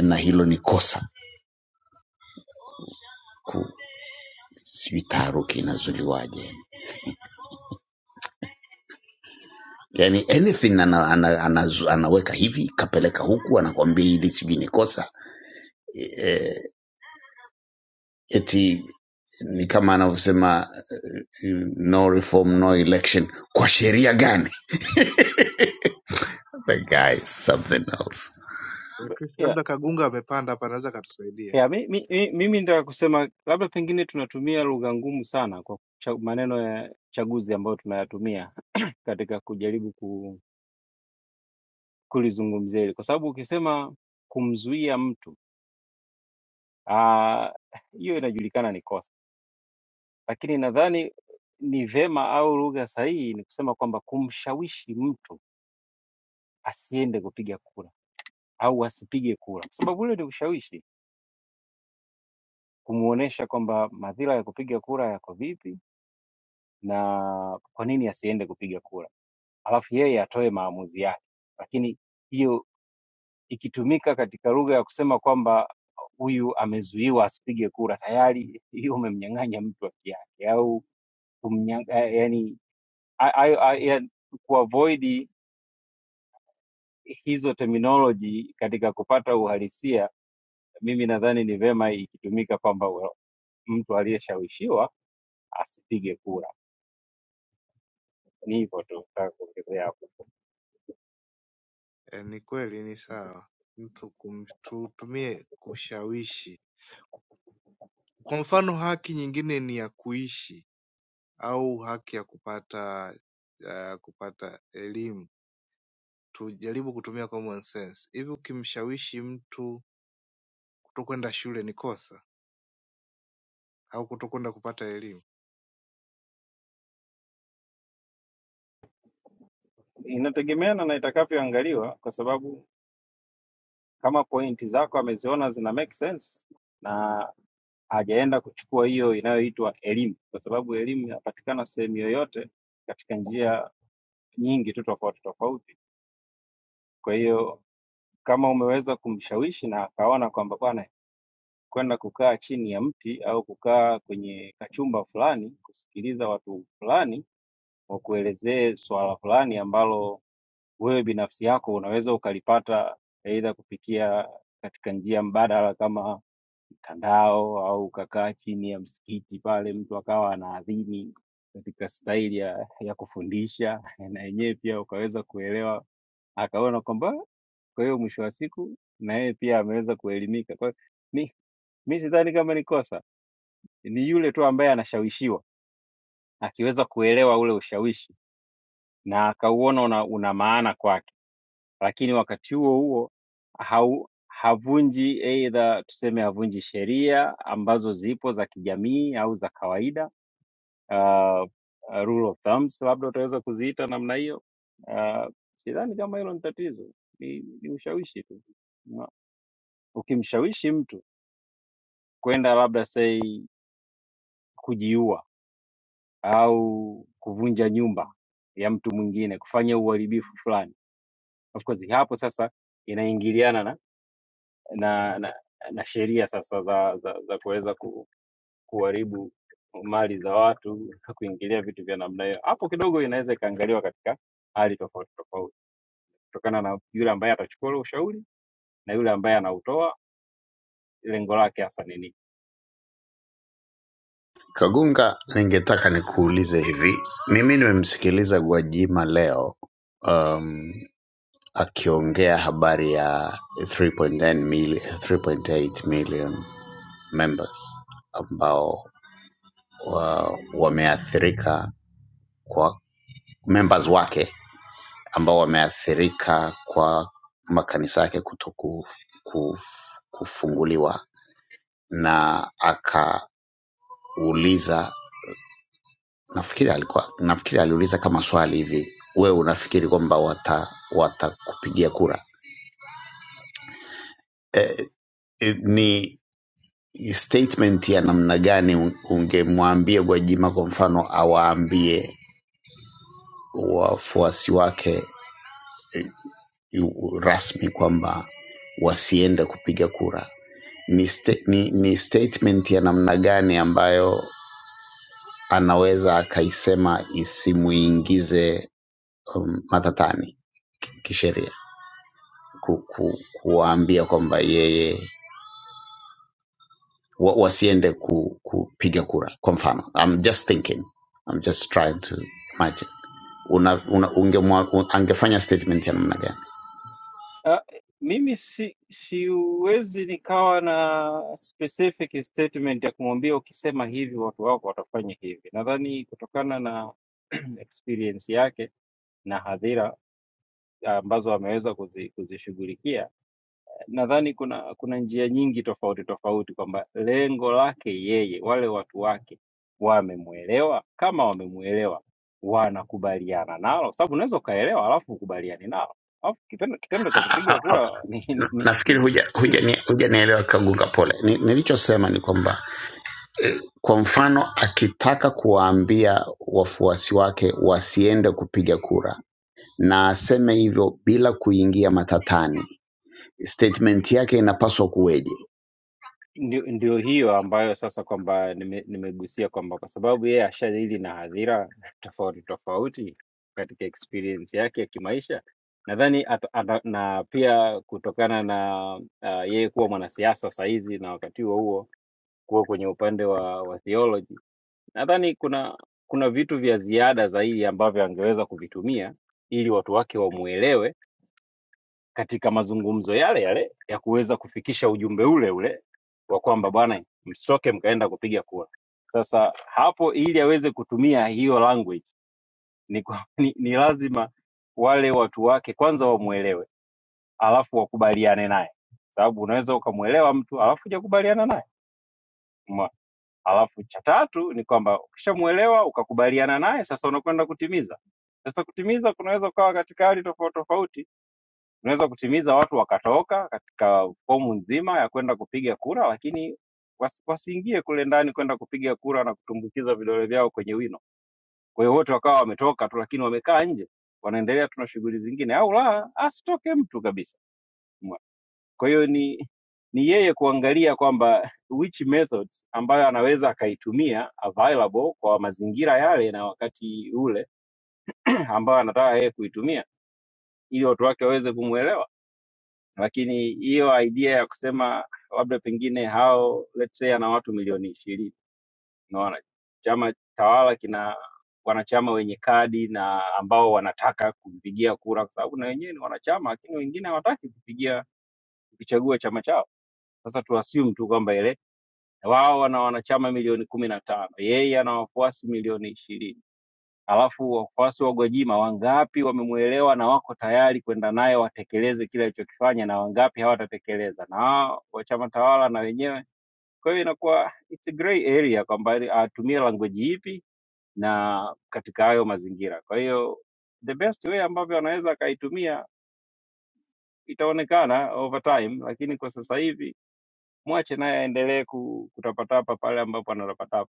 na hilo ni kosa. Ku- Sijui taharuki inazuliwaje, yani anything ana, ana, ana, anaweka hivi kapeleka huku, anakwambia hili sijui ni kosa e, e, eti ni kama anavyosema no reform no election. Kwa sheria gani? The guy is something else.
Eh,
Ba-
Chris,
Yeah.
labda Kagunga amepanda hapa, anaweza akatusaidia.
Yeah, mi, mi, mi, mimi nitaka kusema labda pengine tunatumia lugha ngumu sana kwa kucha- maneno ya chaguzi ambayo tunayatumia katika kujaribu ku, kulizungumzia hili, kwa sababu ukisema kumzuia mtu ah, hiyo inajulikana ni kosa, lakini nadhani ni vema au lugha sahihi ni kusema kwamba kumshawishi mtu asiende kupiga kura au asipige kura, kwa sababu ule ni ushawishi, kumuonesha kwamba madhira ya kupiga kura yako vipi na kwa nini asiende kupiga kura, alafu yeye atoe maamuzi yake. Lakini hiyo ikitumika katika lugha ya kusema kwamba huyu amezuiwa asipige kura, tayari hiyo umemnyang'anya mtu haki yake au kumnyang- eh, yani a- a- a- ya- kuavoid hizo terminology katika kupata uhalisia, mimi nadhani ni vema ikitumika kwamba well, mtu aliyeshawishiwa asipige kura. Ni hivyo tu, nataka kuongezea hapo.
E, ni kweli, ni sawa mtu kumtumie kushawishi. Kwa mfano, haki nyingine ni ya kuishi au haki ya kupata ya kupata elimu Tujaribu kutumia common sense hivi ukimshawishi mtu kutokwenda shule ni kosa au kutokwenda kupata elimu?
Inategemeana na itakavyoangaliwa kwa sababu kama pointi zako ameziona zina make sense na hajaenda kuchukua hiyo inayoitwa elimu, kwa sababu elimu inapatikana sehemu yoyote katika njia nyingi tu tofauti tofauti. Kwa hiyo kama umeweza kumshawishi na akaona kwamba bwana, kwenda kukaa chini ya mti au kukaa kwenye kachumba fulani kusikiliza watu fulani wakuelezee swala fulani ambalo wewe binafsi yako unaweza ukalipata aidha kupitia katika njia mbadala kama kandao au ukakaa chini ya msikiti pale, mtu akawa anaadhini katika staili ya, ya kufundisha na yenyewe pia ukaweza kuelewa, akaona kwamba kwa hiyo mwisho wa siku na yeye pia ameweza kuelimika. Kwa hiyo mi mi sidhani kama ni kosa, ni yule tu ambaye anashawishiwa akiweza kuelewa ule ushawishi na akauona una, una maana kwake, lakini wakati huo huo hau, havunji aidha tuseme havunji sheria ambazo zipo za kijamii au za kawaida uh, uh, rule of thumbs labda utaweza kuziita namna hiyo. Uh, sidhani kama hilo ni tatizo, ni, ni ushawishi tu. Na Ukimshawishi mtu kwenda labda sei kujiua au kuvunja nyumba ya mtu mwingine, kufanya uharibifu fulani, of course hapo sasa inaingiliana na na, na, na sheria sasa za za, za kuweza ku, kuharibu mali za watu, kuingilia vitu vya namna hiyo, hapo kidogo inaweza ikaangaliwa katika hali tofauti tofauti. kutokana na yule ambaye atachukua ule ushauri na yule ambaye anautoa lengo lake hasa ni nini.
Kagunga, ningetaka
Asante
nikuulize hivi.
mchungaji.
Mimi nimemsikiliza Gwajima leo um, akiongea habari ya 3.10 mil- 3.8 million members ambao wa, wameathirika kwa members wake ambao wameathirika kwa makanisa yake kutoku kuf, kufunguliwa na akauliza nafikiri alikuwa nafikiri aliuliza kama swali hivi wewe unafikiri kwamba wata watakupigia kura eh, eh, ni statement ya namna gani un- ungemwambia gwajima kwa mfano awaambie wafuasi wake eh, yu- rasmi kwamba wasiende kupiga kura ni, sta- ni, ni statement ya namna gani ambayo anaweza akaisema isimuingize um, matatani ki- kisheria ku, ku, kuwaambia kwamba yeye wa, wasiende ku, kupiga kura kwa mfano I'm just thinking I'm just trying to imagine una, una, ungemwa, un, angefanya statement ya namna gani
Ah, mimi si siwezi nikawa na specific statement ya kumwambia ukisema hivi watu wako watafanya hivi. Nadhani kutokana na experience yake na hadhira ambazo ameweza kuzi, kuzishughulikia nadhani kuna kuna njia nyingi tofauti tofauti kwamba lengo lake yeye, wale watu wake wamemwelewa. Kama wamemwelewa, wanakubaliana nalo, sababu unaweza ukaelewa alafu ukubaliani nalo, alafu kitendo, kitendo cha
A- a-
kupiga
a-
kura ni, ni,
na-
ni,
nafikiri
ni
huja
siri
hujanielewa huja ni- hujanielewa kagunga pole Ni- nilichosema ni kwamba kwa mfano akitaka kuwaambia wafuasi wake wasiende kupiga kura na aseme hivyo bila kuingia matatani statement yake inapaswa kuweje
Ndio, ndio hiyo ambayo sasa kwamba nime, nimegusia kwamba kwa sababu yeye ashadili na hadhira tofauti tofauti katika experience yake ya kimaisha, nadhani ata- ata- na pia kutokana na uh, yeye kuwa mwanasiasa saa hizi na wakati huo huo kuwa kwenye upande wa, wa theology, nadhani kuna kuna vitu vya ziada zaidi ambavyo angeweza kuvitumia ili watu wake wamuelewe katika mazungumzo yale yale ya kuweza kufikisha ujumbe ule ule wa kwamba bwana, msitoke mkaenda kupiga kura. Sasa hapo, ili aweze kutumia hiyo language ni, kwa, ni, ni lazima wale watu wake kwanza wamwelewe, alafu wakubaliane naye, sababu unaweza ukamwelewa mtu alafu hujakubaliana naye Umeona? alafu cha tatu ni kwamba ukishamuelewa ukakubaliana naye, sasa unakwenda kutimiza. Sasa kutimiza kunaweza kukawa katika hali tofauti tofauti Tunaweza kutimiza watu wakatoka katika fomu nzima ya kwenda kupiga kura, lakini wasi- wasiingie kule ndani kwenda kupiga kura na kutumbukiza vidole vyao kwenye wino. Kwa hiyo wote wakawa wametoka tu, lakini wamekaa nje, wanaendelea tu na shughuli zingine, au la, asitoke mtu kabisa. Umeona? Kwa hiyo ni ni yeye kuangalia kwamba which methods ambayo anaweza akaitumia available kwa mazingira yale na wakati ule ambayo anataka yeye kuitumia ili watu wake waweze kumwelewa. lakini hiyo idea ya kusema labda pengine hao let's say ana watu milioni ishirini unaona chama tawala kina wanachama wenye kadi na ambao wanataka kumpigia kura kwa sababu na wenyewe ni wanachama lakini wengine hawataki kupigia kukichagua chama chao sasa tu assume tu kwamba ile wao wana wanachama milioni kumi na tano yeye ana wafuasi milioni ishirini Alafu wafuasi wa Gwajima wangapi wamemuelewa na wako tayari kwenda naye watekeleze kile alichokifanya na wangapi hawatatekeleza, na hao wa chama tawala na wenyewe. Kwa hiyo inakuwa it's a gray area kwamba atumie language ipi na katika hayo mazingira. Kwa hiyo the best way ambavyo anaweza akaitumia itaonekana over time, lakini kwa sasa hivi mwache naye aendelee ku- kutapatapa pale ambapo anatapatapa.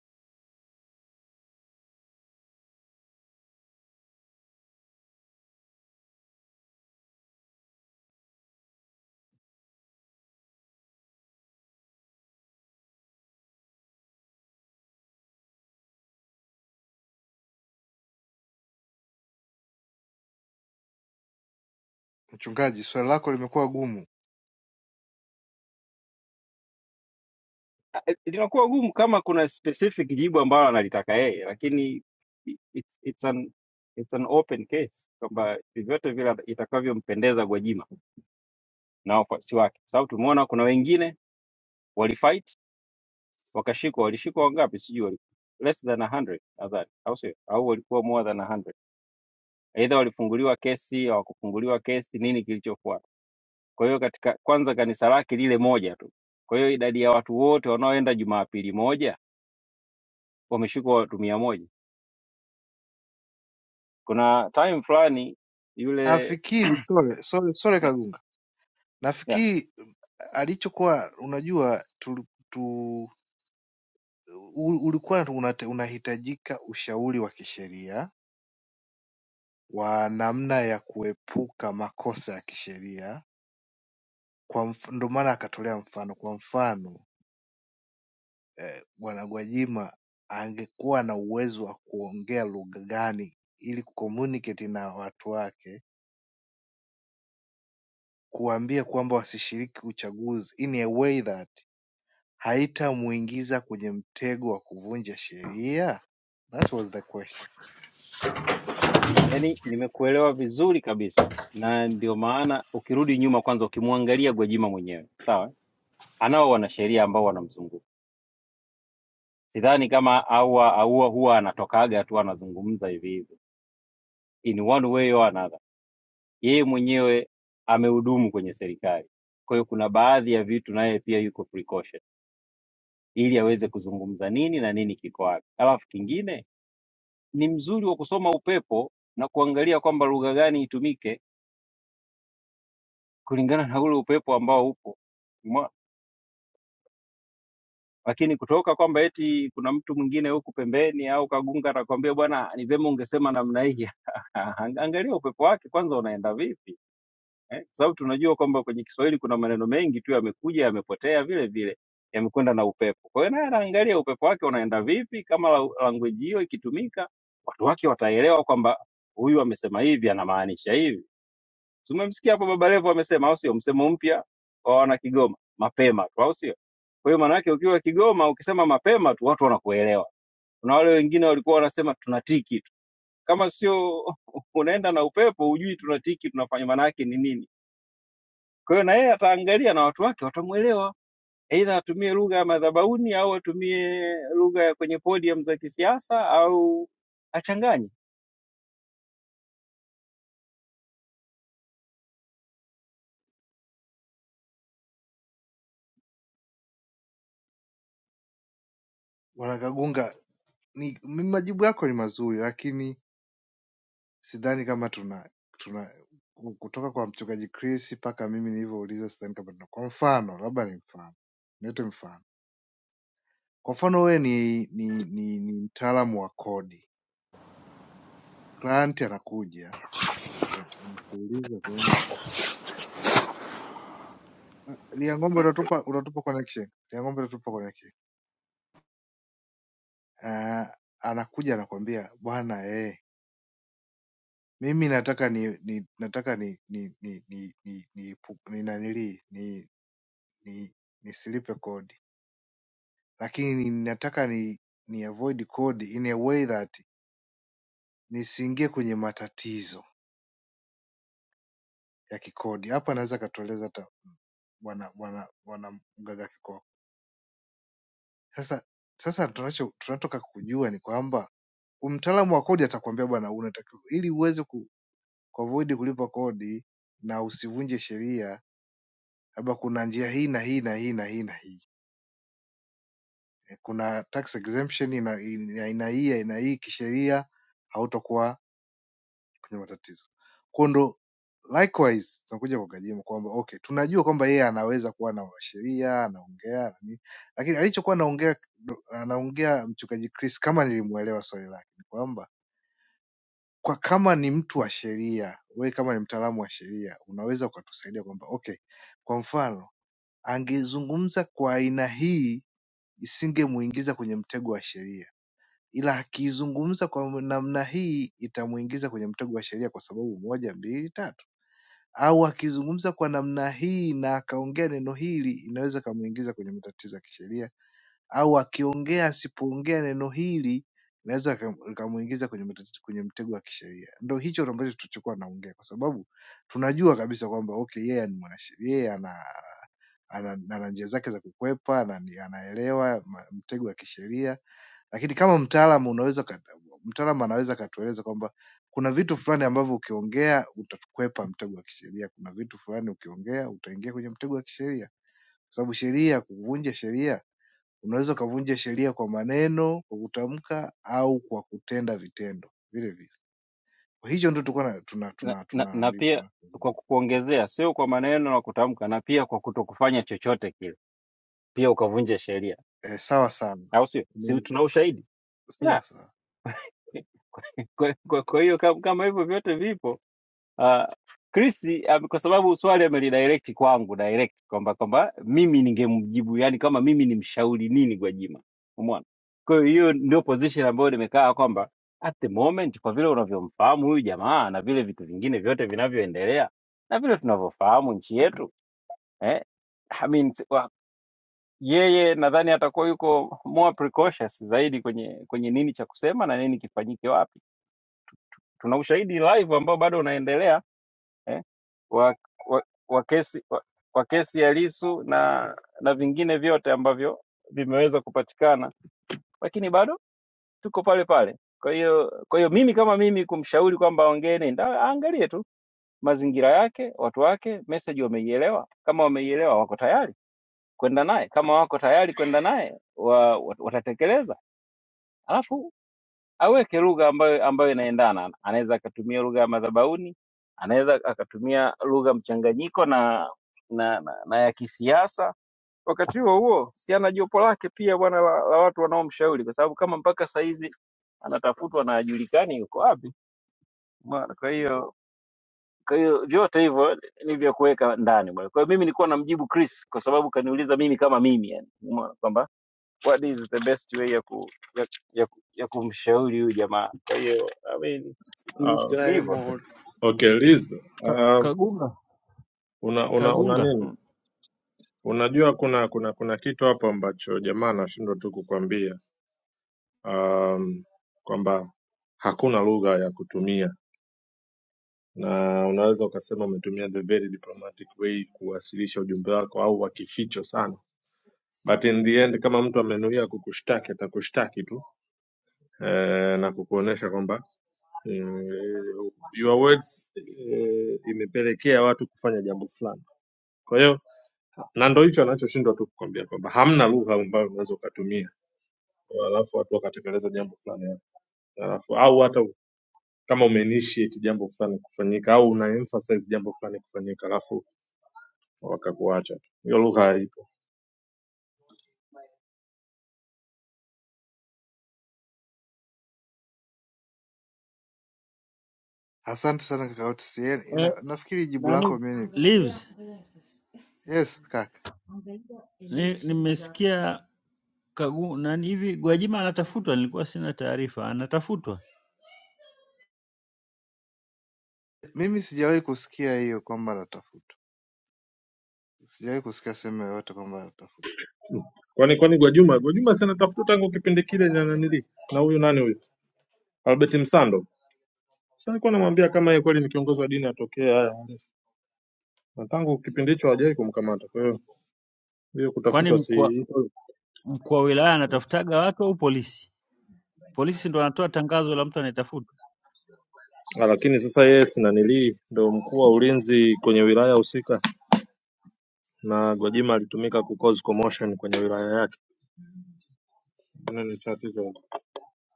Mchungaji, swali lako limekuwa gumu.
Ah, eh, linakuwa gumu kama kuna specific jibu ambalo analitaka yeye, lakini i- it's, it's an, it's an open case kwamba vyovyote vile itakavyompendeza Gwajima na wafuasi wake, kwa sababu tumeona kuna wengine walifight wakashikwa, walishikwa wangapi? Sijui wali less than 100 nadhani, au sio? Au walikuwa more than 100, aidha walifunguliwa kesi, hawakufunguliwa kesi, nini kilichofuata? Kwa hiyo katika kwanza kanisa lake lile moja tu, kwa hiyo idadi ya watu wote wanaoenda Jumapili moja wameshikwa watu mia moja kuna time fulani yule
Nafikiri sole sole sole
yeah,
Kagunga,
yeah.
nafikiri mm, alichokuwa unajua tu, tu, u- ulikuwa unate- unahitajika ushauri wa kisheria wa namna ya kuepuka makosa ya kisheria kwa mf, ndo maana akatolea mfano. Kwa mfano eh, Bwana Gwajima angekuwa na uwezo wa kuongea lugha gani ili kucommunicate na watu wake, kuwaambia kwamba wasishiriki uchaguzi in a way that haitamuingiza kwenye mtego wa kuvunja sheria? That was the question.
Yani nimekuelewa vizuri kabisa, na ndio maana ukirudi nyuma kwanza, ukimwangalia Gwajima mwenyewe sawa, eh? anao wanasheria ambao wanamzunguka. Sidhani kama aua aua huwa anatokaga tu anazungumza hivi hivi, in one way or another. Yeye mwenyewe amehudumu kwenye serikali, kwa hiyo kuna baadhi ya vitu naye pia yuko precaution, ili aweze kuzungumza nini na nini kiko wapi. Alafu kingine ni mzuri wa kusoma upepo na kuangalia kwamba lugha gani itumike kulingana na ule upepo ambao upo Mwa- lakini kutoka kwamba eti kuna mtu mwingine huku pembeni au kagunga atakwambia bwana ni vyema ungesema namna hii Ang- angalia upepo wake kwanza unaenda vipi eh? kwa sababu tunajua kwamba kwenye Kiswahili kuna maneno mengi tu yamekuja yamepotea vile vile yamekwenda na upepo kwa hiyo naye anaangalia upepo wake unaenda vipi kama la- language hiyo ikitumika watu wake wataelewa kwamba huyu amesema hivi anamaanisha hivi Si umemsikia hapo Baba Levo amesema, au sio? Msemo mpya wa wana Kigoma, mapema tu, au sio? Kwa hiyo maana yake ukiwa Kigoma ukisema mapema tu watu wanakuelewa. Kuna wale wengine walikuwa wanasema tunatiki tu, kama sio unaenda na upepo, hujui tunatiki tunafanya maana yake ni nini. Kwa hiyo na yeye ataangalia na watu wake watamuelewa, aidha atumie lugha ya madhabauni au atumie lugha ya kwenye podium za kisiasa au achanganye.
Bwana Kagunga, ni mi- majibu yako ni mazuri, lakini sidhani kama tuna tuna ku- kutoka kwa mchungaji Chris mpaka mimi nilivyouliza, sidhani kama tuna. Kwa mfano, labda ni mfano, nilete mfano Kwa mfano wewe ni ni ni ni mtaalamu wa kodi, client anakuja anaku anakuuliza kwamba "Ah, Liang'ombe unatupa unatupa connection, Liang'ombe unatupa connection." Ah, anakuja anakwambia bwana eh, mimi nataka ni, ni nataka ni ni ni ni ni ni, pu- ni nanili ni ni nisilipe kodi, lakini nataka ni ni avoid kodi in a way that nisiingie kwenye matatizo. ya kikodi. Hapa anaweza akatueleza ta- bwana bwana bwana mganga kikoko. Sasa sasa tunacho tunatoka kujua ni kwamba huyu mtaalamu wa kodi atakwambia bwana, unatakiwa ili uweze ku kuavoid kulipa kodi na usivunje sheria, labda kuna njia hii na hii na hii na hii na hii. Eh, Kuna tax exemption ina ina aina hii aina hii kisheria, hautakuwa kwenye matatizo. Kwa ndo likewise tunakuja kwa Gwajima kwamba okay, tunajua kwamba yeye anaweza kuwa na sheria anaongea na nini, lakini alichokuwa anaongea anaongea mchungaji Chris, kama nilimuelewa swali lake, ni kwamba kwa kama ni mtu wa sheria, wewe kama ni mtaalamu wa sheria unaweza ukatusaidia kwamba okay, kwa mfano angezungumza kwa aina hii isingemuingiza kwenye mtego wa sheria, ila akizungumza kwa namna hii itamuingiza kwenye mtego wa sheria kwa sababu moja, mbili, tatu au akizungumza kwa namna hii na akaongea neno hili inaweza ikamuingiza kwenye matatizo ya kisheria, au akiongea asipoongea neno hili inaweza ikam- ikamuingiza kwenye matatizo, kwenye mtego wa kisheria. Ndo hicho ambacho tulichokuwa naongea, kwa sababu tunajua kabisa kwamba okay, yeye ni mwanasheria, yeye ana, ana, ana, ana njia zake za kukwepa, ana, anaelewa ma- mtego wa kisheria lakini kama mtaalamu unaweza kata- mtaalamu anaweza akatueleza kwamba kuna vitu fulani ambavyo ukiongea utakwepa mtego wa kisheria, kuna vitu fulani ukiongea utaingia kwenye mtego wa kisheria, kwa sababu sheria, kuvunja sheria, unaweza ukavunja sheria kwa maneno, kwa kutamka au kwa kutenda vitendo vile vile. Kwa hicho ndio tulikuwa na- tuna
na,
tuna
na,
tuna
na
nani
pia kwa
tunazungumza.
kukuongezea, sio kwa maneno na kutamka, na pia kwa kutokufanya chochote kile, pia ukavunja sheria,
Eh, sawa sana.
au sio? Si
Ni-
tuna ushahidi
Sawa
yeah.
sawa.
Kwa kwa- kwa hiyo kama, kama hivyo vyote vipo uh, Chris um, kwa sababu swali amelidirect kwangu direct kwamba kwamba mimi ningemjibu, yani kama mimi nimshauri nini Gwajima, umeona? Kwa hiyo hiyo ndio position ambayo nimekaa kwamba at the moment, kwa vile unavyomfahamu huyu jamaa na vile vitu vingine vyote vinavyoendelea na vile tunavyofahamu nchi yetu eh? I mean, s- wa- yeye nadhani atakuwa yuko more precautious zaidi kwenye kwenye nini cha kusema na nini kifanyike wapi. Tuna ushahidi live ambao bado unaendelea eh? wa, wa, wa kesi wa, wa kesi ya Lissu na na vingine vyote ambavyo vimeweza kupatikana, lakini bado tuko pale pale. Kwa hiyo kwa hiyo mimi kama mimi kumshauri kwamba aongee nini, Da- aangalie tu mazingira yake, watu wake, message wameielewa. Kama wameielewa wako tayari kwenda naye, kama wako tayari kwenda naye wa, wat- watatekeleza. Alafu aweke lugha ambayo ambayo inaendana, anaweza akatumia lugha ya madhabauni, anaweza akatumia lugha mchanganyiko na na, na, na ya kisiasa. Wakati huo huo, si ana jopo lake pia bwana la, la watu wanaomshauri, kwa sababu kama mpaka saa hizi anatafutwa na hajulikani yuko wapi. Bwana, Kwa hiyo kwa hiyo vyote hivyo ni vya kuweka ndani bwana. Kwa hiyo mimi nilikuwa namjibu Chris kwa sababu kaniuliza mimi kama mimi, yani umeona kwamba what is the best way ya ku ya, ya, ku- ya kumshauri huyu jamaa. Kwa hiyo I mean
This
Ah,
ni
guy
hivyo tu.
mod.
okay Liz,
ka,
ah,
kagunga
una una una
kagunga
nini?
Mm.
Unajua kuna kuna kuna kitu hapo ambacho jamaa anashindwa tu kukwambia um, kwamba hakuna lugha ya kutumia, na unaweza ukasema umetumia the very diplomatic way kuwasilisha ujumbe wako, au wa kificho sana, but in the end kama mtu amenuia kukushtaki atakushtaki tu eh, na kukuonesha kwamba mm, your words eh, imepelekea watu kufanya jambo fulani, kwa hiyo na ndo hicho anachoshindwa tu kukwambia kwamba hamna lugha ambayo unaweza ukatumia alafu watu wakatekeleza jambo fulani alafu au hata kama umeinitiate jambo fulani kufanyika au una emphasize jambo fulani kufanyika alafu wakakuacha tu. hiyo lugha haipo
Asante sana kaka Otisiel.
eh,
Ina- Nafikiri jibu
nani
lako mimi
leaves
yes kaka.
ni, nimesikia kagu nani hivi Gwajima anatafutwa, nilikuwa sina taarifa. Anatafutwa
Mimi sijawahi kusikia hiyo kwamba anatafutwa. Sijawahi kusikia sehemu yoyote kwamba anatafutwa.
kwani kwani Gwajuma Gwajuma si anatafuta tangu kipindi kile na nanili na huyu nani huyu Albert Msando sasa alikuwa anamwambia kama yeye kweli ni kiongozi wa dini atokee haya na tangu kipindi hicho hawajawahi kumkamata kwa hiyo hiyo
kwani
kutafutwa
mkuu wa
si
mkuu wa wilaya anatafutaga watu au polisi? Polisi ndo wanatoa tangazo la mtu anayetafuta
Ah, Lakini sasa yeye si nanilii ndo mkuu wa ulinzi kwenye wilaya husika na Gwajima alitumika ku cause commotion kwenye wilaya yake. Hilo ni tatizo.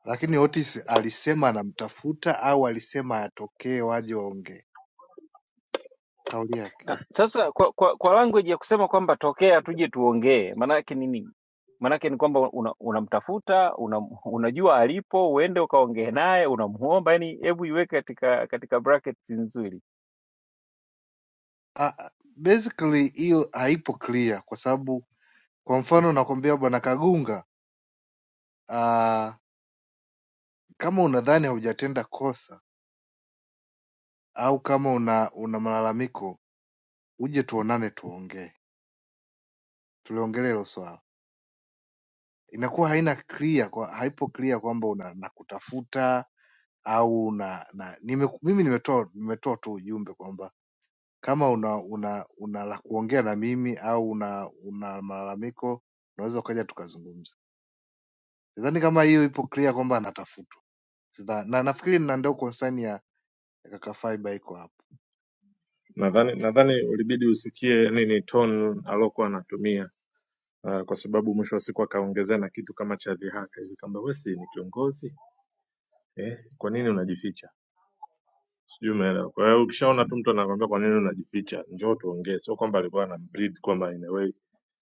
Lakini Otis alisema anamtafuta au alisema atokee waje waongee. Kauli yake.
Ah, Sasa kwa, kwa, kwa language ya kusema kwamba tokea tuje tuongee, maana yake ni nini? Maana yake ni kwamba unamtafuta una unamtafuta, una, unajua alipo, uende ukaongee naye, unamuomba. Yani hebu iweke katika katika brackets nzuri
Ah, ah, basically hiyo haipo clear kwa sababu kwa mfano nakwambia bwana Kagunga, ah, kama unadhani haujatenda kosa au kama una una malalamiko uje tuonane tuongee. Tuliongelea hilo swala. Inakuwa haina clear kwa haipo clear kwamba una nakutafuta au na, na nime, mimi nimetoa nimetoa tu ujumbe kwamba kama una una una la kuongea na mimi au una una malalamiko unaweza ukaja tukazungumza. Sidhani kama hiyo ipo clear kwamba anatafutwa. Sidha, na nafikiri na ndio concern ya ya kaka Faiba iko hapo.
Nadhani nadhani ulibidi usikie nini tone alokuwa anatumia. Uh, kwa sababu mwisho wa siku akaongezea na kitu kama cha dhihaka hivi kwamba wewe si ni kiongozi eh, kwa nini unajificha? Sijui umeelewa. Kwa hiyo ukishaona tu mtu anakwambia kwa nini unajificha, njoo tuongee. Sio kwamba alikuwa anambreed kwamba in a way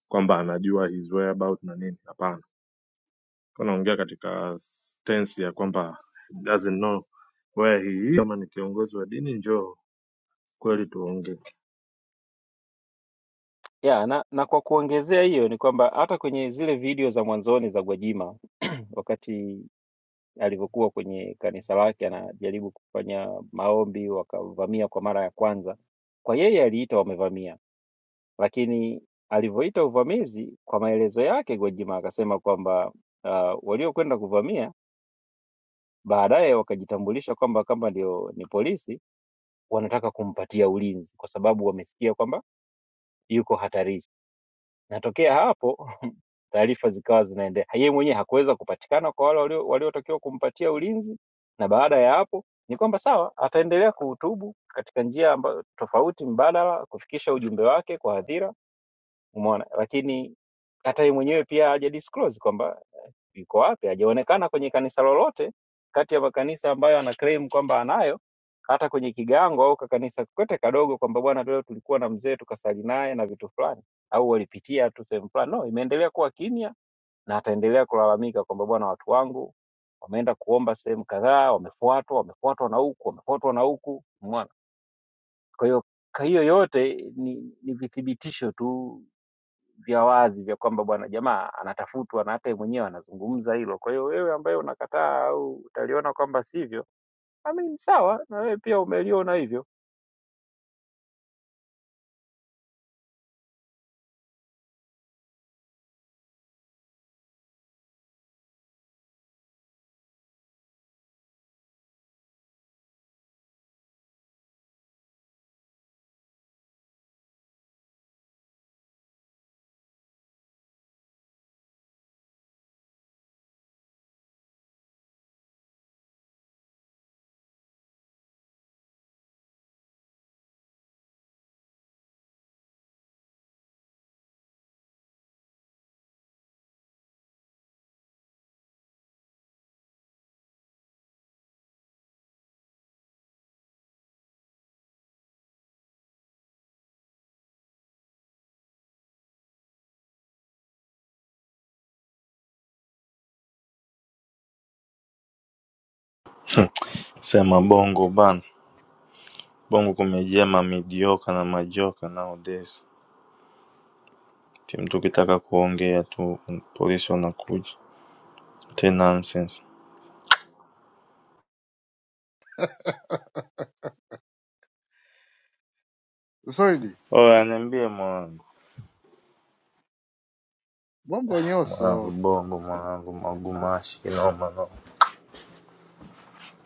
kwamba anajua his whereabout na nini. Hapana. Anaongea katika tensi ya kwamba he doesn't know where he is. Kama ni kiongozi wa dini, njoo kweli tuongee.
ya na, na kwa kuongezea hiyo ni kwamba hata kwenye zile video za mwanzoni za Gwajima wakati alivyokuwa kwenye kanisa lake anajaribu kufanya maombi, wakavamia kwa mara ya kwanza. Kwa yeye aliita wamevamia, lakini alivyoita uvamizi, kwa maelezo yake Gwajima akasema kwamba uh, waliokwenda kuvamia baadaye wakajitambulisha kwamba kama ndio ni polisi, wanataka kumpatia ulinzi kwa sababu wamesikia kwamba yuko hatarini. na tokea hapo taarifa zikawa zinaendelea. Yeye mwenyewe hakuweza kupatikana kwa wale walio- waliotakiwa kumpatia ulinzi, na baada ya hapo ni kwamba sawa, ataendelea kuhutubu katika njia ambayo tofauti mbadala kufikisha ujumbe wake kwa hadhira, umeona, lakini hata yeye mwenyewe pia haja disclose kwamba yuko wapi? Hajaonekana kwenye kanisa lolote kati ya makanisa ambayo ana claim kwamba anayo, hata kwenye Kigango au kakanisa kokote kadogo, kwamba bwana, leo tulikuwa na mzee tukasali naye na vitu fulani, au walipitia tu sehemu fulani. No, imeendelea kuwa kimya na ataendelea kulalamika kwamba bwana, watu wangu wameenda kuomba sehemu kadhaa, wamefuatwa, wamefuatwa na huku, wamefuatwa na huku, umeona? Kwa hiyo kwa hiyo yote ni, ni vithibitisho tu vya wazi vya kwamba bwana jamaa anatafutwa na hata yeye mwenyewe anazungumza hilo. Kwa hiyo wewe ambaye unakataa au utaliona kwamba sivyo, I mean, sawa na wewe pia umeliona hivyo.
Sema bongo bana, bongo kumejaa mamidioka na majoka nowadays. Ti mtu ukitaka kuongea tu polisi wanakuja tena nonsense.
Sorry, Dee.
Oya, niambie mwanangu,
Bongo
mwanangu
nyoso.
bongo, mwanangu magumashi, kinoma noma.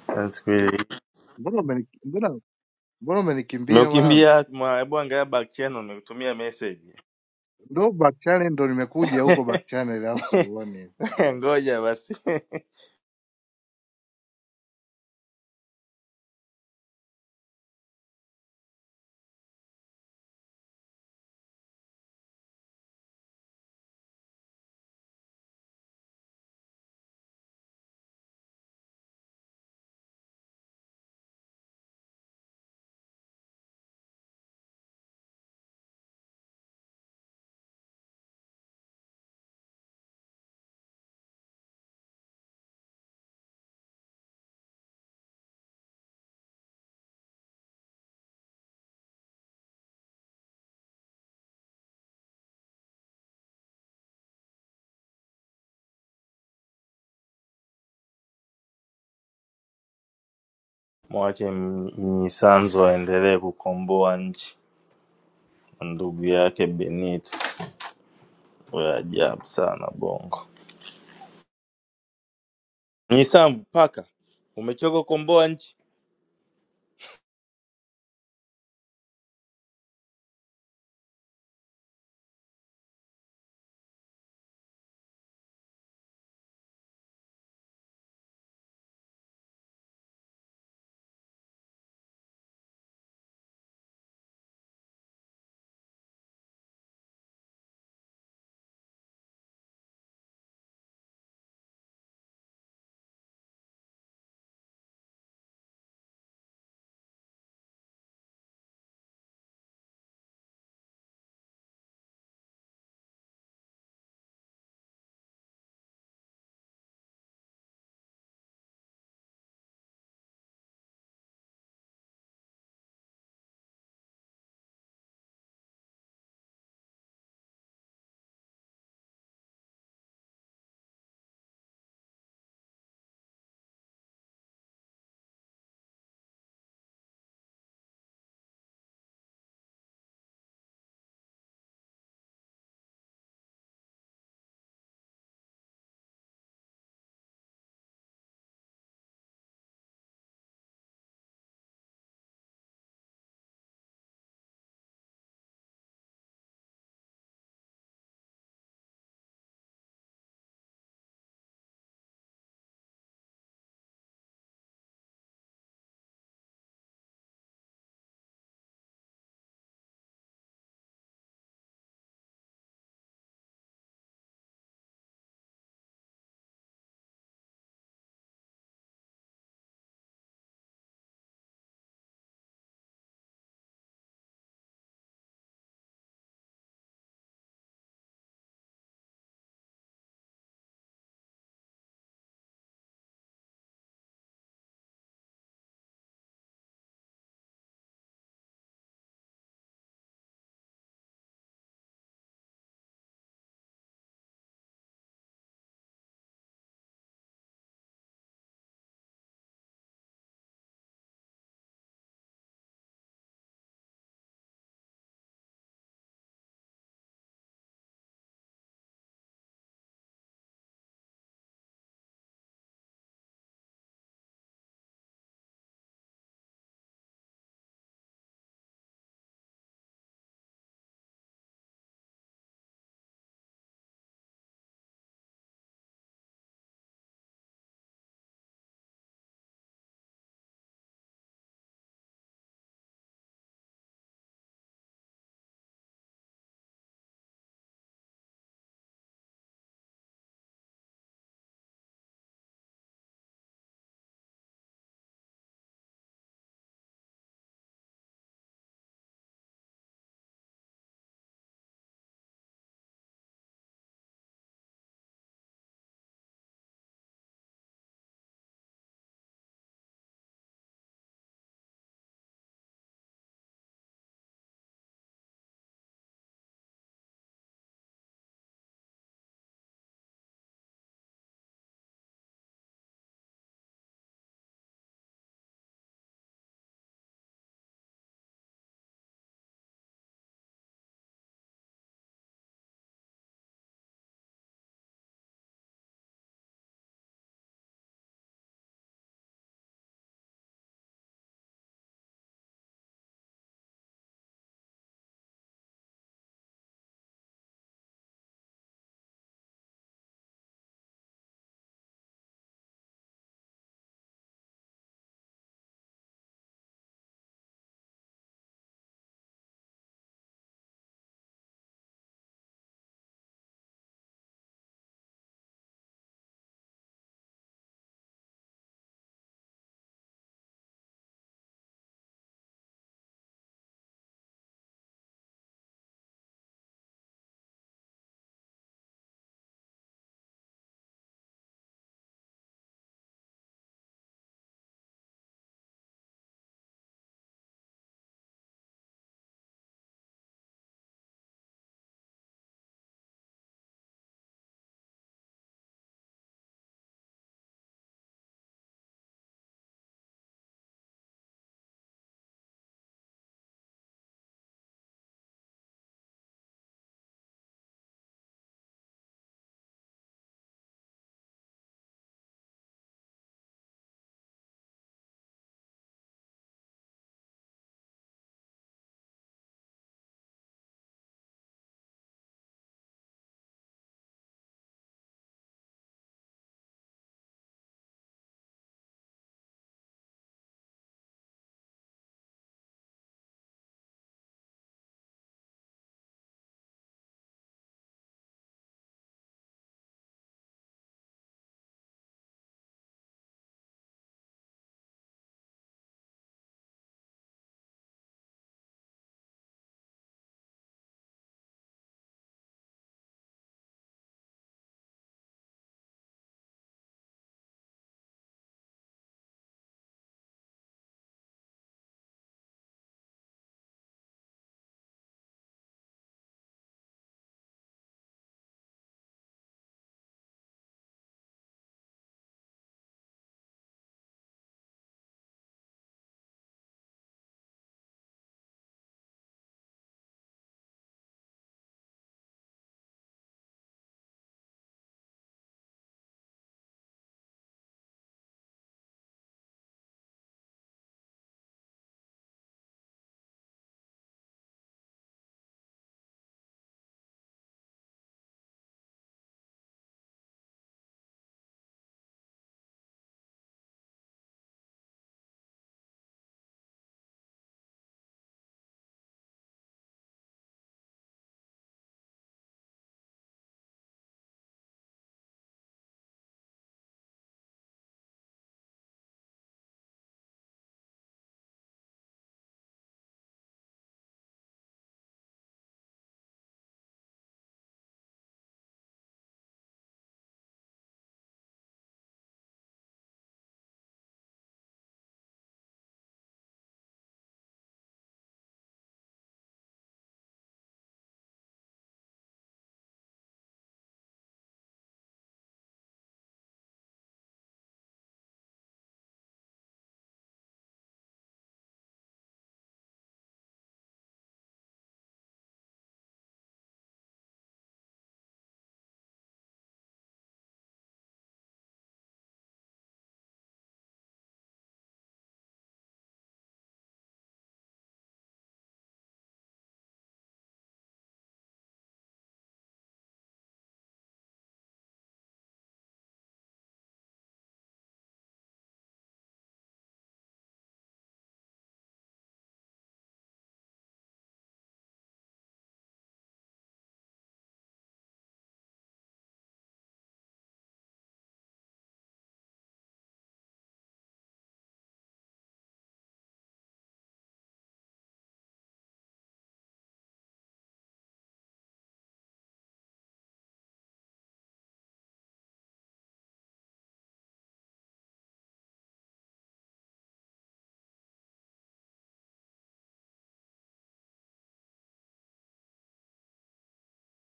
Yaani siku hii-
Mbona umeni- mbona mbona umenikimbia mwanangu?
Nimeukimbia mwa- hebu angalia back channel nimekutumia message.
Ndo back channel ndo nimekuja huko back channel alafu sikuoni.
Ngoja basi. Mwache Mnyisanzo aendelee kukomboa nchi na ndugu yake Benito. We ajabu sana Bongo. Mnyisanzu paka, umechoka kukomboa nchi?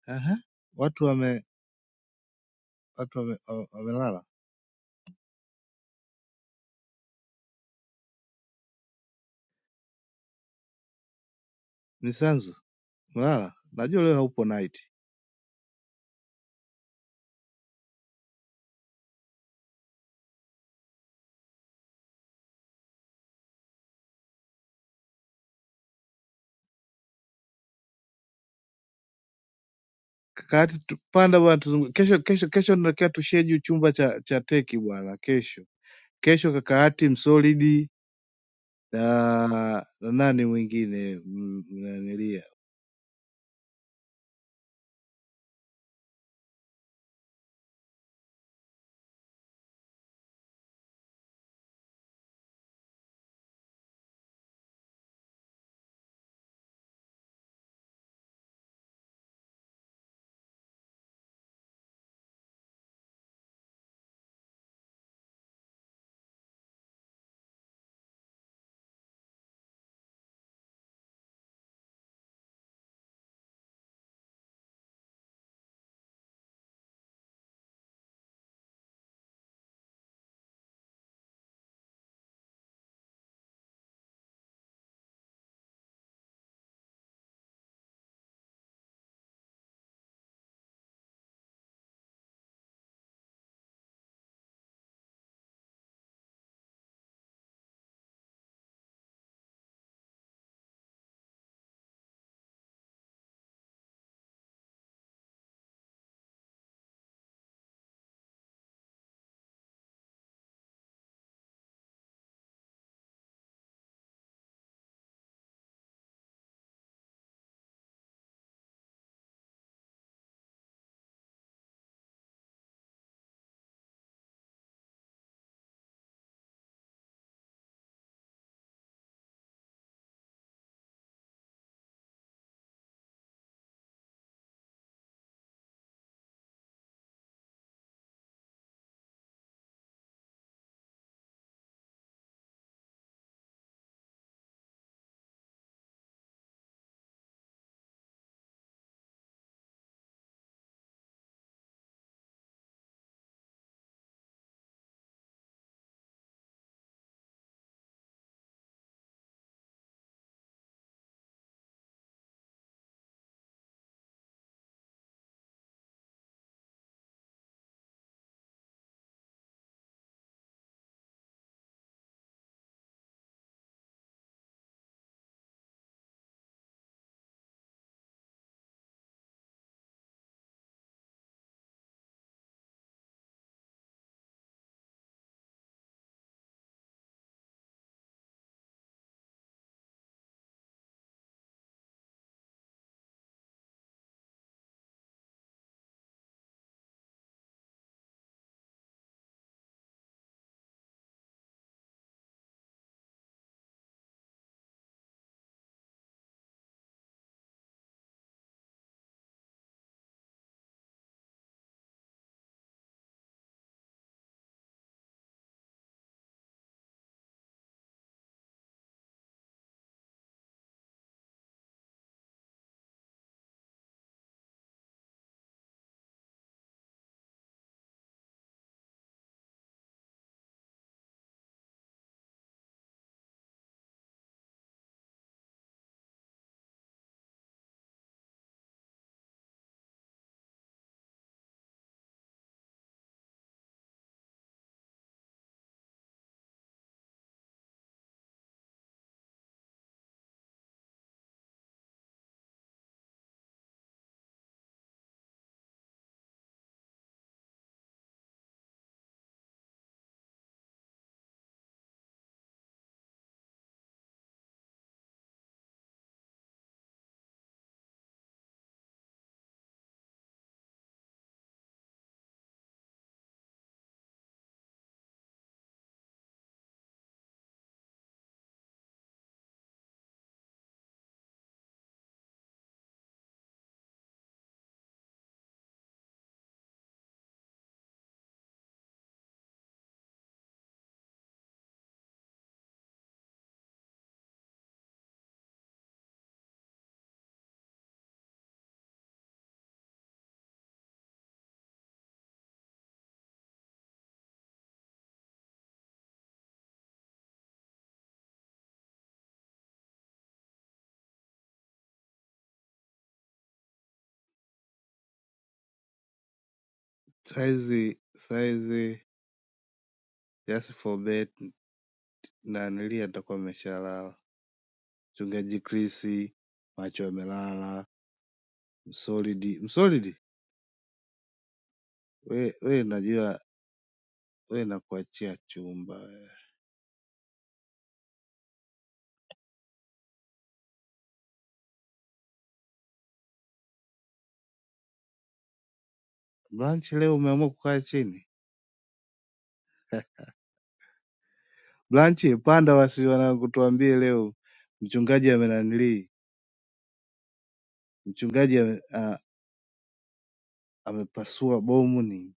Aha, watu wame watu wame, wa- wamelala. Ni Mlala, najua leo haupo night. Kaka yake tu- panda bwana tuzungu. Kesho kesho kesho tunatakiwa tushedule chumba cha cha teki bwana kesho. Kesho kaka yake msolidi na na nani mwingine m- mnanilia. Saizi saizi just for bet nanilia nitakuwa nimeshalala. Mchungaji Chris macho yamelala. Msolidi msolidi we we najua we nakuachia chumba. Brunch leo umeamua kukaa chini? Blanchi panda wasi wanakutuambie leo mchungaji amenanilii mchungaji ame- a- amepasua bomu ni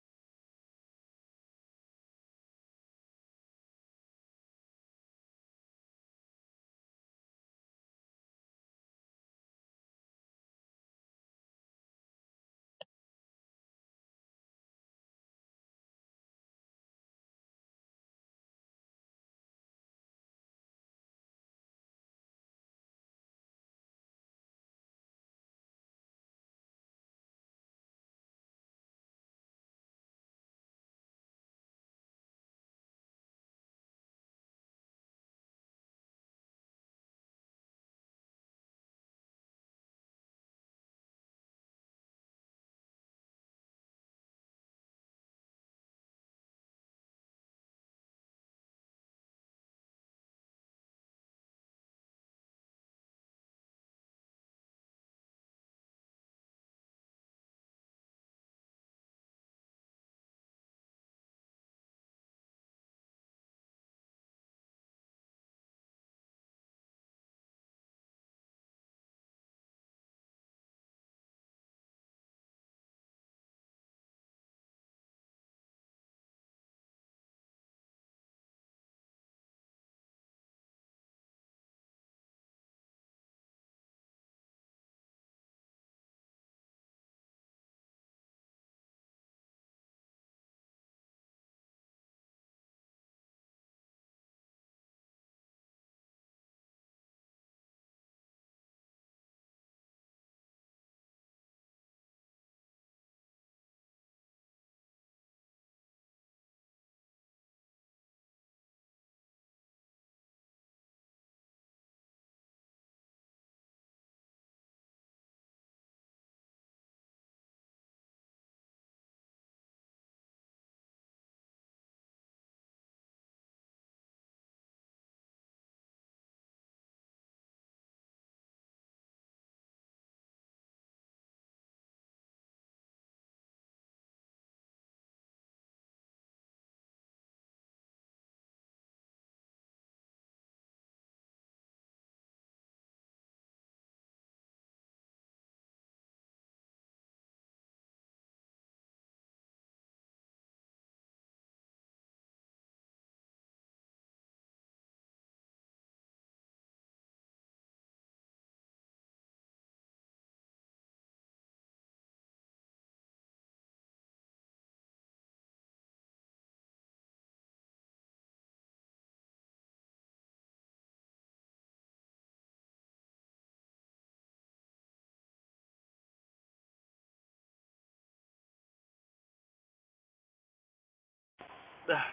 Ah,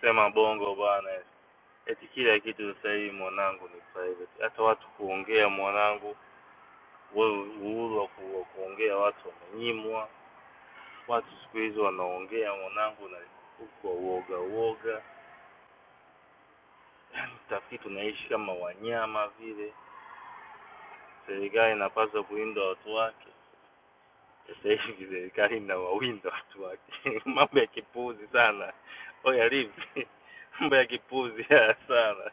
Sema bongo bwana, eti kila kitu sasa hivi mwanangu ni private, hata watu kuongea mwanangu, wewe uhuru wa ku- wa kuongea watu wamenyimwa. Watu siku hizi wanaongea mwanangu na kwa uoga uoga, tafiti tunaishi kama wanyama vile. Serikali inapaswa kulinda watu wake. Sasa hivi serikali inawawinda watu wake mambo ya kipuzi sana. Oya livi, mambo ya kipuzi haya sana.